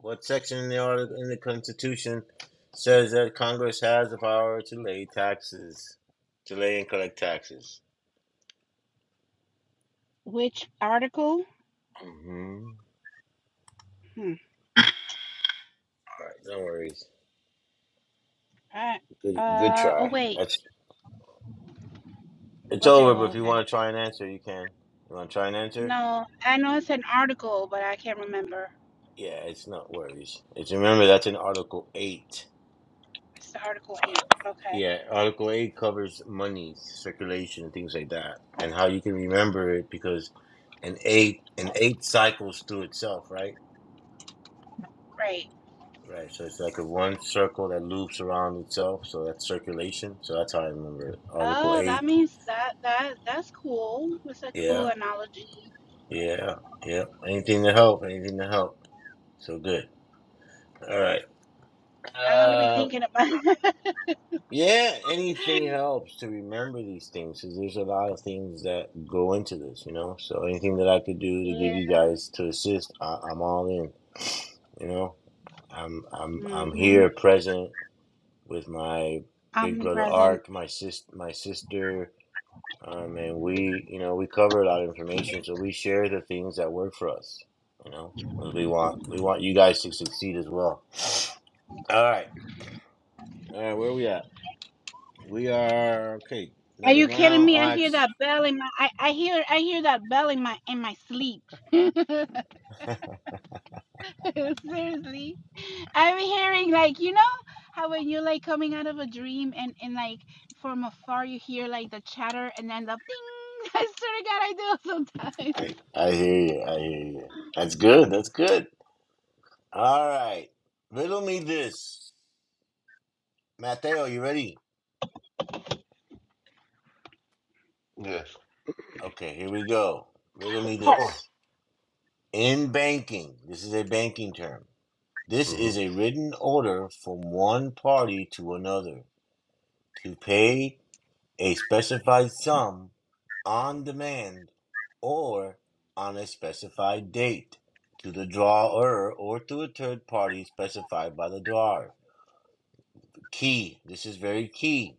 Speaker 2: What section in the article in the Constitution says that Congress has the power to lay taxes, to lay and collect taxes?
Speaker 4: Which article?
Speaker 2: Mm-hmm.
Speaker 4: Hmm.
Speaker 2: All right, no worries.
Speaker 4: I,
Speaker 2: Good, good
Speaker 4: uh. Oh
Speaker 2: try.
Speaker 4: wait.
Speaker 2: That's it's
Speaker 4: Okay.
Speaker 2: over. But
Speaker 4: Well.
Speaker 2: if you
Speaker 4: Okay.
Speaker 2: want to try and answer, you can. You want to try and answer?
Speaker 4: No, I know it's an article, but I can't remember.
Speaker 2: Yeah, it's not worries. It's remember that's in Article Eight.
Speaker 4: It's the article eight. Okay.
Speaker 2: Yeah, Article Eight covers money circulation and things like that, and how you can remember it because an eight an eight cycles through itself, right?
Speaker 4: Right.
Speaker 2: Right. So it's like a one circle that loops around itself. So that's circulation. So that's how I remember it. Article
Speaker 4: Oh, that
Speaker 2: eight.
Speaker 4: means that that that's cool. That's a cool
Speaker 2: Yeah.
Speaker 4: analogy.
Speaker 2: Yeah. Yeah. Anything to help. Anything to help. So good. All right.
Speaker 4: I'm gonna be
Speaker 2: Uh.
Speaker 4: thinking about
Speaker 2: Yeah. Anything helps to remember these things because there's a lot of things that go into this. You know. So anything that I could do to give you guys to assist, I, I'm all in. You know. I'm
Speaker 4: (laughs)
Speaker 2: I'm I'm
Speaker 4: hmm
Speaker 2: here present with my big brother
Speaker 4: omnipresent.
Speaker 2: Ark, my sis my sister Um, and we, you know, we cover a lot of information, so we share the things that work for us. You know, 'cause we want we want you guys to succeed as well. All right, all right, where we at? We are okay.
Speaker 4: Are
Speaker 2: Another
Speaker 4: you kidding
Speaker 2: round.
Speaker 4: me?
Speaker 2: I'll
Speaker 4: I hear
Speaker 2: ask-
Speaker 4: that bell in my. I, I hear I hear that bell in my in my sleep. (laughs) Seriously. I'm hearing like you know how when you're like coming out of a dream and and like from afar you hear like the chatter and then the thing. (laughs) I swear to God, I do sometimes.
Speaker 2: I I hear you. I hear you. That's good. That's good. All right. Riddle me this, Mateo. You ready?
Speaker 8: Yes.
Speaker 2: Okay, here we go. Riddle me
Speaker 8: Park.
Speaker 2: this. In banking, this is a banking term. This
Speaker 8: hmm
Speaker 2: is a written order from one party to another. to pay a specified sum on demand or on a specified date to the drawer or to a third party specified by the drawer. Key, this is very key.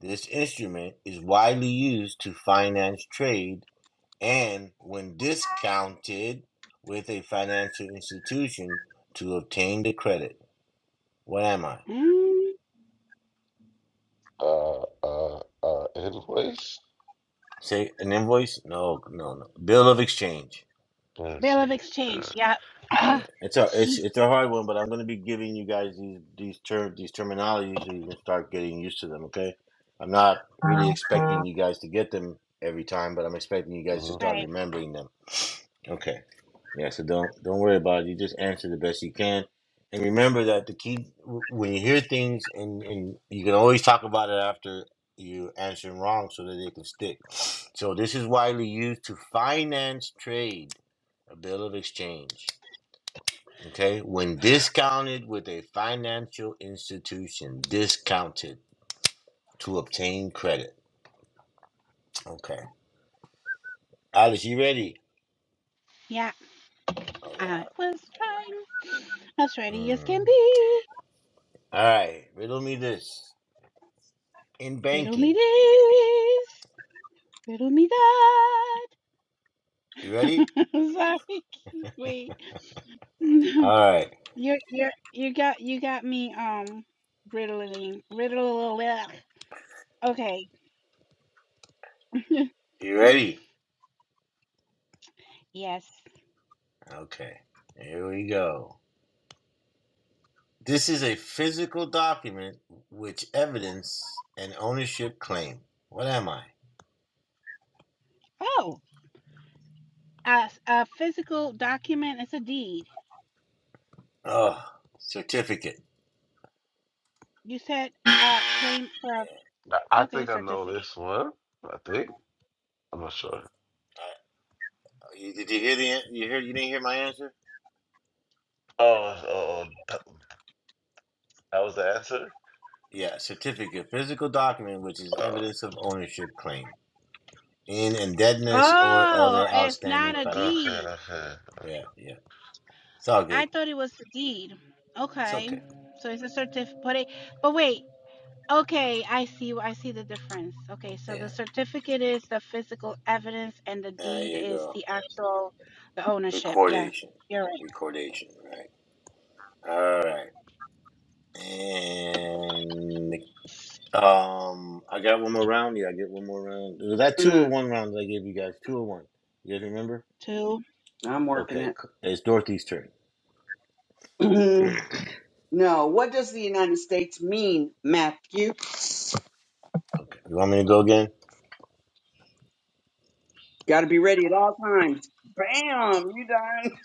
Speaker 2: This instrument is widely used to finance trade and, when discounted with a financial institution, to obtain the credit. What am I?
Speaker 4: Mm,
Speaker 8: Uh, uh, uh, invoice.
Speaker 2: Say an invoice? No, no, no. Bill of exchange.
Speaker 8: That
Speaker 4: Bill of
Speaker 8: seems.
Speaker 4: exchange.
Speaker 8: Uh,
Speaker 4: Yeah. (coughs)
Speaker 2: Yeah,
Speaker 4: Ah,
Speaker 2: it's a it's
Speaker 4: Jeez.
Speaker 2: it's a hard one, but I'm going to be giving you guys these these terms these terminologies so you can start getting used to them. Okay, I'm not really expecting you guys to get them every time, but I'm expecting you guys to
Speaker 8: mhm.
Speaker 2: start
Speaker 4: Right.
Speaker 2: remembering them. Okay, yeah. So don't don't worry about it. You just answer the best you can, and remember that the key w- when you hear things and and you can always talk about it after you answer 'em wrong so that they can stick. So this is widely used to finance trade, a bill of exchange. Okay, when discounted with a financial institution, discounted to obtain credit. Okay, Alice, you ready?
Speaker 4: Yeah.
Speaker 2: All
Speaker 4: I
Speaker 2: right.
Speaker 4: was fine. As ready as can
Speaker 2: Mm.
Speaker 4: be.
Speaker 2: All right, riddle me this. In
Speaker 4: Riddle me
Speaker 2: banking,
Speaker 4: this. Riddle me
Speaker 2: you
Speaker 4: that.
Speaker 2: ready?
Speaker 4: (laughs) Sorry. Wait. (laughs)
Speaker 2: All right,
Speaker 4: You're you're you got you got me um riddling riddle okay. (laughs)
Speaker 2: you ready?
Speaker 4: Yes.
Speaker 2: Okay, here we go. This is a physical document which evidence an ownership claim. What am I?
Speaker 4: Oh, a, a physical document is a deed.
Speaker 2: Oh, certificate.
Speaker 4: You said uh claim for a
Speaker 8: I I
Speaker 4: okay
Speaker 8: think I know
Speaker 4: certificate.
Speaker 8: this one. I think I'm not sure.
Speaker 2: Uh, you- Did you hear the? an- You hear? You didn't hear my answer?
Speaker 8: Oh, oh, oh, that, that was the answer.
Speaker 2: Yeah, certificate, physical document which is
Speaker 8: Oh,
Speaker 2: evidence of ownership claim in indebtedness or
Speaker 4: Oh,
Speaker 2: other
Speaker 4: it's
Speaker 2: outstanding
Speaker 4: not a
Speaker 2: financial.
Speaker 8: okay,
Speaker 4: deed.
Speaker 8: okay. okay.
Speaker 2: Yeah, yeah, it's all good.
Speaker 4: I thought it was a deed.
Speaker 2: It's
Speaker 4: Okay,
Speaker 2: okay.
Speaker 4: so it's a certificate. But it, but wait, Okay, I see. I see the difference. Okay,
Speaker 2: Yeah,
Speaker 4: so the certificate is the physical evidence, and the
Speaker 2: there
Speaker 4: deed
Speaker 2: you
Speaker 4: is
Speaker 2: go.
Speaker 4: the actual, the ownership. Yeah,
Speaker 2: Recordation,
Speaker 4: you're right.
Speaker 2: recordation, right? All right, and um, I got one more round. Yeah, I get one more round. Was that two or
Speaker 7: Mm.
Speaker 2: one round that I gave you guys? Two or one? You guys remember?
Speaker 4: To
Speaker 7: I'm working
Speaker 2: Okay,
Speaker 7: it.
Speaker 2: c- it's Dorothy's turn.
Speaker 7: (clears throat) Mhm. no, what does the United States mean, Matthew?
Speaker 2: Okay, you want me to go again?
Speaker 7: Got to be ready at all times. Bam, you done.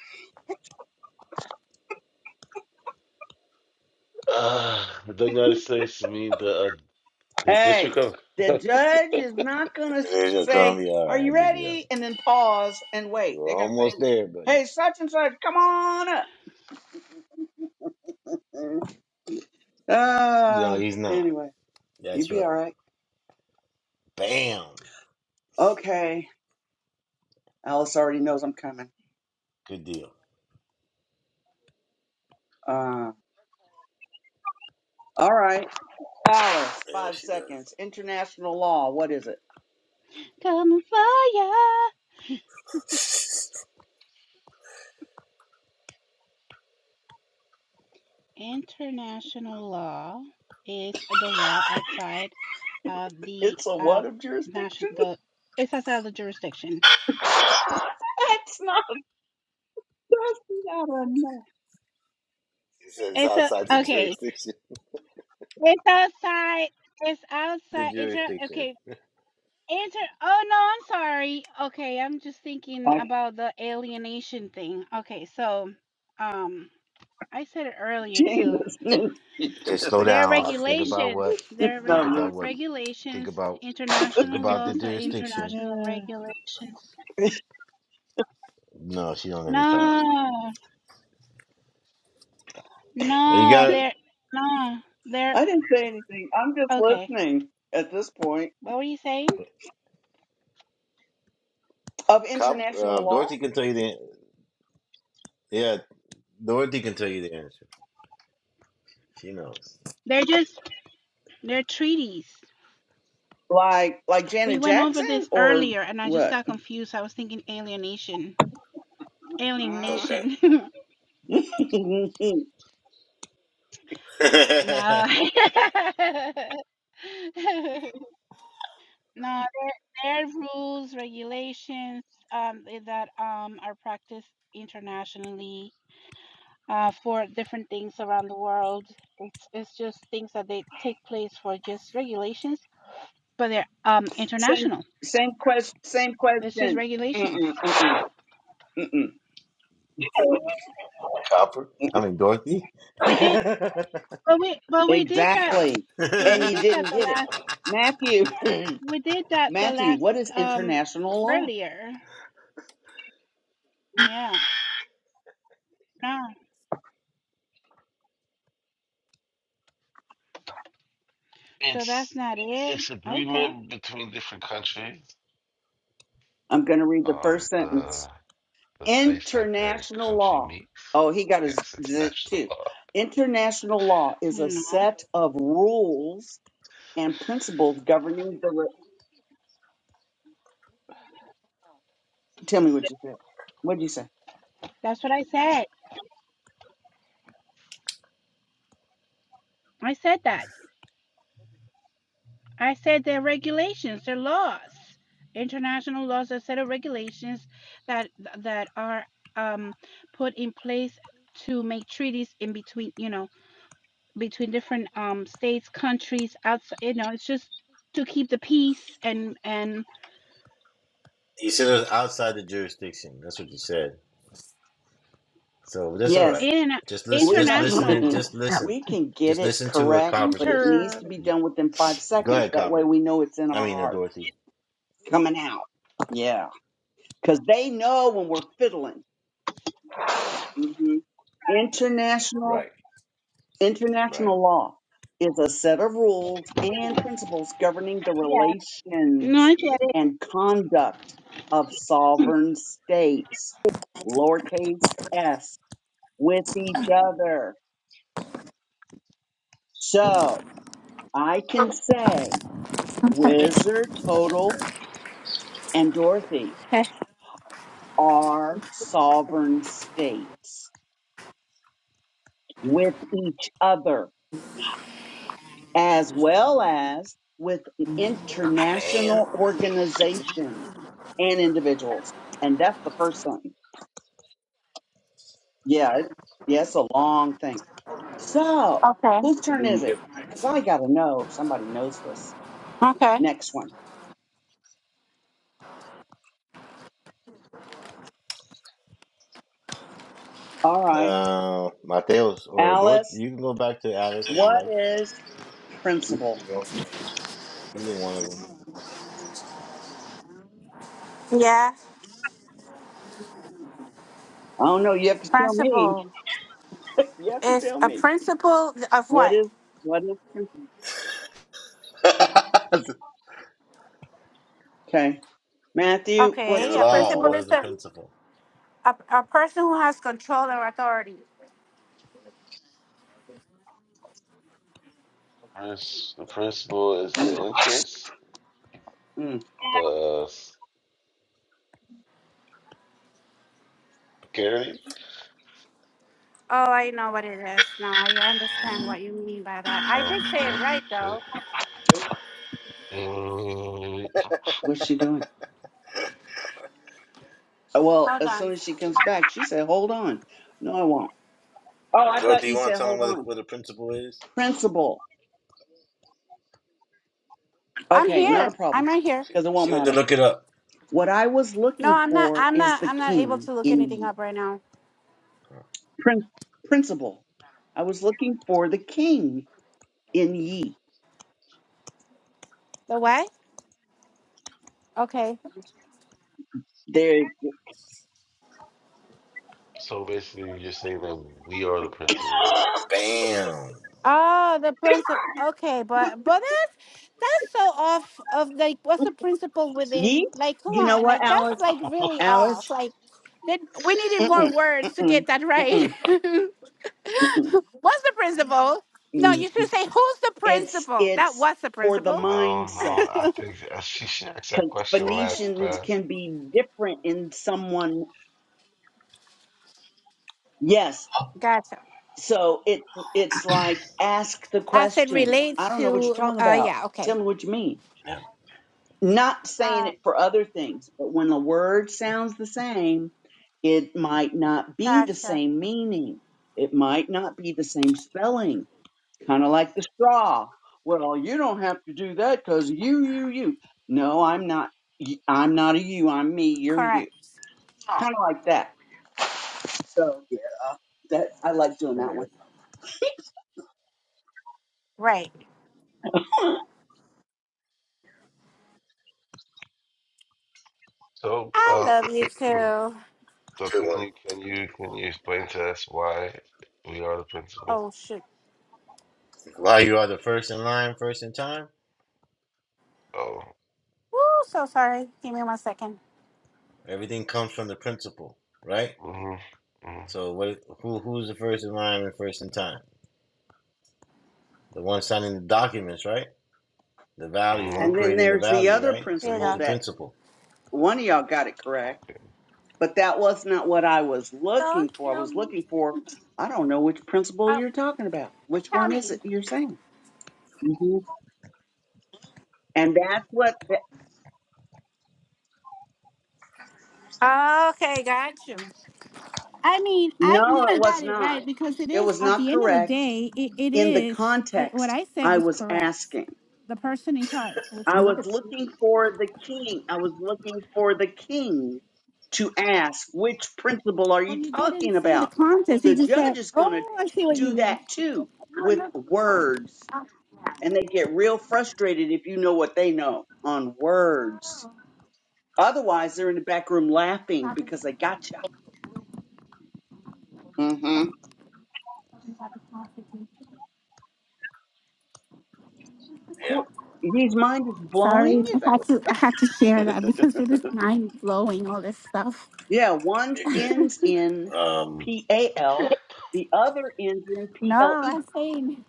Speaker 8: Uh, the United States mean the, uh, the
Speaker 7: Hey,
Speaker 8: District of.
Speaker 7: the
Speaker 8: (laughs)
Speaker 7: judge is not gonna
Speaker 2: There's your
Speaker 7: say,
Speaker 2: Columbia.
Speaker 7: "Are
Speaker 2: All right, I
Speaker 7: you
Speaker 2: give you that.
Speaker 7: ready?" and then pause and
Speaker 2: You
Speaker 7: wait.
Speaker 2: were
Speaker 7: They're gonna say,
Speaker 2: almost there, buddy.
Speaker 7: "Hey, such and such, come on up." Mm.
Speaker 2: No,
Speaker 7: Ah,
Speaker 2: he's not.
Speaker 7: anyway, you'd
Speaker 2: That's
Speaker 7: be
Speaker 2: right.
Speaker 7: all right.
Speaker 2: Bam.
Speaker 7: Okay, Alice already knows I'm coming.
Speaker 2: Good deal.
Speaker 7: Uh, all right. Alice,
Speaker 2: There
Speaker 7: five
Speaker 2: she does.
Speaker 7: seconds. International law, what is it?
Speaker 4: Kamuvaya international law is the law outside of the
Speaker 7: It's a what
Speaker 4: um
Speaker 7: of
Speaker 4: national.
Speaker 7: jurisdiction?
Speaker 4: The it's outside of the jurisdiction.
Speaker 7: (laughs) That's not, that's not enough.
Speaker 2: He says it's
Speaker 4: It's a
Speaker 2: outside the (laughs)
Speaker 4: okay.
Speaker 2: jurisdiction.
Speaker 4: It's outside. It's
Speaker 2: The
Speaker 4: outside. Inter. Okay.
Speaker 2: jurisdiction.
Speaker 4: Inter oh no, I'm sorry. Okay, I'm just thinking
Speaker 7: I,
Speaker 4: about the alienation thing. Okay, so um I said it earlier too.
Speaker 7: Jesus, (laughs)
Speaker 2: Just slow
Speaker 7: Timothy
Speaker 4: There are
Speaker 2: down. Think
Speaker 7: talking.
Speaker 2: about
Speaker 4: regulations,
Speaker 2: what.
Speaker 7: He's
Speaker 4: there are
Speaker 2: Think
Speaker 4: re-
Speaker 2: about
Speaker 7: not
Speaker 2: what. Think
Speaker 4: regulations,
Speaker 2: about. Think
Speaker 4: international
Speaker 2: about the
Speaker 4: laws or
Speaker 2: jurisdiction.
Speaker 4: international
Speaker 7: moving.
Speaker 4: regulations.
Speaker 7: Yeah.
Speaker 2: No, she don't let me talk.
Speaker 4: No,
Speaker 2: You
Speaker 4: no,
Speaker 2: got
Speaker 4: they're no,
Speaker 7: (sighs)
Speaker 4: they're
Speaker 7: I didn't say anything. I'm just
Speaker 4: okay.
Speaker 7: listening at this point.
Speaker 4: What were you saying?
Speaker 7: Of
Speaker 2: cop. Uh,
Speaker 7: international law?
Speaker 2: Dorothy can tell you the. Yeah, Dorothy can tell you the answer. She knows.
Speaker 4: They're just they're treaties.
Speaker 7: Like, like
Speaker 4: We
Speaker 7: Janet
Speaker 4: went over
Speaker 7: Jackson
Speaker 4: this
Speaker 7: or
Speaker 4: earlier and I just
Speaker 7: what?
Speaker 4: got confused. I was thinking alienation.
Speaker 7: Mm.
Speaker 2: Okay.
Speaker 4: Alienation. (laughs)
Speaker 7: (laughs)
Speaker 4: No.
Speaker 2: (laughs)
Speaker 4: (laughs) No, there there are rules, regulations, um, eh, that, um, are practiced internationally, uh, for different things around the world. It's it's just things that they take place for just regulations, but they're, um,
Speaker 7: same,
Speaker 4: international.
Speaker 7: same question, same
Speaker 4: It's just
Speaker 7: question.
Speaker 4: regulations.
Speaker 7: Mm-mm, mm-mm, mm-mm.
Speaker 2: Copper. I mean Dorothy.
Speaker 4: We did but we but we did that
Speaker 7: Exactly.
Speaker 4: but
Speaker 7: And
Speaker 4: we
Speaker 7: you
Speaker 4: did
Speaker 2: (laughs)
Speaker 4: that
Speaker 7: didn't
Speaker 4: the
Speaker 7: get it.
Speaker 4: last
Speaker 7: Matthew, (laughs)
Speaker 4: we did
Speaker 7: (clears throat)
Speaker 4: that the
Speaker 7: Matthew,
Speaker 4: last,
Speaker 7: what is
Speaker 4: um
Speaker 7: international law?
Speaker 4: earlier. Yeah, no. So that's
Speaker 8: it's
Speaker 4: not it?
Speaker 8: it's
Speaker 4: Okay.
Speaker 8: agreement between different countries.
Speaker 7: I'm going to read the
Speaker 8: Um,
Speaker 7: first sentence.
Speaker 8: the the space that their
Speaker 7: International
Speaker 8: country
Speaker 7: law.
Speaker 8: meets.
Speaker 7: Oh, he got his
Speaker 8: Yes, it's
Speaker 7: zit
Speaker 8: national
Speaker 7: too.
Speaker 8: law.
Speaker 7: International law is a
Speaker 4: Hmm,
Speaker 7: set of rules and principles governing the. Re- Tell me what you said. What did you say?
Speaker 4: that's what I said. I said that. I said there are regulations, there are laws, international laws, a set of regulations that that are um, put in place to make treaties in between, you know, between different um, states, countries, outside. You know, it's just to keep the peace and and
Speaker 2: You said it was outside the jurisdiction. That's what you said. So that's all right.
Speaker 7: Yes,
Speaker 4: in
Speaker 2: Just listen.
Speaker 7: we
Speaker 2: Just
Speaker 7: might.
Speaker 2: listen
Speaker 4: international
Speaker 2: and
Speaker 7: (laughs)
Speaker 2: just listen.
Speaker 7: we can get
Speaker 2: Just
Speaker 7: it
Speaker 2: listen to what
Speaker 7: correct,
Speaker 2: Copper's
Speaker 7: but
Speaker 2: gonna
Speaker 7: it
Speaker 2: say.
Speaker 7: needs
Speaker 4: inter.
Speaker 7: to be
Speaker 2: You-
Speaker 7: done within five
Speaker 2: Go
Speaker 7: seconds.
Speaker 2: ahead,
Speaker 7: That way,
Speaker 2: Copper.
Speaker 7: we know it's in
Speaker 2: I
Speaker 7: our
Speaker 2: mean, uh,
Speaker 7: heart
Speaker 2: Dorothy.
Speaker 7: coming out. Yeah. because they know when we're fiddling. Mhm. International
Speaker 2: Right, right.
Speaker 7: international law is a set of rules and principles governing the
Speaker 4: Yeah. No,
Speaker 7: relations
Speaker 4: I get it.
Speaker 7: and conduct of sovereign states, lowercase s, with each other. So I can say Wizard, Total, and Dorothy
Speaker 4: Okay.
Speaker 7: are sovereign states with each other as well as with international
Speaker 2: Bam.
Speaker 7: organizations and individuals. And that's the first thing. Yeah, it, yeah, it's a long thing. So,
Speaker 4: Okay.
Speaker 7: whose turn is it? Because I got to know if somebody knows this.
Speaker 4: Okay.
Speaker 7: Next one. All right.
Speaker 2: Uh, Mateos or Dorothy.
Speaker 7: Alice,
Speaker 2: You can go back to Alice if you
Speaker 7: what
Speaker 2: like.
Speaker 7: is principle?
Speaker 2: Either one
Speaker 4: Yeah.
Speaker 7: I don't know. You have to tell me.
Speaker 4: Principle.
Speaker 7: (laughs) you have to
Speaker 4: It's
Speaker 7: tell
Speaker 4: a
Speaker 7: me.
Speaker 4: principle of
Speaker 7: What
Speaker 4: what?
Speaker 7: is, what is,
Speaker 2: of them. (laughs)
Speaker 7: okay. Matthew, what's
Speaker 4: Okay,
Speaker 2: In
Speaker 7: a
Speaker 4: a
Speaker 2: law,
Speaker 4: principal
Speaker 2: what
Speaker 7: principle?
Speaker 4: is
Speaker 2: is the
Speaker 4: a,
Speaker 2: principle?
Speaker 4: a, a person who has control or authority.
Speaker 8: Prince- The principle is the
Speaker 7: Mm,
Speaker 8: interest,
Speaker 7: mm,
Speaker 8: the security,
Speaker 4: Oh, I know what it is. Now I understand what you mean by that. I
Speaker 8: Oh,
Speaker 4: did say it
Speaker 8: well,
Speaker 4: right though.
Speaker 8: shit. Mm,
Speaker 7: what's she doing? Uh, Well,
Speaker 4: Hold
Speaker 7: as
Speaker 4: on.
Speaker 7: soon as she comes back, she said, "Hold on." No, I won't. Oh, I thought
Speaker 2: Dorothy, you
Speaker 7: you
Speaker 2: want to
Speaker 7: said,
Speaker 2: tell them
Speaker 7: "Hold
Speaker 2: what the,
Speaker 7: on."
Speaker 2: what the principle is?
Speaker 7: Principal.
Speaker 4: I'm
Speaker 7: Okay,
Speaker 2: Oh,
Speaker 7: not a
Speaker 4: here.
Speaker 7: problem,
Speaker 4: I'm right here.
Speaker 7: because it won't
Speaker 2: she went to
Speaker 7: matter.
Speaker 2: look it up.
Speaker 7: What I was
Speaker 4: No,
Speaker 7: looking
Speaker 4: I'm not.
Speaker 7: for
Speaker 4: I'm
Speaker 7: is
Speaker 4: not.
Speaker 7: the
Speaker 4: I'm not able
Speaker 7: king
Speaker 4: to look
Speaker 7: in
Speaker 4: anything
Speaker 7: ye.
Speaker 4: up right now.
Speaker 7: Prin- principal. I was looking for the king in ye.
Speaker 4: The what? Okay.
Speaker 7: There,
Speaker 8: so basically, you're saying that we are the principal.
Speaker 2: Bam.
Speaker 4: Oh, the principle. Okay, but but that's that's so off of like what's the principle within?
Speaker 7: ye.
Speaker 4: Like, come
Speaker 7: You know
Speaker 4: on,
Speaker 7: what,
Speaker 4: like that's
Speaker 7: Alice?
Speaker 4: like really
Speaker 7: Alice.
Speaker 4: off. Like, then we needed more
Speaker 7: Mm-mm,
Speaker 4: words to
Speaker 7: mm-mm,
Speaker 4: get that
Speaker 7: mm-mm,
Speaker 4: right. (laughs) (laughs)
Speaker 7: mm-mm.
Speaker 4: What's the principal? No,
Speaker 7: mm.
Speaker 4: you should say, who's the
Speaker 7: It's
Speaker 4: principal? That
Speaker 7: it's
Speaker 4: was the
Speaker 7: for the
Speaker 4: principal.
Speaker 8: No,
Speaker 7: mindset
Speaker 8: no, I think uh, she she asked that
Speaker 7: because
Speaker 8: question last
Speaker 7: Phoenicians
Speaker 8: class.
Speaker 7: can be different in someone Yes.
Speaker 4: Gotcha.
Speaker 7: So it it's like ask the
Speaker 4: As it
Speaker 7: question. I
Speaker 4: relates
Speaker 7: don't know what you're
Speaker 4: to,
Speaker 7: talking
Speaker 4: uh,
Speaker 7: about.
Speaker 4: yeah, okay.
Speaker 7: Tell me what you mean. Not saying
Speaker 4: Uh,
Speaker 7: it for other things, but when the word sounds the same, it might not be the
Speaker 4: gotcha.
Speaker 7: same meaning. It might not be the same spelling. Kind of like the straw. Well, you don't have to do that cuz you you you. No, I'm not y- I'm not a you. I'm me. You're
Speaker 4: Correct.
Speaker 7: you. Kind of like that. So, yeah, uh, that I like doing that one.
Speaker 4: Right.
Speaker 8: So,
Speaker 4: I
Speaker 8: um,
Speaker 4: love you
Speaker 8: (clears throat)
Speaker 4: too.
Speaker 8: So
Speaker 2: Good
Speaker 8: can
Speaker 2: one.
Speaker 8: you can you can you explain to us why we are the principal?
Speaker 4: Oh, shoot.
Speaker 2: Why you are the first in line, first in time?
Speaker 8: Oh,
Speaker 4: Woo, so sorry. Give me one second.
Speaker 2: Everything comes from the principle, right?
Speaker 8: mm-hmm, mm-hmm,
Speaker 2: So what? Who who's the first in line and first in time? The one signing the documents, right? The value, one
Speaker 7: And
Speaker 8: mm-hmm,
Speaker 7: then
Speaker 2: creating the
Speaker 7: there's the
Speaker 2: value,
Speaker 7: other
Speaker 2: right? So
Speaker 4: Here you
Speaker 2: who's
Speaker 7: principle
Speaker 2: the
Speaker 4: go.
Speaker 7: that
Speaker 2: principal?
Speaker 7: one of y'all got it correct,
Speaker 8: okay,
Speaker 7: but that was not what I was looking
Speaker 4: Don't
Speaker 7: for. I
Speaker 4: kill
Speaker 7: was
Speaker 4: me.
Speaker 7: looking for, I don't know which principle
Speaker 4: Oh,
Speaker 7: you're talking about. Which
Speaker 4: tell
Speaker 7: one
Speaker 4: me.
Speaker 7: is it you're saying? hmm And that's what, th-
Speaker 4: Okay, got you. I mean, I
Speaker 7: no, it
Speaker 4: kind of
Speaker 7: was
Speaker 4: got it
Speaker 7: not.
Speaker 4: right because it
Speaker 7: It
Speaker 4: is
Speaker 7: was
Speaker 4: at
Speaker 7: not
Speaker 4: the end of the
Speaker 7: correct
Speaker 4: day, it, it
Speaker 7: in the
Speaker 4: is I, what
Speaker 7: context
Speaker 4: I said
Speaker 7: I
Speaker 4: was
Speaker 7: was
Speaker 4: correct.
Speaker 7: asking.
Speaker 4: The person in charge. (laughs)
Speaker 7: I was looking for the king. I was looking for the king to ask, which principle are
Speaker 4: Well,
Speaker 7: you
Speaker 4: you didn't
Speaker 7: talking
Speaker 4: say the
Speaker 7: about?
Speaker 4: contest. You
Speaker 7: The
Speaker 4: just
Speaker 7: judge
Speaker 4: said,
Speaker 7: is going to
Speaker 4: "Oh, I see what you
Speaker 7: do that
Speaker 4: mean."
Speaker 7: too
Speaker 4: No,
Speaker 7: with
Speaker 4: no, before.
Speaker 7: words.
Speaker 4: Uh,
Speaker 7: And they get real frustrated if you know what they know on words. Otherwise, they're in the back room laughing because they gotcha. Mm-hmm.
Speaker 2: Yeah,
Speaker 7: His mind is blowing.
Speaker 4: Sorry,
Speaker 7: Is
Speaker 4: I
Speaker 7: that
Speaker 4: had
Speaker 7: what-
Speaker 4: to I had to share that because it is mind blowing all this stuff.
Speaker 7: yeah, one
Speaker 2: you're
Speaker 7: ends in
Speaker 2: good. Um,
Speaker 7: P A L, the other ends in P
Speaker 4: No,
Speaker 7: L E.
Speaker 4: I'm saying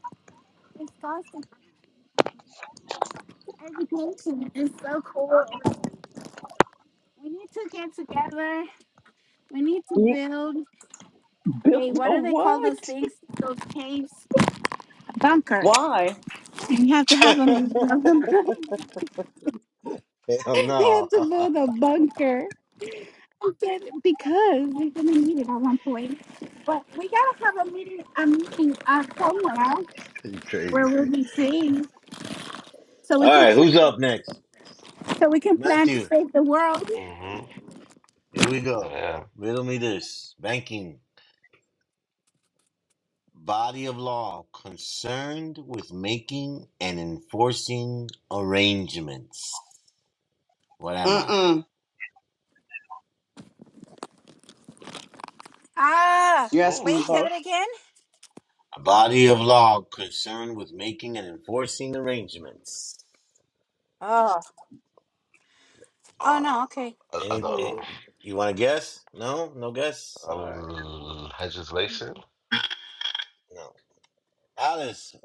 Speaker 4: it's constant education is so cool. We need to get together. We need to build. a
Speaker 7: Build
Speaker 4: what
Speaker 7: a
Speaker 4: do they call those
Speaker 7: what?
Speaker 4: things? Those caves? A bunker.
Speaker 7: Why?
Speaker 4: And you have to have
Speaker 2: (laughs)
Speaker 4: them. (laughs) they
Speaker 2: hell no,
Speaker 4: have to build a bunker. Okay, because we are gonna need it at one point. But we gotta have a meeting a meeting uh, somewhere
Speaker 2: (laughs) you
Speaker 4: where we'll
Speaker 2: crazy.
Speaker 4: be seeing so we
Speaker 2: All
Speaker 4: can
Speaker 2: right, who's
Speaker 4: plan,
Speaker 2: up next?
Speaker 4: so we can plan to
Speaker 2: Matthew.
Speaker 4: save the world.
Speaker 8: mm-hmm,
Speaker 2: Here we
Speaker 8: I
Speaker 2: go.
Speaker 8: am.
Speaker 2: Riddle me this: banking body of law concerned with making and enforcing arrangements. What am I?
Speaker 7: Mm-mm. You're
Speaker 8: So,
Speaker 7: asking
Speaker 4: Wait, say
Speaker 7: both.
Speaker 4: that again.
Speaker 2: A body of law concerned with making and enforcing arrangements.
Speaker 4: Oh, Oh
Speaker 8: uh,
Speaker 4: no, okay.
Speaker 8: I, I
Speaker 2: Any,
Speaker 8: don't know.
Speaker 2: eh, you want to guess? No, no guess. All right,
Speaker 8: Um, legislation?
Speaker 2: no. Alice,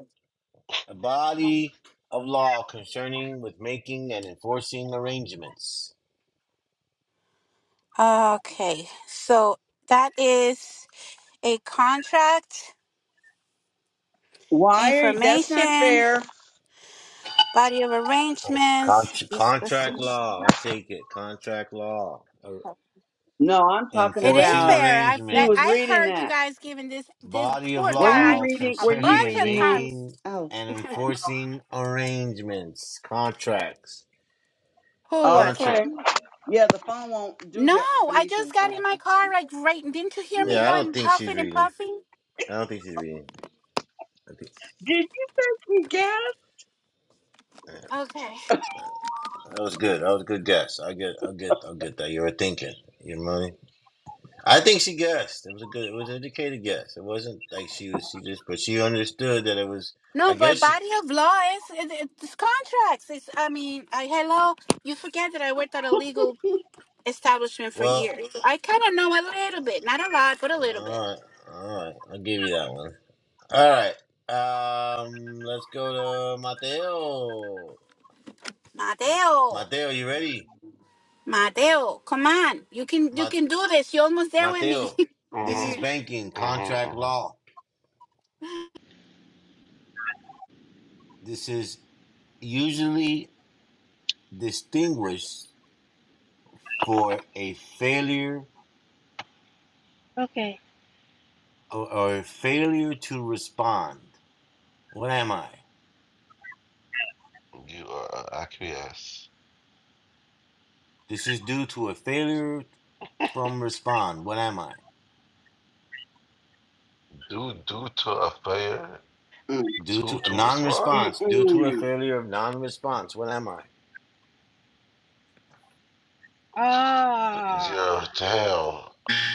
Speaker 2: a body of law concerning with making and enforcing arrangements.
Speaker 4: okay. So that is a contract
Speaker 7: Why are you, that's not
Speaker 4: information.
Speaker 7: fair.
Speaker 4: body of
Speaker 2: Oh, Con-
Speaker 4: arrangements. These
Speaker 2: contract
Speaker 4: specific-
Speaker 2: law. I'll take it. Contract law. Ar-
Speaker 7: No, I'm talking
Speaker 4: It is
Speaker 2: Enforcing
Speaker 7: about
Speaker 4: fair. I've
Speaker 7: she
Speaker 4: that,
Speaker 7: was
Speaker 4: I've
Speaker 2: arrangements.
Speaker 7: reading
Speaker 4: heard you
Speaker 7: that.
Speaker 4: guys giving this this
Speaker 2: Body of
Speaker 4: poor
Speaker 7: Were you
Speaker 4: guy
Speaker 2: law
Speaker 7: reading
Speaker 4: a
Speaker 7: were you
Speaker 2: concerning
Speaker 4: bunch
Speaker 2: and
Speaker 4: of
Speaker 7: reading that?
Speaker 4: times.
Speaker 2: making
Speaker 7: Oh.
Speaker 2: and enforcing arrangements. Contracts.
Speaker 4: Who it was?
Speaker 2: Contract.
Speaker 7: Okay. Yeah, the phone won't do
Speaker 4: No,
Speaker 7: that
Speaker 4: I just
Speaker 7: Phoenicians or
Speaker 4: got in my
Speaker 7: nothing.
Speaker 4: car
Speaker 7: Okay.
Speaker 4: like right. Didn't you hear
Speaker 7: You're
Speaker 4: me
Speaker 2: Yeah,
Speaker 7: right.
Speaker 2: I don't
Speaker 4: going
Speaker 2: think she's
Speaker 4: puffing and
Speaker 2: reading.
Speaker 4: puffing?
Speaker 2: I don't think she's reading. I think
Speaker 7: Did you think we guessed?
Speaker 4: Okay.
Speaker 2: that was good. That was a good guess. I get. I get. I get that. You were thinking. You know what I mean? I think she guessed. It was a good. It was an educated guess. It wasn't like she was. She just. But she understood that it was.
Speaker 4: No,
Speaker 2: I
Speaker 4: but
Speaker 2: guess she.
Speaker 4: body of law is it, it- it's contracts. It's I mean, I, hello. You forget that I worked at a legal establishment for
Speaker 2: Well.
Speaker 4: years. I kind of know a little bit, not a lot, but a
Speaker 2: uh,
Speaker 4: little bit.
Speaker 2: all right. All right. I'll give you that one. All right. Um. Let's go to Mateo.
Speaker 4: Mateo.
Speaker 2: Mateo, you ready?
Speaker 4: Mateo, come on. You can you
Speaker 2: Ma-
Speaker 4: can do this. You're almost there with me.
Speaker 2: Mateo. This
Speaker 8: mm-hmm,
Speaker 2: is
Speaker 4: (laughs)
Speaker 2: banking
Speaker 8: mm-hmm,
Speaker 2: contract
Speaker 8: mm-hmm.
Speaker 2: law. This is usually distinguished for a failure
Speaker 4: Okay.
Speaker 2: or, or a failure to respond. What am I?
Speaker 8: You are uh, acquiesce.
Speaker 2: This is due to a failure from respond. What am I?
Speaker 8: Due due to a failure
Speaker 7: Mm.
Speaker 2: Due
Speaker 8: to
Speaker 2: to a
Speaker 8: to respond,
Speaker 2: non-response. Due to a
Speaker 7: Mm-mm.
Speaker 2: failure of non-response. What am I?
Speaker 4: Ah,
Speaker 8: your damn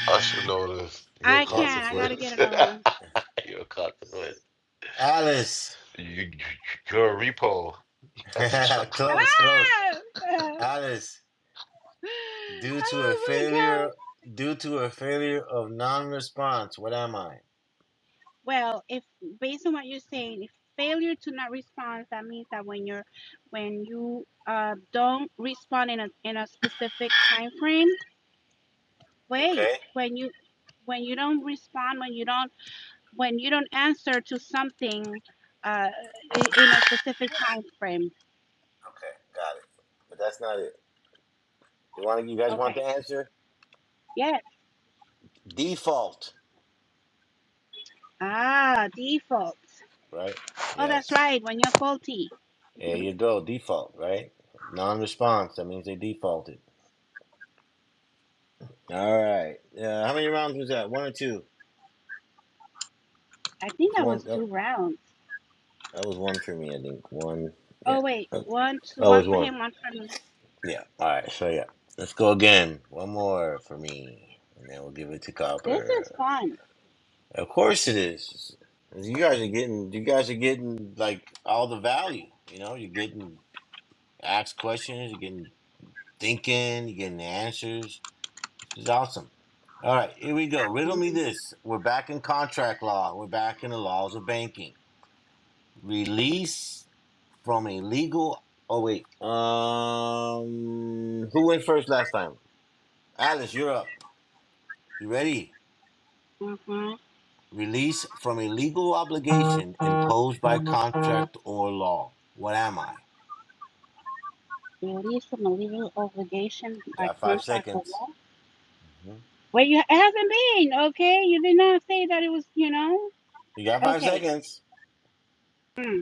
Speaker 8: I should notice your
Speaker 4: I
Speaker 2: Yeah,
Speaker 4: can.
Speaker 2: you
Speaker 4: not I
Speaker 2: should.
Speaker 4: gotta get
Speaker 8: consequence.
Speaker 4: another one.
Speaker 8: (laughs) your consequence.
Speaker 2: Alice,
Speaker 8: You, you're a repo.
Speaker 2: (laughs)
Speaker 8: Got your truck
Speaker 2: close, close.
Speaker 4: Ah!
Speaker 2: Alice,
Speaker 4: (laughs)
Speaker 2: due to a
Speaker 4: Oh my
Speaker 2: failure,
Speaker 4: God.
Speaker 2: due to a failure of non-response. What am I?
Speaker 4: Well, if based on what you're saying, if failure to not respond, that means that when you're, when you uh don't respond in a in a specific time frame,
Speaker 2: Okay.
Speaker 4: wait, when you when you don't respond, when you don't when you don't answer to something uh, i- in a specific time frame.
Speaker 2: Okay, got it. But that's not it. You want you guys want
Speaker 4: Okay.
Speaker 2: the answer?
Speaker 4: Yes.
Speaker 2: Default,
Speaker 4: Ah, default.
Speaker 2: right?
Speaker 4: Oh, that's
Speaker 2: Yes.
Speaker 4: right. When you're faulty.
Speaker 2: There you go. Default, right? Non-response. That means they defaulted. All right. Uh, how many rounds was that? One or two?
Speaker 4: I think
Speaker 2: That's
Speaker 4: that
Speaker 2: one.
Speaker 4: was
Speaker 2: That,
Speaker 4: two rounds.
Speaker 2: that was one for me. I think one. Yeah.
Speaker 4: Oh wait,
Speaker 2: Okay.
Speaker 4: one, two,
Speaker 2: That
Speaker 4: one
Speaker 2: was
Speaker 4: for
Speaker 2: one.
Speaker 4: him, one for me.
Speaker 2: Yeah. All right. So yeah, let's go again. One more for me, and then we'll give it to
Speaker 4: This is
Speaker 2: Copper.
Speaker 4: fun.
Speaker 2: Of course it is. You guys are getting. You guys are getting like all the value. You know, you're getting asked questions. You're getting thinking, you're getting the answers. This is awesome. All right, here we go. Riddle me this. We're back in contract law. We're back in the laws of banking. Release from a legal. Oh wait. Um, who went first last time? Alice, you're up. You ready?
Speaker 4: Mm-hmm.
Speaker 2: Release from a legal obligation imposed by contract or law. What am I?
Speaker 4: Release from a legal obligation by
Speaker 2: Got five
Speaker 4: contract or
Speaker 2: seconds.
Speaker 4: law.
Speaker 2: hmm
Speaker 4: Wait, you, it hasn't been okay. You did not say that it was. You know.
Speaker 2: You got five
Speaker 4: Okay.
Speaker 2: seconds.
Speaker 4: Hmm.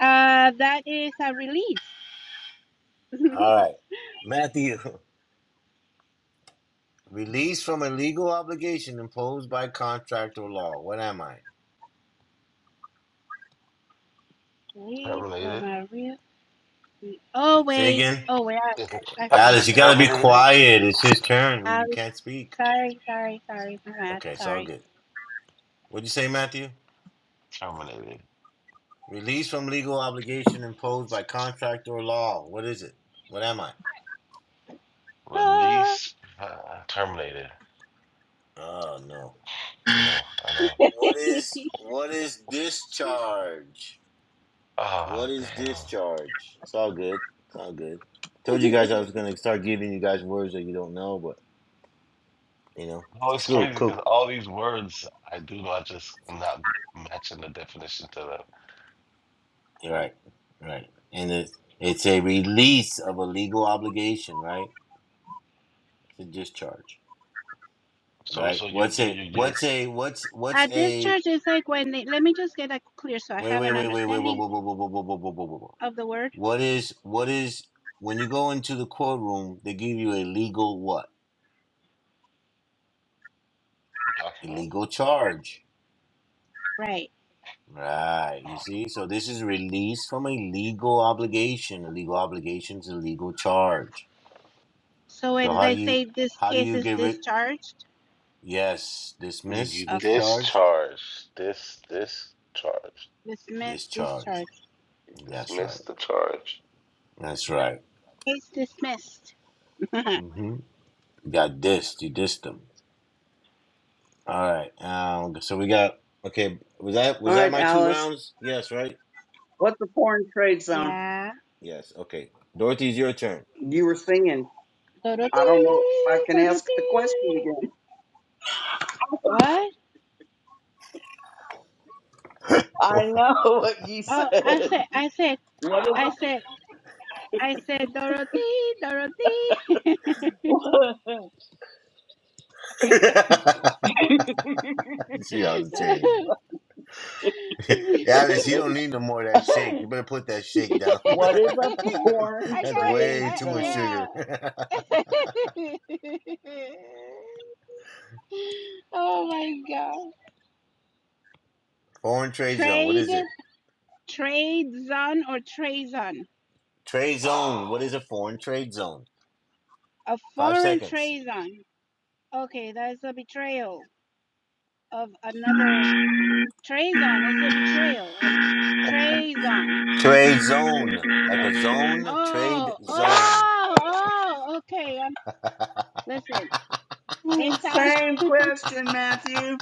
Speaker 4: Uh, that is a release. (laughs)
Speaker 2: All right, Matthew. (laughs) Released from a legal obligation imposed by contract or law. What am I?
Speaker 4: Release from
Speaker 8: terminated.
Speaker 4: a real Oh
Speaker 2: Say
Speaker 4: wait,
Speaker 2: again?
Speaker 4: oh wait,
Speaker 8: (laughs)
Speaker 4: I, I I
Speaker 8: I
Speaker 4: stopped.
Speaker 2: Alice, you
Speaker 8: said
Speaker 2: gotta be
Speaker 8: terminated.
Speaker 2: quiet. It's his turn.
Speaker 4: I
Speaker 2: You
Speaker 4: was
Speaker 2: can't speak.
Speaker 4: sorry, sorry, sorry, my bad,
Speaker 2: Okay, it's all
Speaker 4: sorry.
Speaker 2: good. What'd you say, Matthew?
Speaker 8: Terminated.
Speaker 2: Released from legal obligation imposed by contract or law. What is it? What am I?
Speaker 4: Oh,
Speaker 8: Release. Uh, terminated.
Speaker 2: Oh no.
Speaker 8: I know. I know.
Speaker 2: What is what is discharge? What
Speaker 8: Ah,
Speaker 2: is
Speaker 8: damn.
Speaker 2: discharge? It's all good. It's all good. Told you guys I was gonna start giving you guys words that you don't know, but you know,
Speaker 8: No,
Speaker 2: it's
Speaker 8: it's
Speaker 2: cool,
Speaker 8: crazy
Speaker 2: cool.
Speaker 8: because all these words I do not just not matching the definition to them.
Speaker 2: Right, right. And it's it's a release of a legal obligation, right? To discharge,
Speaker 8: So
Speaker 2: right?
Speaker 8: so you
Speaker 2: What's
Speaker 8: you
Speaker 2: a
Speaker 8: you you're
Speaker 2: what's a what's what's
Speaker 4: at this
Speaker 2: a
Speaker 4: church, it's like when they let me just get that clear so I
Speaker 2: wait
Speaker 4: have
Speaker 2: wait
Speaker 4: an
Speaker 2: wait wait wait whoa
Speaker 4: understanding
Speaker 2: whoa whoa whoa whoa whoa whoa whoa whoa whoa. whoa.
Speaker 4: of the word,
Speaker 2: What is what is when you go into the courtroom? They give you a legal what? A
Speaker 8: talking
Speaker 2: legal charge,
Speaker 4: right?
Speaker 2: right? You see, so this is release from a legal obligation. A legal obligation is a legal charge.
Speaker 4: So
Speaker 2: So
Speaker 4: when
Speaker 2: how do
Speaker 4: they
Speaker 2: you
Speaker 4: say this
Speaker 2: how do
Speaker 4: case
Speaker 2: you
Speaker 4: is
Speaker 2: get rid?
Speaker 4: discharged,
Speaker 2: Yes,
Speaker 8: you,
Speaker 2: dismiss,
Speaker 8: you
Speaker 4: okay,
Speaker 2: discharge,
Speaker 8: discharge this discharge
Speaker 4: dismissed,
Speaker 2: Discharged.
Speaker 4: discharged,
Speaker 8: you
Speaker 2: That's
Speaker 8: dismiss
Speaker 2: right.
Speaker 8: the charge
Speaker 2: That's right.
Speaker 4: case dismissed. (laughs)
Speaker 2: Mm-hmm. You got dissed. You dissed them. All right. Um. So we got. Okay. Was that
Speaker 7: All
Speaker 2: was that
Speaker 7: right,
Speaker 2: my two
Speaker 7: Alice.
Speaker 2: rounds? Yes. Right.
Speaker 7: What's the foreign trade zone?
Speaker 4: yeah.
Speaker 2: Yes. Okay. Dorothy's your turn.
Speaker 7: You were singing. I don't know if I
Speaker 4: Do-do-dee,
Speaker 7: can ask the question
Speaker 4: do-do-dee.
Speaker 7: again.
Speaker 4: What?
Speaker 2: (laughs) she
Speaker 7: I know (laughs) what you
Speaker 4: Oh, I
Speaker 7: said.
Speaker 4: said, I said,
Speaker 7: What is
Speaker 4: I said, I said, Dorothy, Dorothy. (laughs)
Speaker 7: (laughs)
Speaker 4: (laughs)
Speaker 2: on the chain.
Speaker 4: I
Speaker 2: (laughs) Alice, you don't need no more of that shake. You better put that shake down.
Speaker 7: what is a foreign
Speaker 2: (laughs) That's
Speaker 4: got it.
Speaker 7: trade
Speaker 2: way
Speaker 4: I,
Speaker 2: too much
Speaker 7: zone?
Speaker 4: yeah.
Speaker 2: sugar.
Speaker 4: (laughs) oh my god.
Speaker 2: (laughs) foreign trade zone. What
Speaker 4: Trade,
Speaker 2: is it?
Speaker 4: trade zone or treason.
Speaker 2: Trade zone. What is a foreign trade zone?
Speaker 4: A
Speaker 2: Five
Speaker 4: foreign
Speaker 2: seconds.
Speaker 4: treason. Okay, that's a betrayal of another. Treason is a betrayal. Um, treason.
Speaker 2: Trade zone, like a zone, trade
Speaker 4: Oh,
Speaker 2: zone.
Speaker 4: oh, oh, okay. Um, listen, it
Speaker 7: Mm,
Speaker 4: sounds
Speaker 7: Same question,
Speaker 2: (laughs)
Speaker 7: Matthew.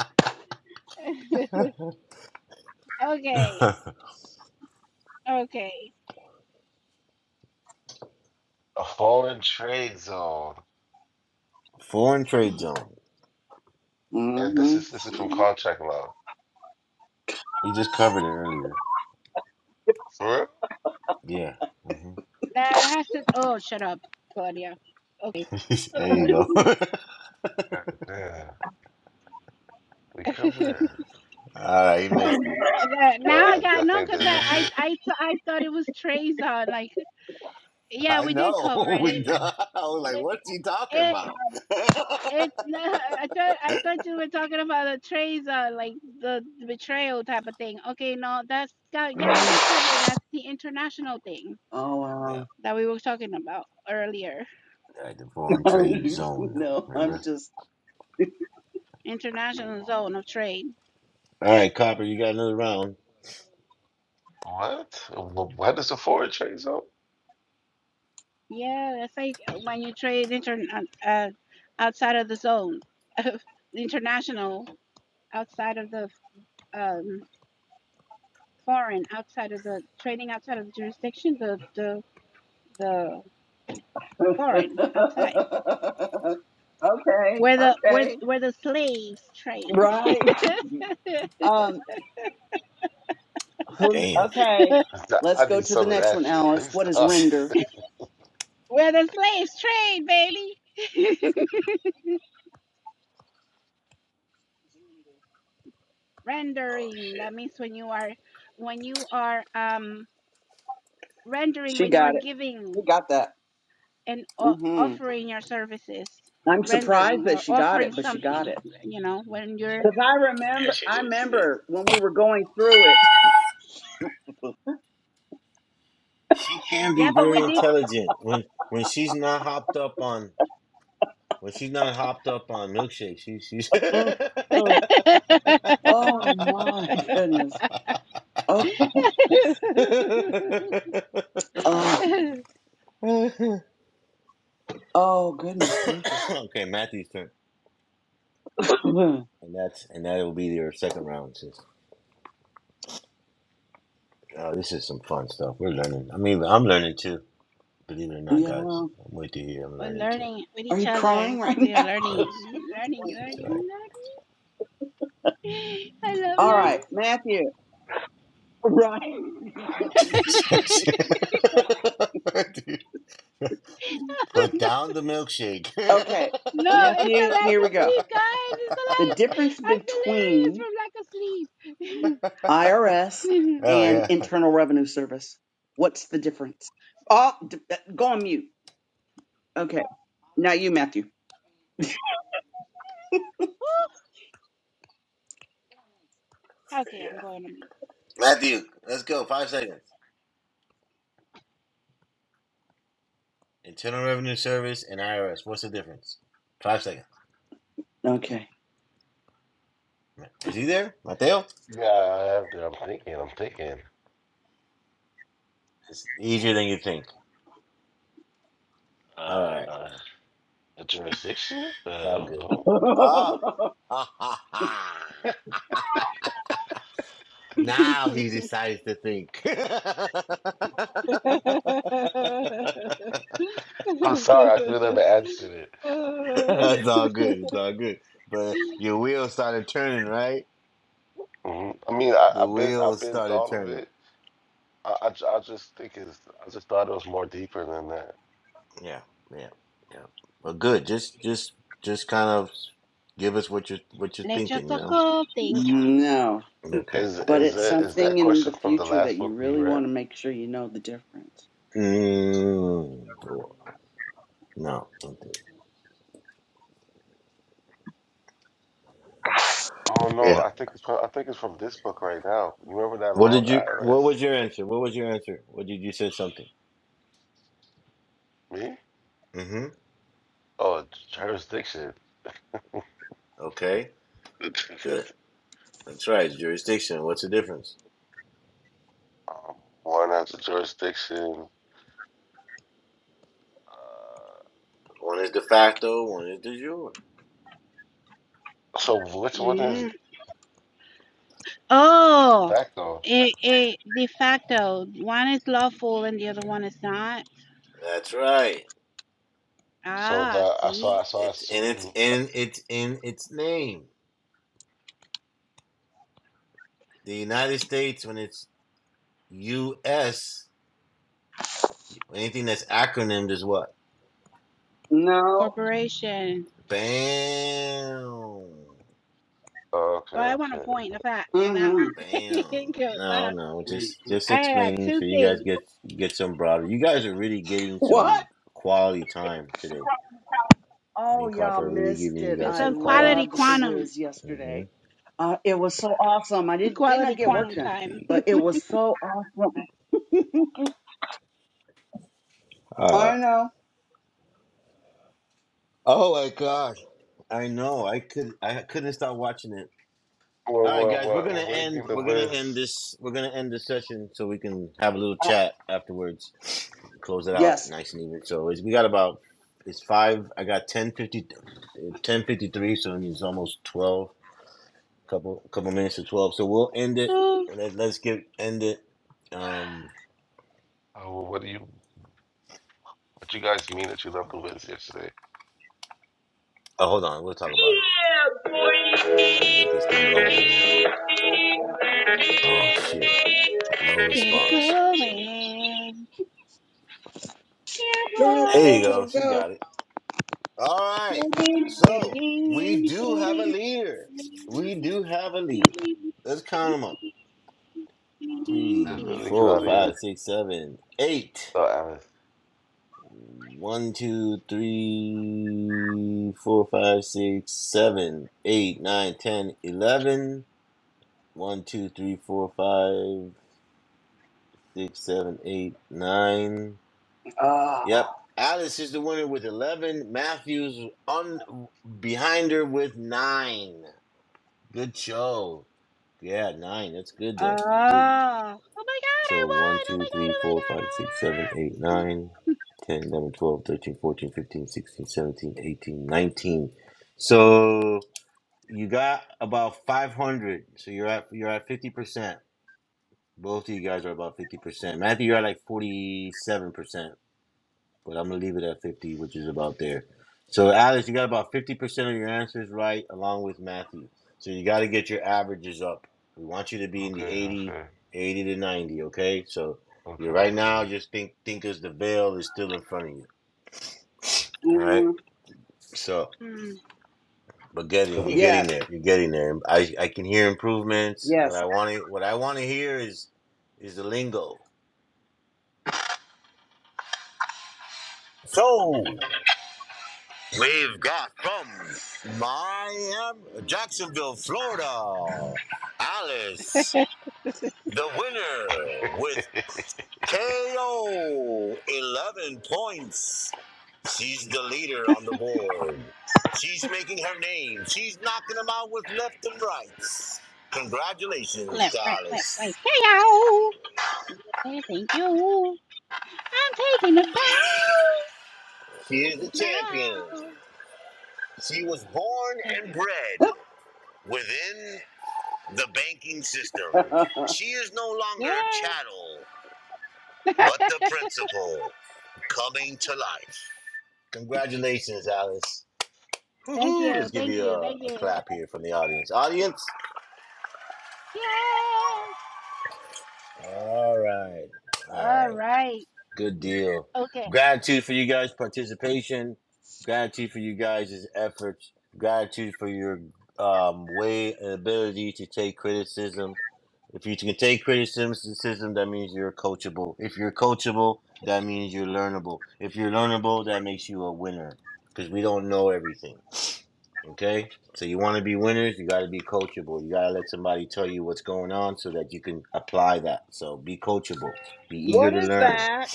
Speaker 4: (laughs) okay. Okay.
Speaker 8: a foreign trade zone
Speaker 2: Foreign trade zone.
Speaker 8: and this
Speaker 7: hmm
Speaker 8: is this is from contract law
Speaker 2: We just covered it earlier.
Speaker 8: for real
Speaker 2: Yeah. hmm
Speaker 4: That has to. Oh, shut up, Claudia. Okay.
Speaker 2: (laughs) there you go. (laughs)
Speaker 8: God damn we
Speaker 4: (laughs)
Speaker 8: covered it
Speaker 2: All right, he missed it.
Speaker 4: That- now
Speaker 8: oh,
Speaker 4: I
Speaker 8: I
Speaker 4: got no,
Speaker 8: definitely
Speaker 4: cause
Speaker 8: did
Speaker 4: I
Speaker 8: miss
Speaker 4: I
Speaker 8: it
Speaker 4: I, th- I thought it was Trayvon. Like, yeah,
Speaker 2: I
Speaker 4: we did
Speaker 2: know.
Speaker 4: cover
Speaker 2: (laughs)
Speaker 4: it.
Speaker 2: We
Speaker 4: It
Speaker 2: done. I was like, what's he talking
Speaker 4: it,
Speaker 2: about? (laughs) yeah,
Speaker 4: it (laughs) I thought I thought you were talking about the Trayvon, like the, the betrayal type of thing. Okay, no, that's got, yeah, we did cover that's the international thing
Speaker 7: Oh, wow.
Speaker 4: that we were talking about earlier.
Speaker 2: at the foreign trade
Speaker 7: (laughs)
Speaker 2: zone.
Speaker 7: no, I'm
Speaker 2: Remember?
Speaker 7: just
Speaker 4: International zone of trade.
Speaker 2: All right, Copper, you got another round.
Speaker 8: what Wh- what is a foreign trade zone
Speaker 4: Yeah, that's like uh, when you trade inter uh, uh, outside of the zone, (laughs) international, outside of the um, foreign, outside of the trading outside of the jurisdiction, the the the
Speaker 7: (laughs) Okay,
Speaker 4: foreign outside where the where
Speaker 7: okay.
Speaker 4: where the slaves trade, (laughs)
Speaker 7: right. Um. who-
Speaker 2: Damn. (laughs)
Speaker 7: Okay.
Speaker 8: (laughs)
Speaker 7: Let's
Speaker 8: I
Speaker 7: go
Speaker 8: need
Speaker 7: to the
Speaker 8: some of
Speaker 7: next
Speaker 8: that
Speaker 7: one,
Speaker 8: shit let
Speaker 7: Alice.
Speaker 8: me
Speaker 7: What is
Speaker 2: Oh,
Speaker 8: stop
Speaker 2: shit.
Speaker 7: render?
Speaker 4: where the slaves trade, baby. (laughs) Rendering that means when you are when you are um rendering
Speaker 7: She
Speaker 4: when you are
Speaker 7: got it. She
Speaker 4: giving
Speaker 7: got that.
Speaker 4: and o-
Speaker 7: hmm
Speaker 4: offering your services
Speaker 7: I'm surprised
Speaker 4: rendering
Speaker 7: that
Speaker 4: or
Speaker 7: she got
Speaker 4: offering
Speaker 7: it, but she got
Speaker 4: something
Speaker 7: it.
Speaker 4: you know when you're
Speaker 7: Because I
Speaker 2: Yeah,
Speaker 7: remember,
Speaker 2: she
Speaker 7: I
Speaker 2: did. She did.
Speaker 7: remember when we were going through it.
Speaker 2: She can be
Speaker 4: yeah but
Speaker 2: very
Speaker 4: we did
Speaker 2: intelligent when when she's not hopped up on when she's not hopped up on milkshake. She she's (laughs)
Speaker 7: Mm,
Speaker 2: okay.
Speaker 7: mm.
Speaker 4: (laughs)
Speaker 7: Oh my goodness. Okay. Um, oh goodness gracious. (clears throat)
Speaker 2: Matthew's turn,
Speaker 7: Mm,
Speaker 2: and that's and that will be your second round. Sis. Oh, this is some fun stuff. We're learning. I mean, I'm learning too. Believe it or not,
Speaker 7: yeah.
Speaker 2: guys. I'm with you here. I'm
Speaker 4: we're
Speaker 2: learning too.
Speaker 4: learning with
Speaker 7: Are
Speaker 4: each
Speaker 7: you
Speaker 4: other
Speaker 7: crying right
Speaker 4: we are
Speaker 7: now?
Speaker 4: learning
Speaker 2: Yes,
Speaker 4: learning
Speaker 7: (laughs)
Speaker 2: that's
Speaker 4: learning learning i love
Speaker 7: All right,
Speaker 4: learning
Speaker 7: Matthew. Right. (laughs)
Speaker 2: right. (laughs) Dude. Put down the milkshake.
Speaker 7: okay,
Speaker 4: no it's the
Speaker 7: Matthew.
Speaker 4: lack
Speaker 7: Here we
Speaker 4: of
Speaker 7: go.
Speaker 4: sleep guys it's the
Speaker 7: The
Speaker 4: lack
Speaker 7: difference
Speaker 4: i'm delirious
Speaker 7: between
Speaker 4: from lack of sleep
Speaker 7: IRS
Speaker 2: (laughs) oh
Speaker 7: and
Speaker 2: yeah, yeah.
Speaker 7: Internal Revenue Service. What's the difference? Oh, d- uh, go on mute. Okay, now you, Matthew.
Speaker 4: (laughs) okay i'm going to mute
Speaker 2: Matthew, let's go. Five seconds. Internal Revenue Service and IRS. What's the difference? Five seconds.
Speaker 7: Okay.
Speaker 2: Is he there, Mateo?
Speaker 8: yeah I have to- I'm thinking I'm thinking
Speaker 2: It's easier than you think. All right,
Speaker 8: uh a jurisdiction uh,
Speaker 2: it's
Speaker 8: I
Speaker 2: all
Speaker 8: don't
Speaker 2: good.
Speaker 8: know
Speaker 2: Ah,
Speaker 7: (laughs)
Speaker 2: (laughs) ha ha ha. (laughs) Now he decides to think. (laughs)
Speaker 8: I'm sorry, I could
Speaker 4: (laughs)
Speaker 8: have answered it.
Speaker 2: (laughs)
Speaker 4: Uh,
Speaker 2: it's all
Speaker 4: (laughs)
Speaker 2: good. It's all good. But your wheels started turning, right?
Speaker 8: hmm I mean, I,
Speaker 2: The
Speaker 8: I've been, I've
Speaker 2: wheels
Speaker 8: been
Speaker 2: started
Speaker 8: thought of
Speaker 2: turning.
Speaker 8: it. I, I, ju- I just think it's, I just thought it was more deeper than that.
Speaker 2: Yeah, yeah, yeah. Well, good. Just, just, just kind of give us what you're, what you're
Speaker 4: Lecho
Speaker 2: thinking. You know.
Speaker 4: Coco Pink.
Speaker 7: No,
Speaker 4: Hmm.
Speaker 2: Okay.
Speaker 8: Is,
Speaker 7: but
Speaker 8: is
Speaker 7: it's
Speaker 8: that, is that
Speaker 7: something in the
Speaker 8: question from the
Speaker 7: future that
Speaker 8: last
Speaker 7: you
Speaker 8: book we
Speaker 7: really
Speaker 8: read?
Speaker 7: want to make sure you know the difference.
Speaker 2: Mm, cool. no. okay.
Speaker 8: Oh no,
Speaker 2: Yeah.
Speaker 8: I think it's, from, I think it's from this book right now. You remember that
Speaker 2: What
Speaker 8: long
Speaker 2: did you?
Speaker 8: IRS?
Speaker 2: What was your answer? What was your answer? What did you say something?
Speaker 8: Me?
Speaker 2: Mm-hmm.
Speaker 8: Oh, jurisdiction.
Speaker 2: Okay.
Speaker 8: (laughs) um,
Speaker 2: Good. That's right. Jurisdiction. What's the difference?
Speaker 8: one has a jurisdiction. Uh,
Speaker 2: One is de facto. One is de jure.
Speaker 8: so which one is
Speaker 4: Mm. Oh,
Speaker 8: that though?
Speaker 4: it, it de facto. One is lawful and the other one is not.
Speaker 2: That's right.
Speaker 8: So
Speaker 4: Ah,
Speaker 8: the, I saw,
Speaker 4: see,
Speaker 8: I saw, I
Speaker 2: It's and it's
Speaker 8: assume.
Speaker 2: in it's in its name. The United States, when it's U.S., anything that's acronymed is what?
Speaker 7: No.
Speaker 4: corporation.
Speaker 2: Bam,
Speaker 8: Okay,
Speaker 4: Well, I want to
Speaker 8: okay.
Speaker 4: point the fact with that
Speaker 7: Mm-hmm.
Speaker 4: one. (laughs)
Speaker 2: bam.
Speaker 4: 'Cause
Speaker 2: No,
Speaker 4: I,
Speaker 2: no, just
Speaker 7: hmm
Speaker 2: just
Speaker 4: I had
Speaker 2: explaining
Speaker 4: two
Speaker 2: so you guys
Speaker 4: things.
Speaker 2: get get some broader. You guys are really getting some
Speaker 7: What?
Speaker 2: quality time today. Me
Speaker 7: Oh,
Speaker 2: and
Speaker 7: y'all
Speaker 2: Copper are really
Speaker 7: missed
Speaker 2: giving you
Speaker 7: it.
Speaker 4: It's
Speaker 2: guys
Speaker 7: I
Speaker 2: some
Speaker 4: on
Speaker 2: quality.
Speaker 4: quality
Speaker 7: loved the
Speaker 4: quantum,
Speaker 7: whiz
Speaker 2: Mm-hmm.
Speaker 7: yesterday. Uh, it was so awesome. I
Speaker 4: (laughs)
Speaker 7: did did
Speaker 4: quality
Speaker 7: not get
Speaker 2: One,
Speaker 7: work
Speaker 4: quantum
Speaker 2: two,
Speaker 7: done,
Speaker 4: time.
Speaker 2: three.
Speaker 7: but it was so awesome.
Speaker 2: All
Speaker 7: I
Speaker 2: right.
Speaker 7: know.
Speaker 2: Oh my gosh. I know. I could. I couldn't stop watching it.
Speaker 8: Well,
Speaker 2: All right,
Speaker 8: well,
Speaker 2: guys, we're
Speaker 8: well, well,
Speaker 2: gonna
Speaker 8: what do you
Speaker 2: end.
Speaker 8: mean the
Speaker 2: We're gonna end
Speaker 8: Wiz?
Speaker 2: this. We're gonna end this session so we can have a little
Speaker 7: Uh,
Speaker 2: chat afterwards. Close it out
Speaker 7: yes.
Speaker 2: nice and even. So it's, we got about it's five. I got 1050, 1053, So it's almost twelve. Couple couple minutes to twelve. So we'll end it.
Speaker 4: Ooh,
Speaker 2: Let, let's get end it. Um.
Speaker 8: Oh, well, what do you, what you guys mean that you left the Wiz yesterday?
Speaker 2: Oh, hold on. We'll talk about it if I can get this thing going here. Oh shit! No
Speaker 4: get it
Speaker 2: response.
Speaker 4: going. Yeah,
Speaker 7: Go
Speaker 2: There
Speaker 4: boy.
Speaker 2: you go. She
Speaker 7: go.
Speaker 2: got it. All right. So we do have a leader. We do have a leader. Let's count them up.
Speaker 8: It's
Speaker 2: Three,
Speaker 8: definitely
Speaker 2: four, five,
Speaker 8: Claudia.
Speaker 2: six, seven, eight.
Speaker 8: Oh, Alice.
Speaker 2: One, two, three, four, five, six, seven, eight, nine, ten, eleven. One, two, three, four, five, six, seven, eight, nine.
Speaker 7: Ah.
Speaker 2: Yep. Alice is the winner with eleven. Matthews on behind her with nine. Good show. Yeah, nine. That's good though. Good.
Speaker 4: Oh, oh my god, I
Speaker 2: So one,
Speaker 4: won! Oh
Speaker 2: two,
Speaker 4: my god,
Speaker 2: three,
Speaker 4: oh my
Speaker 2: four,
Speaker 4: god, I
Speaker 2: five,
Speaker 4: won!
Speaker 2: six, seven,
Speaker 4: Ah!
Speaker 2: eight, nine, ten, eleven, twelve, thirteen, fourteen, fifteen, sixteen, seventeen, eighteen, nineteen. So you got about five hundred. So you're at you're at fifty percent. Both of you guys are about fifty percent. Matthew, you're at like forty seven percent but I'm gonna leave it at 50, which is about there. So, Alex, you got about 50% of your answers right, along with Matthew. So you got to get your averages up. We want you to be in the
Speaker 8: Okay,
Speaker 2: eighty,
Speaker 8: okay,
Speaker 2: 80 to 90. Okay, so
Speaker 8: okay,
Speaker 2: you're right
Speaker 8: okay.
Speaker 2: now. Just think, think as the veil is still in front of you. All right.
Speaker 7: mhm.
Speaker 2: So,
Speaker 4: Hmm.
Speaker 2: but
Speaker 8: (laughs)
Speaker 2: getting you're getting
Speaker 7: Yes.
Speaker 2: there. You're getting there. I I can hear improvements. What
Speaker 7: Yes.
Speaker 2: I want to what I want to hear is is the lingo. So, We've got from Miami, Jacksonville, Florida, Alice, the winner with KO 11 points. She's the leader on the board. She's making her name. She's knocking them out with left and right. Congratulations,
Speaker 4: Left, right, left, right.
Speaker 2: Alice.
Speaker 4: KO! Hey, thank you. I'm taking a bow.
Speaker 2: She is the champion.
Speaker 4: Bow.
Speaker 2: She was born
Speaker 4: Thank
Speaker 2: and
Speaker 4: you.
Speaker 2: bred within the banking system.
Speaker 7: (laughs)
Speaker 2: She is no longer a
Speaker 4: Yeah.
Speaker 2: chattel,
Speaker 4: (laughs)
Speaker 2: but the principal coming to life. Congratulations, Alice.
Speaker 4: Thank
Speaker 2: Woohoo!
Speaker 4: you.
Speaker 2: Let's give
Speaker 4: Thank
Speaker 2: you
Speaker 4: you.
Speaker 2: a,
Speaker 4: Thank
Speaker 2: a
Speaker 4: you.
Speaker 2: clap here from the audience. Audience?
Speaker 4: Yes.
Speaker 2: All right. All
Speaker 4: All
Speaker 2: right.
Speaker 4: right.
Speaker 2: Good deal.
Speaker 4: Okay.
Speaker 2: Gratitude for you guys' participation. Gratitude for you guys' efforts. Gratitude for your um, way and ability to take criticism If you can take criticism, that means you're coachable. If you're coachable, that means you're learnable. If you're learnable, that makes you a winner because we don't know everything. Okay? So you want to be winners, you got to be coachable. You got to let somebody tell you what's going on so that you can apply that. So be coachable, be eager
Speaker 7: what
Speaker 2: to
Speaker 7: is
Speaker 2: learn.
Speaker 7: that?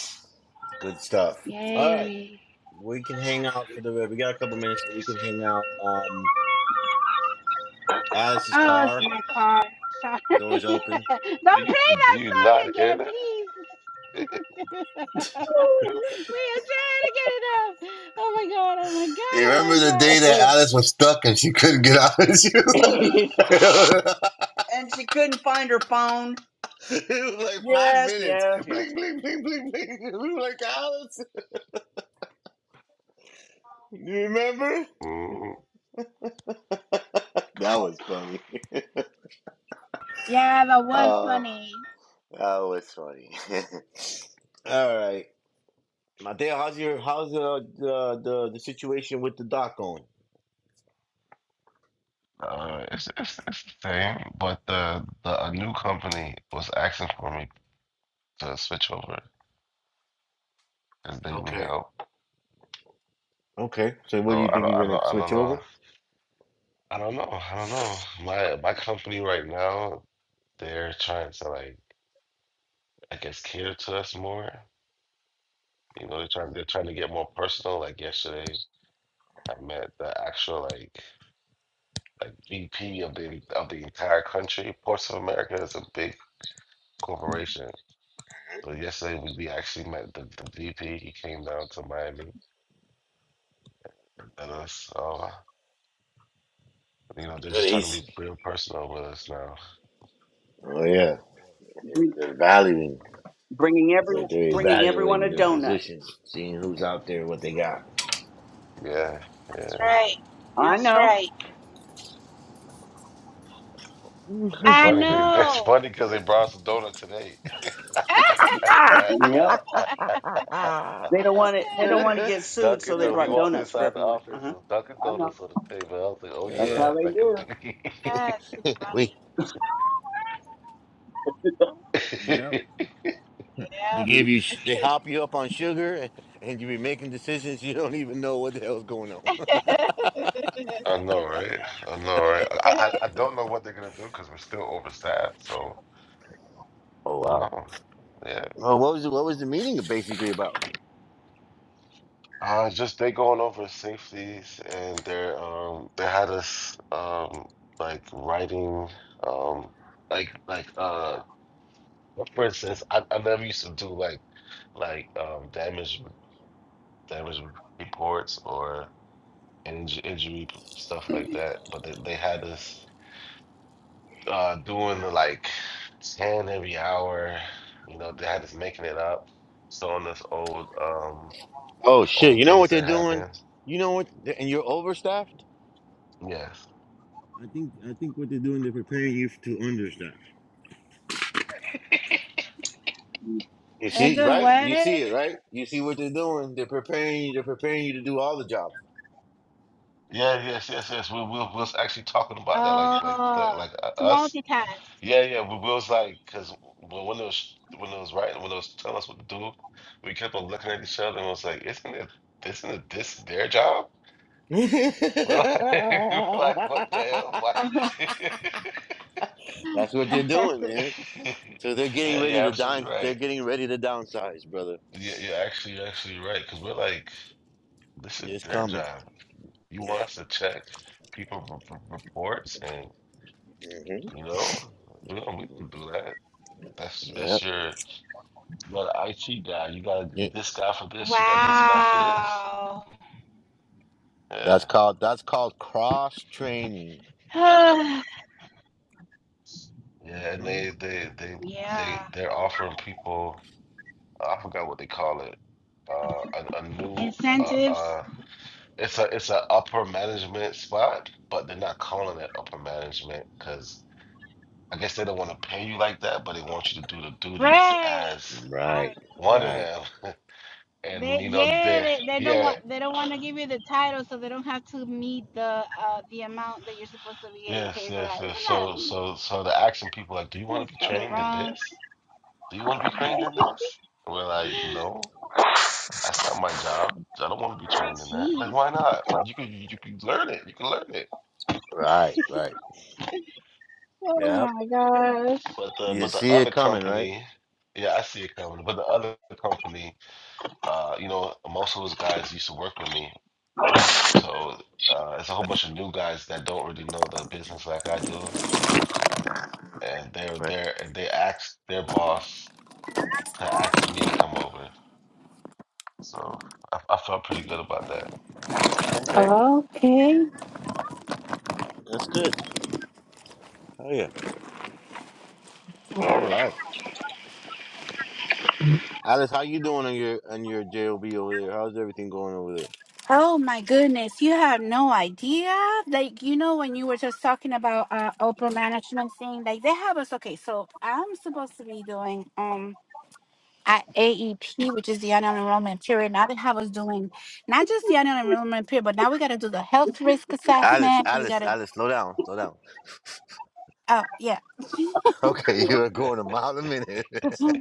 Speaker 2: Good stuff. All right.
Speaker 4: Yay.
Speaker 2: We can hang out for the we got a couple minutes so we can hang out. Um Alice's
Speaker 4: Oh, it's
Speaker 2: car,
Speaker 4: my car. Sorry. (laughs) Don't
Speaker 2: doors
Speaker 4: play
Speaker 2: open.
Speaker 8: do you
Speaker 4: that
Speaker 8: do you
Speaker 4: song
Speaker 8: not hear
Speaker 4: again,
Speaker 8: that?
Speaker 4: please. (laughs) we are
Speaker 8: (laughs)
Speaker 4: trying to get it up. Oh my god. Oh my
Speaker 2: You
Speaker 4: god. Oh
Speaker 2: remember
Speaker 4: my
Speaker 2: the
Speaker 4: god.
Speaker 2: day that Alice was stuck and she couldn't get out? (laughs) And she was
Speaker 7: (laughs)
Speaker 2: like, (laughs)
Speaker 7: and she couldn't find her phone.
Speaker 2: it was like five
Speaker 7: Yes,
Speaker 2: minutes.
Speaker 7: yes,
Speaker 2: Bling,
Speaker 7: yes.
Speaker 2: bling, bling, bling, bling. (laughs) We were like, Alice, you remember?
Speaker 8: Mm,
Speaker 2: That was funny. (laughs)
Speaker 4: Yeah, that was
Speaker 2: Oh,
Speaker 4: funny.
Speaker 2: that was funny. (laughs) All right. Mateo, how's your how's the the, the the situation with the doc going?
Speaker 8: uh, it's, it's it's the same, but the the a new company was asking for me to switch over because they need
Speaker 2: Okay.
Speaker 8: help.
Speaker 2: Okay. So what do
Speaker 8: So
Speaker 2: you
Speaker 8: I
Speaker 2: think
Speaker 8: don't I
Speaker 2: you're gonna
Speaker 8: don't I don't
Speaker 2: switch
Speaker 8: know
Speaker 2: over?
Speaker 8: I don't know. I don't know. My my company right now, they're trying to like, I guess, cater to us more. You know, they're trying they're trying to get more personal. Like yesterday, I met the actual like like VP of the of the entire country. Ports of America is a big corporation. So yesterday we, we actually met the, the VP. He came down to Miami and met us. So, you know, they're
Speaker 2: Good.
Speaker 8: just trying to be real personal with us now.
Speaker 2: Oh yeah.
Speaker 7: Bring,
Speaker 2: They're valuing.
Speaker 7: bringing
Speaker 2: It's
Speaker 7: every
Speaker 2: like they're
Speaker 8: hmm
Speaker 7: bringing everyone
Speaker 2: evaluating
Speaker 7: a
Speaker 2: their
Speaker 7: donut.
Speaker 2: position, seeing who's out there, what they got.
Speaker 8: Yeah,
Speaker 4: That's
Speaker 8: yeah.
Speaker 4: right.
Speaker 7: I
Speaker 4: That's
Speaker 7: know.
Speaker 4: right.
Speaker 8: It's
Speaker 4: I
Speaker 8: funny. They, (laughs) that's
Speaker 4: know.
Speaker 8: funny because they brought us a donut today.
Speaker 4: (laughs)
Speaker 7: Yep.
Speaker 8: (laughs)
Speaker 7: They don't want it. They don't want to get sued, so
Speaker 8: Dunkin'
Speaker 7: they
Speaker 8: Donuts. We
Speaker 7: brought
Speaker 8: walked
Speaker 7: donuts for
Speaker 8: inside the
Speaker 7: everyone. Uh
Speaker 8: office. It
Speaker 7: huh.
Speaker 8: was Dunkin'
Speaker 7: I know.
Speaker 8: Donuts on the table. I was like, "Oh
Speaker 7: That's
Speaker 2: Uh,
Speaker 8: yeah,
Speaker 7: how they
Speaker 8: Dunkin'
Speaker 7: do.
Speaker 8: Donuts."
Speaker 4: That's too
Speaker 2: we
Speaker 4: funny.
Speaker 2: they give you, sh- they hop you up on sugar, and, and you be making decisions you don't even know what the hell's going on.
Speaker 8: (laughs) I know, right? I know, right? I,
Speaker 4: Yep. (laughs)
Speaker 8: I I don't know what they're gonna do because we're still overstaffed. So I
Speaker 2: Oh
Speaker 8: don't
Speaker 2: wow!
Speaker 8: know. Yeah.
Speaker 2: Oh, what was the, what was the meeting basically about?
Speaker 8: Uh, just they going over safeties and they're um they had us um like writing um like like uh But for instance, I, I never used to do like like um damage damage reports or inj injury p- stuff like that. But they, they had us uh doing the like ten every hour. You know, they had us making it up, showing us old um
Speaker 2: Oh shit!
Speaker 8: old
Speaker 2: You know what
Speaker 8: things
Speaker 2: they're
Speaker 8: that
Speaker 2: doing?
Speaker 8: happened.
Speaker 2: You know what? And you're overstaffed.
Speaker 8: Yes.
Speaker 2: I think I think what they're doing, they're preparing you to understaff. You
Speaker 4: They're
Speaker 2: see,
Speaker 4: doing
Speaker 2: right? You
Speaker 4: what?
Speaker 2: see it, right? You see what they're doing. They're preparing you. They're preparing you to do all the jobs.
Speaker 8: Yeah, yes, yes, yes. We we we was actually talking about that, like, like,
Speaker 4: Oh,
Speaker 8: like, like uh,
Speaker 4: to
Speaker 8: us.
Speaker 4: multitask.
Speaker 8: Yeah, yeah. We, we was like, cause when when it was when it was writing, when it was telling us what to do, we kept on looking at each other and was like, isn't it isn't it this their job? We're like, (laughs) we're like, what the hell?
Speaker 2: (laughs)
Speaker 4: (laughs)
Speaker 8: Why? (laughs)
Speaker 2: That's what they're doing, man. So they're getting
Speaker 8: Yeah, you're
Speaker 2: ready to
Speaker 8: absolutely
Speaker 2: down. They're
Speaker 8: right.
Speaker 2: getting ready to downsize, brother.
Speaker 8: Yeah, you're actually you're actually right. Cause we're like, this is
Speaker 2: It's
Speaker 8: their
Speaker 2: coming.
Speaker 8: job. You want
Speaker 2: Yep.
Speaker 8: us to check people r r- reports and
Speaker 2: hmm
Speaker 8: you know, we don't we don't do that. That's that's
Speaker 2: Yep.
Speaker 8: your You got an IT guy. You got
Speaker 2: Yeah.
Speaker 8: this guy for this. You got this guy for this.
Speaker 4: wow.
Speaker 2: That's
Speaker 8: Yeah,
Speaker 2: called that's called cross training.
Speaker 4: (sighs)
Speaker 8: yeah. And
Speaker 2: hmm
Speaker 8: they they they
Speaker 4: yeah.
Speaker 8: they they're offering people. I forgot what they call it. Uh, a, a new uh,
Speaker 4: Incentives.
Speaker 8: uh it's a it's a upper management spot, but they're not calling it upper management because I guess they don't want to pay you like that, but they want you to do the duties
Speaker 4: Right.
Speaker 8: as
Speaker 4: I,
Speaker 2: Right.
Speaker 8: one of
Speaker 2: Right.
Speaker 8: them. (laughs) And
Speaker 4: they
Speaker 8: you know
Speaker 4: yeah
Speaker 8: they
Speaker 4: they, they don't
Speaker 8: yeah
Speaker 4: want they don't want to give you the title so they don't have to meet the uh the amount that you're supposed to be getting
Speaker 8: yes
Speaker 4: paid for that
Speaker 8: yes yes.
Speaker 4: isn't that
Speaker 8: So
Speaker 4: a,
Speaker 8: so so they're asking people like, do you
Speaker 4: this
Speaker 8: want to be
Speaker 4: so
Speaker 8: trained in
Speaker 4: wrong
Speaker 8: this? Do you want to be trained in this? And we're like, no, that's not my job. I don't want to be trained in that. Like,
Speaker 4: jeez
Speaker 8: why not? You can you can learn it. You can learn it.
Speaker 2: Right. Right. Yep.
Speaker 8: But the
Speaker 2: You
Speaker 8: but the
Speaker 2: see it
Speaker 8: other
Speaker 2: coming, right?
Speaker 8: company, yeah, I see it coming. But the other company, uh, you know, most of those guys used to work with me, so uh, it's a whole bunch of new guys that don't really know the business like I do, and they're
Speaker 2: Right.
Speaker 8: there and they asked their boss to ask me to come over. So I, I felt pretty good about that.
Speaker 2: Okay.
Speaker 4: Okay.
Speaker 2: That's good. Oh yeah. All right. Alice, how you doing on your on your job over there? How's everything going over there?
Speaker 4: Oh my goodness, you have no idea. Like, you know, when you were just talking about uh upper management thing, like they have us okay, so I'm supposed to be doing um at AEP, which is the annual enrollment period. Now they have us doing not just the annual enrollment period, but now we gotta do the health risk
Speaker 2: Alice,
Speaker 4: assessment. We
Speaker 2: Alice,
Speaker 4: gotta
Speaker 2: Alice, slow down, slow down.
Speaker 4: oh yeah.
Speaker 2: Okay, (laughs) you were going a mile a minute.
Speaker 4: (laughs)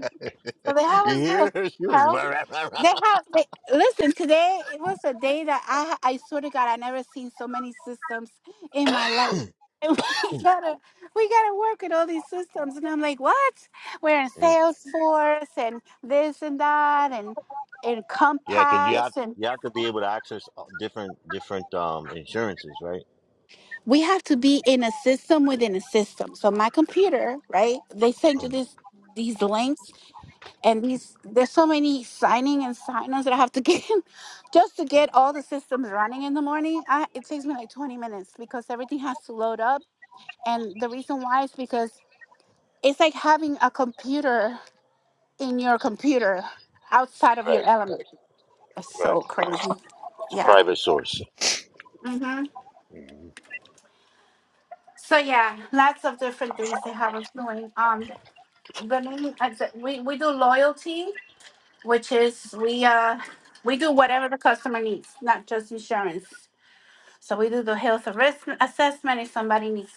Speaker 4: So they
Speaker 2: (laughs)
Speaker 4: have
Speaker 2: you
Speaker 4: a good
Speaker 2: hear her? She was
Speaker 4: health. They
Speaker 2: (coughs)
Speaker 4: have they, listen today. It was a day that I I swear to God I never seen so many systems in my life. And we (laughs) gotta we gotta work with all these systems. And I'm like, what? We're in
Speaker 2: Mm.
Speaker 4: Salesforce and this and that and and Compass
Speaker 2: yeah, because you have
Speaker 4: Yes. and
Speaker 2: you have to be able to access uh, different different um insurances, right?
Speaker 4: we have to be in a system within a system. So my computer, right? They send you
Speaker 2: Mm. (clears throat)
Speaker 4: this these links and these there's so many signing and sign-ons that I have to get (laughs) just to get all the systems running in the morning. I, it takes me like 20 minutes because everything has to load up, and the reason why is because it's like having a computer in your computer outside of your
Speaker 2: Right,
Speaker 4: element. It's
Speaker 2: right.
Speaker 4: so crazy.
Speaker 2: It's a
Speaker 4: Yeah.
Speaker 2: private source.
Speaker 4: hmm So yeah, lots of different things they have us doing. Um, the main uh, the- we we do loyalty, which is we uh we do whatever the customer needs, not just insurance. So we do the health risk assessment if somebody needs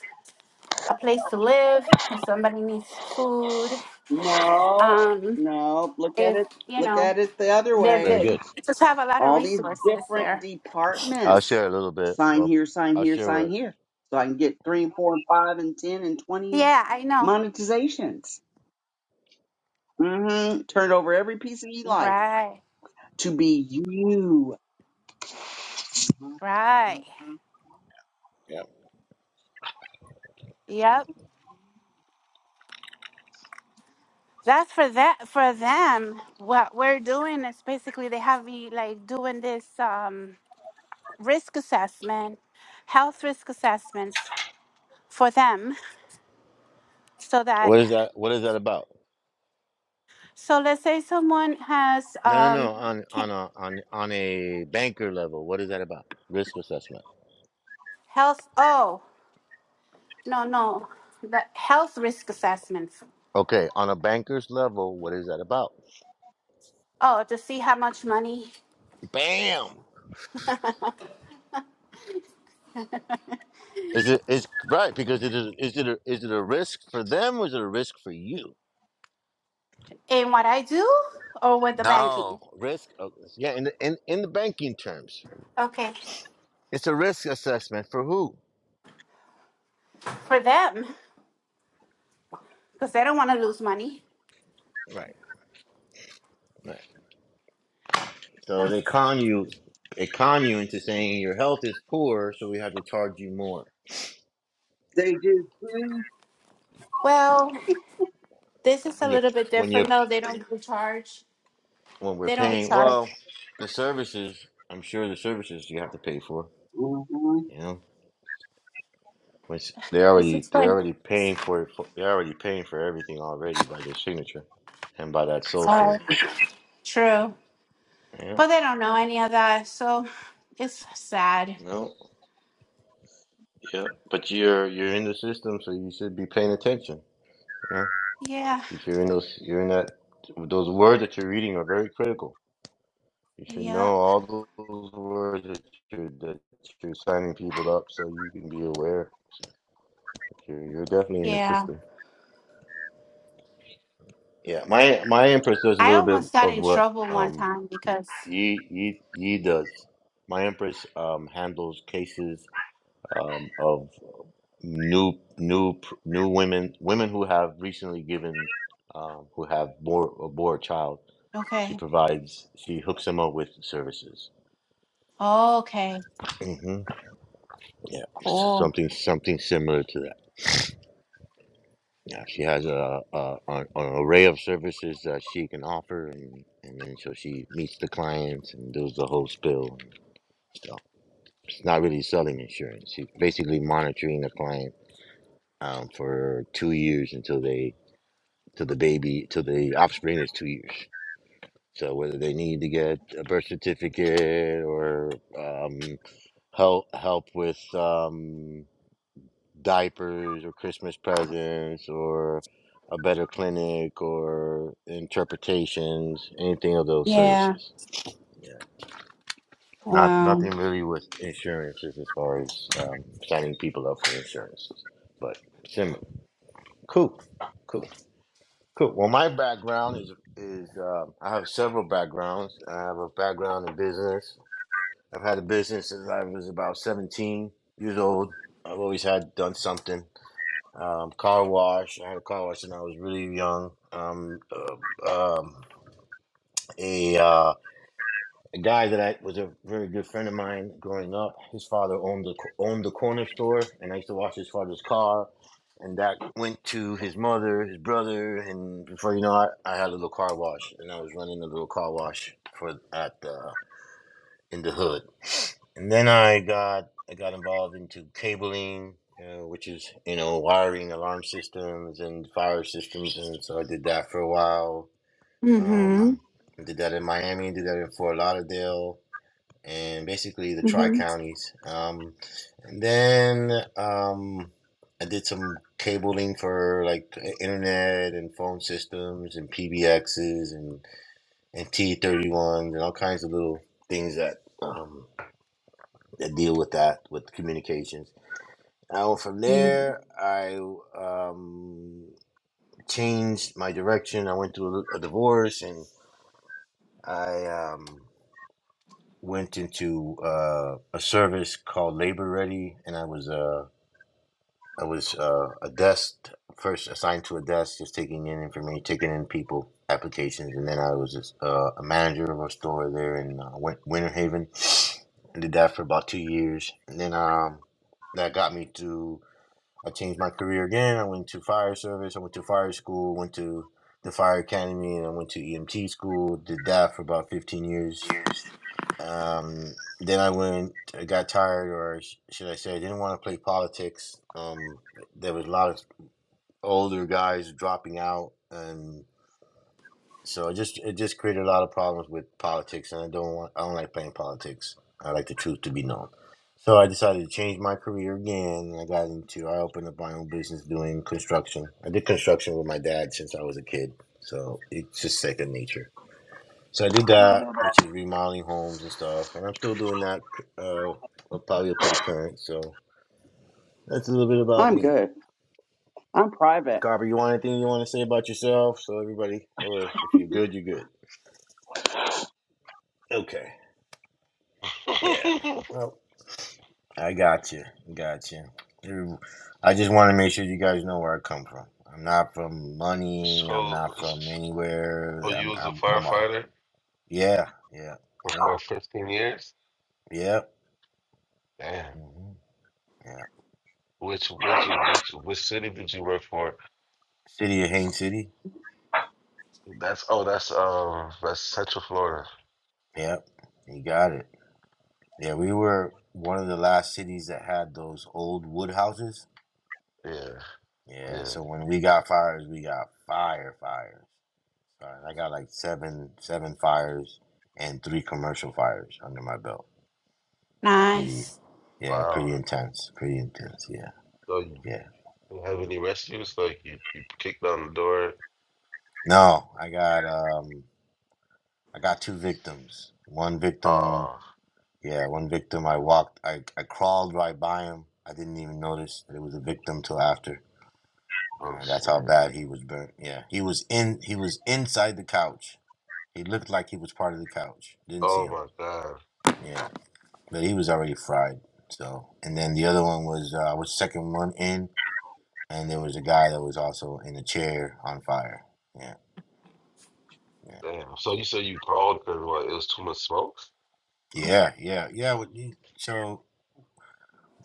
Speaker 4: a place to live, if somebody needs food,
Speaker 7: No,
Speaker 4: um,
Speaker 7: no. Look at
Speaker 4: if
Speaker 7: it.
Speaker 4: you
Speaker 7: Look
Speaker 4: know,
Speaker 7: at it the other
Speaker 4: they
Speaker 7: way.
Speaker 2: Very
Speaker 4: they
Speaker 2: good.
Speaker 4: just have a lot of
Speaker 7: All these
Speaker 4: resources
Speaker 7: different
Speaker 4: there.
Speaker 2: I'll
Speaker 7: departments.
Speaker 2: share a little bit.
Speaker 7: Sign
Speaker 2: Well,
Speaker 7: here. Sign
Speaker 2: I'll
Speaker 7: here.
Speaker 2: share
Speaker 7: Sign
Speaker 2: what.
Speaker 7: here. So I can get three and four and five and ten and twenty
Speaker 4: Yeah, I know.
Speaker 7: monetizations. hmm Turn over every piece of your life
Speaker 4: Right,
Speaker 7: to be you.
Speaker 4: right.
Speaker 7: Mhm.
Speaker 2: Yeah.
Speaker 4: Yep. That's for that for them. What we're doing is basically they have me like doing this um risk assessment, health risk assessments for them so that
Speaker 2: What is that? What is that about?
Speaker 4: so let's say someone has
Speaker 2: No, no, no.
Speaker 4: um
Speaker 2: On on a on on a banker level, what is that about? Risk assessment.
Speaker 4: Health, oh, no, no, the health risk assessments.
Speaker 2: Okay, on a banker's level, what is that about?
Speaker 4: Oh, to see how much money
Speaker 2: Bam! Is it is right because it is is it a, is it a risk for them or is it a risk for you?
Speaker 4: in what I do or with the banking?
Speaker 2: No risk. oh, Yeah, in the in, in the banking terms,
Speaker 4: Okay,
Speaker 2: it's a risk assessment for who?
Speaker 4: for them, because they don't want to lose money.
Speaker 2: Right, right. So they con you, they con you into saying your health is poor, so we have to charge you more
Speaker 7: They just do.
Speaker 4: Well, this is a
Speaker 2: when you
Speaker 4: little bit
Speaker 2: when you
Speaker 4: different though. They don't do charge.
Speaker 2: when we're
Speaker 4: They don't
Speaker 2: paying.
Speaker 4: charge.
Speaker 2: Well, the services. I'm sure the services you have to pay for.
Speaker 7: hmm
Speaker 2: you know. Which they
Speaker 4: This
Speaker 2: already
Speaker 4: is
Speaker 2: they're
Speaker 4: like
Speaker 2: already paying for it. For, they're already paying for everything already by their signature and by that social.
Speaker 4: true,
Speaker 2: Yeah.
Speaker 4: but they don't know any of that, so it's sad.
Speaker 2: No. Yeah. But you're you're in the system, so you should be paying attention. You know,
Speaker 4: Yeah,
Speaker 2: if you're in those you're in that those words that you're reading are very critical. You should
Speaker 4: yeah,
Speaker 2: know all those words that you're that you're signing people up, so you can be aware. You're, you're definitely in the
Speaker 4: yeah.
Speaker 2: system. Yeah. My my input is a
Speaker 4: I
Speaker 2: little bit
Speaker 4: almost got
Speaker 2: of
Speaker 4: in
Speaker 2: what
Speaker 4: trouble one
Speaker 2: um
Speaker 4: time because
Speaker 2: Yi Yi Yi does. My Empress um, handles cases um, of new new pr- new women women who have recently given um, who have bore bore a child. She
Speaker 4: okay,
Speaker 2: provides she hooks them up with services.
Speaker 4: okay.
Speaker 2: hmm Yeah,
Speaker 4: Cool.
Speaker 2: something something similar to that. Yeah, she has a, a an an array of services that she can offer, and and then so she meets the clients and does the whole spill. and stuff. It's not really selling insurance. He's basically monitoring the client um, for two years until they, till the baby, till the offspring is two years. So whether they need to get a birth certificate or um, help help with um, diapers or Christmas presents or a better clinic or interpretations, anything of those
Speaker 4: Yeah.
Speaker 2: services. Yeah. Not nothing
Speaker 4: Wow.
Speaker 2: really with insurances as far as um, signing people up for insurances, but similar. Cool, cool, cool. Well, my background is is um, I have several backgrounds. I have a background in business. I've had a business since I was about seventeen years old. I've always had done something. Um, car wash. I had a car wash when I was really young. Um, uh, um, a uh, a guy that I was a very good friend of mine growing up. His father owned the owned the corner store, and I used to wash his father's car. And that went to his mother, his brother, and before you know it, I had a little car wash, and I was running a little car wash for at uh, in the hood. And then I got I got involved into cabling, uh, which is you know wiring alarm systems and fire systems, and so I did that for a while.
Speaker 4: Mm-hmm.
Speaker 2: Um, I did that in Miami, did that in Fort Lauderdale and basically the Tri
Speaker 4: Mm-hmm.
Speaker 2: Counties. Um, and then um, I did some cabling for like internet and phone systems and PBXs and and T31s and all kinds of little things that um, that deal with that with communications. Now from there, I um, changed my direction. I went through a, a divorce and I. Um, went into uh, a service called Labor Ready, and I was uh, I was uh, a desk first assigned to a desk, just taking in information, taking in people applications, and then I was just, uh, a manager of a store there in uh, Win- Winter Haven. I did that for about two years, and then um, that got me to. I changed my career again. I went to fire service. I went to fire school. Went to the fire academy, and I went to EMT school. Did that for about fifteen years um, then I went, I got tired, or sh- should I say, I didn't want to play politics. Um, there was a lot of older guys dropping out, and so it just it just created a lot of problems with politics, and I don't want I don't like playing politics. I like the truth to be known. So I decided to change my career again. and I got into I opened up my own business doing construction. I did construction with my dad since I was a kid, so it's just second nature. So I did that, which is remodeling homes and stuff, and I'm still doing that, uh, up- probably up to the current. So that's a little bit about
Speaker 7: I'm
Speaker 2: me.
Speaker 7: good. I'm private.
Speaker 2: Carver, you want anything you want to say about yourself? So everybody, or if you're good, you're good. Okay. Yeah.
Speaker 8: (laughs)
Speaker 2: Well, I got you. Got you. You- I just want to make sure you guys know where I come from. I'm not from money. I'm not
Speaker 8: So,
Speaker 2: from anywhere.
Speaker 8: Oh, you
Speaker 2: I'm.
Speaker 8: was a
Speaker 2: I'm. I'm a.
Speaker 8: firefighter
Speaker 2: Yeah. Yeah.
Speaker 8: for,
Speaker 2: Yep.
Speaker 8: for 15 years?
Speaker 2: Yep.
Speaker 8: Damn.
Speaker 2: hmm Yeah.
Speaker 8: Which which which which city did you work for?
Speaker 2: City of Haines City.
Speaker 8: That's oh that's um that's Central Florida.
Speaker 2: Yep. You got it. Yeah, we were one of the last cities that had those old wood houses.
Speaker 8: Yeah,
Speaker 2: Yeah,
Speaker 8: yeah.
Speaker 2: so when we got fires, we got fire fires. So I got like seven seven fires and three commercial fires under my belt. It's pretty,
Speaker 4: Nice.
Speaker 2: yeah,
Speaker 8: Wow.
Speaker 2: pretty intense. Pretty intense. Yeah,
Speaker 8: So you
Speaker 2: yeah.
Speaker 8: didn't have any rescues? Like you, you kicked down the door.
Speaker 2: No, I got um, I got two victims. One victim,
Speaker 8: Oh,
Speaker 2: yeah, one victim. I walked, I I crawled right by him. I didn't even notice that it was a victim till after.
Speaker 8: oh
Speaker 2: Uh, that's how
Speaker 8: shit.
Speaker 2: bad he was burnt. Yeah, he was in. He was inside the couch. He looked like he was part of the couch. Didn't see
Speaker 8: Oh
Speaker 2: him.
Speaker 8: my god.
Speaker 2: Yeah, but he was already fried. So, and then the other one was uh, I was second one in, and there was a guy that was also in a chair on fire. Yeah, yeah,
Speaker 8: Damn. So you said you called because what, it was too much smoke?
Speaker 2: yeah, yeah, yeah. what you- So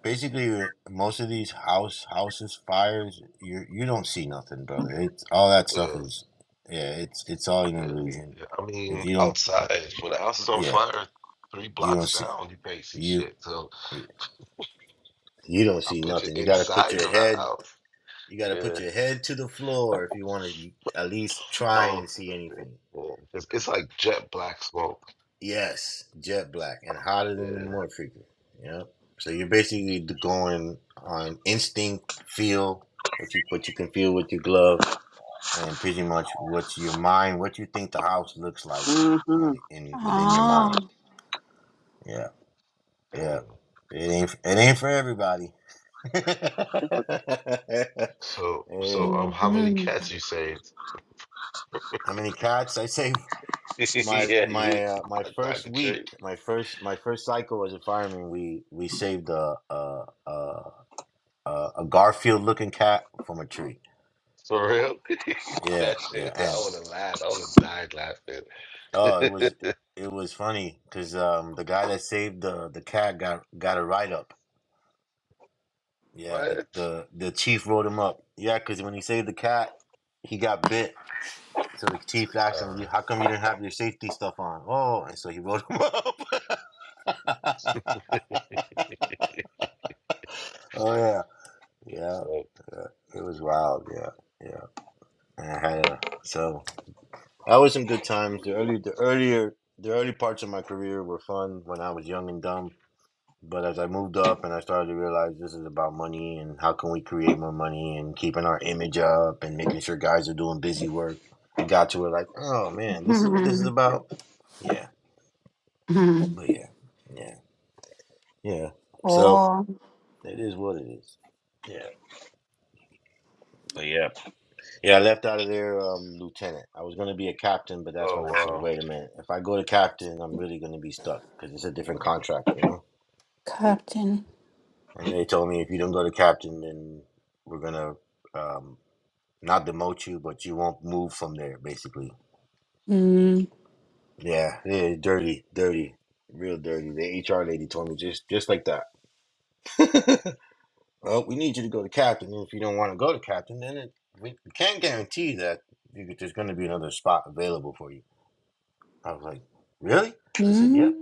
Speaker 2: basically, uh, most of these house houses fires, you you don't see nothing, brother. It's all that stuff
Speaker 8: Yeah,
Speaker 2: is, yeah. It's it's all an
Speaker 8: yeah,
Speaker 2: illusion.
Speaker 8: yeah. I
Speaker 2: If
Speaker 8: mean
Speaker 2: you don't,
Speaker 8: outside. When the house is on
Speaker 2: yeah,
Speaker 8: fire, three
Speaker 2: you don't
Speaker 8: blocks
Speaker 2: see.
Speaker 8: down, you can't see
Speaker 2: You
Speaker 8: shit. So
Speaker 2: you don't
Speaker 8: I
Speaker 2: see
Speaker 8: picture
Speaker 2: nothing. You got to put
Speaker 8: inside
Speaker 2: your
Speaker 8: of that
Speaker 2: head.
Speaker 8: house.
Speaker 2: You got to put
Speaker 8: Yeah.
Speaker 2: your head to the floor if you want to at least try
Speaker 8: Oh,
Speaker 2: and
Speaker 8: okay.
Speaker 2: see anything.
Speaker 8: yeah. It's, it's like jet black smoke.
Speaker 2: Yes, jet black and hotter than the
Speaker 8: Yeah.
Speaker 2: mud Yeah. So you're basically going on instinct, feel what you what you can feel with your glove, and pretty much what's your mind, what you think the house looks like
Speaker 7: hmm
Speaker 2: on in within your mind.
Speaker 4: Oh.
Speaker 2: Yeah,
Speaker 8: yeah.
Speaker 2: yeah. It ain't it ain't for everybody. (laughs)
Speaker 8: So,
Speaker 2: It
Speaker 8: so
Speaker 2: ain't.
Speaker 8: um, how many
Speaker 4: Mm-hmm.
Speaker 8: cats you saved?
Speaker 2: How many cats? I say
Speaker 8: (laughs)
Speaker 2: my
Speaker 8: yeah, you.
Speaker 2: my uh, my
Speaker 8: I got
Speaker 2: first
Speaker 8: the
Speaker 2: week,
Speaker 8: treat.
Speaker 2: my first my first cycle as a fireman, we we saved a a a, a Garfield looking cat from a tree.
Speaker 8: For real? (laughs)
Speaker 2: Yeah,
Speaker 8: that
Speaker 2: yeah,
Speaker 8: shit. I
Speaker 2: and
Speaker 8: would have laughed. I would have died laughing.
Speaker 2: oh, it
Speaker 8: (laughs)
Speaker 2: was it was funny because um the guy that saved the the cat got got a write up. Yeah, the
Speaker 8: what?
Speaker 2: the the chief wrote him up. Yeah, because when he saved the cat, he got bit. So the chief asked him,
Speaker 8: Uh,
Speaker 2: "You, how come you didn't have your safety stuff on?" Oh, and so he wrote him up. (laughs) oh yeah,
Speaker 8: yeah,
Speaker 2: yeah,
Speaker 8: so,
Speaker 2: yeah. It was wild. Yeah, yeah. And I had a so that was some good times. The early, the earlier, the early parts of my career were fun when I was young and dumb. But as I moved up and I started to realize this is about money and how can we create more money and keeping our image up and making sure guys are doing busy work, it got to where like, oh man, this is what this is
Speaker 4: (laughs)
Speaker 2: about. Yeah,
Speaker 4: Mm-hmm.
Speaker 2: but yeah, yeah, yeah. So
Speaker 4: Cool.
Speaker 2: it is what it is. Yeah, but yeah, yeah. I left out of there, um, lieutenant. I was gonna be a captain, but that's when I said,
Speaker 8: oh
Speaker 2: wait a minute, if I go to captain, I'm really gonna be stuck because it's a different contract, you know.
Speaker 8: wow. Mm,
Speaker 4: Captain.
Speaker 2: And they told me if you don't go to captain, then we're gonna um, not demote you, but you won't move from there, basically.
Speaker 4: Mm-hmm.
Speaker 2: Yeah, yeah, dirty, dirty, real dirty. The HR lady told me just just like that. (laughs) well, we need you to go to captain. and If you don't want to go to captain, then it, we can't guarantee that you, could- there's going to be another spot available for you. I was like, really? She said, yep.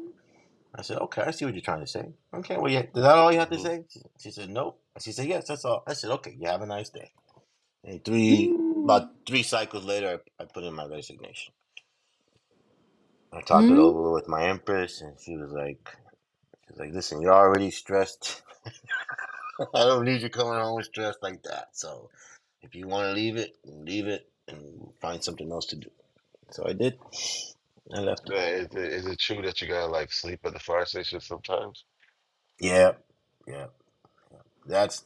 Speaker 2: I said, okay, I see what you're trying to say. Okay, well, yeah, is that all you have to
Speaker 8: Mm-hmm.
Speaker 2: say? She, she said, no. She said, yes, that's all. I said, okay, you have a nice day. And three, about three cycles later, I, I put in my resignation. I talked it
Speaker 4: Mm-hmm.
Speaker 2: over with my empress, and she was like, she was like, listen, you're already stressed. (laughs) I don't need you coming home stressed like that. So if you want to leave it, leave it, and find something else to do. So I did. I left it.
Speaker 8: Is, it, is it true that you gotta like sleep at the fire station sometimes?
Speaker 2: Yeah, yeah. That's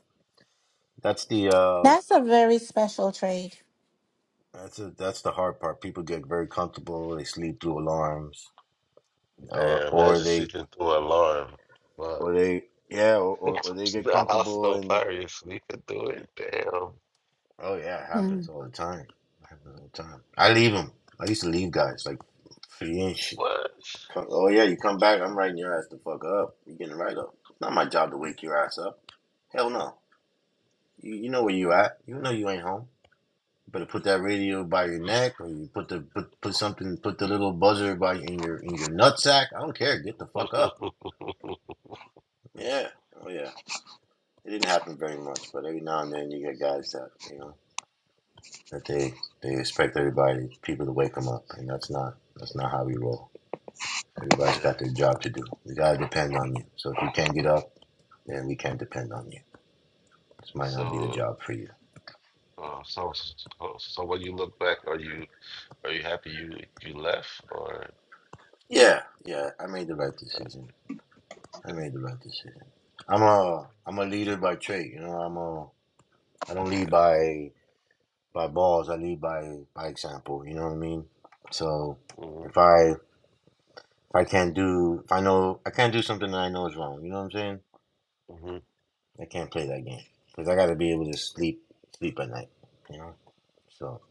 Speaker 2: that's the uh
Speaker 4: That's a very special trade.
Speaker 2: that's a, that's the hard part. People get very comfortable. They sleep through alarms, or
Speaker 8: Damn,
Speaker 2: or
Speaker 8: imagine
Speaker 2: they
Speaker 8: sleeping through an alarm. Fuck.
Speaker 2: or they yeah, or,
Speaker 8: (laughs)
Speaker 2: or, or they get
Speaker 8: The house is
Speaker 2: comfortable
Speaker 8: on
Speaker 2: and.
Speaker 8: fire. You're sleeping through it. Damn.
Speaker 2: Oh yeah, it happens
Speaker 4: Mhm.
Speaker 2: all the time. It happens all the time. I leave them. I used to leave guys like free and shit.
Speaker 8: What?
Speaker 2: Fuck, Oh yeah, you come back. I'm writing your ass the fuck up. You getting right up. It's not my job to wake your ass up. Hell no. You, you know where you at. You know you ain't home. You better put that radio by your neck, or you put the put, put something put the little buzzer by in your in your nutsack. I don't care. Get the fuck up.
Speaker 8: (laughs)
Speaker 2: Yeah. Oh yeah. It didn't happen very much, but every now and then you get guys that you know. that they they expect everybody people to wake them up, and that's not that's not how we roll. Everybody's
Speaker 8: Yeah.
Speaker 2: got their job to do. We gotta depend on you. So if you can't get up, then we can't depend on you. This might not be the
Speaker 8: So,
Speaker 2: job for you.
Speaker 8: uh, so, so, so when you look back, are you are you happy you you left or
Speaker 2: Yeah, yeah, I made the right
Speaker 8: that,
Speaker 2: decision.
Speaker 8: that's
Speaker 2: I
Speaker 8: good.
Speaker 2: made the right decision. I'm a I'm a leader by trait. You know, I'm a I don't
Speaker 8: That's
Speaker 2: lead
Speaker 8: good.
Speaker 2: by by balls. I lead by by example. You know what I mean? So
Speaker 8: Mm-hmm.
Speaker 2: if I if I can't do if I know I can't do something that I know is wrong. You know what I'm saying?
Speaker 8: Mm-hmm.
Speaker 2: I can't play that game because I got to be able to sleep sleep at night. You know, so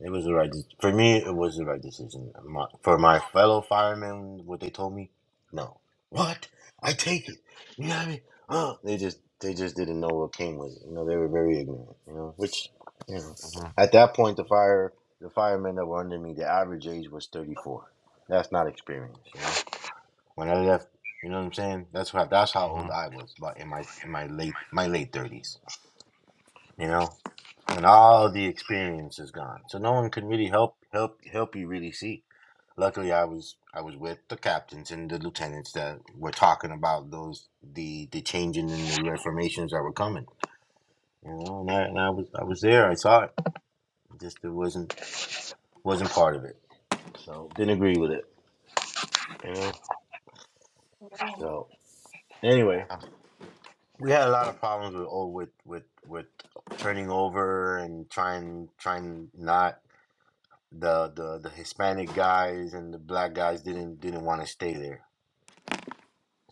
Speaker 2: it was the right for me. It was the right decision. My, for my fellow firemen, what they told me, no, what I take it. You know what I mean? Uh, they just they just didn't know what came with it. You know, they were very ignorant. You know, which you know,
Speaker 8: Mm-hmm.
Speaker 2: at that point, the fire the firemen that were under me, the average age was thirty four. That's not experience. You know when I left, you know what I'm saying? That's how that's how old
Speaker 8: Mm-hmm.
Speaker 2: I was, about in my in my late my late thirties. You know? And all the experience is gone. So no one can really help help help you really see. Luckily I was I was with the captains and the lieutenants that were talking about those the the changing and the reformations that were coming. You know, and I, and I was I was there, I saw it. Just it wasn't wasn't part of it. So didn't agree with it. You know? So anyway, we had a lot of problems with oh, with with with turning over and trying trying not the the the Hispanic guys and the black guys didn't didn't want to stay there,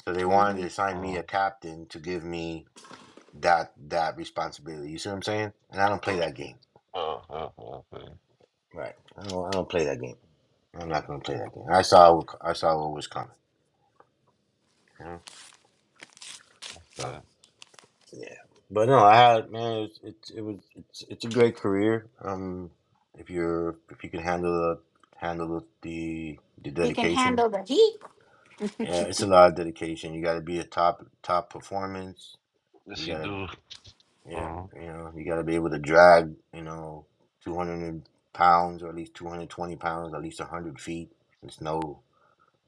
Speaker 2: so they wanted to
Speaker 4: Mhm.
Speaker 2: assign me
Speaker 8: Uh,
Speaker 2: a captain to give me that that responsibility. You see what I'm saying? And I don't play that game.
Speaker 8: uh, uh, uh, okay.
Speaker 2: Right. I don't I don't play that game. I'm not gonna play that game. I saw I saw what was coming. You know? So
Speaker 8: Good.
Speaker 2: Yeah, but no, I had man. It's it's it was it's it's a great career. Um, if you're if you can handle the handle the the
Speaker 4: You can
Speaker 2: dedication,
Speaker 4: handle the heat.
Speaker 2: yeah, it's a lot of dedication. You got to be a top top performance.
Speaker 8: Yes,
Speaker 2: You
Speaker 8: you
Speaker 2: got to
Speaker 8: do.
Speaker 2: yeah,
Speaker 8: Mm-hmm.
Speaker 2: you know, you got to be able to drag you know two hundred pounds or at least two hundred twenty pounds, at least one hundred feet in snow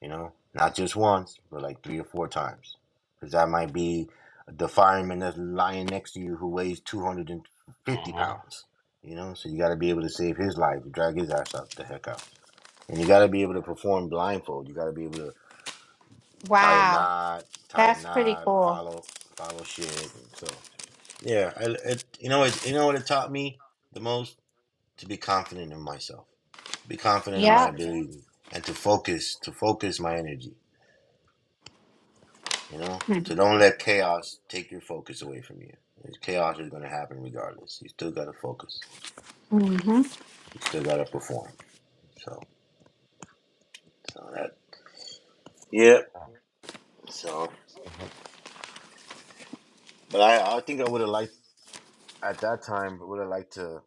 Speaker 2: you know, not just once, but like three or four times. Because that might be the fireman that's lying next to you who weighs 250
Speaker 8: Mm-hmm.
Speaker 2: pounds, you know, so you got to be able to save his life, drag his ass out the heck out. And you got to be able to perform blindfold. You got to be able to tie a
Speaker 4: Wow.
Speaker 2: knot, tie a
Speaker 4: That's pretty
Speaker 2: knot,
Speaker 4: cool.
Speaker 2: follow, follow shit. And so, yeah, I, it, you know, it, you know what it taught me the most to be confident in myself, be confident in my
Speaker 4: Yep.
Speaker 2: ability, and to focus, to focus my energy You know, so don't let chaos take your focus away from you. Chaos is going to happen regardless. You still got to focus.
Speaker 4: Mm-hmm.
Speaker 2: You still got to perform. So, so that. Yeah. So,
Speaker 8: Mm-hmm.
Speaker 2: but I, I think I would have liked at that time. Would have liked to.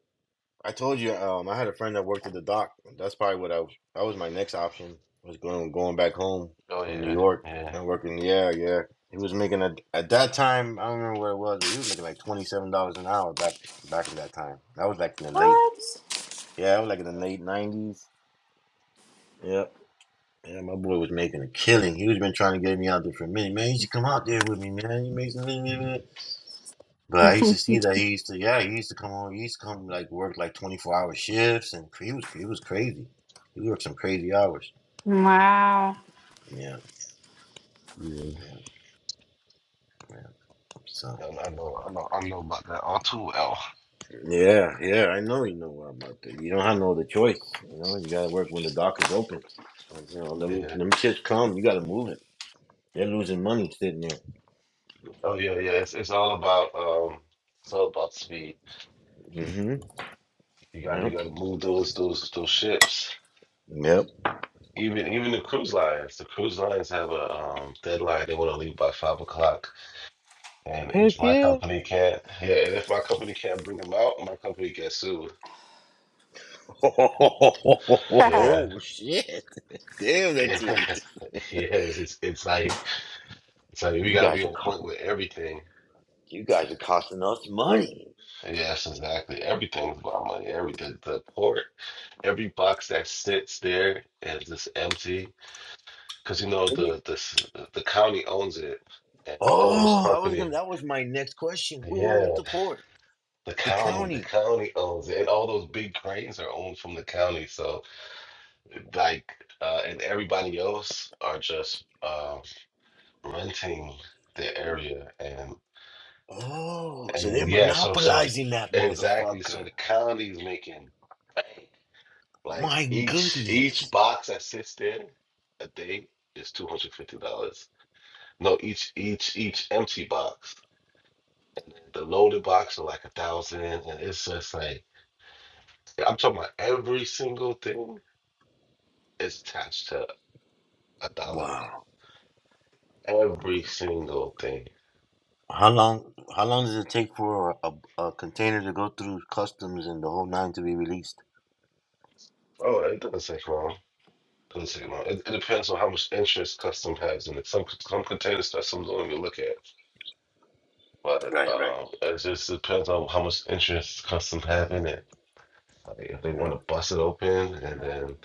Speaker 2: I told you, um, I had a friend that worked at the dock. That's probably what I. That was my next option. Was going going back home
Speaker 8: Oh
Speaker 2: from New
Speaker 8: yeah.
Speaker 2: York
Speaker 8: Yeah.
Speaker 2: and working. Yeah, yeah. He was making a at that time. I don't remember what it was, but he was making like twenty seven dollars an hour back back in that time. That was like in the late
Speaker 4: What?
Speaker 2: Yeah, I was like in the late nineties. Yep. Yeah, my boy was making a killing. He was been trying to get me out there for a minute. Man, you should come out there with me, man. You make some But I used to
Speaker 4: (laughs)
Speaker 2: see that he used to yeah, he used to come on he used to come like work like twenty four hour shifts and he was he was crazy. He worked some crazy hours.
Speaker 4: wow.
Speaker 2: Yeah,
Speaker 8: Yeah.
Speaker 2: yeah, yeah. So
Speaker 8: I I know. I know. I know about that. R two L.
Speaker 2: Yeah, yeah, I know you know about that. You don't have no other choice. You know, you gotta work when the dock is open. Like, You know, them
Speaker 8: Yeah.
Speaker 2: them shits come, you gotta move it. They're losing money sitting there.
Speaker 8: Oh yeah, yeah. It's it's all about um it's all about speed.
Speaker 2: Mm-hmm.
Speaker 8: You gotta you
Speaker 2: Yep.
Speaker 8: gotta move those those those ships.
Speaker 2: Yep.
Speaker 8: Even even the cruise lines. The cruise lines have a um deadline. They wanna leave by five o'clock. And if
Speaker 2: Heck
Speaker 8: my
Speaker 2: yeah.
Speaker 8: company can't yeah, and if my company can't bring them out, my company gets sued.
Speaker 2: (laughs)
Speaker 4: (laughs)
Speaker 8: Yeah.
Speaker 2: Oh shit. (laughs) Damn that's serious.
Speaker 8: (laughs) Yeah. Yes, it's it's like it's like we
Speaker 2: You
Speaker 8: gotta
Speaker 2: guys
Speaker 8: be
Speaker 2: are
Speaker 8: on point
Speaker 2: co-
Speaker 8: with everything.
Speaker 2: you guys are costing us money.
Speaker 8: Yes, exactly. Everything's about money. Every the, the port, every box that sits there is just empty because you know
Speaker 2: Maybe-
Speaker 8: the the the county owns it, and all those
Speaker 2: Oh, I was
Speaker 8: company.
Speaker 2: gonna that was my next question. Who owns
Speaker 8: Yeah,
Speaker 2: the port?
Speaker 8: the
Speaker 2: The
Speaker 8: county, the
Speaker 2: county.
Speaker 8: county owns it, and all those big cranes are owned from the county. So, like, uh, and everybody else are just uh, renting the area, and
Speaker 2: Oh, so they're
Speaker 8: and yeah, so so
Speaker 2: monopolizing that
Speaker 8: exactly. So
Speaker 2: motherfucker.
Speaker 8: the county is making bank. Like
Speaker 2: My
Speaker 8: each each
Speaker 2: goodness.
Speaker 8: box that sits there a day is two hundred fifty dollars. No, each each each empty box The loaded box are like a thousand, and it's just like I'm talking about every single thing is attached to a dollar.
Speaker 2: Wow.
Speaker 8: Every single thing.
Speaker 2: How long how long does it take for a, a container to go through customs and the whole nine to be released?
Speaker 8: Oh, it doesn't take long. doesn't take long. It, it depends on how much interest custom has in it. Some some containers customs don't even look at, but
Speaker 2: Right, right.
Speaker 8: um, it just depends on how much interest custom have in it. Like if they
Speaker 2: Mm,
Speaker 8: want to bust it open and then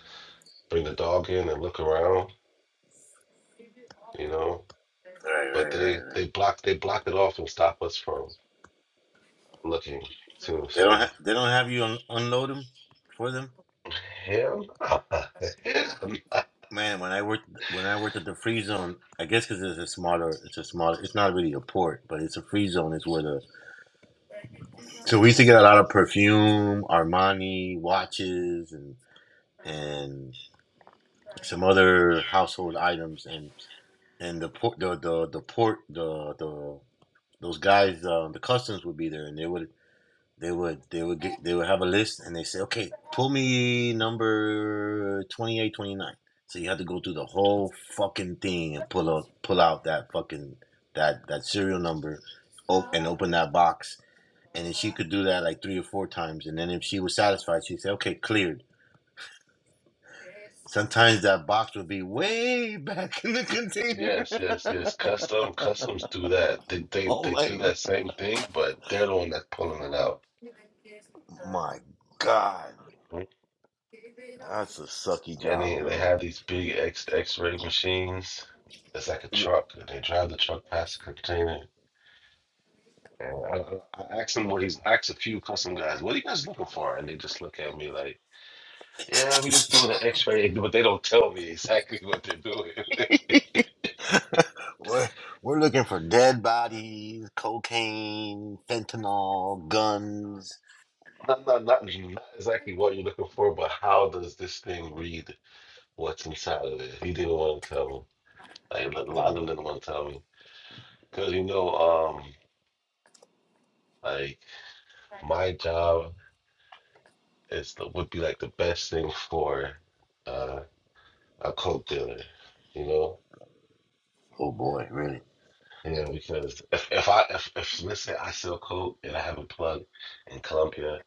Speaker 8: bring the dog in and look around, you know.
Speaker 2: Right,
Speaker 8: But
Speaker 2: right, right,
Speaker 8: they
Speaker 2: right.
Speaker 8: they block they block it off and stop us from looking too.
Speaker 2: They don't
Speaker 8: So
Speaker 2: have they don't have you un- unload them for them.
Speaker 8: hell, no. (laughs) Hell no.
Speaker 2: Man, when I worked when I worked at the free zone, I guess because it's a smaller, it's a smaller, it's not really a port, but it's a free zone. Is where the so we used to get a lot of perfume, Armani watches, and and some other household items, and and the port the the the port the the those guys uh, the customs would be there, and they would They would they would get they would have a list and they say, okay, pull me number 28, 29. So you had to go through the whole fucking thing and pull out pull out that fucking that that serial number, op- and open that box. And then she could do that like three or four times. And then if she was satisfied, she'd say, okay, cleared. Sometimes that box would be way (laughs) back in the container.
Speaker 8: yes, yes, yes. Custom customs do that. They
Speaker 2: (laughs)
Speaker 8: they
Speaker 2: oh
Speaker 8: they
Speaker 2: my,
Speaker 8: do
Speaker 2: g-
Speaker 8: that same thing, but they're the one that's pulling it out.
Speaker 2: my God,
Speaker 8: Mhm.
Speaker 2: that's a sucky
Speaker 8: And
Speaker 2: job,
Speaker 8: they they
Speaker 2: bro.
Speaker 8: have these big X X ray machines. It's like a truck, and they drive the truck past the container. And I, I I asked them what he's asked a few custom guys, what are you guys looking for? And they just look at me like, yeah, we just doing an X ray, (laughs) but they don't tell me exactly what they're doing. (laughs)
Speaker 2: (laughs) We're, we're looking for dead bodies, cocaine, fentanyl, guns.
Speaker 8: Not, not, not, not exactly what you're looking for, but how does this thing read what's inside of it? He didn't want to tell me. Like, a lot of
Speaker 2: Mm,
Speaker 8: them didn't want to tell me. Because, you know, um, like, my job is the, would be like the best thing for uh, a coke dealer, you know?
Speaker 2: Oh boy, really?
Speaker 8: Yeah, because if, if I, if, if, let's say I sell coke and I have a plug in Colombia,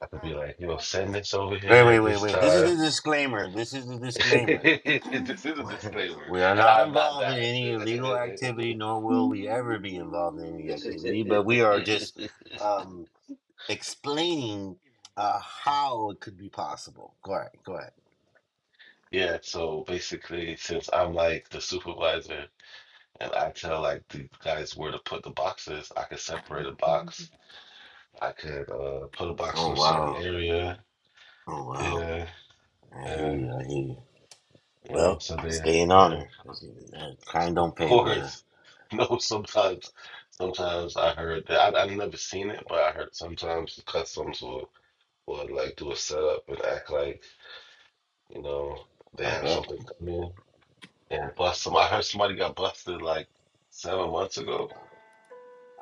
Speaker 8: I could be like, you know, send this over
Speaker 2: Wait,
Speaker 8: here
Speaker 2: wait,
Speaker 8: at
Speaker 2: wait,
Speaker 8: this
Speaker 2: wait. This is
Speaker 8: time.
Speaker 2: the disclaimer. This is the
Speaker 8: (laughs)
Speaker 2: disclaimer.
Speaker 8: this is a
Speaker 2: (laughs)
Speaker 8: disclaimer,
Speaker 2: We are
Speaker 8: and
Speaker 2: not
Speaker 8: I'm not
Speaker 2: involved in
Speaker 8: that.
Speaker 2: any illegal activity,
Speaker 8: (laughs)
Speaker 2: nor will we ever be involved in any activity, but we are just um, explaining uh, how it could be possible. Go ahead, go ahead.
Speaker 8: Yeah, so basically, since I'm like the supervisor and I tell like these guys where to put the boxes, I could separate a box. I could uh put a box in
Speaker 2: Oh,
Speaker 8: a certain
Speaker 2: wow.
Speaker 8: area.
Speaker 2: Oh, wow.
Speaker 8: Yeah,
Speaker 2: I hear
Speaker 8: yeah,
Speaker 2: you, I hear you.
Speaker 8: yeah.
Speaker 2: Well,
Speaker 8: So they,
Speaker 2: stay in
Speaker 8: yeah,
Speaker 2: honor. Man, Crime
Speaker 8: of
Speaker 2: don't pay, brother.
Speaker 8: course. (laughs) No, sometimes, sometimes I heard that I, I've never seen it, but I heard sometimes the customs will or like do a setup and act like you know they
Speaker 2: I
Speaker 8: have
Speaker 2: bet.
Speaker 8: something coming and bust some. I heard somebody got busted like seven months ago,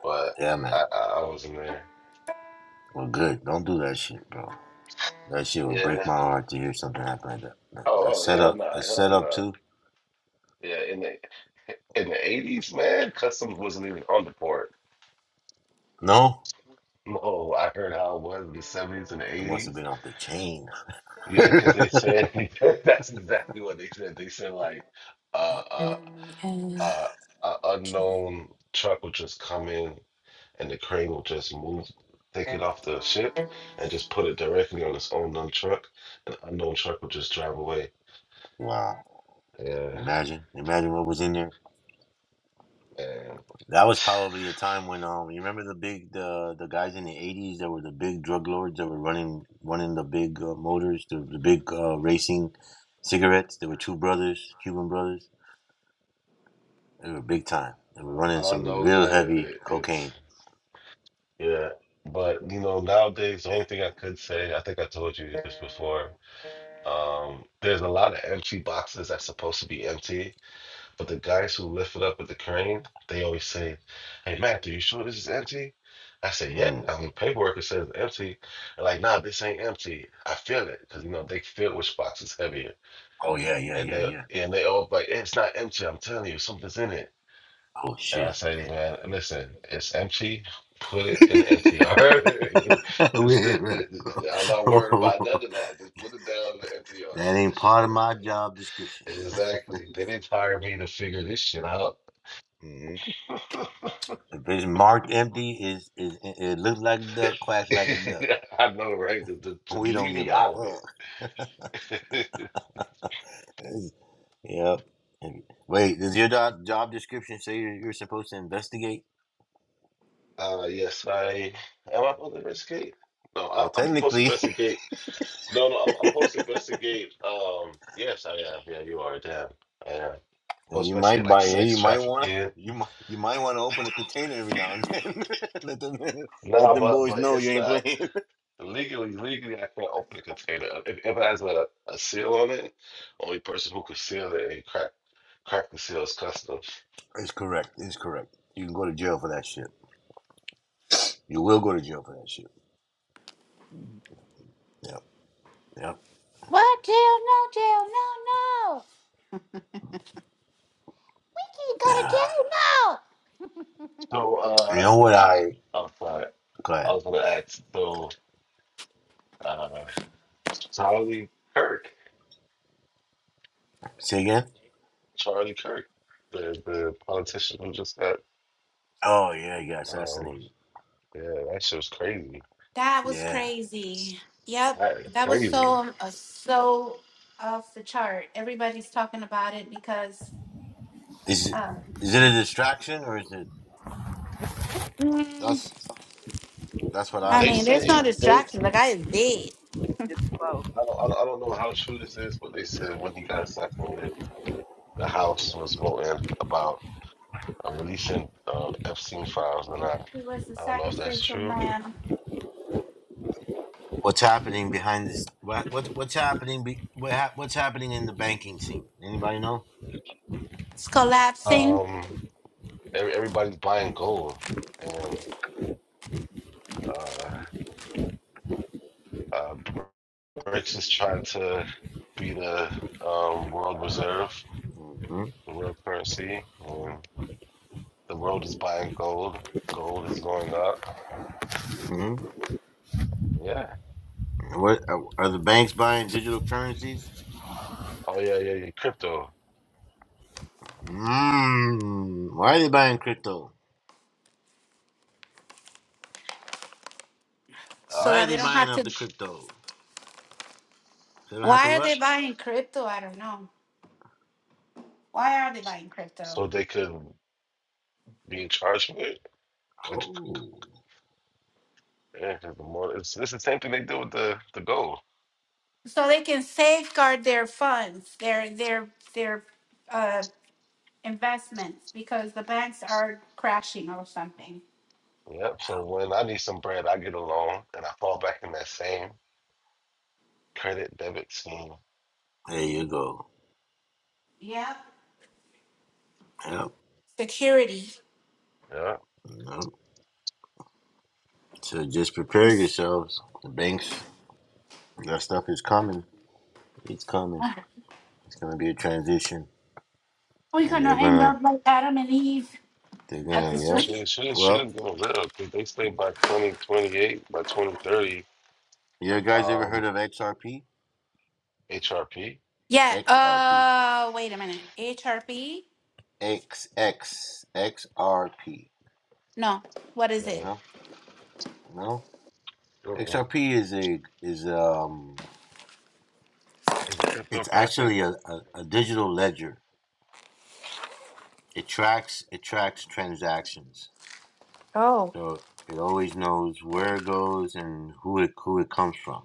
Speaker 8: but
Speaker 2: Yeah, man.
Speaker 8: I I, I wasn't there.
Speaker 2: Well, good. Don't do that shit, bro. That shit would break
Speaker 8: Yeah.
Speaker 2: my heart to hear something happen like that. A a
Speaker 8: Oh, oh hell
Speaker 2: setup,
Speaker 8: no,
Speaker 2: a
Speaker 8: hell
Speaker 2: setup
Speaker 8: no.
Speaker 2: too.
Speaker 8: Yeah, in the in the eighties, man, customs wasn't even on the port. (laughs)
Speaker 2: No,
Speaker 8: No, I heard how it was in the seventies and the
Speaker 2: it must have
Speaker 8: eighties.
Speaker 2: been off the chain.
Speaker 8: Yeah, because they
Speaker 2: (laughs)
Speaker 8: said (laughs) that's exactly what they said. They said like uh uh uh, uh unknown truck would just come in and the crane will just move, take it off the ship, and just put it directly on its own known truck. An unknown truck will just drive away.
Speaker 2: wow.
Speaker 8: Yeah,
Speaker 2: Imagine, imagine what was in there.
Speaker 8: man.
Speaker 2: That was probably the time when um, you remember the big the the guys in the '80s that were the big drug lords that were running running the big uh, motors, the, the big uh, racing cigarettes. There were two brothers, Cuban brothers They were big time. They were running
Speaker 8: All I
Speaker 2: some
Speaker 8: know is
Speaker 2: real
Speaker 8: that
Speaker 2: heavy
Speaker 8: it- it's
Speaker 2: cocaine.
Speaker 8: yeah. But you know, nowadays the only thing I could say, I think I told you this before. Um, there's a lot of empty boxes that's supposed to be empty, But the guys who lift it up with the crane, they always say, Hey Matthew, you sure this is empty? I say, Yeah,
Speaker 2: Mm.
Speaker 8: on the paperwork it says empty. They're like, nah, this ain't empty. I feel it. Cause you know, they feel which box is heavier.
Speaker 2: Oh yeah, yeah,
Speaker 8: And
Speaker 2: yeah,
Speaker 8: they
Speaker 2: yeah.
Speaker 8: and they all like, "Hey, it's not empty, I'm telling you, something's in it.
Speaker 2: Oh
Speaker 8: And I
Speaker 2: shit.
Speaker 8: say, man, listen, it's empty. Put it
Speaker 2: (laughs)
Speaker 8: in the empty. All right.
Speaker 2: Weird, man.
Speaker 8: (laughs) I'm not worried
Speaker 2: (laughs)
Speaker 8: about none of that. Just put it down in the empty yard.
Speaker 2: that ain't part of
Speaker 8: All
Speaker 2: my
Speaker 8: right?
Speaker 2: job description.
Speaker 8: Exactly. They didn't hire me to figure this shit out.
Speaker 2: hmm
Speaker 8: (laughs)
Speaker 2: If it's marked empty, is is it looks like a duck, quacks
Speaker 8: (laughs)
Speaker 2: like a duck. (laughs)
Speaker 8: I know, right? To, to,
Speaker 2: We
Speaker 8: to
Speaker 2: don't
Speaker 8: leave
Speaker 2: give
Speaker 8: me
Speaker 2: a
Speaker 8: out of it.
Speaker 2: fuck. (laughs) It's, yep. Wait, does your job, job description say you're, you're supposed to investigate?
Speaker 8: Uh, yes, I am. I supposed to investigate? No, I,
Speaker 2: Well,
Speaker 8: I'm supposed to
Speaker 2: technically.
Speaker 8: investigate. No, no, I'm, I'm supposed
Speaker 2: (laughs)
Speaker 8: to investigate. Um, yes, I am. Yeah, you are. Damn, I am.
Speaker 2: And
Speaker 8: Supposed
Speaker 2: you
Speaker 8: to investigate
Speaker 2: might
Speaker 8: like
Speaker 2: buy. You
Speaker 8: sex
Speaker 2: might want
Speaker 8: trafficking.
Speaker 2: You might. You might want to open a container every now and then. (laughs) let them. Let
Speaker 8: No,
Speaker 2: them
Speaker 8: but
Speaker 2: boys
Speaker 8: but
Speaker 2: know you
Speaker 8: it's
Speaker 2: ain't
Speaker 8: not
Speaker 2: playing. (laughs)
Speaker 8: legally. Legally, I can't open a container if, if it has a, a seal on it. Only person who could seal it and crack crack the seal is customs.
Speaker 2: It's correct. It's correct. You can go to jail for that shit. You will go to jail for that shit. Yep. Yep.
Speaker 4: What jail? No jail. No, no. Kiki, go to
Speaker 2: (sighs)
Speaker 4: jail. No.
Speaker 8: So,
Speaker 2: You
Speaker 8: uh,
Speaker 2: know what I?
Speaker 8: I'm sorry.
Speaker 2: Go
Speaker 8: I
Speaker 2: ahead.
Speaker 8: was gonna ask. So. uh, Charlie Kirk.
Speaker 2: Say again.
Speaker 8: Charlie Kirk, the the politician who just got
Speaker 2: Oh yeah, you got
Speaker 8: um
Speaker 2: assassinated.
Speaker 8: yeah, that shit was crazy.
Speaker 4: That was
Speaker 2: Yeah.
Speaker 4: crazy. Yep.
Speaker 8: That is
Speaker 4: That was
Speaker 8: crazy.
Speaker 4: so, um, uh, so off the chart. Everybody's talking about it because,
Speaker 2: Is it-
Speaker 4: um,
Speaker 2: is it a distraction or is it?
Speaker 4: mm,
Speaker 2: That's that's what
Speaker 4: I
Speaker 2: I'm
Speaker 8: They
Speaker 4: mean,
Speaker 2: thinking.
Speaker 4: there's
Speaker 2: You
Speaker 4: no
Speaker 8: say
Speaker 2: know
Speaker 8: they
Speaker 4: distraction. The guy is dead.
Speaker 7: It's both.
Speaker 8: I don't, I don't I don't know how true this is, but they said when he got assassinated, the House was voting about uh, releasing uh, Epstein files, and I
Speaker 4: He was the
Speaker 8: I don't know if that's
Speaker 4: sacrificial
Speaker 8: true.
Speaker 4: lamb.
Speaker 2: what's happening behind this? What what what's happening? Be, what hap- what's happening in the banking scene? Anybody know?
Speaker 4: It's collapsing
Speaker 8: Um, every, everybody's buying gold, and uh, uh, BRICS is trying to be the um, world reserve
Speaker 2: hmm
Speaker 8: the real currency. And the world is buying gold. Gold is going up.
Speaker 2: hmm
Speaker 8: Yeah.
Speaker 2: What are, are the banks buying digital currencies?
Speaker 8: Oh yeah, yeah, yeah. Crypto.
Speaker 2: Mm, why are they buying crypto?
Speaker 4: so
Speaker 8: Uh,
Speaker 2: Why are
Speaker 4: that
Speaker 2: they
Speaker 4: they don't
Speaker 8: 'cause-
Speaker 2: buying
Speaker 4: have
Speaker 2: up
Speaker 4: to.
Speaker 2: the crypto? So they don't have to
Speaker 4: Why are they
Speaker 2: what?
Speaker 4: buying crypto? I don't know. Why are they buying crypto?
Speaker 8: so they could be in charge of it. 'Cause-
Speaker 2: Oh,
Speaker 8: yeah, 'cause the more it's, it's the same thing they do with the the gold.
Speaker 4: So they can safeguard their funds, their, their, their, uh, investments because the banks are crashing or something.
Speaker 8: Yep. So when I need some bread, I get a loan and I fall back in that same credit debit scheme.
Speaker 2: there you go.
Speaker 4: Yep.
Speaker 2: Yep,
Speaker 4: Security.
Speaker 8: Yeah.
Speaker 2: yep. So just prepare
Speaker 4: This-
Speaker 2: yourselves. The banks, that stuff is coming. It's coming. It's gonna be a transition,
Speaker 4: We're
Speaker 2: and
Speaker 4: gonna
Speaker 2: they're
Speaker 4: end
Speaker 2: gonna,
Speaker 4: up like Adam and Eve
Speaker 2: they're
Speaker 4: at
Speaker 2: gonna.
Speaker 8: Yeah,
Speaker 4: this
Speaker 2: Yep.
Speaker 4: rate.
Speaker 8: shit,
Speaker 4: (laughs)
Speaker 8: shit, is- shit
Speaker 2: Well,
Speaker 8: is getting real because they say by 2028, by 2030,
Speaker 2: you guys ever heard
Speaker 8: um,
Speaker 2: of XRP?
Speaker 8: HRP.
Speaker 4: Yeah.
Speaker 2: XRP.
Speaker 4: Uh, wait a minute. HRP?
Speaker 2: XX. XRP.
Speaker 4: No. What is it?
Speaker 2: No. no.
Speaker 8: Yeah.
Speaker 2: XRP is a is um
Speaker 8: is it
Speaker 2: it's
Speaker 8: cryptocurrency.
Speaker 2: actually a, a, a digital ledger. It tracks it tracks transactions.
Speaker 4: Oh.
Speaker 2: So it always knows where it goes and who it who it comes from.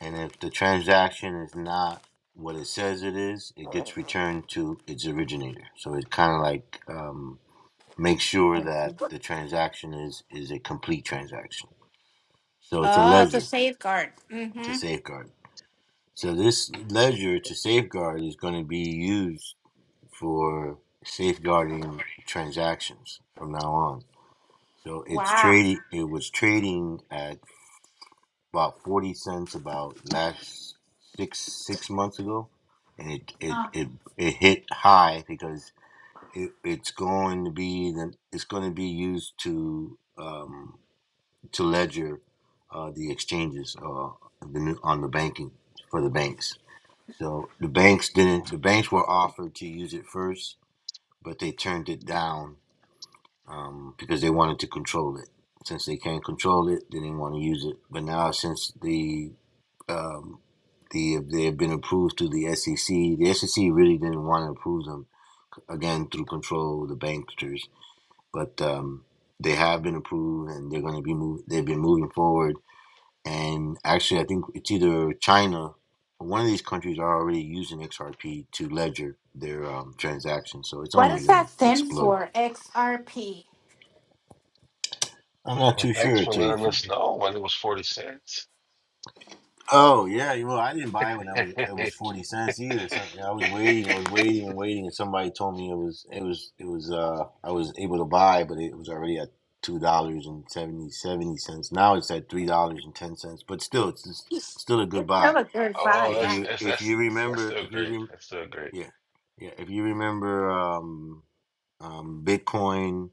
Speaker 2: And if the transaction is not what it says it is, it gets returned to its originator. So it kind of like um, makes sure that the transaction is is a complete transaction. So it's a
Speaker 4: Oh, to
Speaker 2: ledger
Speaker 4: safeguard.
Speaker 2: to
Speaker 4: Mm-hmm.
Speaker 2: safeguard. So this ledger to safeguard is going to be used for safeguarding transactions from now on. So it's
Speaker 4: Wow.
Speaker 2: trading. It was trading at about forty cents about last six six months ago, and it it
Speaker 4: Uh,
Speaker 2: it, it hit high because it, it's going to be the it's going to be used to um, to ledger uh, the exchanges uh, the new, on the banking for the banks. So the banks didn't. The
Speaker 8: Well,
Speaker 2: banks were offered to use it first, but they turned it down um, because they wanted to control it. Since they can't control it, they didn't want to use it. But now, since the um, the they have been approved through the SEC, the SEC really didn't want to approve them again through control the banksters, but um, they have been approved and they're going to be move, They've been moving forward, and actually, I think it's either China. or One of these countries are already using XRP to ledger their um, transactions, so it's
Speaker 4: what
Speaker 2: only
Speaker 4: does
Speaker 2: going
Speaker 4: that
Speaker 2: to
Speaker 4: stand
Speaker 2: explode.
Speaker 4: for? XRP.
Speaker 2: I'm not too
Speaker 8: thanks
Speaker 2: sure, to
Speaker 8: for
Speaker 2: tell you the
Speaker 8: letting
Speaker 2: truth.
Speaker 8: us know when it was 40 cents.
Speaker 2: Oh yeah, you know I didn't buy it when I was it was
Speaker 8: (laughs)
Speaker 2: forty cents either. So yeah, I was waiting, I was waiting and waiting, and somebody told me it was it was it was uh I was able to buy, but it was already at two dollars and seventy seventy cents. Now it's at three dollars and ten cents, but still it's just, still a good
Speaker 4: It's
Speaker 2: buy.
Speaker 4: still a good buy.
Speaker 8: Oh,
Speaker 2: If
Speaker 8: that's
Speaker 4: Yeah.
Speaker 2: you
Speaker 8: that's
Speaker 2: if you
Speaker 8: that's that's
Speaker 2: remember
Speaker 8: still
Speaker 2: if you
Speaker 8: great.
Speaker 2: rem-
Speaker 8: That's still great.
Speaker 2: yeah yeah if you remember um um Bitcoin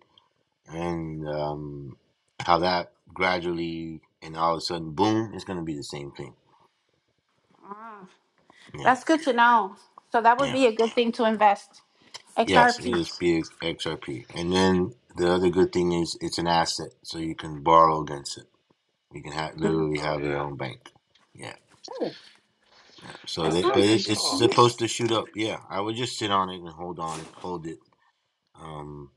Speaker 2: and um how that gradually and all of a sudden boom, it's gonna be the same thing.
Speaker 4: Ah,
Speaker 2: Yeah.
Speaker 4: that's good to know. So that would
Speaker 2: yeah.
Speaker 4: be a good thing to invest.
Speaker 2: Yes, it is
Speaker 4: XRP.
Speaker 2: big XRP. And then the other good thing is it's an asset, so you can borrow against it. You can ha
Speaker 4: Mm.
Speaker 2: literally
Speaker 8: Oh
Speaker 2: have your
Speaker 8: yeah.
Speaker 2: own bank. Yeah. So
Speaker 4: That
Speaker 2: that,
Speaker 8: Okay,
Speaker 2: but
Speaker 4: sounds
Speaker 2: it,
Speaker 8: let's
Speaker 2: it's
Speaker 8: go.
Speaker 4: interesting.
Speaker 2: supposed to shoot up. Yeah, I would just sit on it and hold on it, hold it, um,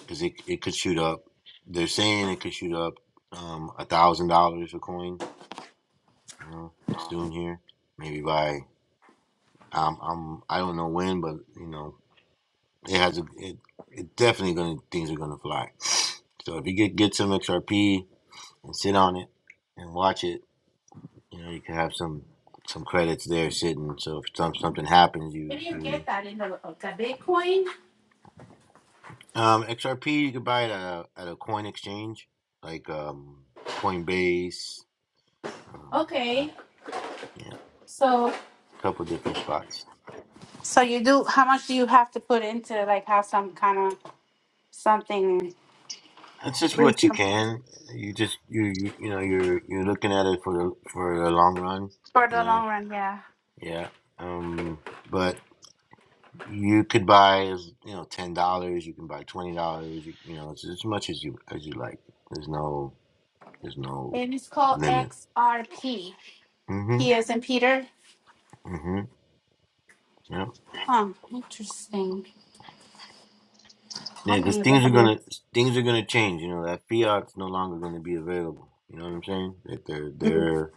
Speaker 2: because it it could shoot up. They're saying it could shoot up um a thousand dollars a coin, you know, soon here, maybe by um I'm I don't know when, but you know It has a, it, it definitely gonna things are gonna fly. So if you get get some XRP and sit on it and watch it, you know you can have some some credits there sitting. So if some something happens,
Speaker 4: Where
Speaker 2: you
Speaker 4: do you get
Speaker 2: you
Speaker 4: that in the, uh, the Bitcoin?
Speaker 2: um XRP you can buy it at a at a coin exchange like um Coinbase, um I,
Speaker 4: Okay,
Speaker 2: yeah,
Speaker 4: so
Speaker 2: a couple different spots.
Speaker 4: so you do. How much do you have to put into like have some kind of something
Speaker 2: That's just what you can. You just you you, you know you're you're looking at it for the for the long run.
Speaker 4: for
Speaker 2: You
Speaker 4: the
Speaker 2: know,
Speaker 4: long run? Yeah,
Speaker 2: yeah. Um, but you could buy as you know ten dollars you can buy twenty dollars you, you know it's as much as you as you like there's no there's no
Speaker 4: and it's called
Speaker 2: limit
Speaker 4: XRP. P
Speaker 2: hmm
Speaker 4: P as in Peter.
Speaker 2: hmm yep
Speaker 4: Huh. Interesting.
Speaker 2: yeah
Speaker 4: I'm
Speaker 2: because
Speaker 4: gonna look at
Speaker 2: things are
Speaker 4: it.
Speaker 2: gonna things are gonna change you know that fiat's no longer gonna be available you know what i'm saying that they're
Speaker 4: Mm.
Speaker 2: they're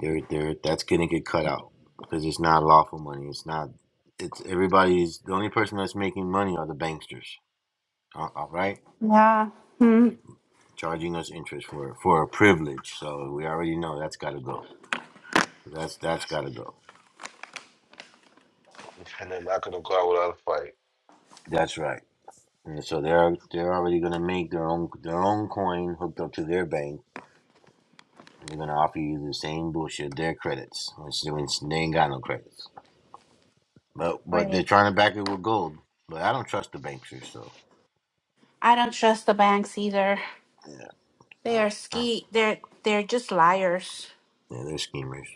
Speaker 2: they're, they're that's gonna get cut out because it's not lawful money it's not it's everybody's the only person that's making money are the banksters all all right
Speaker 4: Yeah. Hmm.
Speaker 2: charging us interest for for a privilege so we already know that's got to go So That's that's got to go.
Speaker 8: And they're not gonna go out without
Speaker 2: That's right. And so they're they're already gonna make their own their own coin hooked up to their bank, and they're gonna offer you the same bullshit their credits, which, they which they ain't got no credits. But but they're
Speaker 4: Right.
Speaker 2: trying to back it with gold. But I don't trust the banksters, so
Speaker 4: I don't trust the banks either.
Speaker 2: yeah,
Speaker 4: They
Speaker 2: so,
Speaker 4: are
Speaker 2: uh,
Speaker 4: ski. They're they're just liars.
Speaker 2: yeah, they're schemers.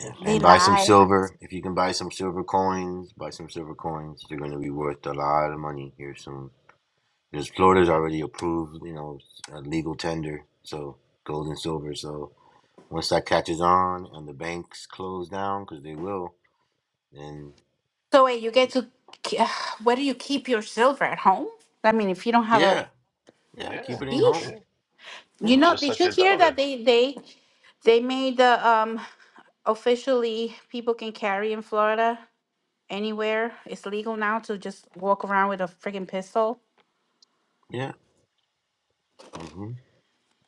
Speaker 2: Yeah.
Speaker 8: a
Speaker 4: They
Speaker 2: And buy
Speaker 8: fight.
Speaker 2: some
Speaker 4: lie.
Speaker 2: silver if you can buy some silver coins. Buy some silver coins. They're gonna be worth a lot of money here soon. Because
Speaker 8: (laughs)
Speaker 2: Florida's
Speaker 8: hmm
Speaker 2: already approved, you know, a legal tender, so gold and silver, so. Once that catches on and the banks close down, because they will, then
Speaker 4: So wait, you get to k- (sighs) uh, where do you keep your silver at home? I mean, if you don't have a
Speaker 2: yeah, yeah, keep
Speaker 8: Yeah,
Speaker 2: it in
Speaker 4: key,
Speaker 8: yeah.
Speaker 2: home.
Speaker 4: you
Speaker 8: Well,
Speaker 2: Yeah,
Speaker 4: know.
Speaker 8: just
Speaker 4: Did
Speaker 8: like
Speaker 4: you
Speaker 8: your
Speaker 4: hear that
Speaker 8: dollars.
Speaker 4: they they they made the um officially people can carry in Florida anywhere. It's legal now to just walk around with a freaking pistol.
Speaker 2: yeah, hmm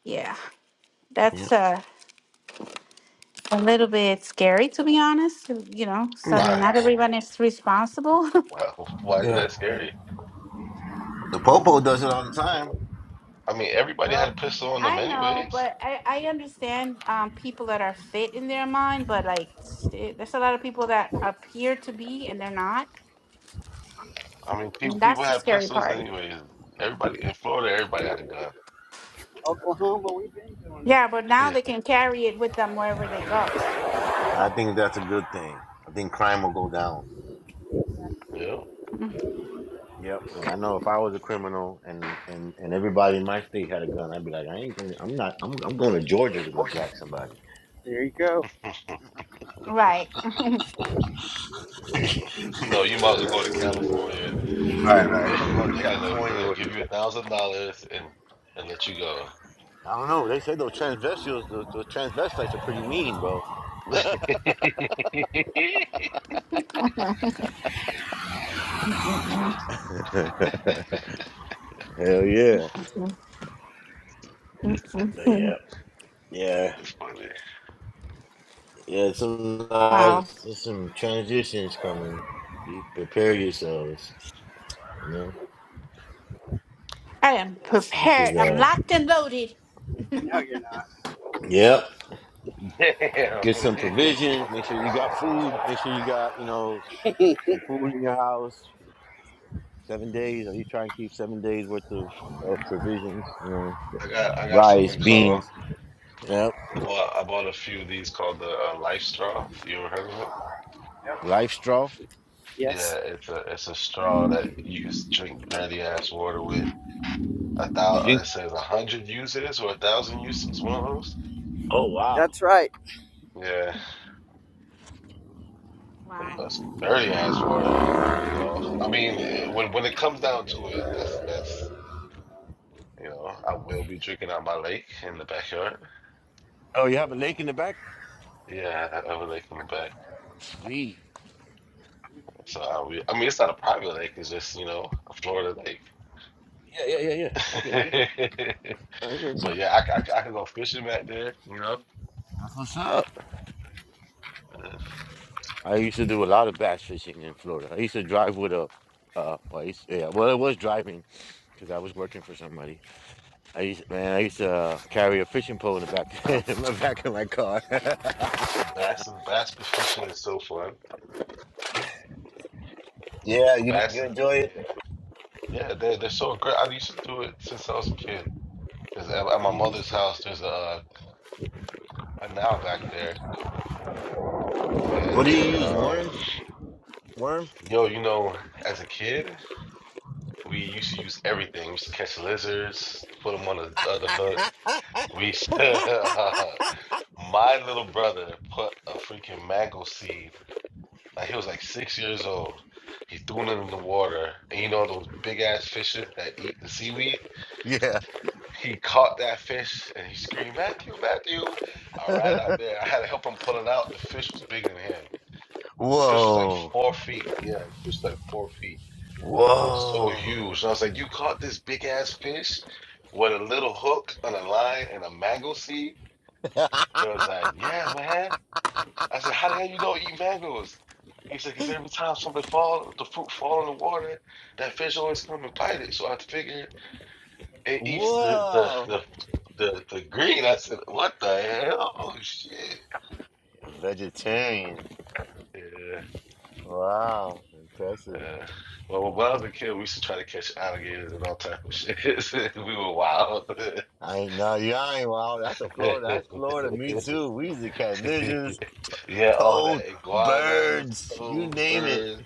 Speaker 4: Yeah,
Speaker 2: yeah.
Speaker 4: that's uh, a little bit scary to be honest. You know, so I mean,
Speaker 8: Why?
Speaker 2: Nah,
Speaker 4: not
Speaker 8: Oh,
Speaker 4: everyone is responsible. (laughs)
Speaker 8: wow. (laughs) Why is
Speaker 2: yeah.
Speaker 8: that scary?
Speaker 2: The popo does it all the time.
Speaker 8: I mean, everybody had
Speaker 7: Oh,
Speaker 8: a pistol on them
Speaker 4: I know,
Speaker 8: anyways.
Speaker 4: but I, I understand um, people that are fit in their mind, but like it, there's a lot of people that appear to be and they're not,
Speaker 8: I mean, people
Speaker 4: and
Speaker 8: people
Speaker 4: that's the
Speaker 8: had
Speaker 4: scary
Speaker 8: pistols
Speaker 4: part.
Speaker 8: anyways. Everybody in Florida, everybody had a gun.
Speaker 7: Oklahoma, we've been doing it.
Speaker 4: Yeah, but
Speaker 8: (laughs)
Speaker 4: now
Speaker 8: Yeah.
Speaker 4: they can carry it with them wherever they go.
Speaker 2: I think that's a good thing. I think crime will go down.
Speaker 8: Yeah.
Speaker 4: Mm,
Speaker 2: Yep, because I know if I was a criminal and, and, and everybody in my state had a gun, I'd be like, I ain't gonna. I'm not, I'm, I'm going to Georgia to go jack somebody.
Speaker 7: There you go.
Speaker 4: Right.
Speaker 8: No, you might as well go to California.
Speaker 2: Right, right.
Speaker 8: They,
Speaker 2: (laughs) I'm going
Speaker 8: (laughs)
Speaker 2: to
Speaker 8: they're gonna they're
Speaker 2: California
Speaker 8: gonna
Speaker 2: or
Speaker 8: give you a thousand dollars and and let you go.
Speaker 2: I don't know. They say those transvestites, those, those transvestites are pretty mean, bro.
Speaker 8: (laughs)
Speaker 4: Mm, mm,
Speaker 2: (laughs) Hell yeah.
Speaker 4: mm,
Speaker 2: But yeah,
Speaker 4: mm.
Speaker 2: yeah,
Speaker 8: It's funny.
Speaker 2: yeah. Some nice,
Speaker 4: wow.
Speaker 2: there's some transitions coming. Be prepare yourselves. You know,
Speaker 4: I am
Speaker 2: this, this
Speaker 4: prepared.
Speaker 2: is
Speaker 4: I'm
Speaker 2: uh.
Speaker 4: locked and loaded.
Speaker 7: No, you're not.
Speaker 2: Yep.
Speaker 8: Damn. (laughs)
Speaker 2: Get some provisions. Make sure you got food. Make sure you got you know some food in your house. Seven days. Are you trying to keep seven days worth of of provisions? You know,
Speaker 8: I got I got
Speaker 2: rice,
Speaker 8: something called
Speaker 2: beans. Yep.
Speaker 8: I bought I bought a few of these called the uh, Life Straw. You ever heard of it?
Speaker 2: Life straw.
Speaker 8: Yeah,
Speaker 7: Yes,
Speaker 8: it's a it's a straw that you can s- drink dirty ass water with. A thou
Speaker 2: You think?
Speaker 8: it says a hundred uses or a thousand uses. One of those.
Speaker 2: Oh wow.
Speaker 7: that's right.
Speaker 8: Yeah.
Speaker 4: Wow.
Speaker 8: uh, some dirty ass water. You know, I mean, it, when when it comes down to it, that's that's you know, I will be drinking out my lake in the backyard.
Speaker 2: Oh, you have a lake in the back.
Speaker 8: Yeah, I have a lake in the back,
Speaker 2: Sweet.
Speaker 8: so I'll I mean, it's not a private lake; it's just you know, a Florida lake.
Speaker 2: Yeah, yeah, yeah, yeah. I get you.
Speaker 8: (laughs)
Speaker 2: I get you.
Speaker 8: But yeah, I, c- I, c- I can go fishing back there. You know,
Speaker 2: That's what's up.
Speaker 8: Uh,
Speaker 2: I used to do a lot of bass fishing in Florida. I used to drive with a, uh, well, I used- yeah, well, it was driving because I was working for somebody. I used, man, I used to uh, carry a fishing pole in the back, (laughs) in my back of my car. (laughs)
Speaker 8: bass and bass fishing is so fun.
Speaker 2: yeah, you
Speaker 8: Bass
Speaker 2: you
Speaker 8: is
Speaker 2: enjoy it?
Speaker 8: yeah, yeah. They're they're so great. I used to do it since I was a kid. Cause at,
Speaker 2: All
Speaker 8: at
Speaker 2: right, you
Speaker 8: my
Speaker 2: used
Speaker 8: mother's
Speaker 2: to.
Speaker 8: house, there's a, uh, a canal back there
Speaker 2: What
Speaker 8: And
Speaker 2: do you use?
Speaker 8: um,
Speaker 2: Worm? Worm?
Speaker 8: yo, you know, as a kid, we used to use everything. We used to catch lizards, put them on the other hook. We used
Speaker 2: (laughs)
Speaker 8: to, (laughs) my little brother put a freaking mango seed. Like he was like six years old. He threw it in the water, and you know those big ass fishes that eat the seaweed.
Speaker 2: yeah.
Speaker 8: He caught that fish, and he screamed, "Matthew, Matthew!" I
Speaker 2: (laughs)
Speaker 8: ran out there. I had to help him pull it out. The fish was bigger than him. The fish was like
Speaker 2: Whoa.
Speaker 8: four feet. Yeah, the fish was like four feet It was so
Speaker 2: Whoa.
Speaker 8: huge. And I was like, you caught this big ass fish with a little hook and a line and a mango seed?
Speaker 2: (laughs)
Speaker 8: And I was like, yeah, man. I said, how the hell you don't eat mangoes? He said, because every time something fall, the fruit fall in the water, that fish always come and bite it. So I figured it eats the the
Speaker 2: Whoa.
Speaker 8: the, the, the green. I said, what the hell? Oh, shit.
Speaker 2: A vegetarian.
Speaker 8: Yeah,
Speaker 2: Wow, impressive.
Speaker 8: yeah. Well, when I was a kid, we used to try to catch alligators and all type of shit. (laughs) We were wild.
Speaker 2: I ain't no, you ain't wow. That's a Florida. That's Florida. Me
Speaker 8: (laughs)
Speaker 2: too. We used to catch
Speaker 8: (laughs)
Speaker 2: lizards,
Speaker 8: yeah, all
Speaker 2: toads,
Speaker 8: that iguanas,
Speaker 2: birds. You
Speaker 8: toads,
Speaker 2: name it.
Speaker 8: birds,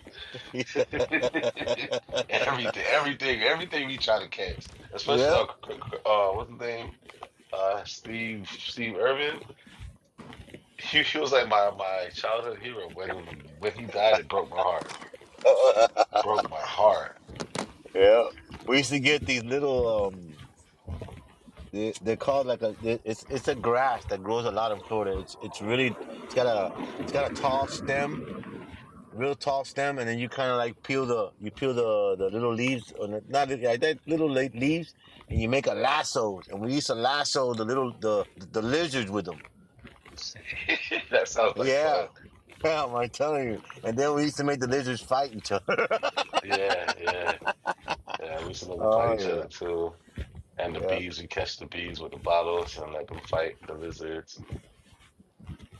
Speaker 2: (laughs)
Speaker 8: (laughs) everything, everything, everything we try to catch. Especially,
Speaker 2: Yep.
Speaker 8: uh, c- c- uh what's his name? Uh, Steve Steve Irvin. (laughs) He, he was like my my childhood hero. When when he died, it broke my heart.
Speaker 2: (laughs)
Speaker 8: Broke my heart.
Speaker 2: yeah. We used to get these little um. They, they're called like a. they- It's it's a grass that grows a lot in Florida. It's it's really it's got a it's got a tall stem real tall stem, and then you kind of like peel the you peel the the little leaves or the, not li- like that little la- leaves, and you make a lassos. And we used to lasso the little the the lizards with them.
Speaker 8: (laughs) that sounds like
Speaker 2: Yeah,
Speaker 8: fun.
Speaker 2: (laughs) yeah, I'm like, telling you. And then we used to make the lizards fight each other.
Speaker 8: Yeah, yeah, yeah. We used to
Speaker 2: (laughs)
Speaker 8: make fight
Speaker 2: oh
Speaker 8: each other
Speaker 2: yeah,
Speaker 8: too. And the
Speaker 2: yeah,
Speaker 8: bees, we catch the bees with the bottles and let them fight the lizards.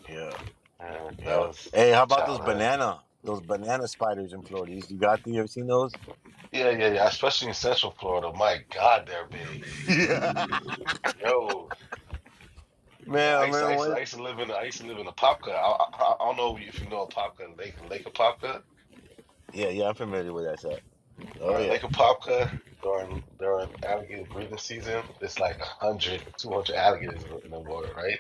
Speaker 2: yeah,
Speaker 8: Yeah, that
Speaker 2: yeah.
Speaker 8: was
Speaker 2: Hey, how about those
Speaker 8: childhood.
Speaker 2: banana those banana spiders in Florida? You got the you ever seen those?
Speaker 8: Yeah, yeah, yeah. Especially in Central Florida. My God, they're big.
Speaker 2: (laughs)
Speaker 8: Yo,
Speaker 2: Yeah,
Speaker 8: yo,
Speaker 2: man, I
Speaker 8: I used to, I
Speaker 2: remember
Speaker 8: used to,
Speaker 2: one.
Speaker 8: I used to live in, I used to live in Apopka. I, I, I don't know if you know a Apopka, Lake Lake Apopka
Speaker 2: Yeah, yeah, I'm familiar with that shot. Oh
Speaker 8: or
Speaker 2: yeah,
Speaker 8: Lake Apopka during during alligator breeding season. It's like a hundred, two hundred alligators in the, in the water, right?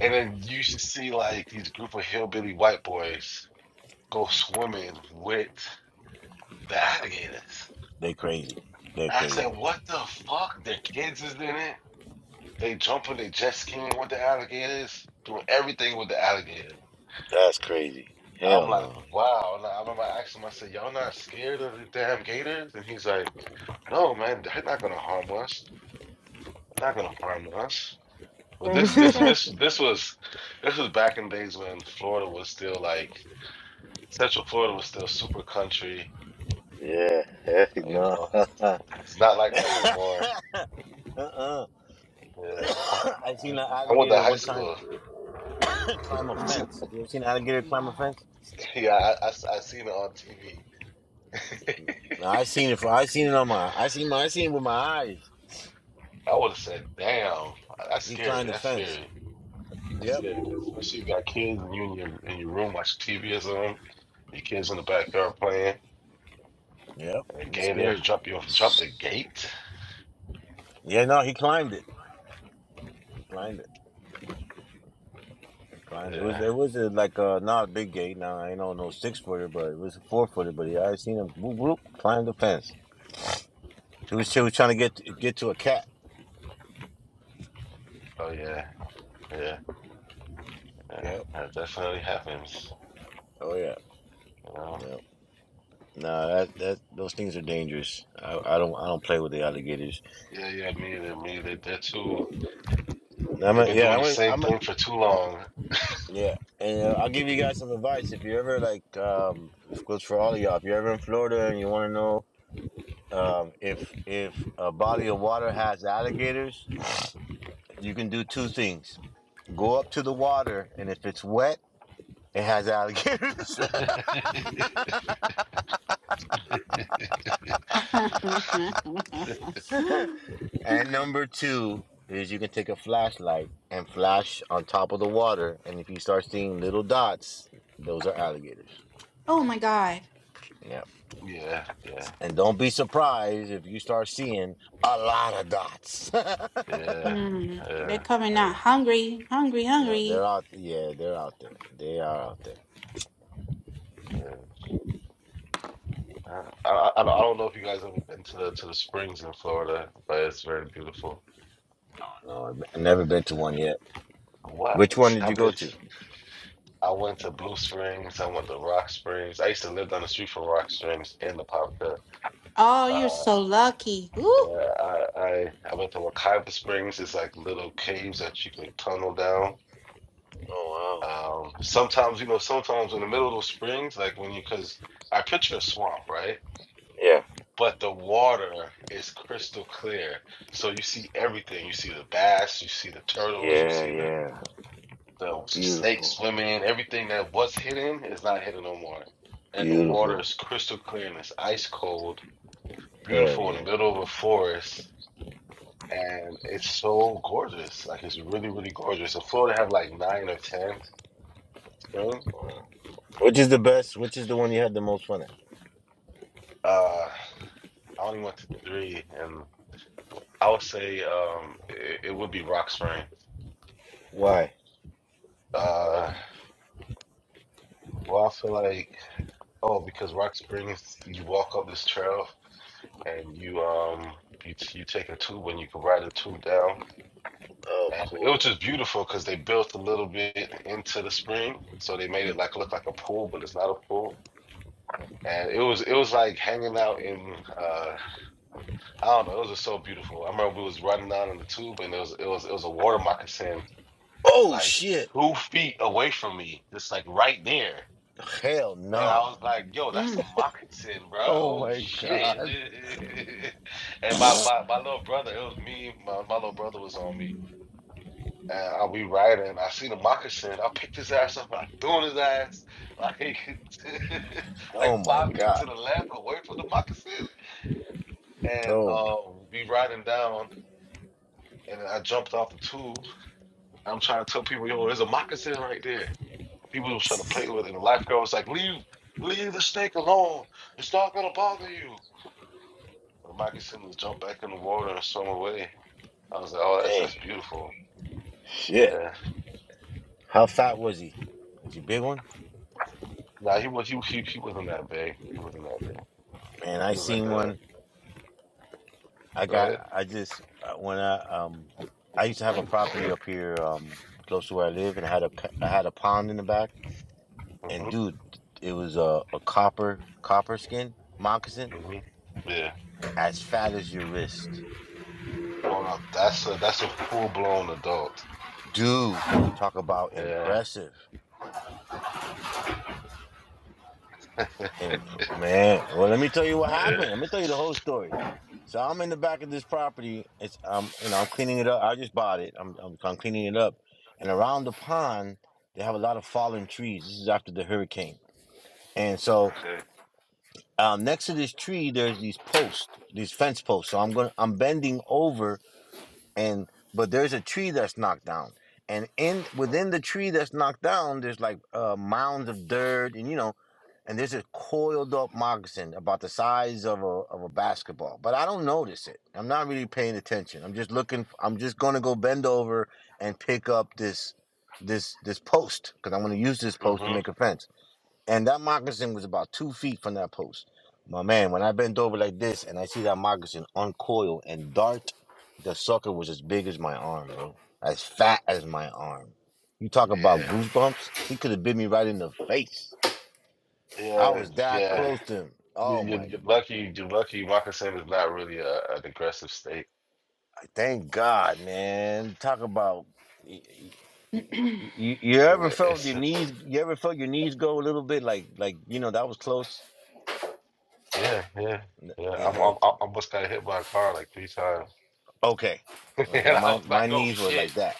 Speaker 8: And then you should see like these group of hillbilly white boys go swimming with the alligators.
Speaker 2: they crazy. They're
Speaker 8: I said,
Speaker 2: crazy.
Speaker 8: what the fuck? Their kids is in it. They jumping, they jet skiing with the alligators, doing everything with the alligators.
Speaker 2: That's crazy. Hell
Speaker 8: I'm like,
Speaker 2: no.
Speaker 8: wow. And I remember asking him, I said, y'all not scared of the damn gators? And he's like, no, man, they're not gonna harm us. They're not gonna harm us. But this,
Speaker 4: I'm
Speaker 8: this,
Speaker 4: so.
Speaker 8: this, this was, this was back in days when Florida was still like, Central Florida was still super country.
Speaker 2: Yeah, heck
Speaker 8: You
Speaker 2: no.
Speaker 8: know,
Speaker 2: (laughs)
Speaker 8: it's,
Speaker 2: uh-uh.
Speaker 8: it's not like that no more.
Speaker 2: (coughs)
Speaker 8: Yeah, I,
Speaker 2: I seen
Speaker 8: I,
Speaker 2: an
Speaker 8: I went to
Speaker 2: alligator
Speaker 8: high
Speaker 2: one time
Speaker 8: school. (laughs)
Speaker 2: (coughs) climb a
Speaker 8: You see,
Speaker 2: fence. You ever seen an alligator climb a fence?
Speaker 8: yeah, I, I, I seen it on TV
Speaker 2: No, I seen it. For, I seen it on my. I seen my. I seen it with my eyes.
Speaker 8: I would have said, "Damn, uh, that's
Speaker 2: He
Speaker 8: scary.
Speaker 2: climbed the
Speaker 8: That's
Speaker 2: fence.
Speaker 8: scary. That's
Speaker 2: Yep.
Speaker 8: scary." 'Cause especially if you got kids and you in your, in your room watching TV or something, your kids in the backyard playing,
Speaker 2: Yep.
Speaker 8: and a
Speaker 2: It's
Speaker 8: gator
Speaker 2: scary.
Speaker 8: jump you off, jump the gate.
Speaker 2: Yeah. No, he climbed it. He climbed it. He climbed it. It was.
Speaker 8: Yeah.
Speaker 2: It was a, like a not a big gate. Now I ain't on no six footer, but it was a four footer. But yeah, I seen him. Whoop, whoop, climb the fence. He was. He was trying to get get to a cat.
Speaker 8: Oh yeah. Yeah. Yeah.
Speaker 2: Yep.
Speaker 8: That definitely happens.
Speaker 2: Oh yeah,
Speaker 8: You know.
Speaker 2: yeah. Nah, that that those things are dangerous. I, I don't I don't play with the alligators.
Speaker 8: Yeah. Yeah. Me. and Me. They, they're too.
Speaker 2: And I'm
Speaker 8: They've
Speaker 2: a,
Speaker 8: been
Speaker 2: yeah,
Speaker 8: doing the
Speaker 2: I'm a,
Speaker 8: same
Speaker 2: I'm a,
Speaker 8: thing for too long.
Speaker 2: yeah. And uh, I'll give you guys some advice if you ever like um of course for all of y'all if you're ever in Florida and you want to know um if if a body of water has alligators, you can do two things. Go up to the water and if it's wet, it has
Speaker 8: (laughs)
Speaker 2: alligators.
Speaker 8: yeah.
Speaker 4: (laughs)
Speaker 2: (laughs) And number two is you can take a flashlight and flash on top of the water. And if you start seeing little dots, those are alligators.
Speaker 4: oh my God.
Speaker 2: Yeah.
Speaker 8: Yeah.
Speaker 2: And don't be surprised if you start seeing a lot of dots. (laughs)
Speaker 8: Yeah.
Speaker 4: Mm, they're
Speaker 8: Yeah.
Speaker 4: coming out hungry, hungry,
Speaker 2: no, they're
Speaker 4: hungry.
Speaker 2: out. Yeah, they're out there. They are out there.
Speaker 8: Yeah. Uh, I, I, I don't know if you guys ever been to the to the springs in Florida, but it's very beautiful.
Speaker 2: No, I've I've never been to one yet. Which one
Speaker 8: What?
Speaker 2: did you
Speaker 8: I've
Speaker 2: go
Speaker 8: been.
Speaker 2: to?
Speaker 8: I went to Blue Springs. I went to Rock Springs. I used to live down the street from Rock Springs in La Popka.
Speaker 4: Oh, you're
Speaker 8: Uh,
Speaker 4: so lucky. Ooh.
Speaker 8: yeah, I, I I went to Wakaiba Springs. It's like little caves that you could tunnel down.
Speaker 2: Oh, wow.
Speaker 8: Um, sometimes you know, sometimes in the middle of those springs, like when you, because I picture a swamp, right?
Speaker 2: Yeah.
Speaker 8: but the water is crystal clear. So you see everything. You see the bass, you see the turtles, you
Speaker 2: Yeah,
Speaker 8: see the
Speaker 2: yeah.
Speaker 8: the, the snakes
Speaker 2: Beautiful.
Speaker 8: swimming. Everything that was hidden is not hidden no more. And the water
Speaker 2: Beautiful.
Speaker 8: is crystal clear and it's ice cold,
Speaker 2: Hell
Speaker 8: beautiful in
Speaker 2: yeah.
Speaker 8: the middle of a forest. And it's so gorgeous. Like it's really, really gorgeous. And Florida have like nine or ten springs.
Speaker 2: Which is the best? Which is the one you had the most fun at?
Speaker 8: Uh, I only went to three, and I would say um, it, it would be Rock Spring.
Speaker 2: Why?
Speaker 8: Uh, Well, I feel like oh, because Rock Springs, you walk up this trail and you um you you take a tube and you can ride a tube down,
Speaker 2: Oh,
Speaker 8: and it was
Speaker 2: cool.
Speaker 8: just beautiful because they built a little bit into the spring, so they made it like look like a pool, but it's not a pool. And it was it was like hanging out in uh I don't know it was just so beautiful. I remember we was riding down in the tube and it was it was it was a water moccasin
Speaker 2: Oh
Speaker 8: like
Speaker 2: shit!
Speaker 8: two feet away from me, just like right there.
Speaker 2: Hell
Speaker 8: And I
Speaker 2: no!
Speaker 8: was like, yo, that's a
Speaker 4: Mm.
Speaker 8: moccasin, bro.
Speaker 2: Oh
Speaker 8: Oh
Speaker 2: my
Speaker 8: shit.
Speaker 2: god!
Speaker 8: (laughs) and my, my my little brother, it was me, my, my little brother was on me. And I, we riding. I seen a moccasin. I picked his ass up and I threw in his ass (laughs) like (laughs) like
Speaker 2: Oh my
Speaker 8: five feet to
Speaker 2: god!
Speaker 8: the left away from the moccasin. And
Speaker 2: Oh my
Speaker 8: um we riding down and I jumped off the tube. I'm trying to tell people, yo, there's a moccasin right there. People was trying to play with it. And the lifeguard was like, leave, leave the snake alone. It's not gonna bother you. When Michael Simmons jumped back in the water and swam away, I was like, "Oh, that's
Speaker 2: man!
Speaker 8: that's beautiful."
Speaker 2: Shit!
Speaker 8: Yeah.
Speaker 2: How fat was he? Was he a big one?
Speaker 8: Nah, he was he he, he wasn't that big. He wasn't that big.
Speaker 2: Man,
Speaker 8: He
Speaker 2: I
Speaker 8: was like
Speaker 2: seen
Speaker 8: a
Speaker 2: one. I
Speaker 8: go ahead.
Speaker 2: got. I just uh, when I um I used to have a property up here um close to where I live, and I had a p- I had a pond in the back, and
Speaker 8: Mhm.
Speaker 2: dude, it was a a copper copper skin moccasin
Speaker 8: Mhm. Yeah.
Speaker 2: as fat as your wrist,
Speaker 8: Oh no, that's a that's a full blown adult.
Speaker 2: dude. Talk about
Speaker 8: Yeah.
Speaker 2: impressive. And p- man, well, let me tell you what
Speaker 8: Yeah.
Speaker 2: happened. Let me tell you the whole story. So I'm in the back of this property. It's um, you know, I'm cleaning it up. I just bought it. I'm, I'm I'm cleaning it up, and around the pond they have a lot of fallen trees. This is after the hurricane, and so
Speaker 8: Okay.
Speaker 2: um, next to this tree there's these posts, these fence posts. So I'm gonna I'm bending over and but there's a tree that's knocked down and in within the tree that's knocked down there's like uh, mounds of dirt and you know and there's a coiled up moccasin about the size of a of a basketball but i don't notice it i'm not really paying attention i'm just looking i'm just going to go bend over and pick up this this this post because i'm going to use this post to
Speaker 8: Mhm.
Speaker 2: make a fence and that moccasin was about two feet from that post. My man, when I bent over like this and I see that moccasin uncoil and dart, the sucker was as big as my arm, bro. As fat as my arm. You talk about
Speaker 8: Yeah.
Speaker 2: goosebumps? He could have bit me right in the face. I
Speaker 8: Yeah.
Speaker 2: was that
Speaker 8: Yeah.
Speaker 2: close to him.
Speaker 8: You
Speaker 2: Oh
Speaker 8: you
Speaker 2: my,
Speaker 8: you're lucky. You're lucky. Michael Simmons is not really a, an aggressive state.
Speaker 2: thank God, man. Talk about. y- y- y- y- You, you ever
Speaker 8: Yeah.
Speaker 2: felt
Speaker 8: It's
Speaker 2: your knees? You ever felt your knees go a little bit like like you know that was close?
Speaker 8: yeah yeah
Speaker 2: N-
Speaker 8: yeah.
Speaker 2: Yeah,
Speaker 8: I'm
Speaker 2: uh,
Speaker 8: I'm I'm almost got hit by a car like three times.
Speaker 2: Okay.
Speaker 8: (laughs)
Speaker 2: Uh,
Speaker 8: and
Speaker 2: that
Speaker 8: I
Speaker 2: my
Speaker 8: was like,
Speaker 2: my
Speaker 8: oh
Speaker 2: knees were like
Speaker 8: shit.
Speaker 2: that.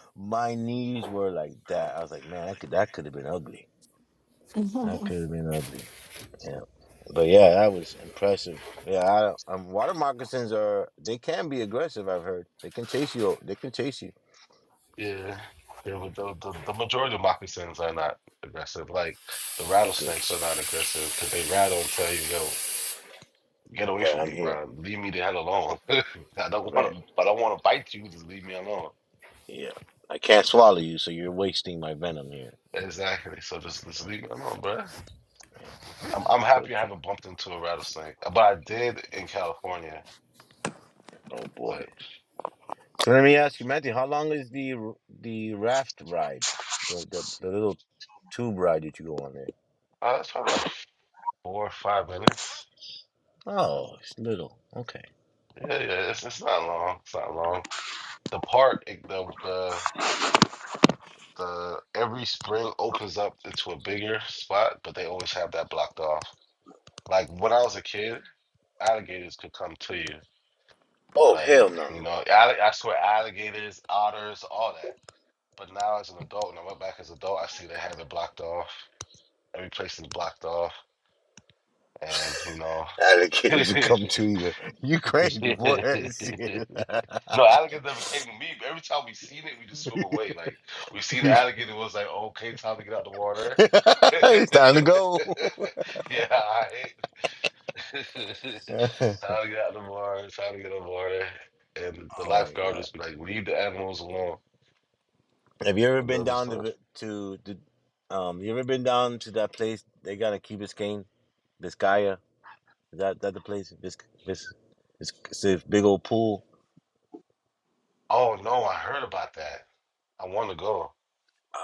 Speaker 2: (laughs) my knees were like that. I was like, man, that could that could have been ugly. That
Speaker 4: (laughs)
Speaker 2: could have been ugly. Yeah. But yeah, that was impressive. Yeah, I don't- um, water moccasins are they can be aggressive. I've heard they can chase you. o- They can chase you.
Speaker 8: Yeah. Yeah, but the, the, the majority of moccasins are not aggressive. Like the
Speaker 2: Good.
Speaker 8: rattlesnakes are not aggressive because they rattle and tell you, yo, get away
Speaker 2: Right,
Speaker 8: from
Speaker 2: I'm
Speaker 8: me,
Speaker 2: here.
Speaker 8: bro. Leave me the hell alone. (laughs) I don't want
Speaker 2: Right.
Speaker 8: to, I don't want to bite you. Just leave me alone.
Speaker 2: Yeah. I can't swallow you, so you're wasting my venom here.
Speaker 8: Exactly. So just, just
Speaker 2: Right.
Speaker 8: leave me alone, bro.
Speaker 2: Yeah.
Speaker 8: I'm, I'm
Speaker 2: That's so
Speaker 8: happy I
Speaker 2: true.
Speaker 8: haven't bumped into a rattlesnake, uh, but I did in California.
Speaker 2: Oh boy.
Speaker 8: But
Speaker 2: So let me ask you, Matthew, how long is the r- the raft ride, the, the the little tube ride that you go on there?
Speaker 8: uh, it's probably like four or five minutes.
Speaker 2: Oh, it's little. Okay.
Speaker 8: Yeah, yeah. It's, it's not long. It's not long. The park, it- the the the every spring opens up into a bigger spot, but they always have that blocked off. Like when I was a kid, alligators could come to you.
Speaker 2: Oh
Speaker 8: Like
Speaker 2: hell no!
Speaker 8: you know, alli- I swear, alligators, otters, all that. But now as an adult, when I went back as an adult, I see they have it blocked off. Every place is blocked off, and you
Speaker 2: Alligators will come
Speaker 8: know,
Speaker 2: to you. You crazy boy? That
Speaker 8: (laughs)
Speaker 2: shit.
Speaker 8: No, alligators never came to me. But every time we seen it, we just swim
Speaker 2: (laughs)
Speaker 8: away. Like we seen the
Speaker 2: You-
Speaker 8: alligator, it was like, okay, time to get out the
Speaker 2: (laughs)
Speaker 8: water. (laughs) yeah,
Speaker 2: it's time to go.
Speaker 8: all right. (laughs)
Speaker 2: (laughs)
Speaker 8: time to get out the water. Time to get out the water. And the
Speaker 2: oh my
Speaker 8: lifeguard
Speaker 2: god!
Speaker 8: just be like, leave the animals alone.
Speaker 2: Have you ever
Speaker 8: And
Speaker 2: been
Speaker 8: they'll just
Speaker 2: down to
Speaker 8: like,
Speaker 2: the- to the um? You ever been down to that place? They got in Key Biscayne, Biscaya. Is that that the place? It's it's it's, it's a big old pool.
Speaker 8: oh no, I heard about that. I want to go.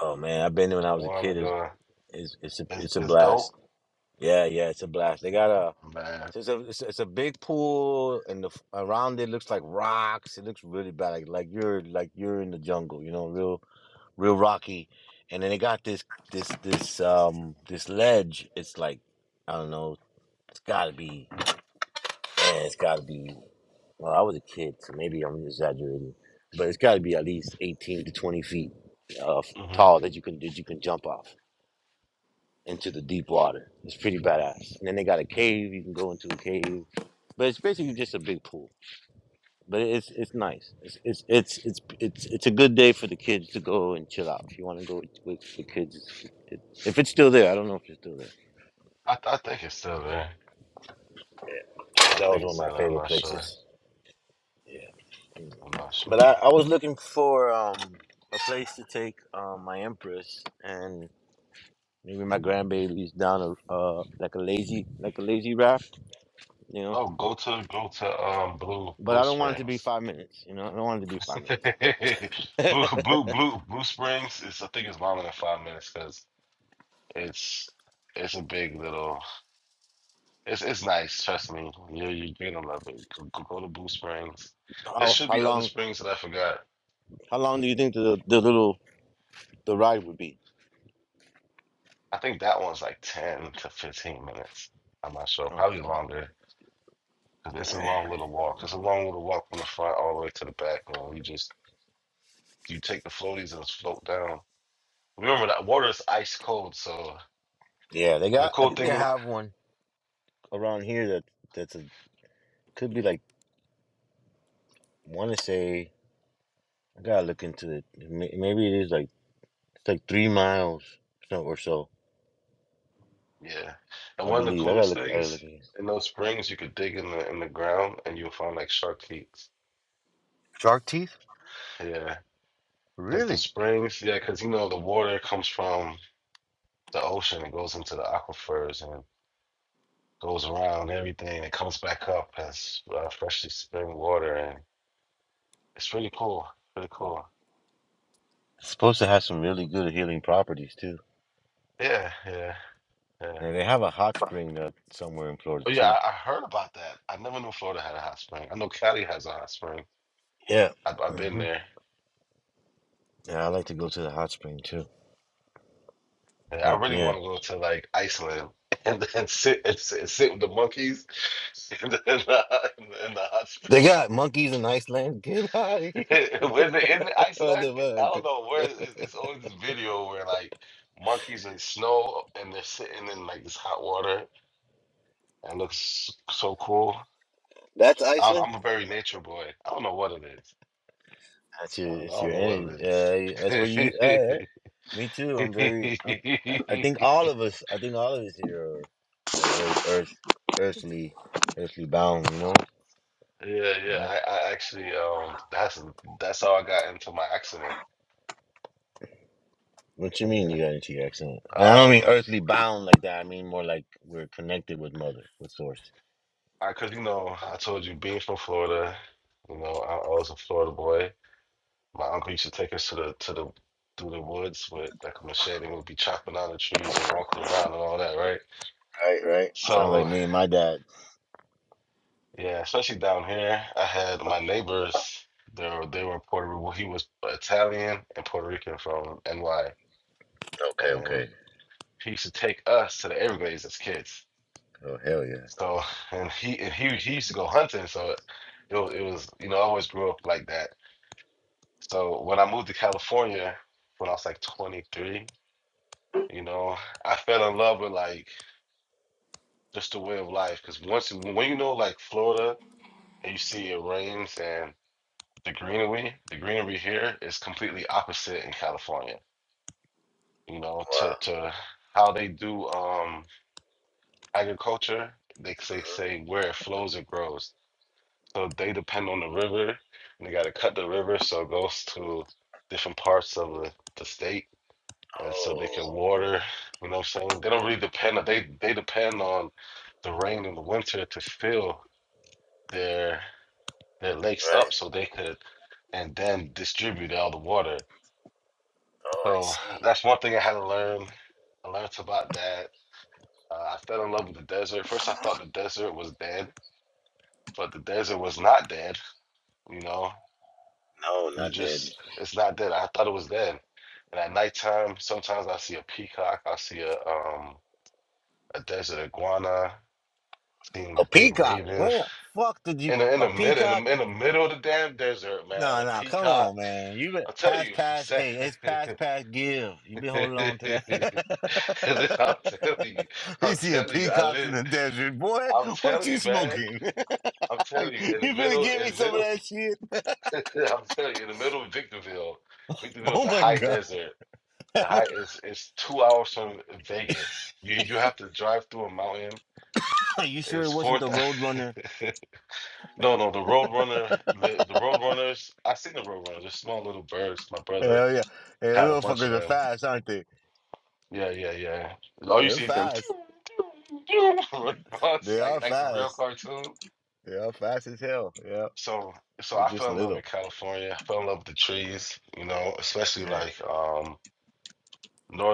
Speaker 2: Oh man, I've been there when
Speaker 8: I
Speaker 2: I was a
Speaker 8: want to
Speaker 2: kid. It's
Speaker 8: go.
Speaker 2: it's it's a,
Speaker 8: It's,
Speaker 2: it's a
Speaker 8: it's dope,
Speaker 2: blast. Yeah, yeah, it's a blast. They got a
Speaker 8: man.
Speaker 2: so it's a it's a, it's a big pool, and the f- around it looks like rocks. It looks really bad, like like you're like you're in the jungle, you know, real real rocky. And then they got this this this um this ledge. It's like I don't know. It's got to be and it's got to be. Well, I was a kid, so maybe I'm exaggerating, but it's got to be at least 18 to 20 feet uh,
Speaker 8: hmm
Speaker 2: tall that you can that you can jump off into the deep water. It's pretty badass. And then they got a cave. You can go into a cave, but it's basically just a big pool. But it's it's nice. It's it's it's it's it's, it's a good day for the kids to go and chill out. If you want to go with, with the kids, it's, it, if it's still there, I don't know if it's still there.
Speaker 8: I, I think it's still there. I
Speaker 2: That was
Speaker 8: think it's
Speaker 2: one of
Speaker 8: still
Speaker 2: my
Speaker 8: there. I'm
Speaker 2: favorite
Speaker 8: not sure.
Speaker 2: places. Yeah.
Speaker 8: I'm not
Speaker 2: But
Speaker 8: sure.
Speaker 2: I, I was looking for um a place to take um my empress and maybe my grandbabies down a uh like a lazy like a lazy raft, you know.
Speaker 8: Oh, go to go to um Blue
Speaker 2: But
Speaker 8: Blue
Speaker 2: I don't want it to be
Speaker 8: Springs.
Speaker 2: five minutes, you know. I don't want it to be five
Speaker 8: (laughs)
Speaker 2: minutes.
Speaker 8: Blue
Speaker 2: (laughs)
Speaker 8: Blue Blue Blue Springs is I think it's longer than five minutes because it's it's a big little it's it's nice, trust me. You you- you're gonna love it. Go, go go to Blue Springs. There
Speaker 2: how
Speaker 8: should
Speaker 2: how
Speaker 8: be other
Speaker 2: long
Speaker 8: springs that I forgot.
Speaker 2: how long do you think the the little the ride would be?
Speaker 8: I think that one's like 10 to 15 minutes. I'm not sure.
Speaker 2: Okay.
Speaker 8: Probably longer because It's a long little walk. It's a long little walk from the front all the way to the back. You know, you just you take the floaties and just float down. Remember that water is ice cold. So,
Speaker 2: Yeah, they
Speaker 8: and the
Speaker 2: got I
Speaker 8: cool
Speaker 2: think they
Speaker 8: thing, about-
Speaker 2: have one around here that that's a could be like wanna say I gotta look into it. May- Maybe it is like it's like three miles so- or so,
Speaker 8: yeah, and
Speaker 2: I
Speaker 8: one of the
Speaker 2: believe. I gotta
Speaker 8: coolest
Speaker 2: look I gotta
Speaker 8: things
Speaker 2: look
Speaker 8: in those springs, you could dig in the in the ground and you'll find like shark feet.
Speaker 2: Shark teeth?
Speaker 8: Yeah, because the
Speaker 2: Really?
Speaker 8: springs, yeah, because you know the water comes from the ocean and goes into the aquifers and goes around everything and comes back up as uh, freshly spring water and it's really cool, really cool.
Speaker 2: It's supposed to have some really good healing properties too.
Speaker 8: Yeah, yeah, yeah.
Speaker 2: And they have a hot spring uh, somewhere in Florida
Speaker 8: Oh
Speaker 2: too.
Speaker 8: yeah, I, I heard about that. I never knew Florida had a hot spring. I know Cali has a hot spring.
Speaker 2: Yeah.
Speaker 8: I've, I've been
Speaker 2: uh
Speaker 8: there.
Speaker 2: Yeah, I like to go to the hot spring too.
Speaker 8: And I
Speaker 2: Heck
Speaker 8: really
Speaker 2: yeah.
Speaker 8: want to go to like Iceland (laughs) and then sit and sit, sit with the monkeys (laughs) in the, in the, in the hot
Speaker 2: They
Speaker 8: spring.
Speaker 2: got monkeys in Iceland. (laughs) Get out of
Speaker 8: (laughs)
Speaker 2: here, (laughs)
Speaker 8: Where's it? Is it Iceland? I don't
Speaker 2: motherfucker.
Speaker 8: know. Where is it's, it's always this video where like monkeys in snow and they're sitting in like this hot water and it looks so cool.
Speaker 2: That's
Speaker 8: I don't, know,
Speaker 2: Iceland.
Speaker 8: I'm a very nature boy. I don't know what it is.
Speaker 2: That's your.
Speaker 8: I don't, I
Speaker 2: It's
Speaker 8: don't
Speaker 2: your
Speaker 8: know what
Speaker 2: energy. Uh, that's where you. Uh,
Speaker 8: it
Speaker 2: me too. I'm very. I'm, I I
Speaker 8: is. (laughs)
Speaker 2: think all of us. I think all of us here are, are very earth, earthly, earthly bound. You know.
Speaker 8: Yeah, yeah.
Speaker 2: Yeah.
Speaker 8: I, I actually um that's that's how I got into my accident.
Speaker 2: What you mean
Speaker 8: Yeah.
Speaker 2: you got into your accident? And I don't mean
Speaker 8: Um,
Speaker 2: earthly bound like that. I mean more like we're connected with mother, with source.
Speaker 8: I cause you know I told you being from Florida, you know I, I was a Florida boy. My uncle used to take us to the to the through the woods with like a machete and we'd be chopping down the trees and walking around and all that, right?
Speaker 2: Right, right. Sounds like
Speaker 8: So
Speaker 2: me and my dad.
Speaker 8: yeah, especially down here, I had my neighbors. They were they were Puerto Rican. well, He was Italian and Puerto Rican from NY,
Speaker 2: Okay,
Speaker 8: and
Speaker 2: okay.
Speaker 8: he used to take us to the Everglades as kids.
Speaker 2: Oh hell yeah.
Speaker 8: So and he and he he used to go hunting, so it was, it was you know I always grew up like that. So when I moved to California when I was like 23, you know I fell in love with like just the way of life because once you- when you know like Florida and you see it rains and the greenery the greenery here is completely opposite in California. You know
Speaker 2: Wow.
Speaker 8: to to how they do um agriculture they say say where it flows it grows So they depend on the river, and they got to cut the river so it goes to different parts of the, the state, and so they can
Speaker 2: Oh
Speaker 8: water. You know what I'm saying? They don't really depend on they they depend on the rain in the winter to fill their their lakes
Speaker 2: right.
Speaker 8: up so they could and then distribute all the water.
Speaker 2: Oh I
Speaker 8: So
Speaker 2: see.
Speaker 8: that's one thing I had to learn. I learned about that. Uh, I fell in love with the desert. First, I thought the desert was dead, but the desert was not dead. You know,
Speaker 2: No,
Speaker 8: You
Speaker 2: not dead.
Speaker 8: just, it's not dead. I thought it was dead. And at nighttime, sometimes I see a peacock, I see a um a desert iguana, seeing
Speaker 2: A
Speaker 8: big
Speaker 2: peacock.
Speaker 8: ravens.
Speaker 2: Where the fuck did you
Speaker 8: In the in
Speaker 2: a
Speaker 8: the middle, in
Speaker 2: peacock?
Speaker 8: the, in the middle of the damn desert, man,
Speaker 2: No,
Speaker 8: a
Speaker 2: no, come
Speaker 8: peacock.
Speaker 2: on, man. You been
Speaker 8: I tell
Speaker 2: pass,
Speaker 8: you, (laughs)
Speaker 2: pass.
Speaker 8: Sam-
Speaker 2: Hey, it's pass,
Speaker 8: (laughs)
Speaker 2: pass. Give. You been holding on to
Speaker 8: I'm
Speaker 2: that. (laughs)
Speaker 8: telling you, I'm
Speaker 2: He's seeing
Speaker 8: telling you, I
Speaker 2: peacocks in
Speaker 8: live.
Speaker 2: the desert, boy.
Speaker 8: I'm
Speaker 2: What
Speaker 8: telling
Speaker 2: you
Speaker 8: you, man.
Speaker 2: smoking? (laughs)
Speaker 8: I'm telling you, in
Speaker 2: you
Speaker 8: the
Speaker 2: better
Speaker 8: middle,
Speaker 2: give
Speaker 8: in
Speaker 2: me
Speaker 8: the
Speaker 2: some of
Speaker 8: middle,
Speaker 2: that shit.
Speaker 8: (laughs) I'm telling you, in the middle of Victorville. Victorville is
Speaker 2: Oh
Speaker 8: a
Speaker 2: my
Speaker 8: high
Speaker 2: god.
Speaker 8: desert. The high is it's two hours from Vegas. You you have to drive through a mountain.
Speaker 2: (laughs) Are you sure it
Speaker 8: It's
Speaker 2: wasn't
Speaker 8: four
Speaker 2: the
Speaker 8: thousand.
Speaker 2: Roadrunner?
Speaker 8: (laughs) no, no, the Roadrunner,
Speaker 2: (laughs)
Speaker 8: the, the Roadrunners. I seen the Roadrunners. They're small little birds. My brother
Speaker 2: Hell yeah. Hey,
Speaker 8: had a
Speaker 2: those
Speaker 8: bunch
Speaker 2: motherfuckers
Speaker 8: of
Speaker 2: are
Speaker 8: them.
Speaker 2: fast, aren't they?
Speaker 8: Yeah, yeah, yeah. All you
Speaker 2: They're
Speaker 8: see is them. (laughs)
Speaker 2: fast.
Speaker 8: It's
Speaker 2: They are
Speaker 8: like like the real
Speaker 2: fast.
Speaker 8: cartoon.
Speaker 2: They are fast as hell. Yeah.
Speaker 8: So so
Speaker 2: They're
Speaker 8: I
Speaker 2: just
Speaker 8: fell in love
Speaker 2: little.
Speaker 8: with California. I fell in love with the trees. You know, especially
Speaker 2: Right.
Speaker 8: like um.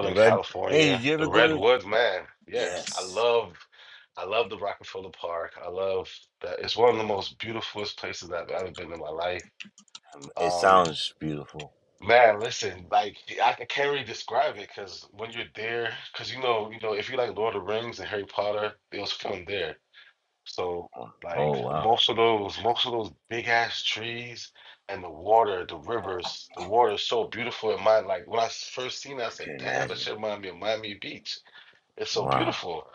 Speaker 2: The red. Hey, did
Speaker 8: California,
Speaker 2: you ever
Speaker 8: the
Speaker 2: go to?
Speaker 8: redwoods, man. Yes, I
Speaker 2: Yes.
Speaker 8: love, I love the Rockefeller Park. I love that. It's one of the most beautifulest places I've ever been in my life.
Speaker 2: Um, It
Speaker 8: Um,
Speaker 2: sounds beautiful.
Speaker 8: man, listen, like I c- can't really describe it because when you're there, because you know, you know, if you like Lord of the Rings and Harry Potter, it was filmed there. So like
Speaker 2: Oh wow.
Speaker 8: most of those, most of those big ass trees and the water, the rivers, the water is so beautiful. It mind like when I s- first seen it, I
Speaker 2: I
Speaker 8: said,
Speaker 2: can
Speaker 8: "Damn, that
Speaker 2: imagine.
Speaker 8: shit remind me of Miami Beach." It's so
Speaker 2: Wow.
Speaker 8: beautiful.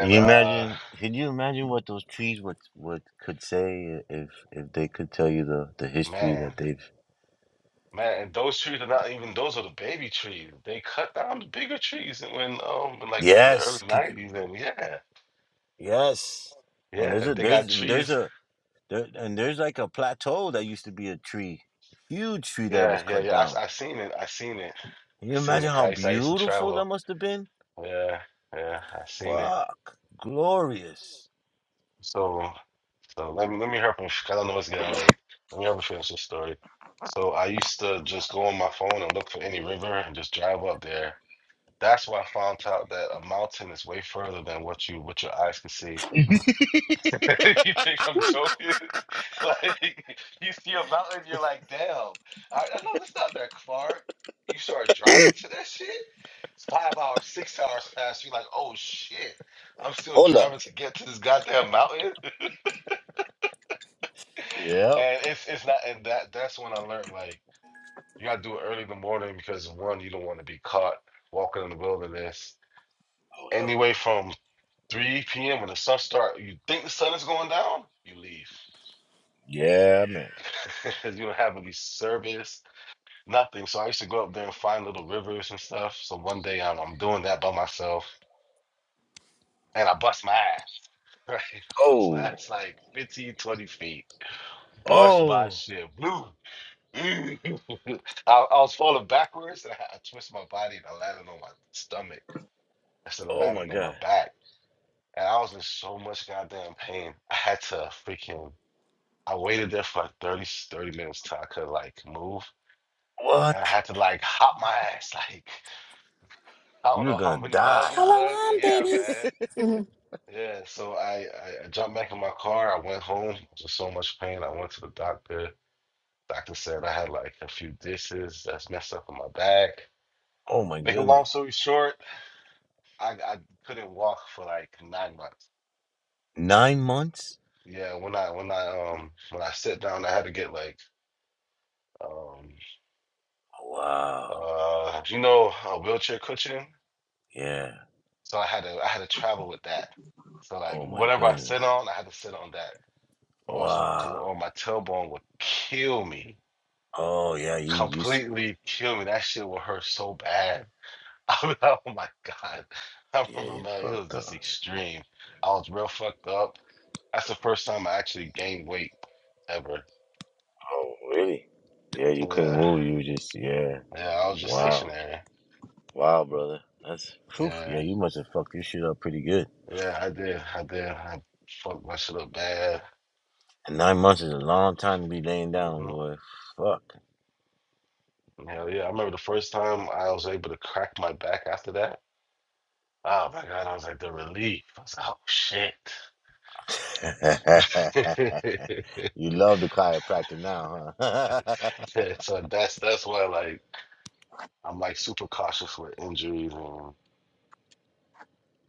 Speaker 2: Can you
Speaker 8: uh
Speaker 2: imagine? Could you imagine what those trees would would could say if if they could tell you the the history
Speaker 8: man,
Speaker 2: that they've?
Speaker 8: man, and those trees are not even those are the baby trees. They cut down the bigger trees and when um in like in the early
Speaker 2: Yes, could
Speaker 8: nineties and yeah,
Speaker 2: yes. And there's
Speaker 8: yeah,
Speaker 2: a
Speaker 8: they got
Speaker 2: there's there's
Speaker 8: trees.
Speaker 2: a there and there's like a plateau that used to be a tree, huge tree that was
Speaker 8: Yeah, yeah,
Speaker 2: cut
Speaker 8: yeah.
Speaker 2: down.
Speaker 8: I, I seen it. I seen it.
Speaker 2: Can
Speaker 8: I
Speaker 2: you
Speaker 8: seen
Speaker 2: imagine
Speaker 8: it. 'Cause
Speaker 2: how
Speaker 8: I used, I used to
Speaker 2: beautiful that
Speaker 8: travel.
Speaker 2: must have been?
Speaker 8: Yeah, yeah, I seen it.
Speaker 2: Fuck, glorious.
Speaker 8: So so let me let me help him because I know it's getting late. Let me help him finish this story. So I used to just go on my phone and look for any river and just drive up there That's why I found out that a mountain is way further than what you what your eyes can see. (laughs) you think I'm
Speaker 7: Woo.
Speaker 8: joking? (laughs) like you see a mountain, you're like, damn. I, I know that's not that far. You start
Speaker 2: (clears throat)
Speaker 8: driving to that shit. Five hours, six hours past, you're like, oh shit. I'm still
Speaker 2: Hold up.
Speaker 8: driving to get to this goddamn mountain. (laughs)
Speaker 2: Yep.
Speaker 8: and it's it's not and that that's when I learned like you gotta do it early in the morning because one, you don't want to be caught walking in the wilderness.
Speaker 2: Oh hell no.
Speaker 8: Anyway, from 3 p.m. when the sun start, you think the sun is going down, you leave.
Speaker 2: Yeah, man.
Speaker 8: (laughs) 'Cause you don't have any service, nothing. So I used to go up there and find little rivers and stuff. So one day I'm, I'm doing that by myself and I bust my ass. (laughs) Right? I bust my
Speaker 2: Oh,
Speaker 8: ass like 15, 20 feet. Bust my
Speaker 2: oh,
Speaker 8: shit. Blue. (laughs) I, I was falling backwards and I, I twisted my body and I landed on my stomach instead of
Speaker 2: oh my
Speaker 8: landing on my
Speaker 2: God.
Speaker 8: back. And I was in so much goddamn pain. I had to freaking I waited there for like 30, thirty minutes till I could like move. And I
Speaker 2: What?
Speaker 8: had to like hop my ass. (laughs) Like, I don't
Speaker 2: You're
Speaker 8: know
Speaker 2: gonna
Speaker 8: how many miles
Speaker 2: die.
Speaker 8: this was.
Speaker 4: Shalom,
Speaker 8: Yeah,
Speaker 4: babies.
Speaker 8: man. Yeah. So I, I, I jumped back in my car. I went home. Just so much pain. I went to the doctor. Doctor said I had like a few dishes that's messed up in my back.
Speaker 2: Oh my
Speaker 8: Make a long
Speaker 2: goodness.
Speaker 8: story short, I, I couldn't walk for like nine months.
Speaker 2: 9 months?
Speaker 8: Yeah, when I when I um when I sat down, I had to get like um
Speaker 2: Wow.
Speaker 8: uh you know a wheelchair cushion
Speaker 2: Yeah.
Speaker 8: So I had to I had to travel with that. So like
Speaker 2: Oh my
Speaker 8: whatever I sit
Speaker 2: goodness.
Speaker 8: on, I had to sit on that. Also, because
Speaker 2: Wow.
Speaker 8: on my tailbone would kill me,
Speaker 2: Oh yeah, you you s-
Speaker 8: completely kill me. That shit would hurt so bad. (laughs) I was like, oh my god. I
Speaker 2: yeah,
Speaker 8: remember,
Speaker 2: you
Speaker 8: man, it
Speaker 2: fucked
Speaker 8: was just
Speaker 2: up.
Speaker 8: extreme. I was real fucked up. That's the first time I actually gained weight ever.
Speaker 2: Oh, really? Yeah, you couldn't
Speaker 8: Yeah,
Speaker 2: move. You were just yeah.
Speaker 8: yeah. I was just
Speaker 2: Wow.
Speaker 8: stationary.
Speaker 2: Wow, brother. That's phew. Yeah,
Speaker 8: Yeah,
Speaker 2: you must have fucked your shit up pretty good.
Speaker 8: yeah. I did. I did. I fucked my shit up bad.
Speaker 2: And 9 months is a long time to be laying
Speaker 8: Mm-hmm.
Speaker 2: down, boy. Fuck.
Speaker 8: Hell yeah. I remember the first time I was able to crack my back after that. Oh my God, I was like the relief. I was like, oh shit.
Speaker 2: (laughs)
Speaker 8: (laughs)
Speaker 2: you love the chiropractor now, huh? (laughs)
Speaker 8: So that's that's why like I'm like super cautious with injuries and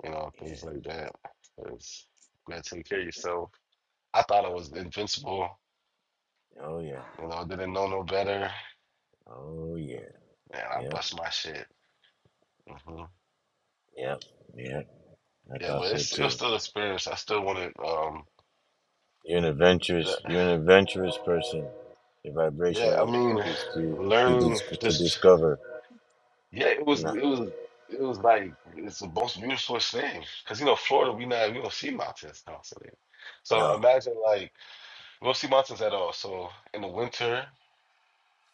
Speaker 8: you know
Speaker 2: yeah.
Speaker 8: things like that. 'Cause you gotta take care of yourself. I thought I
Speaker 2: Yep.
Speaker 8: was invincible,
Speaker 2: Oh yeah.
Speaker 8: you know, didn't know no better,
Speaker 2: Oh yeah.
Speaker 8: and I
Speaker 2: Yep.
Speaker 8: bust my shit. hmm
Speaker 2: Yep. yeah. I
Speaker 8: Yeah,
Speaker 2: thought
Speaker 8: but
Speaker 2: so
Speaker 8: it's it was
Speaker 2: too.
Speaker 8: still an experience. I still want to um
Speaker 2: You're an
Speaker 8: that,
Speaker 2: adventurous. You're an adventurous person. Your vibration
Speaker 8: yeah, I
Speaker 2: is
Speaker 8: mean
Speaker 2: is to to,
Speaker 8: learning
Speaker 2: dis- to
Speaker 8: just
Speaker 2: discover.
Speaker 8: Yeah, it was
Speaker 2: No.
Speaker 8: it was it was like it's the most beautiful thing because you know Florida we not we don't see mountains constantly, so
Speaker 2: No.
Speaker 8: imagine like we don't see mountains at all. So in the winter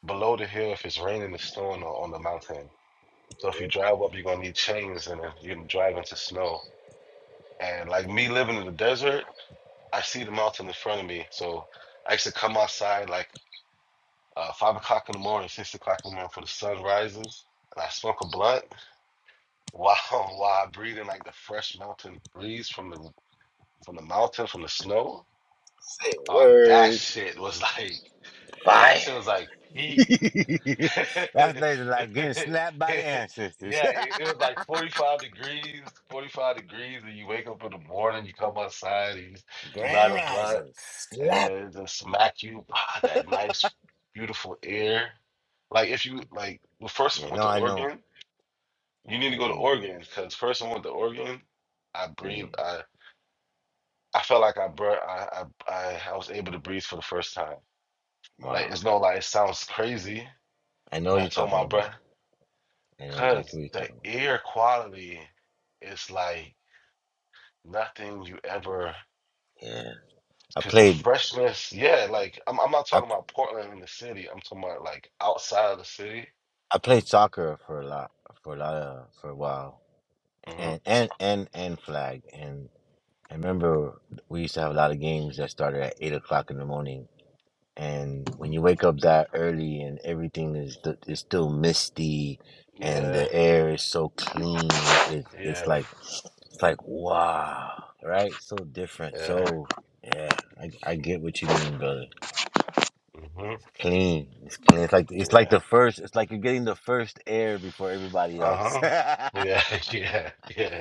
Speaker 8: below the hill, if it's raining, it's snowing on, on the mountain. So if you drive up, you're gonna need chains and then you can drive into snow. And like me living in the desert, I see the mountain in front of me, so I used to come outside like uh, five o'clock in the morning, six o'clock in the morning for the sun rises, and I smoke a blunt Wow, (laughs) wow, breathing like the fresh mountain breeze from the from the mountain, from the snow. Oh, that shit was (laughs) like that shit was like
Speaker 2: (laughs)
Speaker 8: peak.
Speaker 2: That's lazy like getting
Speaker 8: (laughs)
Speaker 2: slapped by the ancestors.
Speaker 8: Yeah, it, it was like 45 degrees, 45 degrees, and you wake up in the morning, you come outside, you
Speaker 2: (laughs)
Speaker 8: you light
Speaker 2: Grand
Speaker 8: a blunt,
Speaker 2: rising.
Speaker 8: and then
Speaker 2: Slap.
Speaker 8: it just smack you, ah, that nice, beautiful air. Like if you like, well, first I
Speaker 2: Yeah.
Speaker 8: went
Speaker 2: No,
Speaker 8: to
Speaker 2: I know.
Speaker 8: Oregon. You need to
Speaker 2: I
Speaker 8: go to
Speaker 2: hear you, brother.
Speaker 8: Oregon because first I went to Oregon. I
Speaker 2: Mm.
Speaker 8: breathed. I I felt like I bur I, I I I was able to breathe for the first time. Like
Speaker 2: Wow.
Speaker 8: it's no like it sounds crazy,
Speaker 2: I know what
Speaker 8: but I
Speaker 2: you're
Speaker 8: told
Speaker 2: talking
Speaker 8: my
Speaker 2: about.
Speaker 8: breath
Speaker 2: I know exactly
Speaker 8: because
Speaker 2: what you're
Speaker 8: the
Speaker 2: talking about.
Speaker 8: air quality is like nothing you ever.
Speaker 2: Yeah. I
Speaker 8: Because the
Speaker 2: played.
Speaker 8: freshness, yeah. Like I'm I'm not
Speaker 2: I
Speaker 8: talking about Portland in the city. I'm talking about like outside of the city.
Speaker 2: I played soccer for a lot for a lot of for a while.
Speaker 8: hmm
Speaker 2: and and and and flag. And I remember we used to have a lot of games that started at eight o'clock in the morning. And when you wake up that early and everything is th- is still misty, and
Speaker 8: Yeah,
Speaker 2: the air is so clean, it, it's
Speaker 8: yeah,
Speaker 2: like it's like wow, right? So different.
Speaker 8: yeah.
Speaker 2: So yeah, I, I get what you mean, brother.
Speaker 8: hmm
Speaker 2: Clean. It's clean. It's like it's like
Speaker 8: Yeah.
Speaker 2: the first. It's like you're getting the first air before everybody
Speaker 8: Uh
Speaker 2: else. (laughs)
Speaker 8: huh.
Speaker 2: yeah.
Speaker 8: Yeah, (laughs) yeah, yeah.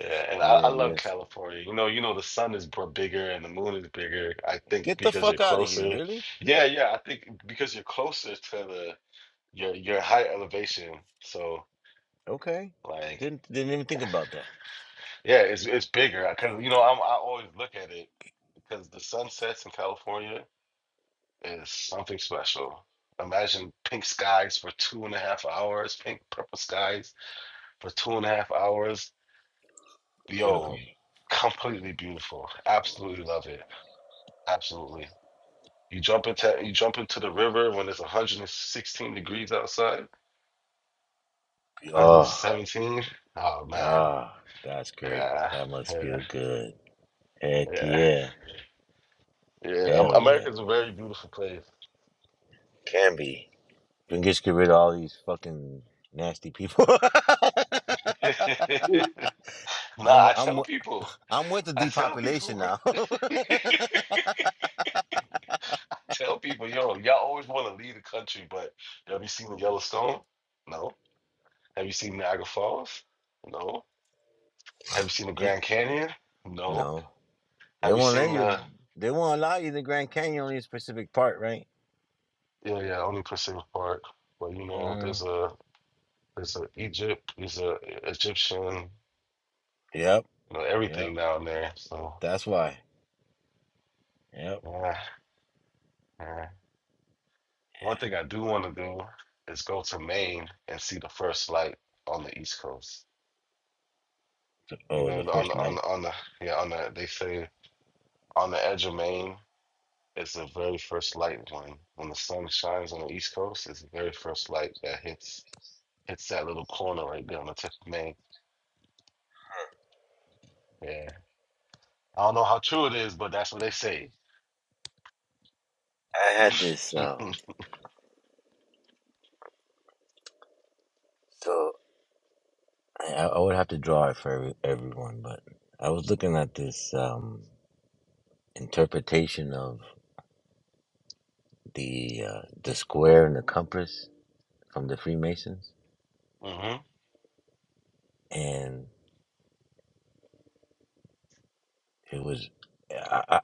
Speaker 8: Yeah, and I, I love
Speaker 2: Yes.
Speaker 8: California. You know, you know the sun is br- bigger and the moon is bigger. I think
Speaker 2: Get the
Speaker 8: because you're
Speaker 2: fuck out of here,
Speaker 8: closer.
Speaker 2: really?
Speaker 8: Yeah, yeah. I think because you're closer to the your your high elevation. So
Speaker 2: Okay.
Speaker 8: like,
Speaker 2: Didn't didn't even think about that.
Speaker 8: yeah, it's it's bigger. Because you know, I'm I always look at it because the sunsets in California is something special. Imagine pink skies for two and a half hours, pink purple skies for two and a half hours.
Speaker 2: Beautiful.
Speaker 8: Yo,
Speaker 2: Be-
Speaker 8: completely beautiful. Absolutely love it. Absolutely. You jump into you jump into the river when it's 116 degrees outside,
Speaker 2: Oh,
Speaker 8: 117. Oh man,
Speaker 2: ah, that's great.
Speaker 8: yeah,
Speaker 2: That must
Speaker 8: yeah,
Speaker 2: feel good. Heck
Speaker 8: yeah,
Speaker 2: yeah.
Speaker 8: yeah. Am-
Speaker 2: Hell yeah.
Speaker 8: America's a very beautiful place.
Speaker 2: Can be. We can just get rid of all these fucking nasty people. (laughs)
Speaker 8: (laughs) nah,
Speaker 2: I'm wi-
Speaker 8: I
Speaker 2: I'm
Speaker 8: tell
Speaker 2: wi-
Speaker 8: people,
Speaker 2: I'm with the
Speaker 8: I tell people,
Speaker 2: depopulation
Speaker 8: bro.
Speaker 2: now. (laughs)
Speaker 8: I tell people, yo, y'all always want to leave the country, but have you seen the Yellowstone? No. Have you seen Niagara Falls? No. Have you seen the
Speaker 2: Eh,
Speaker 8: Grand Canyon? No.
Speaker 2: no, they
Speaker 8: Have you
Speaker 2: won't let
Speaker 8: seen
Speaker 2: you.
Speaker 8: the?
Speaker 2: They won't allow you the Grand Canyon only in specific part, right?
Speaker 8: Yeah, yeah. Only Pacific Park. But you know,
Speaker 2: Uh,
Speaker 8: there's a It's a Egypt. It's a Egyptian.
Speaker 2: yep,
Speaker 8: You know
Speaker 2: yep.
Speaker 8: everything down there. So
Speaker 2: That's why. Yep.
Speaker 8: yeah, yeah. One thing I do want to do is go to Maine and see the first light on the East Coast. You
Speaker 2: Oh,
Speaker 8: know,
Speaker 2: the
Speaker 8: on the
Speaker 2: first light.
Speaker 8: on the on the yeah on the they say on the edge of Maine is the very first light one when the sun shines on the East Coast. It's the very first light that hits hits that little corner right there on the tip of Maine. Yeah, I don't know how true it is, but that's what they say.
Speaker 2: I had this.
Speaker 8: (laughs) hmm
Speaker 2: Um, so I, I would have to draw it for every, everyone, but I was looking at this um, interpretation of the uh, the square and the compass from the Freemasons, and it was. I, I,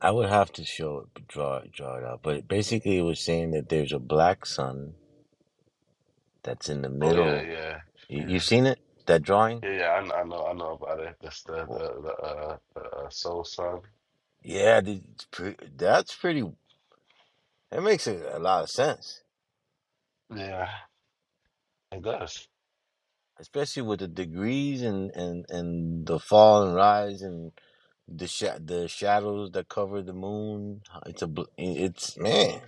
Speaker 2: I would have to show it, draw it, draw it out, but basically it was saying that there's a black sun that's in the
Speaker 8: Oh yeah,
Speaker 2: middle.
Speaker 8: yeah,
Speaker 2: You,
Speaker 8: yeah.
Speaker 2: you've seen it that drawing?
Speaker 8: Yeah, yeah, I, kn- I know, I know about it. That's the
Speaker 2: Well,
Speaker 8: the the uh, the uh, soul song.
Speaker 2: yeah, the- it's pre- that's pretty. That makes a, a lot of sense
Speaker 8: Yeah, it does.
Speaker 2: especially with the degrees and and and the fall and rise and the sha- the shadows that cover the moon. uh, It's a bl- it's man.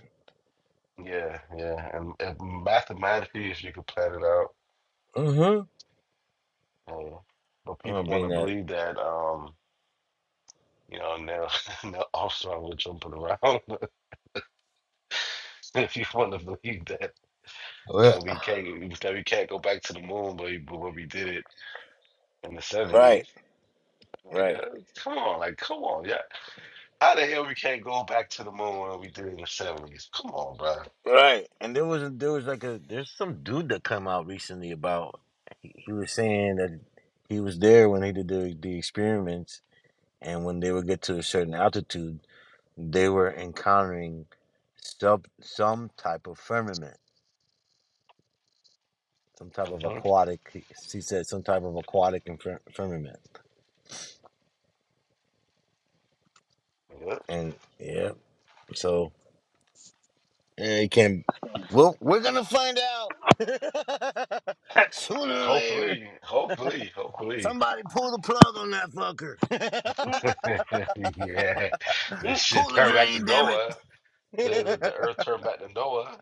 Speaker 8: Yeah, yeah, and, and mathematically, if you could plan it out,
Speaker 2: Mm-hmm.
Speaker 8: uh, but
Speaker 2: I'm
Speaker 8: people
Speaker 2: gonna
Speaker 8: want
Speaker 2: bring
Speaker 8: to
Speaker 2: that.
Speaker 8: believe that, um, you know, now (laughs) now Armstrong was jumping around. (laughs) If you want to believe that
Speaker 2: Well,
Speaker 8: that we can't that we can't go back to the moon, but we, but we did it in the
Speaker 2: right,
Speaker 8: seventies. Like,
Speaker 2: right,
Speaker 8: uh, come on, like, come on, yeah. How the hell we can't go back to the moon when we did it in the seventies? Come on,
Speaker 2: right. And there was there was like a there's some dude that come out recently about he was saying that he was there when they did the the experiments and when they would get to a certain altitude, they were encountering some some type of firmament some type of
Speaker 8: bro.
Speaker 2: aquatic. he said some type of aquatic infir- firmament.
Speaker 8: Yep.
Speaker 2: And yeah, so yeah, you can't. Well, we're gonna find out (laughs) sooner or later.
Speaker 8: Hopefully, hopefully, hopefully.
Speaker 2: Somebody pull the plug on that fucker.
Speaker 7: mm
Speaker 8: (laughs) yeah. This
Speaker 2: (laughs)
Speaker 8: shit
Speaker 2: pull the
Speaker 8: turned back to
Speaker 2: drain, damn it.
Speaker 8: Noah. The, the, the
Speaker 2: (laughs)
Speaker 8: earth turned back to Noah.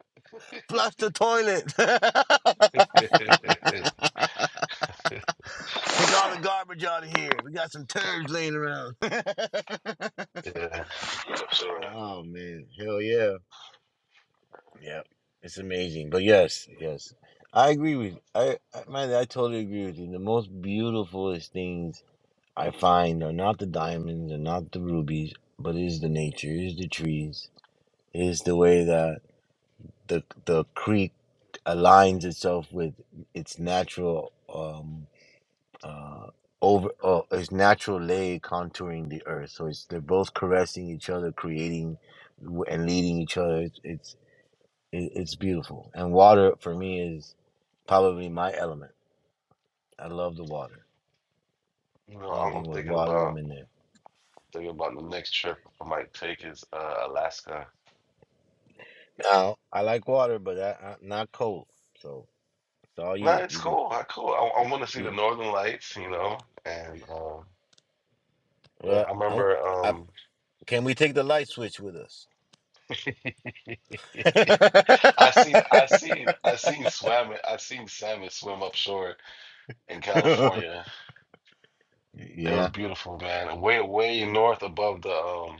Speaker 2: Flush the toilet.
Speaker 8: (laughs) yeah,
Speaker 2: (laughs) Take all the garbage out of here. We got some turds laying around. (laughs)
Speaker 8: for sure.
Speaker 2: oh man, hell yeah. Yeah, it's amazing. But yes, yes, I agree with I, I man, I totally agree with you. The most beautifulest things I find are not the diamonds and not the rubies, but is the nature, is the trees, is the way that the the creek aligns itself with its natural um uh over uh, its natural lay contouring the earth. So it's they're both caressing each other, creating w- and leading each other. It's, it's it, it's beautiful. And water for me is probably my element. I love the water.
Speaker 8: You know, I'm, I'm
Speaker 2: Anything with
Speaker 8: thinking
Speaker 2: water, I'm
Speaker 8: about
Speaker 2: in there.
Speaker 8: thinking about the next trip I might take is uh, Alaska.
Speaker 2: Now, I like water, but I, I, not cold. So it's all
Speaker 8: No,
Speaker 2: you.
Speaker 8: it's
Speaker 2: You can.
Speaker 8: cool. I cool. I,
Speaker 2: You,
Speaker 8: I want to see the
Speaker 2: you-
Speaker 8: Northern Lights, you know. And um, yeah,
Speaker 2: well,
Speaker 8: I
Speaker 2: I'm,
Speaker 8: remember
Speaker 2: I,
Speaker 8: um,
Speaker 2: can we take the light switch with us? (laughs)
Speaker 8: I seen I seen I seen swam I seen salmon swim up shore in California. It
Speaker 2: yeah,
Speaker 8: was beautiful, man. Way way north above the um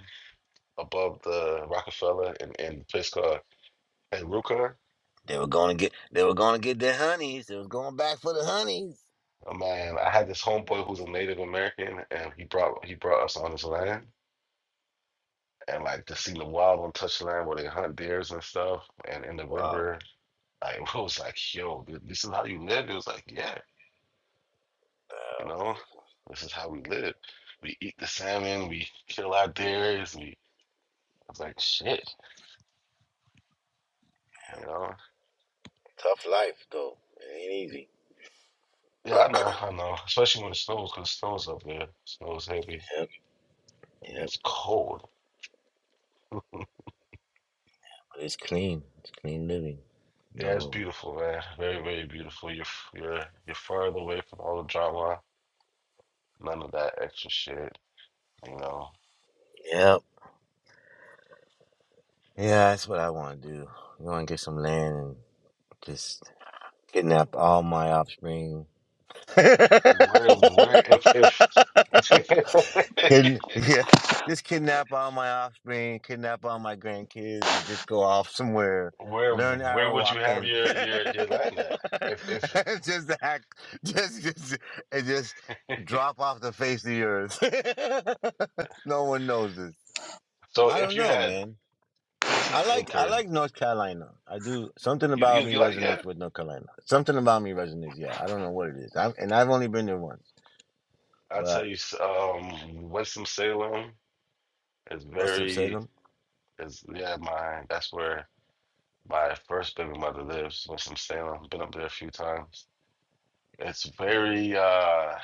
Speaker 8: above the Rockefeller and and the place called Heruka.
Speaker 2: they were going to get. They were going to get their honeys. They was going back for the honeys.
Speaker 8: Oh, man, I had this homeboy who's a Native American, and he brought he brought us on his land, and like to see the wild untouched land where they hunt deers and stuff, and in the
Speaker 2: Wow.
Speaker 8: river. I (laughs) it was like, yo, th- this is how you live. It was like, yeah, you
Speaker 2: Oh,
Speaker 8: know,
Speaker 2: beautiful.
Speaker 8: this is how we live. We eat the salmon, we kill our deers. We I was like, shit, you know.
Speaker 2: Tough life though. It ain't easy.
Speaker 8: Yeah, I know, I know. Especially when it snows, because it snows up there. Snows heavy.
Speaker 2: Yep.
Speaker 8: It
Speaker 2: Yep.
Speaker 8: gets cold.
Speaker 2: It's clean. It's clean living.
Speaker 8: Yeah, it's
Speaker 2: No.
Speaker 8: beautiful, man. Very, very beautiful. You're f- you're you're further away from all the drama. None of that extra shit. You know.
Speaker 2: Yep. Yeah, that's what I want to do. I want to get some land and just kidnap all my offspring (laughs)
Speaker 8: Where where if if (laughs)
Speaker 2: Kid- yeah, just kidnap all my offspring, kidnap all my grandkids, and just go off somewhere.
Speaker 8: where
Speaker 2: Learn
Speaker 8: where
Speaker 2: arrow
Speaker 8: would you have
Speaker 2: walking. (laughs)
Speaker 8: your your your land at? If if
Speaker 2: just act, just, just, and just drop off the face of the earth. (laughs) no one knows this.
Speaker 8: so,
Speaker 2: I
Speaker 8: if
Speaker 2: don't
Speaker 8: you
Speaker 2: know,
Speaker 8: had
Speaker 2: man. I I
Speaker 8: 15
Speaker 2: like I
Speaker 8: acres,
Speaker 2: like North Carolina. I do something
Speaker 8: you
Speaker 2: about
Speaker 8: you,
Speaker 2: me
Speaker 8: you like yeah?
Speaker 2: resonates with North Carolina. Something about me resonates. Yeah, I don't know what it is. I've, and I've only been there once.
Speaker 8: I
Speaker 2: But
Speaker 8: tell you, s- um, Winston Salem is
Speaker 2: Winston
Speaker 8: very
Speaker 2: Salem.
Speaker 8: is yeah, mine. That's where. My first baby mother lives in some Salem. Been up there a few times. It's very uh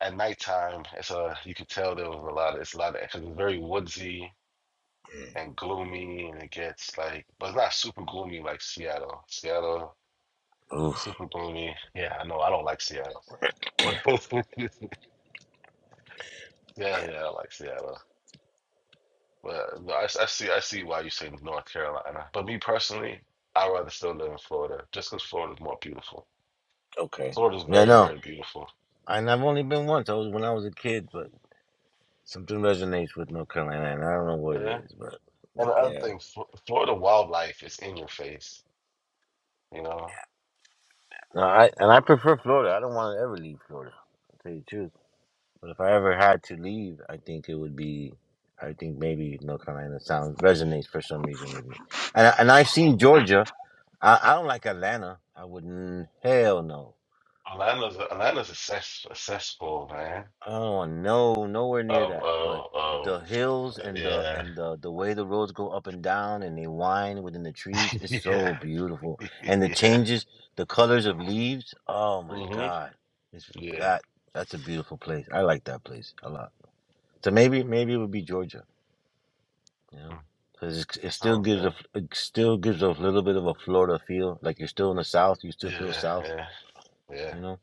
Speaker 8: at nighttime. It's a you could tell there was a lot of it's a lot of because it's very woodsy and gloomy, and it gets like but it's not super gloomy like Seattle. Seattle
Speaker 2: Oh,
Speaker 8: super gloomy. Yeah, I know. I don't like Seattle. (laughs) yeah,
Speaker 2: yeah.
Speaker 8: yeah, I like Seattle. But no, I, s- I see, I see why you say North Carolina. But me personally, I'd rather still live in Florida, just because Florida's more beautiful.
Speaker 2: Okay.
Speaker 8: Florida's
Speaker 2: Yeah,
Speaker 8: very,
Speaker 2: no.
Speaker 8: very beautiful.
Speaker 2: And I've only been once. I was when I was a kid, but something resonates with North Carolina, and I don't know what
Speaker 8: Yeah.
Speaker 2: it is, but
Speaker 8: And the
Speaker 2: but
Speaker 8: other
Speaker 2: yeah.
Speaker 8: thing, Fl- Florida wildlife is in your face. You know,
Speaker 2: No, I and I prefer Florida. I don't want to ever leave Florida. To tell you the truth. But if I ever had to leave, I think it would be. I think maybe North Carolina sounds resonates for some reason with me. And I- and I've seen
Speaker 8: uh-huh.
Speaker 2: Georgia. I, I don't like Atlanta. I wouldn't. Hell no.
Speaker 8: Atlanta's a, Atlanta's a, cess, a cesspool, man.
Speaker 2: Oh no, nowhere near
Speaker 8: Of
Speaker 2: that. But
Speaker 8: of of
Speaker 2: the hills and the
Speaker 8: yeah,
Speaker 2: and the the way the roads go up and down and they wind within the trees
Speaker 8: (laughs)
Speaker 2: is
Speaker 8: yeah,
Speaker 2: so beautiful.
Speaker 8: (laughs)
Speaker 2: And the
Speaker 8: yeah.
Speaker 2: changes, the colors of leaves. Oh my
Speaker 8: hmm
Speaker 2: God, it's
Speaker 8: Yeah.
Speaker 2: that that's a beautiful place. I like that place a lot. So maybe maybe it would be Georgia, you
Speaker 8: Hmm.
Speaker 2: know, because it, it
Speaker 8: That
Speaker 2: still
Speaker 8: sounds
Speaker 2: gives a
Speaker 8: good.
Speaker 2: f- it still gives a little bit of a Florida feel. Like you're still in the South, you still feel
Speaker 8: Yeah,
Speaker 2: South,
Speaker 8: yeah, yeah,
Speaker 2: you know.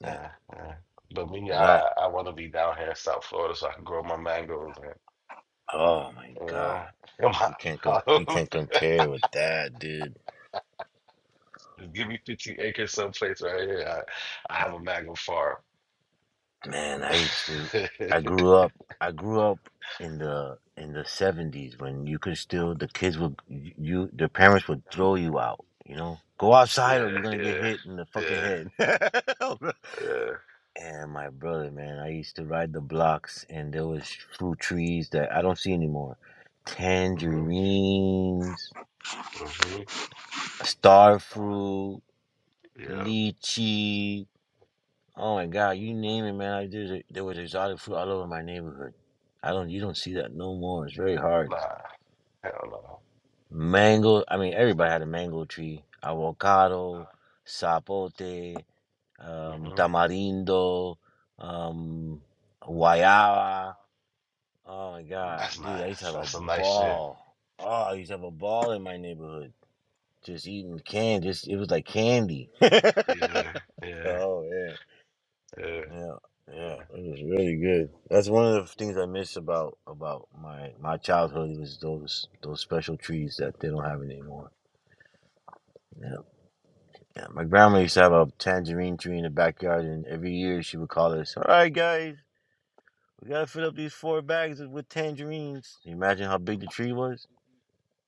Speaker 2: Yeah,
Speaker 8: yeah, yeah. But me,
Speaker 2: that.
Speaker 8: I I want to be down here in South Florida so I can grow my mangoes and
Speaker 2: Oh my
Speaker 8: you
Speaker 2: God.
Speaker 8: know (laughs) my
Speaker 2: You can't com- you
Speaker 8: avocados.
Speaker 2: can't compare with that, dude.
Speaker 8: Just give me 15 acres someplace right here. I, I have a mango farm.
Speaker 2: Man, I used to.
Speaker 8: (laughs)
Speaker 2: I grew up. I grew up in the in the seventies when you could still the kids would you the parents would throw you out. You know, go outside
Speaker 8: Yeah,
Speaker 2: or you're gonna
Speaker 8: yeah,
Speaker 2: get hit in the fucking
Speaker 8: yeah,
Speaker 2: head. (laughs)
Speaker 8: yeah.
Speaker 2: and my brother, man, I used to ride the blocks and there was fruit trees that I don't see anymore.
Speaker 8: Mm-hmm.
Speaker 2: Tangerines,
Speaker 8: Mm-hmm.
Speaker 2: star fruit,
Speaker 8: Yeah.
Speaker 2: lychee Oh my God, you name it, man. I did. There was exotic fruit all over my neighborhood. I don't. You don't see that no more. It's very hard.
Speaker 8: Nah. Hell
Speaker 2: Mango. I mean, everybody had a mango tree. Avocado, sapote,
Speaker 8: no.
Speaker 2: um,
Speaker 8: Mm-hmm.
Speaker 2: tamarindo, um, guayaba. Oh my God,
Speaker 8: That's
Speaker 2: dude! I used to
Speaker 8: nice.
Speaker 2: have a
Speaker 8: That's some nice shit.
Speaker 2: ball. Oh, I used to have a ball in my neighborhood. Just eating candy. Just it was like candy. (laughs)
Speaker 8: Yeah, yeah,
Speaker 2: oh man.
Speaker 8: yeah.
Speaker 2: Yeah, yeah, it was really good. That's one of the things I miss about about my my childhood was those those special trees that they don't have anymore. Yeah, yeah. My grandma used to have a tangerine tree in the backyard, and every year she would call us, "All right, guys, we gotta fill up these four bags with tangerines." Can you imagine how big the tree was?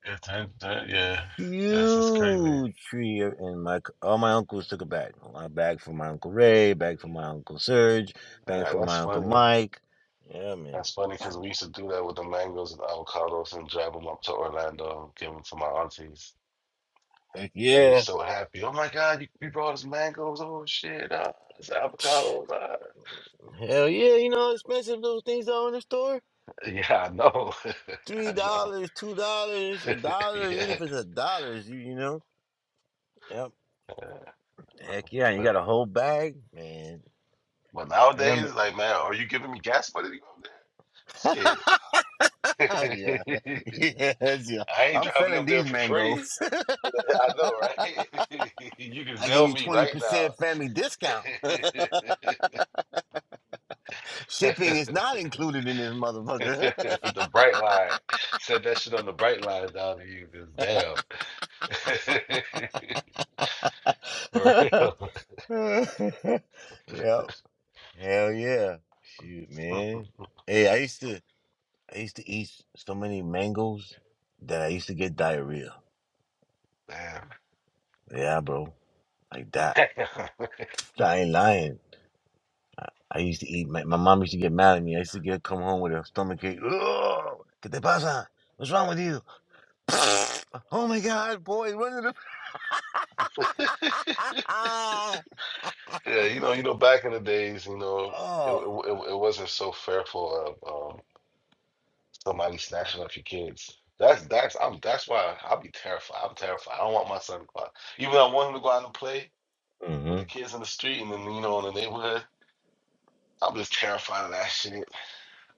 Speaker 8: Yeah, that, that, yeah. Yes, it's crazy.
Speaker 2: Huge tree, and my c- all my uncles took a bag. A bag for my uncle Ray, bag for my uncle Serge,
Speaker 8: All
Speaker 2: bag
Speaker 8: right,
Speaker 2: for
Speaker 8: that's
Speaker 2: my uncle
Speaker 8: funny.
Speaker 2: Mike. Yeah, man.
Speaker 8: That's funny because we used to do that with the mangoes and avocados and drive them up to Orlando, give them to my aunties.
Speaker 2: Heck
Speaker 8: They'd be
Speaker 2: yeah.
Speaker 8: so happy. Oh my God, you, you brought us mangoes. Oh shit, ah, it's avocados. Ah.
Speaker 2: Hell yeah, you know how expensive those things are in the store.
Speaker 8: Yeah, I know. (laughs)
Speaker 2: Three
Speaker 8: I know.
Speaker 2: dollars, two dollars, a
Speaker 8: (laughs)
Speaker 2: dollar, even
Speaker 8: yeah.
Speaker 2: if it's a dollar, you you know. Yep.
Speaker 8: Uh,
Speaker 2: Heck yeah, and you
Speaker 8: But
Speaker 2: got a whole bag, man.
Speaker 8: but
Speaker 2: I remember.
Speaker 8: nowadays, like man, are you giving me gas money to go up
Speaker 2: (laughs)
Speaker 8: there? Shit.
Speaker 2: yeah, (laughs) yes, yeah.
Speaker 8: (laughs) I ain't
Speaker 2: I'm
Speaker 8: driving
Speaker 2: selling
Speaker 8: up there
Speaker 2: these
Speaker 8: for free.
Speaker 2: mangoes. (laughs)
Speaker 8: (laughs) I know, right? (laughs) You can
Speaker 2: I give
Speaker 8: sell
Speaker 2: you
Speaker 8: me
Speaker 2: twenty
Speaker 8: right
Speaker 2: percent family discount. (laughs)
Speaker 8: now. (laughs)
Speaker 2: Shipping is not included in this motherfucker.
Speaker 8: The bright line. Said that shit on the bright line down to you. 'Cause damn. (laughs) For real.
Speaker 2: (laughs) yep. Hell yeah. Shoot, man. Hey, I used to. I used to eat so many mangoes that I used to get diarrhea. Yeah, bro. Like that.
Speaker 8: (laughs) Damn. (laughs)
Speaker 2: I ain't lying. I used to eat, my, my mom used to get mad at me. I used to get come home with a stomach ache. Oh, ¿Qué te pasa? What's wrong with you? (laughs) oh my God, boy, run to the. (laughs)
Speaker 8: Yeah, you know, you know, back in the days, you know, it it,
Speaker 2: oh.
Speaker 8: it wasn't so fearful of um, somebody snatching up your kids. That's that's I'm that's why I'll be terrified. I'm terrified. I don't want my son to go out. Even though I want him to go out and play with the
Speaker 2: Mm
Speaker 8: kids in the street and then you know in the neighborhood. I'm just terrified of that shit.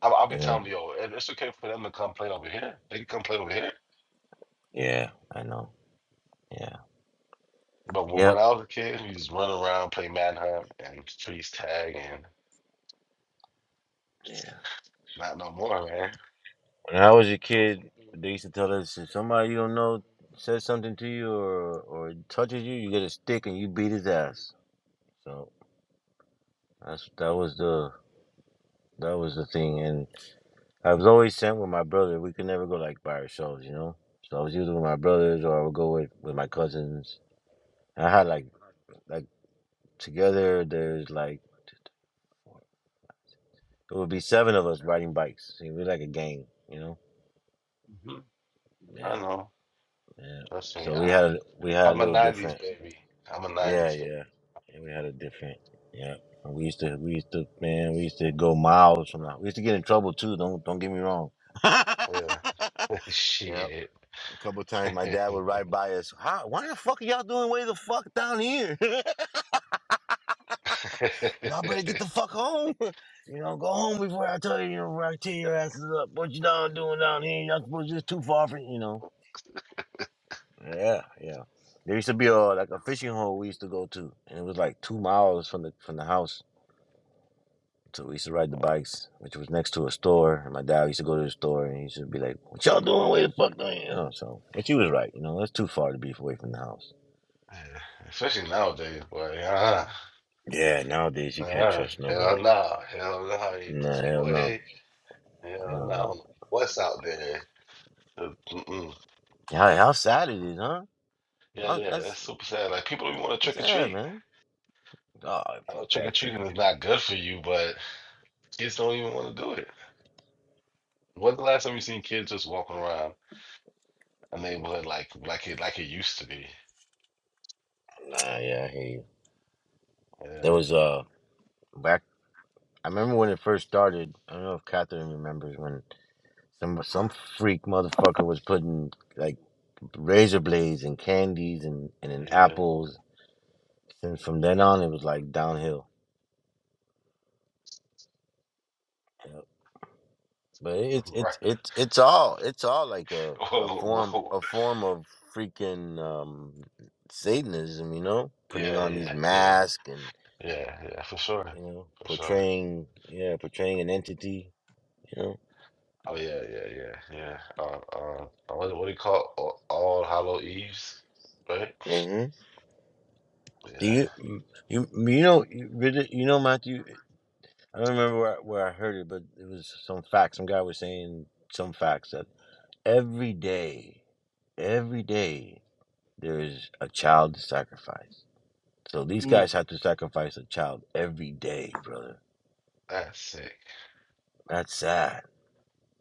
Speaker 8: I'll, I'll
Speaker 2: hmm.
Speaker 8: be
Speaker 2: Yeah.
Speaker 8: telling them, yo, it- it's okay for them to come play over here. They can come play over here.
Speaker 2: Yeah, I know. Yeah.
Speaker 8: But when, when
Speaker 2: Yep.
Speaker 8: I was a kid, we just run around, play manhunt and freeze tag and
Speaker 2: Yeah.
Speaker 8: not no more, man.
Speaker 2: When I was a kid, they used to tell us if somebody you don't know says something to you or or touches you, you get a stick and you beat his ass. So that's that was the that was the thing. And I was always sent with my brother. We could never go like by ourselves, you know. So I was either with my brothers or I would go with with my cousins. I had like like together. There's like it would be seven of us riding bikes. See, we're like a gang, you know.
Speaker 8: Mhm. I
Speaker 2: Yeah,
Speaker 8: know.
Speaker 2: yeah.
Speaker 8: Trust me.
Speaker 2: So we
Speaker 8: I,
Speaker 2: had we had a
Speaker 8: I'm a
Speaker 2: little different.
Speaker 8: '90s baby. I'm a
Speaker 2: Yeah,
Speaker 8: '90s
Speaker 2: yeah.
Speaker 8: baby.
Speaker 2: And we had a different yeah. And we used to we used to man, we used to go miles from that. We used to get in trouble too, don't don't get me wrong. (laughs)
Speaker 8: Yeah, (laughs)
Speaker 2: Yep.
Speaker 8: shit.
Speaker 2: A couple of times my
Speaker 8: (laughs)
Speaker 2: dad would ride by us. How why the fuck are y'all doing way the fuck down here? (laughs) y'all better get the fuck home. (laughs) You know, go home before I tell you, you know, before I tear your asses up. What you down doing down here? Y'all supposed to just too far from you know. Yeah, yeah. There used to be a like a fishing hole we used to go to and it was like two miles from the from the house So we used to ride the bikes, which was next to a store. And my dad used to go to the store and he used to be like, What y'all doing? Where the fuck are you? you know, so but you was right, you know, that's too far to be away from the house.
Speaker 8: Yeah. Especially nowadays, boy. Uh,
Speaker 2: Yeah, nowadays you can't
Speaker 8: uh,
Speaker 2: trust nobody.
Speaker 8: hell no, hell no,
Speaker 2: No, hell no.
Speaker 8: boy. Hell
Speaker 2: Hell
Speaker 8: no. I don't
Speaker 2: no.
Speaker 8: know What's out there? Uh, mm-mm.
Speaker 2: How, how sad it is, huh?
Speaker 8: Yeah,
Speaker 2: How,
Speaker 8: yeah,
Speaker 2: that's,
Speaker 8: that's super sad. Like people don't even want to
Speaker 2: that's
Speaker 8: trick or
Speaker 2: sad,
Speaker 8: treat.
Speaker 2: man. Oh,
Speaker 8: I know
Speaker 2: fuck
Speaker 8: trick or
Speaker 2: that trick or
Speaker 8: treating is
Speaker 2: treat.
Speaker 8: not good for you, but kids don't even want to do it. When's the last time you seen kids just walking around a neighborhood like like it like it used to be?
Speaker 2: Nah, yeah, I hear you. There
Speaker 8: Yeah,
Speaker 2: was uh back I remember when it first started, I don't know if Catherine remembers when some some freak motherfucker was putting like razor blades and candies and and then
Speaker 8: yeah,
Speaker 2: apples. And from then on, it was like downhill. Yep. But
Speaker 8: (laughs)
Speaker 2: it's
Speaker 8: right.
Speaker 2: it's it's it's all it's all like a a
Speaker 8: Whoa,
Speaker 2: form
Speaker 8: whoa.
Speaker 2: a
Speaker 8: (laughs)
Speaker 2: form of freaking um Satanism, you know, putting
Speaker 8: Yeah,
Speaker 2: on these
Speaker 8: yeah, yeah,
Speaker 2: masks and
Speaker 8: yeah, yeah, for sure.
Speaker 2: you know
Speaker 8: For sure.
Speaker 2: portraying yeah portraying an entity, you know.
Speaker 8: Oh yeah, yeah, yeah, yeah. Uh, uh, uh, what, what do you call it? All, All Hallow Eves, right?
Speaker 2: hmm Do
Speaker 8: Yeah,
Speaker 2: you you you know you really- you know Matthew? I don't remember where, I- where I heard it, but it was some facts. Some guy was saying some facts that every day. Every day there is a child to sacrifice. So these guys
Speaker 7: Can
Speaker 2: have to sacrifice a child every day, brother.
Speaker 8: that's sick.
Speaker 2: That's sad.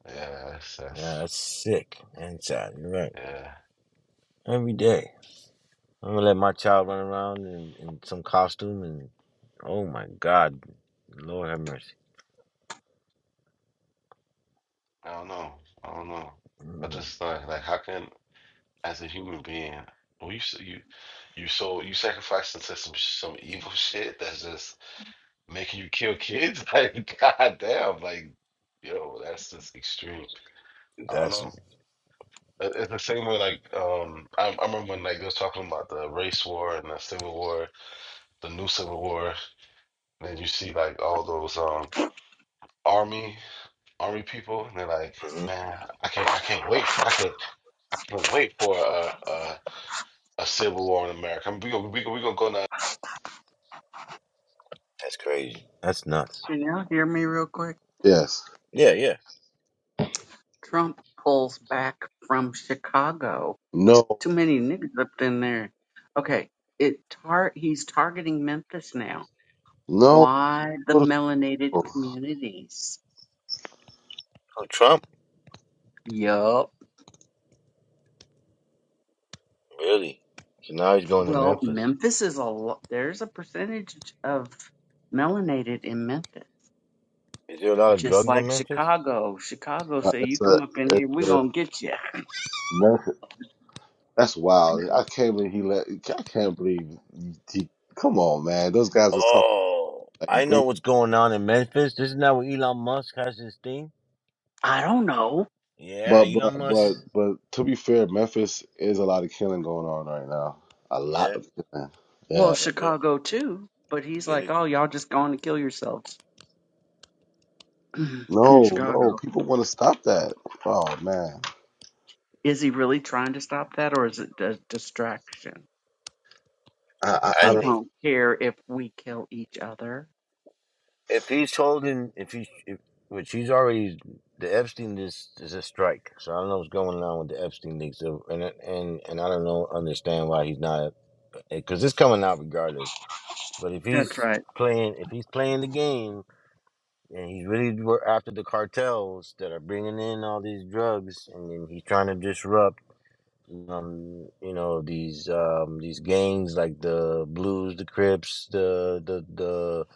Speaker 8: Yeah, that's,
Speaker 2: Yeah,
Speaker 8: that's
Speaker 2: that's sick and sad. You're right.
Speaker 8: yeah.
Speaker 2: Every day. I'm gonna let my child run around in, in some costume and oh my god. Lord have mercy.
Speaker 8: I don't know. I don't know. I
Speaker 2: Mm,
Speaker 8: just like like how can as a human being, well, you s- you you so you sacrificing into some some evil (laughs) shit that's just making you kill kids? (laughs) Like goddamn, like yo, that's just extreme. I don't
Speaker 2: That's
Speaker 8: know. It- It's the same way, like um, I, I remember when like they was talking about the race war and the civil war, the new civil war. And then you see like all those um army army people, and they're like,
Speaker 2: mhm.
Speaker 8: man, I can't, I can't wait for, I can't, I can't wait for a a, a civil war in America. I mean, we gonna we gonna, we gonna go now.
Speaker 2: that's crazy. That's nuts.
Speaker 7: you hear me real quick?
Speaker 8: Yes.
Speaker 2: Yeah, yeah.
Speaker 7: Trump pulls back from Chicago.
Speaker 8: No.
Speaker 7: Too many niggas up in there. Okay, it tar- he's targeting Memphis now
Speaker 8: No.
Speaker 7: Why the
Speaker 8: Go to
Speaker 7: melanated
Speaker 8: school.
Speaker 7: communities?
Speaker 2: Oh, Trump,
Speaker 7: Yup.
Speaker 2: really? So now he's going to
Speaker 7: Well,
Speaker 2: Memphis.
Speaker 7: Memphis is a lo- there's a percentage of melanated in Memphis,
Speaker 2: Is there a lot of
Speaker 7: just
Speaker 2: drugs in
Speaker 7: like
Speaker 2: Memphis?
Speaker 7: Chicago. Chicago
Speaker 8: Uh,
Speaker 7: say you
Speaker 8: It's
Speaker 7: come
Speaker 8: a.
Speaker 7: up in here,
Speaker 8: It's
Speaker 7: we
Speaker 8: a.
Speaker 7: gonna get you.
Speaker 8: America- That's wild. I can't believe he let. I can't believe he. Come on, man. Those guys was
Speaker 2: Oh,
Speaker 8: Like
Speaker 2: I know
Speaker 8: bring,
Speaker 2: what's going on in Memphis. This is not where Elon Musk has his thing.
Speaker 7: I don't know.
Speaker 2: Yeah,
Speaker 8: but
Speaker 2: Elon
Speaker 8: but
Speaker 2: Musk.
Speaker 8: but but to be fair, Memphis is a lot of killing going on right now. A lot
Speaker 2: Yeah,
Speaker 8: of killing.
Speaker 7: Well,
Speaker 8: Yeah.
Speaker 2: well, go
Speaker 7: Chicago too, but he's
Speaker 2: get
Speaker 7: like,
Speaker 2: it.
Speaker 7: oh, y'all just going to kill yourselves (clears throat) in
Speaker 8: No, no,
Speaker 7: Chicago.
Speaker 8: people want to stop that. Oh man,
Speaker 7: Is he really trying to stop that, or is it a distraction?
Speaker 8: I I,
Speaker 2: I
Speaker 8: I
Speaker 7: They
Speaker 8: don't
Speaker 2: think
Speaker 7: don't care if we kill each other.
Speaker 2: if he's holding, if he, if, which he's already, the Epstein is is a strike. So I don't know what's going on with the Epstein leaks, So, and and and I don't know understand why he's not, because it's coming out regardless. But if
Speaker 7: That's
Speaker 2: he's
Speaker 7: right.
Speaker 2: playing, if he's playing the game. and he's really wor- after the cartels that are bringing in all these drugs, and then he's trying to disrupt, um, you know, these um, these gangs like the Blues, the Crips, the the the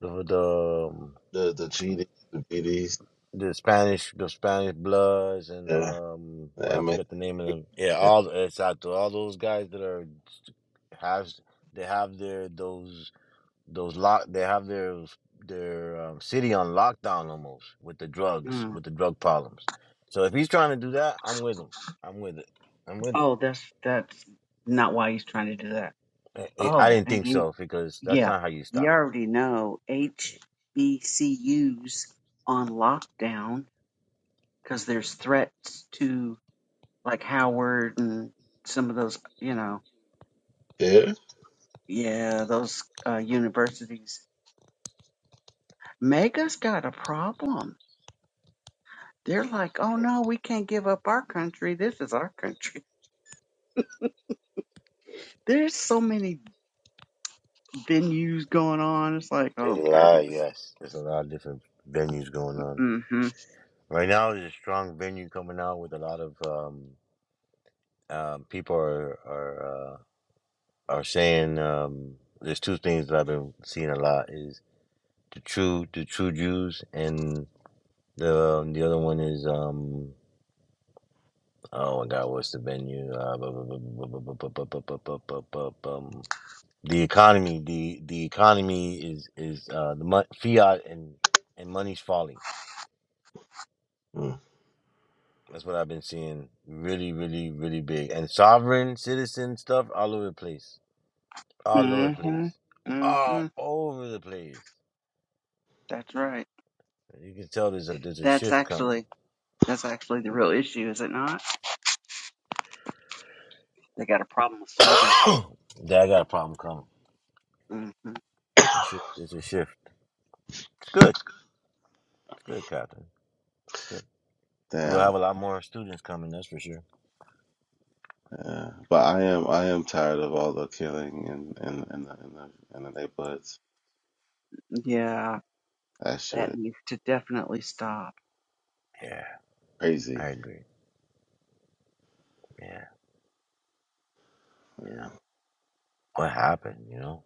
Speaker 2: the, the, um,
Speaker 8: the the GD, the BDs,
Speaker 2: the Spanish, the Spanish Bloods, and
Speaker 8: the
Speaker 2: um, well,
Speaker 8: the
Speaker 2: I
Speaker 8: MS,
Speaker 2: forget the name of them. Yeah,
Speaker 8: that
Speaker 2: all it's out to all those guys that are have they have their those. Those lock they have their their um, city on lockdown almost with the drugs, with the drug problems. So if he's trying to do that, I'm with him. I'm with it. I'm with it.
Speaker 7: Oh, that's that's not why he's trying to do that.
Speaker 2: I, I I
Speaker 7: Oh,
Speaker 2: didn't
Speaker 7: and
Speaker 2: think
Speaker 7: he,
Speaker 2: so because that's
Speaker 7: yeah,
Speaker 2: not how you
Speaker 7: you
Speaker 2: stop it.
Speaker 7: already know HBCUs on lockdown because there's threats to like Howard and some of those, you know,
Speaker 8: there.
Speaker 7: yeah, those uh, universities. Mega's got a problem. They're like, oh no, we can't give up our country. This is our country. (laughs) There's so many venues going on. It's like,
Speaker 2: There's a
Speaker 7: oh
Speaker 2: lot,
Speaker 7: goodness.
Speaker 2: yes. There's a lot of different venues going on
Speaker 7: Mm-hmm.
Speaker 2: right now. There's a strong venue coming out with a lot of um, um, people are are uh, are saying um, there's two things that I've been seeing a lot is the true the true Jews and The um, the other one is um oh my God, what's the venue? Uh, bu- bu- bu- bu- bu- bu- bu- bu- bu- bu- bu- bu- bu- um, the economy. The the economy is is uh the mon- fiat and and money's falling.
Speaker 8: Mm,
Speaker 2: That's what I've been seeing. Really, really, really big and sovereign citizen stuff all over the place. All over the
Speaker 7: hmm
Speaker 2: place. All
Speaker 7: hmm
Speaker 2: over the place.
Speaker 7: That's right.
Speaker 2: You can tell there's a there's a
Speaker 7: That's
Speaker 2: shift coming.
Speaker 7: actually that's actually the real issue, is it not? They got a problem with sovereign.
Speaker 2: Dad got a problem coming.
Speaker 7: hmm
Speaker 2: The shift- There's a shift. It's good. It's good, Catherine. It's good. We'll
Speaker 8: Damn.
Speaker 2: have a lot more students coming, that's for sure.
Speaker 8: Yeah. But I am I am tired of all the killing and and and the, in the, in the neighborhoods.
Speaker 7: Yeah,
Speaker 8: That shit
Speaker 7: that
Speaker 8: is
Speaker 7: needs to definitely stop.
Speaker 2: Yeah, I
Speaker 8: crazy.
Speaker 2: agree. Yeah.
Speaker 8: Yeah.
Speaker 2: What happened, you know?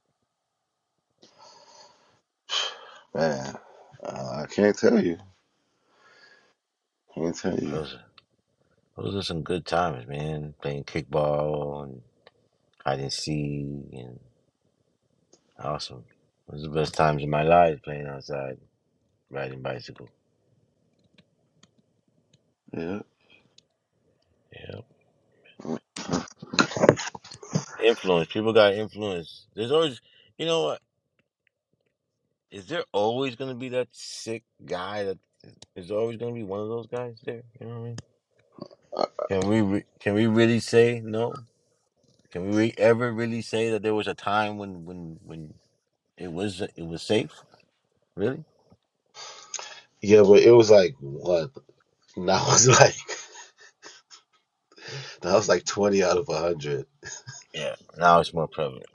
Speaker 8: Man, uh, I can't tell you. Can't tell you.
Speaker 2: Those those are some good times, man. Playing kickball and hide and seek and awesome. Those are the best times of my life playing outside, riding bicycle.
Speaker 8: Yeah.
Speaker 2: Yeah. Influence. People got influence. There's always you know what? Is there always gonna be that sick guy that is always gonna be one of those guys there? You know what I mean? Can we re- can we really say no? Can we ever really say that there was a time when when when it was it was safe? Really?
Speaker 8: Yeah, but it was like what? Now was like (laughs) that was like twenty out of a hundred.
Speaker 2: Yeah. Now it's more prevalent.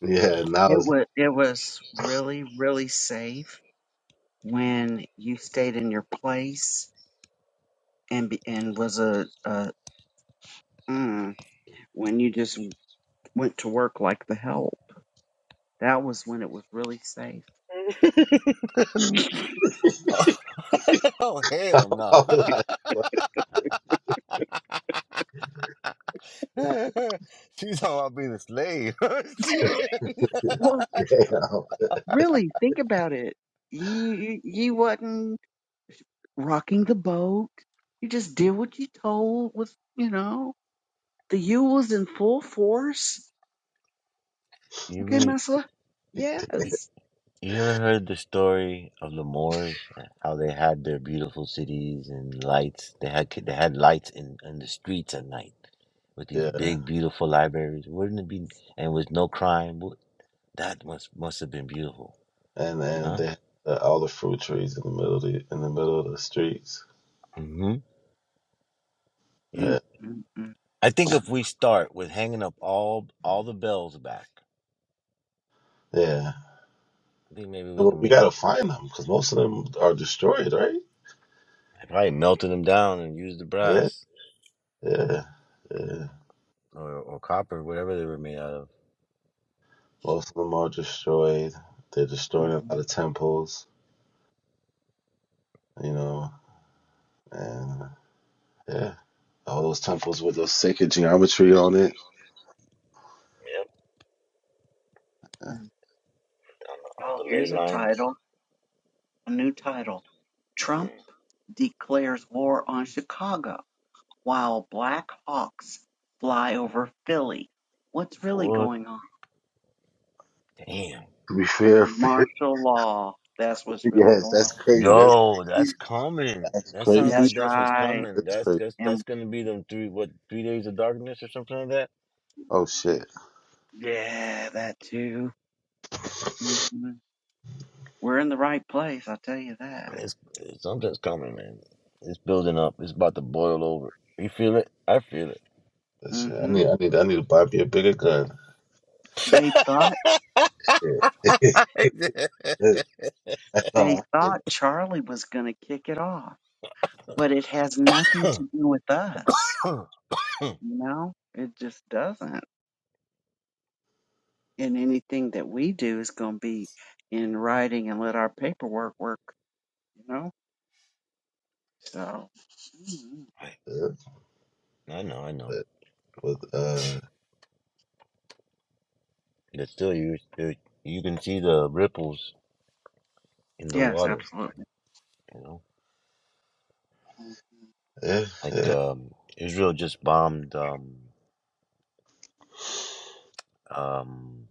Speaker 8: Yeah, now
Speaker 7: It
Speaker 8: it's (laughs)
Speaker 7: was it was really really safe when you stayed in your place and be, and was a, a mm, when you just went to work like the help. That was when it was really safe.
Speaker 2: (laughs) oh
Speaker 8: I
Speaker 2: hell no!
Speaker 8: was like, what
Speaker 2: (laughs) She's talking about being a slave. (laughs)
Speaker 7: Well,
Speaker 8: the hell?
Speaker 7: really think about it. You you, you wasn't. rocking the boat. You just did what you told with, you know, the U was in full force.
Speaker 2: you
Speaker 7: Okay,
Speaker 2: re-
Speaker 7: Messla? Yes.
Speaker 2: you ever heard the story of the Moors? How they had their beautiful cities and lights. They had they had lights in in the streets at night with these
Speaker 8: Yeah,
Speaker 2: big beautiful libraries. Wouldn't it be? And with no crime. Wo- That must must have been beautiful,
Speaker 8: and and
Speaker 2: huh?
Speaker 8: they had uh, all the fruit trees in the middle of the in the middle of the streets.
Speaker 2: Mm-hmm.
Speaker 8: Yeah,
Speaker 7: Mm, mm, mm, mm,
Speaker 2: I think if we start with hanging up all all the bells back,
Speaker 8: yeah.
Speaker 2: I think maybe we
Speaker 8: Well,
Speaker 2: can
Speaker 8: we
Speaker 2: make
Speaker 8: gotta find them because most of them are destroyed, right?
Speaker 2: probably melting them down and use the
Speaker 8: Yeah,
Speaker 2: brass
Speaker 8: yeah, yeah.
Speaker 2: or, or copper, whatever they were made out of.
Speaker 8: Most of them are destroyed. They're destroying a lot
Speaker 7: mm,
Speaker 8: of temples, you know, and yeah, all those temples with those sacred geometry on it.
Speaker 7: mm. Oh, here's a title, a new title. Trump declares war on Chicago while Black Hawks fly over Philly. What's really
Speaker 2: What?
Speaker 7: going on?
Speaker 2: Damn.
Speaker 8: To be fair, (laughs)
Speaker 7: Martial law. That's what's really
Speaker 8: yes,
Speaker 7: going on.
Speaker 8: that's crazy. That's
Speaker 2: Yo, that's
Speaker 8: crazy.
Speaker 2: coming.
Speaker 8: That's
Speaker 2: That sounds
Speaker 8: crazy.
Speaker 2: like
Speaker 7: That's
Speaker 2: that's what's
Speaker 7: right.
Speaker 2: coming.
Speaker 8: That's
Speaker 2: That's
Speaker 8: crazy.
Speaker 2: that's that's
Speaker 7: And
Speaker 2: gonna be them three what three days of darkness or something like that.
Speaker 8: Oh shit.
Speaker 7: yeah, that too. hmm We're in the right place, I tell you that.
Speaker 2: It's, it's something's coming, man. It's building up. It's about to boil over. You feel it? I feel it.
Speaker 8: That's shit. I
Speaker 7: hmm
Speaker 8: need. I need. I need to buy me a bigger gun.
Speaker 7: They thought
Speaker 2: (laughs) (coughs)
Speaker 8: Yeah. (laughs) that's all
Speaker 7: they
Speaker 8: I think.
Speaker 7: thought Charlie was going to kick it off, but it has nothing to do with us. You know, it just doesn't. And anything that we do is going to be in writing and let our paperwork work. You know, so mhm.
Speaker 8: uh,
Speaker 2: I know. I know.
Speaker 8: But with uh,
Speaker 2: But still, you there- you can see the ripples in the
Speaker 7: yes,
Speaker 2: water.
Speaker 7: absolutely.
Speaker 2: You know,
Speaker 7: Mm,
Speaker 8: yeah,
Speaker 2: like
Speaker 8: yeah.
Speaker 2: um, Israel just bombed um, um,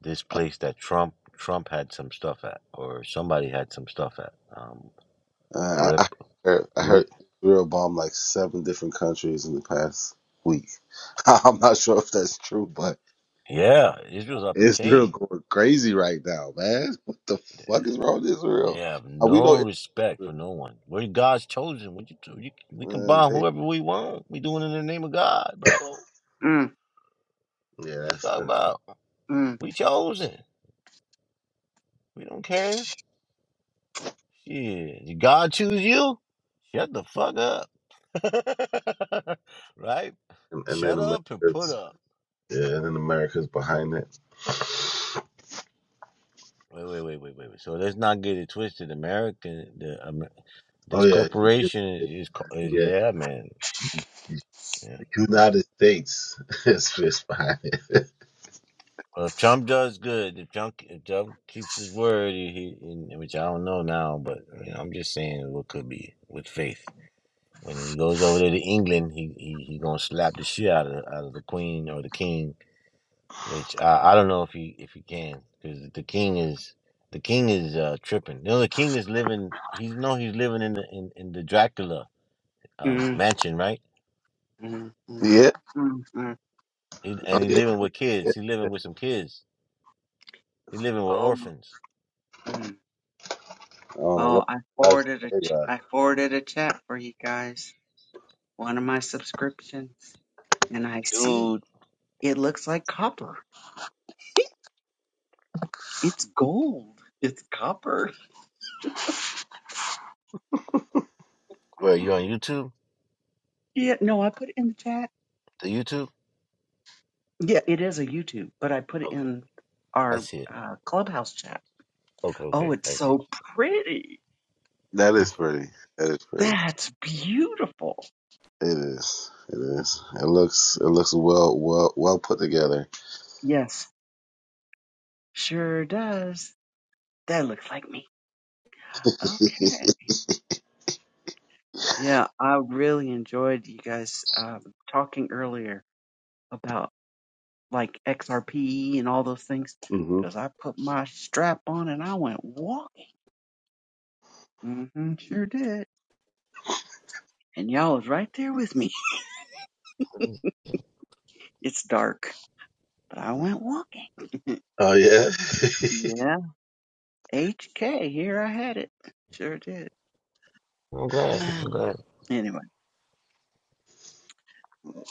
Speaker 2: this place that Trump Trump had some stuff at, or somebody had some stuff at. Um,
Speaker 8: Uh, I, I
Speaker 2: grip
Speaker 8: heard. I
Speaker 2: group.
Speaker 8: heard Israel bombed like seven different countries in the past week. (laughs) I'm not sure if that's true, but
Speaker 2: Yeah, Israel's off the
Speaker 8: Israel
Speaker 2: chain.
Speaker 8: going crazy right now, man. What the fuck is wrong with
Speaker 2: They
Speaker 8: Israel?
Speaker 2: have
Speaker 8: Uh, We
Speaker 2: no
Speaker 8: know
Speaker 2: respect
Speaker 8: Israel.
Speaker 2: for no one. We're God's chosen. What you, do? you we can bomb
Speaker 8: Man,
Speaker 2: whoever we want. We doing it in the name of God, bro. What
Speaker 7: mm,
Speaker 8: Yeah,
Speaker 2: you
Speaker 8: that's,
Speaker 2: talking
Speaker 8: that's
Speaker 2: about?
Speaker 7: mm,
Speaker 2: We chosen. We don't care. Shit, did God choose you? Shut the fuck up. (laughs) right?
Speaker 8: and, and then
Speaker 2: Shut up and put
Speaker 8: America's
Speaker 2: up.
Speaker 8: yeah, and then America's behind it.
Speaker 2: Wait, wait, wait, wait, wait. wait. So let's not get it twisted. American, the Amer-
Speaker 8: Oh
Speaker 2: this
Speaker 8: yeah, you- you-
Speaker 2: corporation is, co- is
Speaker 8: yeah.
Speaker 2: yeah, man. Yeah.
Speaker 8: United States (laughs) is is behind it.
Speaker 2: Well, if Trump does good, if Trump if Trump keeps his word, he, he which I don't know now, but you know, I'm just saying what could be with faith. When he goes over there to England, he he, he gonna slap the shit out of out of the Queen or the King which I, I don't know if he if he can because the king is the king is uh tripping. You know, the king is living. He's no, he's living in the in, in the Dracula um
Speaker 7: mm,
Speaker 2: mansion, right?
Speaker 7: mm,
Speaker 8: Yeah.
Speaker 7: mm, mm.
Speaker 2: He,
Speaker 8: Oh
Speaker 2: and he
Speaker 8: yeah.
Speaker 2: living with
Speaker 8: yeah.
Speaker 2: kids. He
Speaker 8: I
Speaker 2: living with some kids. He living with
Speaker 7: Oh,
Speaker 2: orphans.
Speaker 7: my.
Speaker 8: don't know
Speaker 7: Oh,
Speaker 8: what
Speaker 7: I forwarded a
Speaker 8: lifestyle they
Speaker 7: ch-
Speaker 8: got.
Speaker 7: I forwarded a chat for you guys. One of my subscriptions, and I see
Speaker 2: Dude,
Speaker 7: it looks like copper. It's gold. It's copper.
Speaker 8: (laughs)
Speaker 2: where you on YouTube?
Speaker 7: Yeah, no, I put it in the chat.
Speaker 2: The YouTube?
Speaker 7: Yeah, it is a YouTube, but I put it
Speaker 2: Okay,
Speaker 7: in
Speaker 2: I
Speaker 7: our
Speaker 2: see it.
Speaker 7: uh, clubhouse chat.
Speaker 2: Okay,
Speaker 7: Oh,
Speaker 2: okay,
Speaker 7: it's
Speaker 2: I see.
Speaker 7: so pretty.
Speaker 8: That is pretty. That is pretty.
Speaker 7: That's beautiful.
Speaker 8: It is. It is. It looks. It looks well. Well. Well put together.
Speaker 7: Yes, sure does. That looks like me.
Speaker 8: (laughs)
Speaker 7: Okay. Yeah, I really enjoyed you guys um, talking earlier about. like XRP and all those things
Speaker 8: hmm
Speaker 7: because I put my strap on and I went walking. hmm sure did. And y'all was right there with me. (laughs) It's dark, but I went walking.
Speaker 8: Oh yeah.
Speaker 7: Yeah, HK, here I had it. Sure did.
Speaker 2: I'm
Speaker 7: (sighs)
Speaker 2: glad. I'm glad.
Speaker 7: anyway,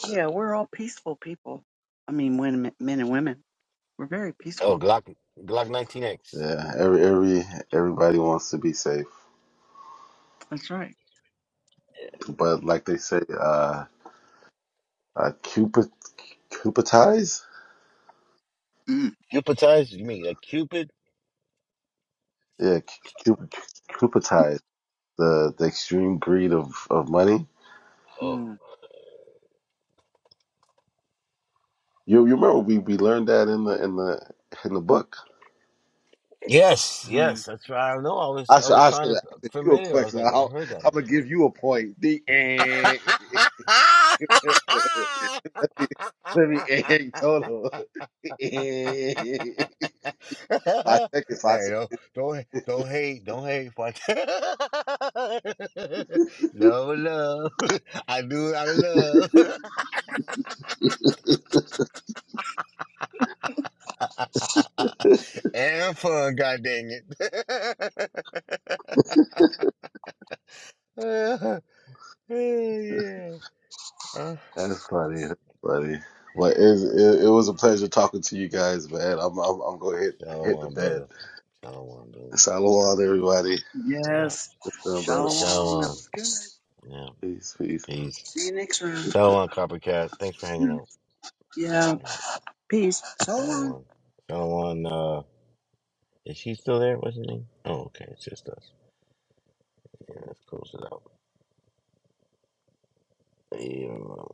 Speaker 7: yeah, we're all peaceful people. I mean, when, men and women, we're very
Speaker 2: Oh,
Speaker 7: peaceful.
Speaker 2: Glock Glock
Speaker 8: (laughs)
Speaker 2: 19X.
Speaker 8: yeah. Every. Every. Everybody wants to be safe,
Speaker 7: That's right.
Speaker 8: but like they say, uh, uh Cupid, Cupidize.
Speaker 7: Mm.
Speaker 2: Cupidized? You mean a Cupid?
Speaker 8: Yeah, Cupid, Cupidize. The the extreme greed of of money.
Speaker 2: Oh.
Speaker 7: Mm.
Speaker 8: You you remember we we learned that in the in the in the book.
Speaker 2: Yes,
Speaker 7: Mm.
Speaker 2: yes, that's right. I know. I was
Speaker 8: I
Speaker 2: I
Speaker 8: should
Speaker 2: was
Speaker 8: I
Speaker 2: trying
Speaker 8: should
Speaker 2: to
Speaker 8: have
Speaker 2: f-
Speaker 8: asked you a
Speaker 2: familiar. I was
Speaker 8: question.
Speaker 2: like, I
Speaker 8: I'll,
Speaker 2: heard that
Speaker 8: I'm gonna
Speaker 2: before.
Speaker 8: give you a point. The end. (laughs) (laughs) Let me let me egg total.
Speaker 2: (laughs)
Speaker 8: Egg. five seconds, five
Speaker 2: hey, don't don't don't hate, don't hate, fuck. (laughs)
Speaker 8: seconds.
Speaker 2: Love, love, (laughs) I do it out of love (laughs) and fun. God dang it. (laughs) (laughs) yeah. Uh-huh.
Speaker 8: That's (laughs) funny, that's funny. But it, it, it was a pleasure talking to you guys, man. I'm I'm, I'm going to hit hit the
Speaker 2: Shalom,
Speaker 8: bed.
Speaker 2: brother. Shalom, brother.
Speaker 8: Shalom, everybody.
Speaker 2: Yeah.
Speaker 7: Yes,
Speaker 8: It's done, brother.
Speaker 7: shalom. That
Speaker 2: Shalom.
Speaker 7: was good.
Speaker 2: Yeah.
Speaker 8: Peace, peace.
Speaker 2: Peace.
Speaker 7: See you next round.
Speaker 2: Shalom, Coppercat. Thanks for hanging out.
Speaker 7: Yeah,
Speaker 2: Yeah.
Speaker 7: peace. So long.
Speaker 2: Shalom. Shalom, uh, is she still there? What's her name? Oh, okay. It's just us. Yeah, let's close it out. Yeah.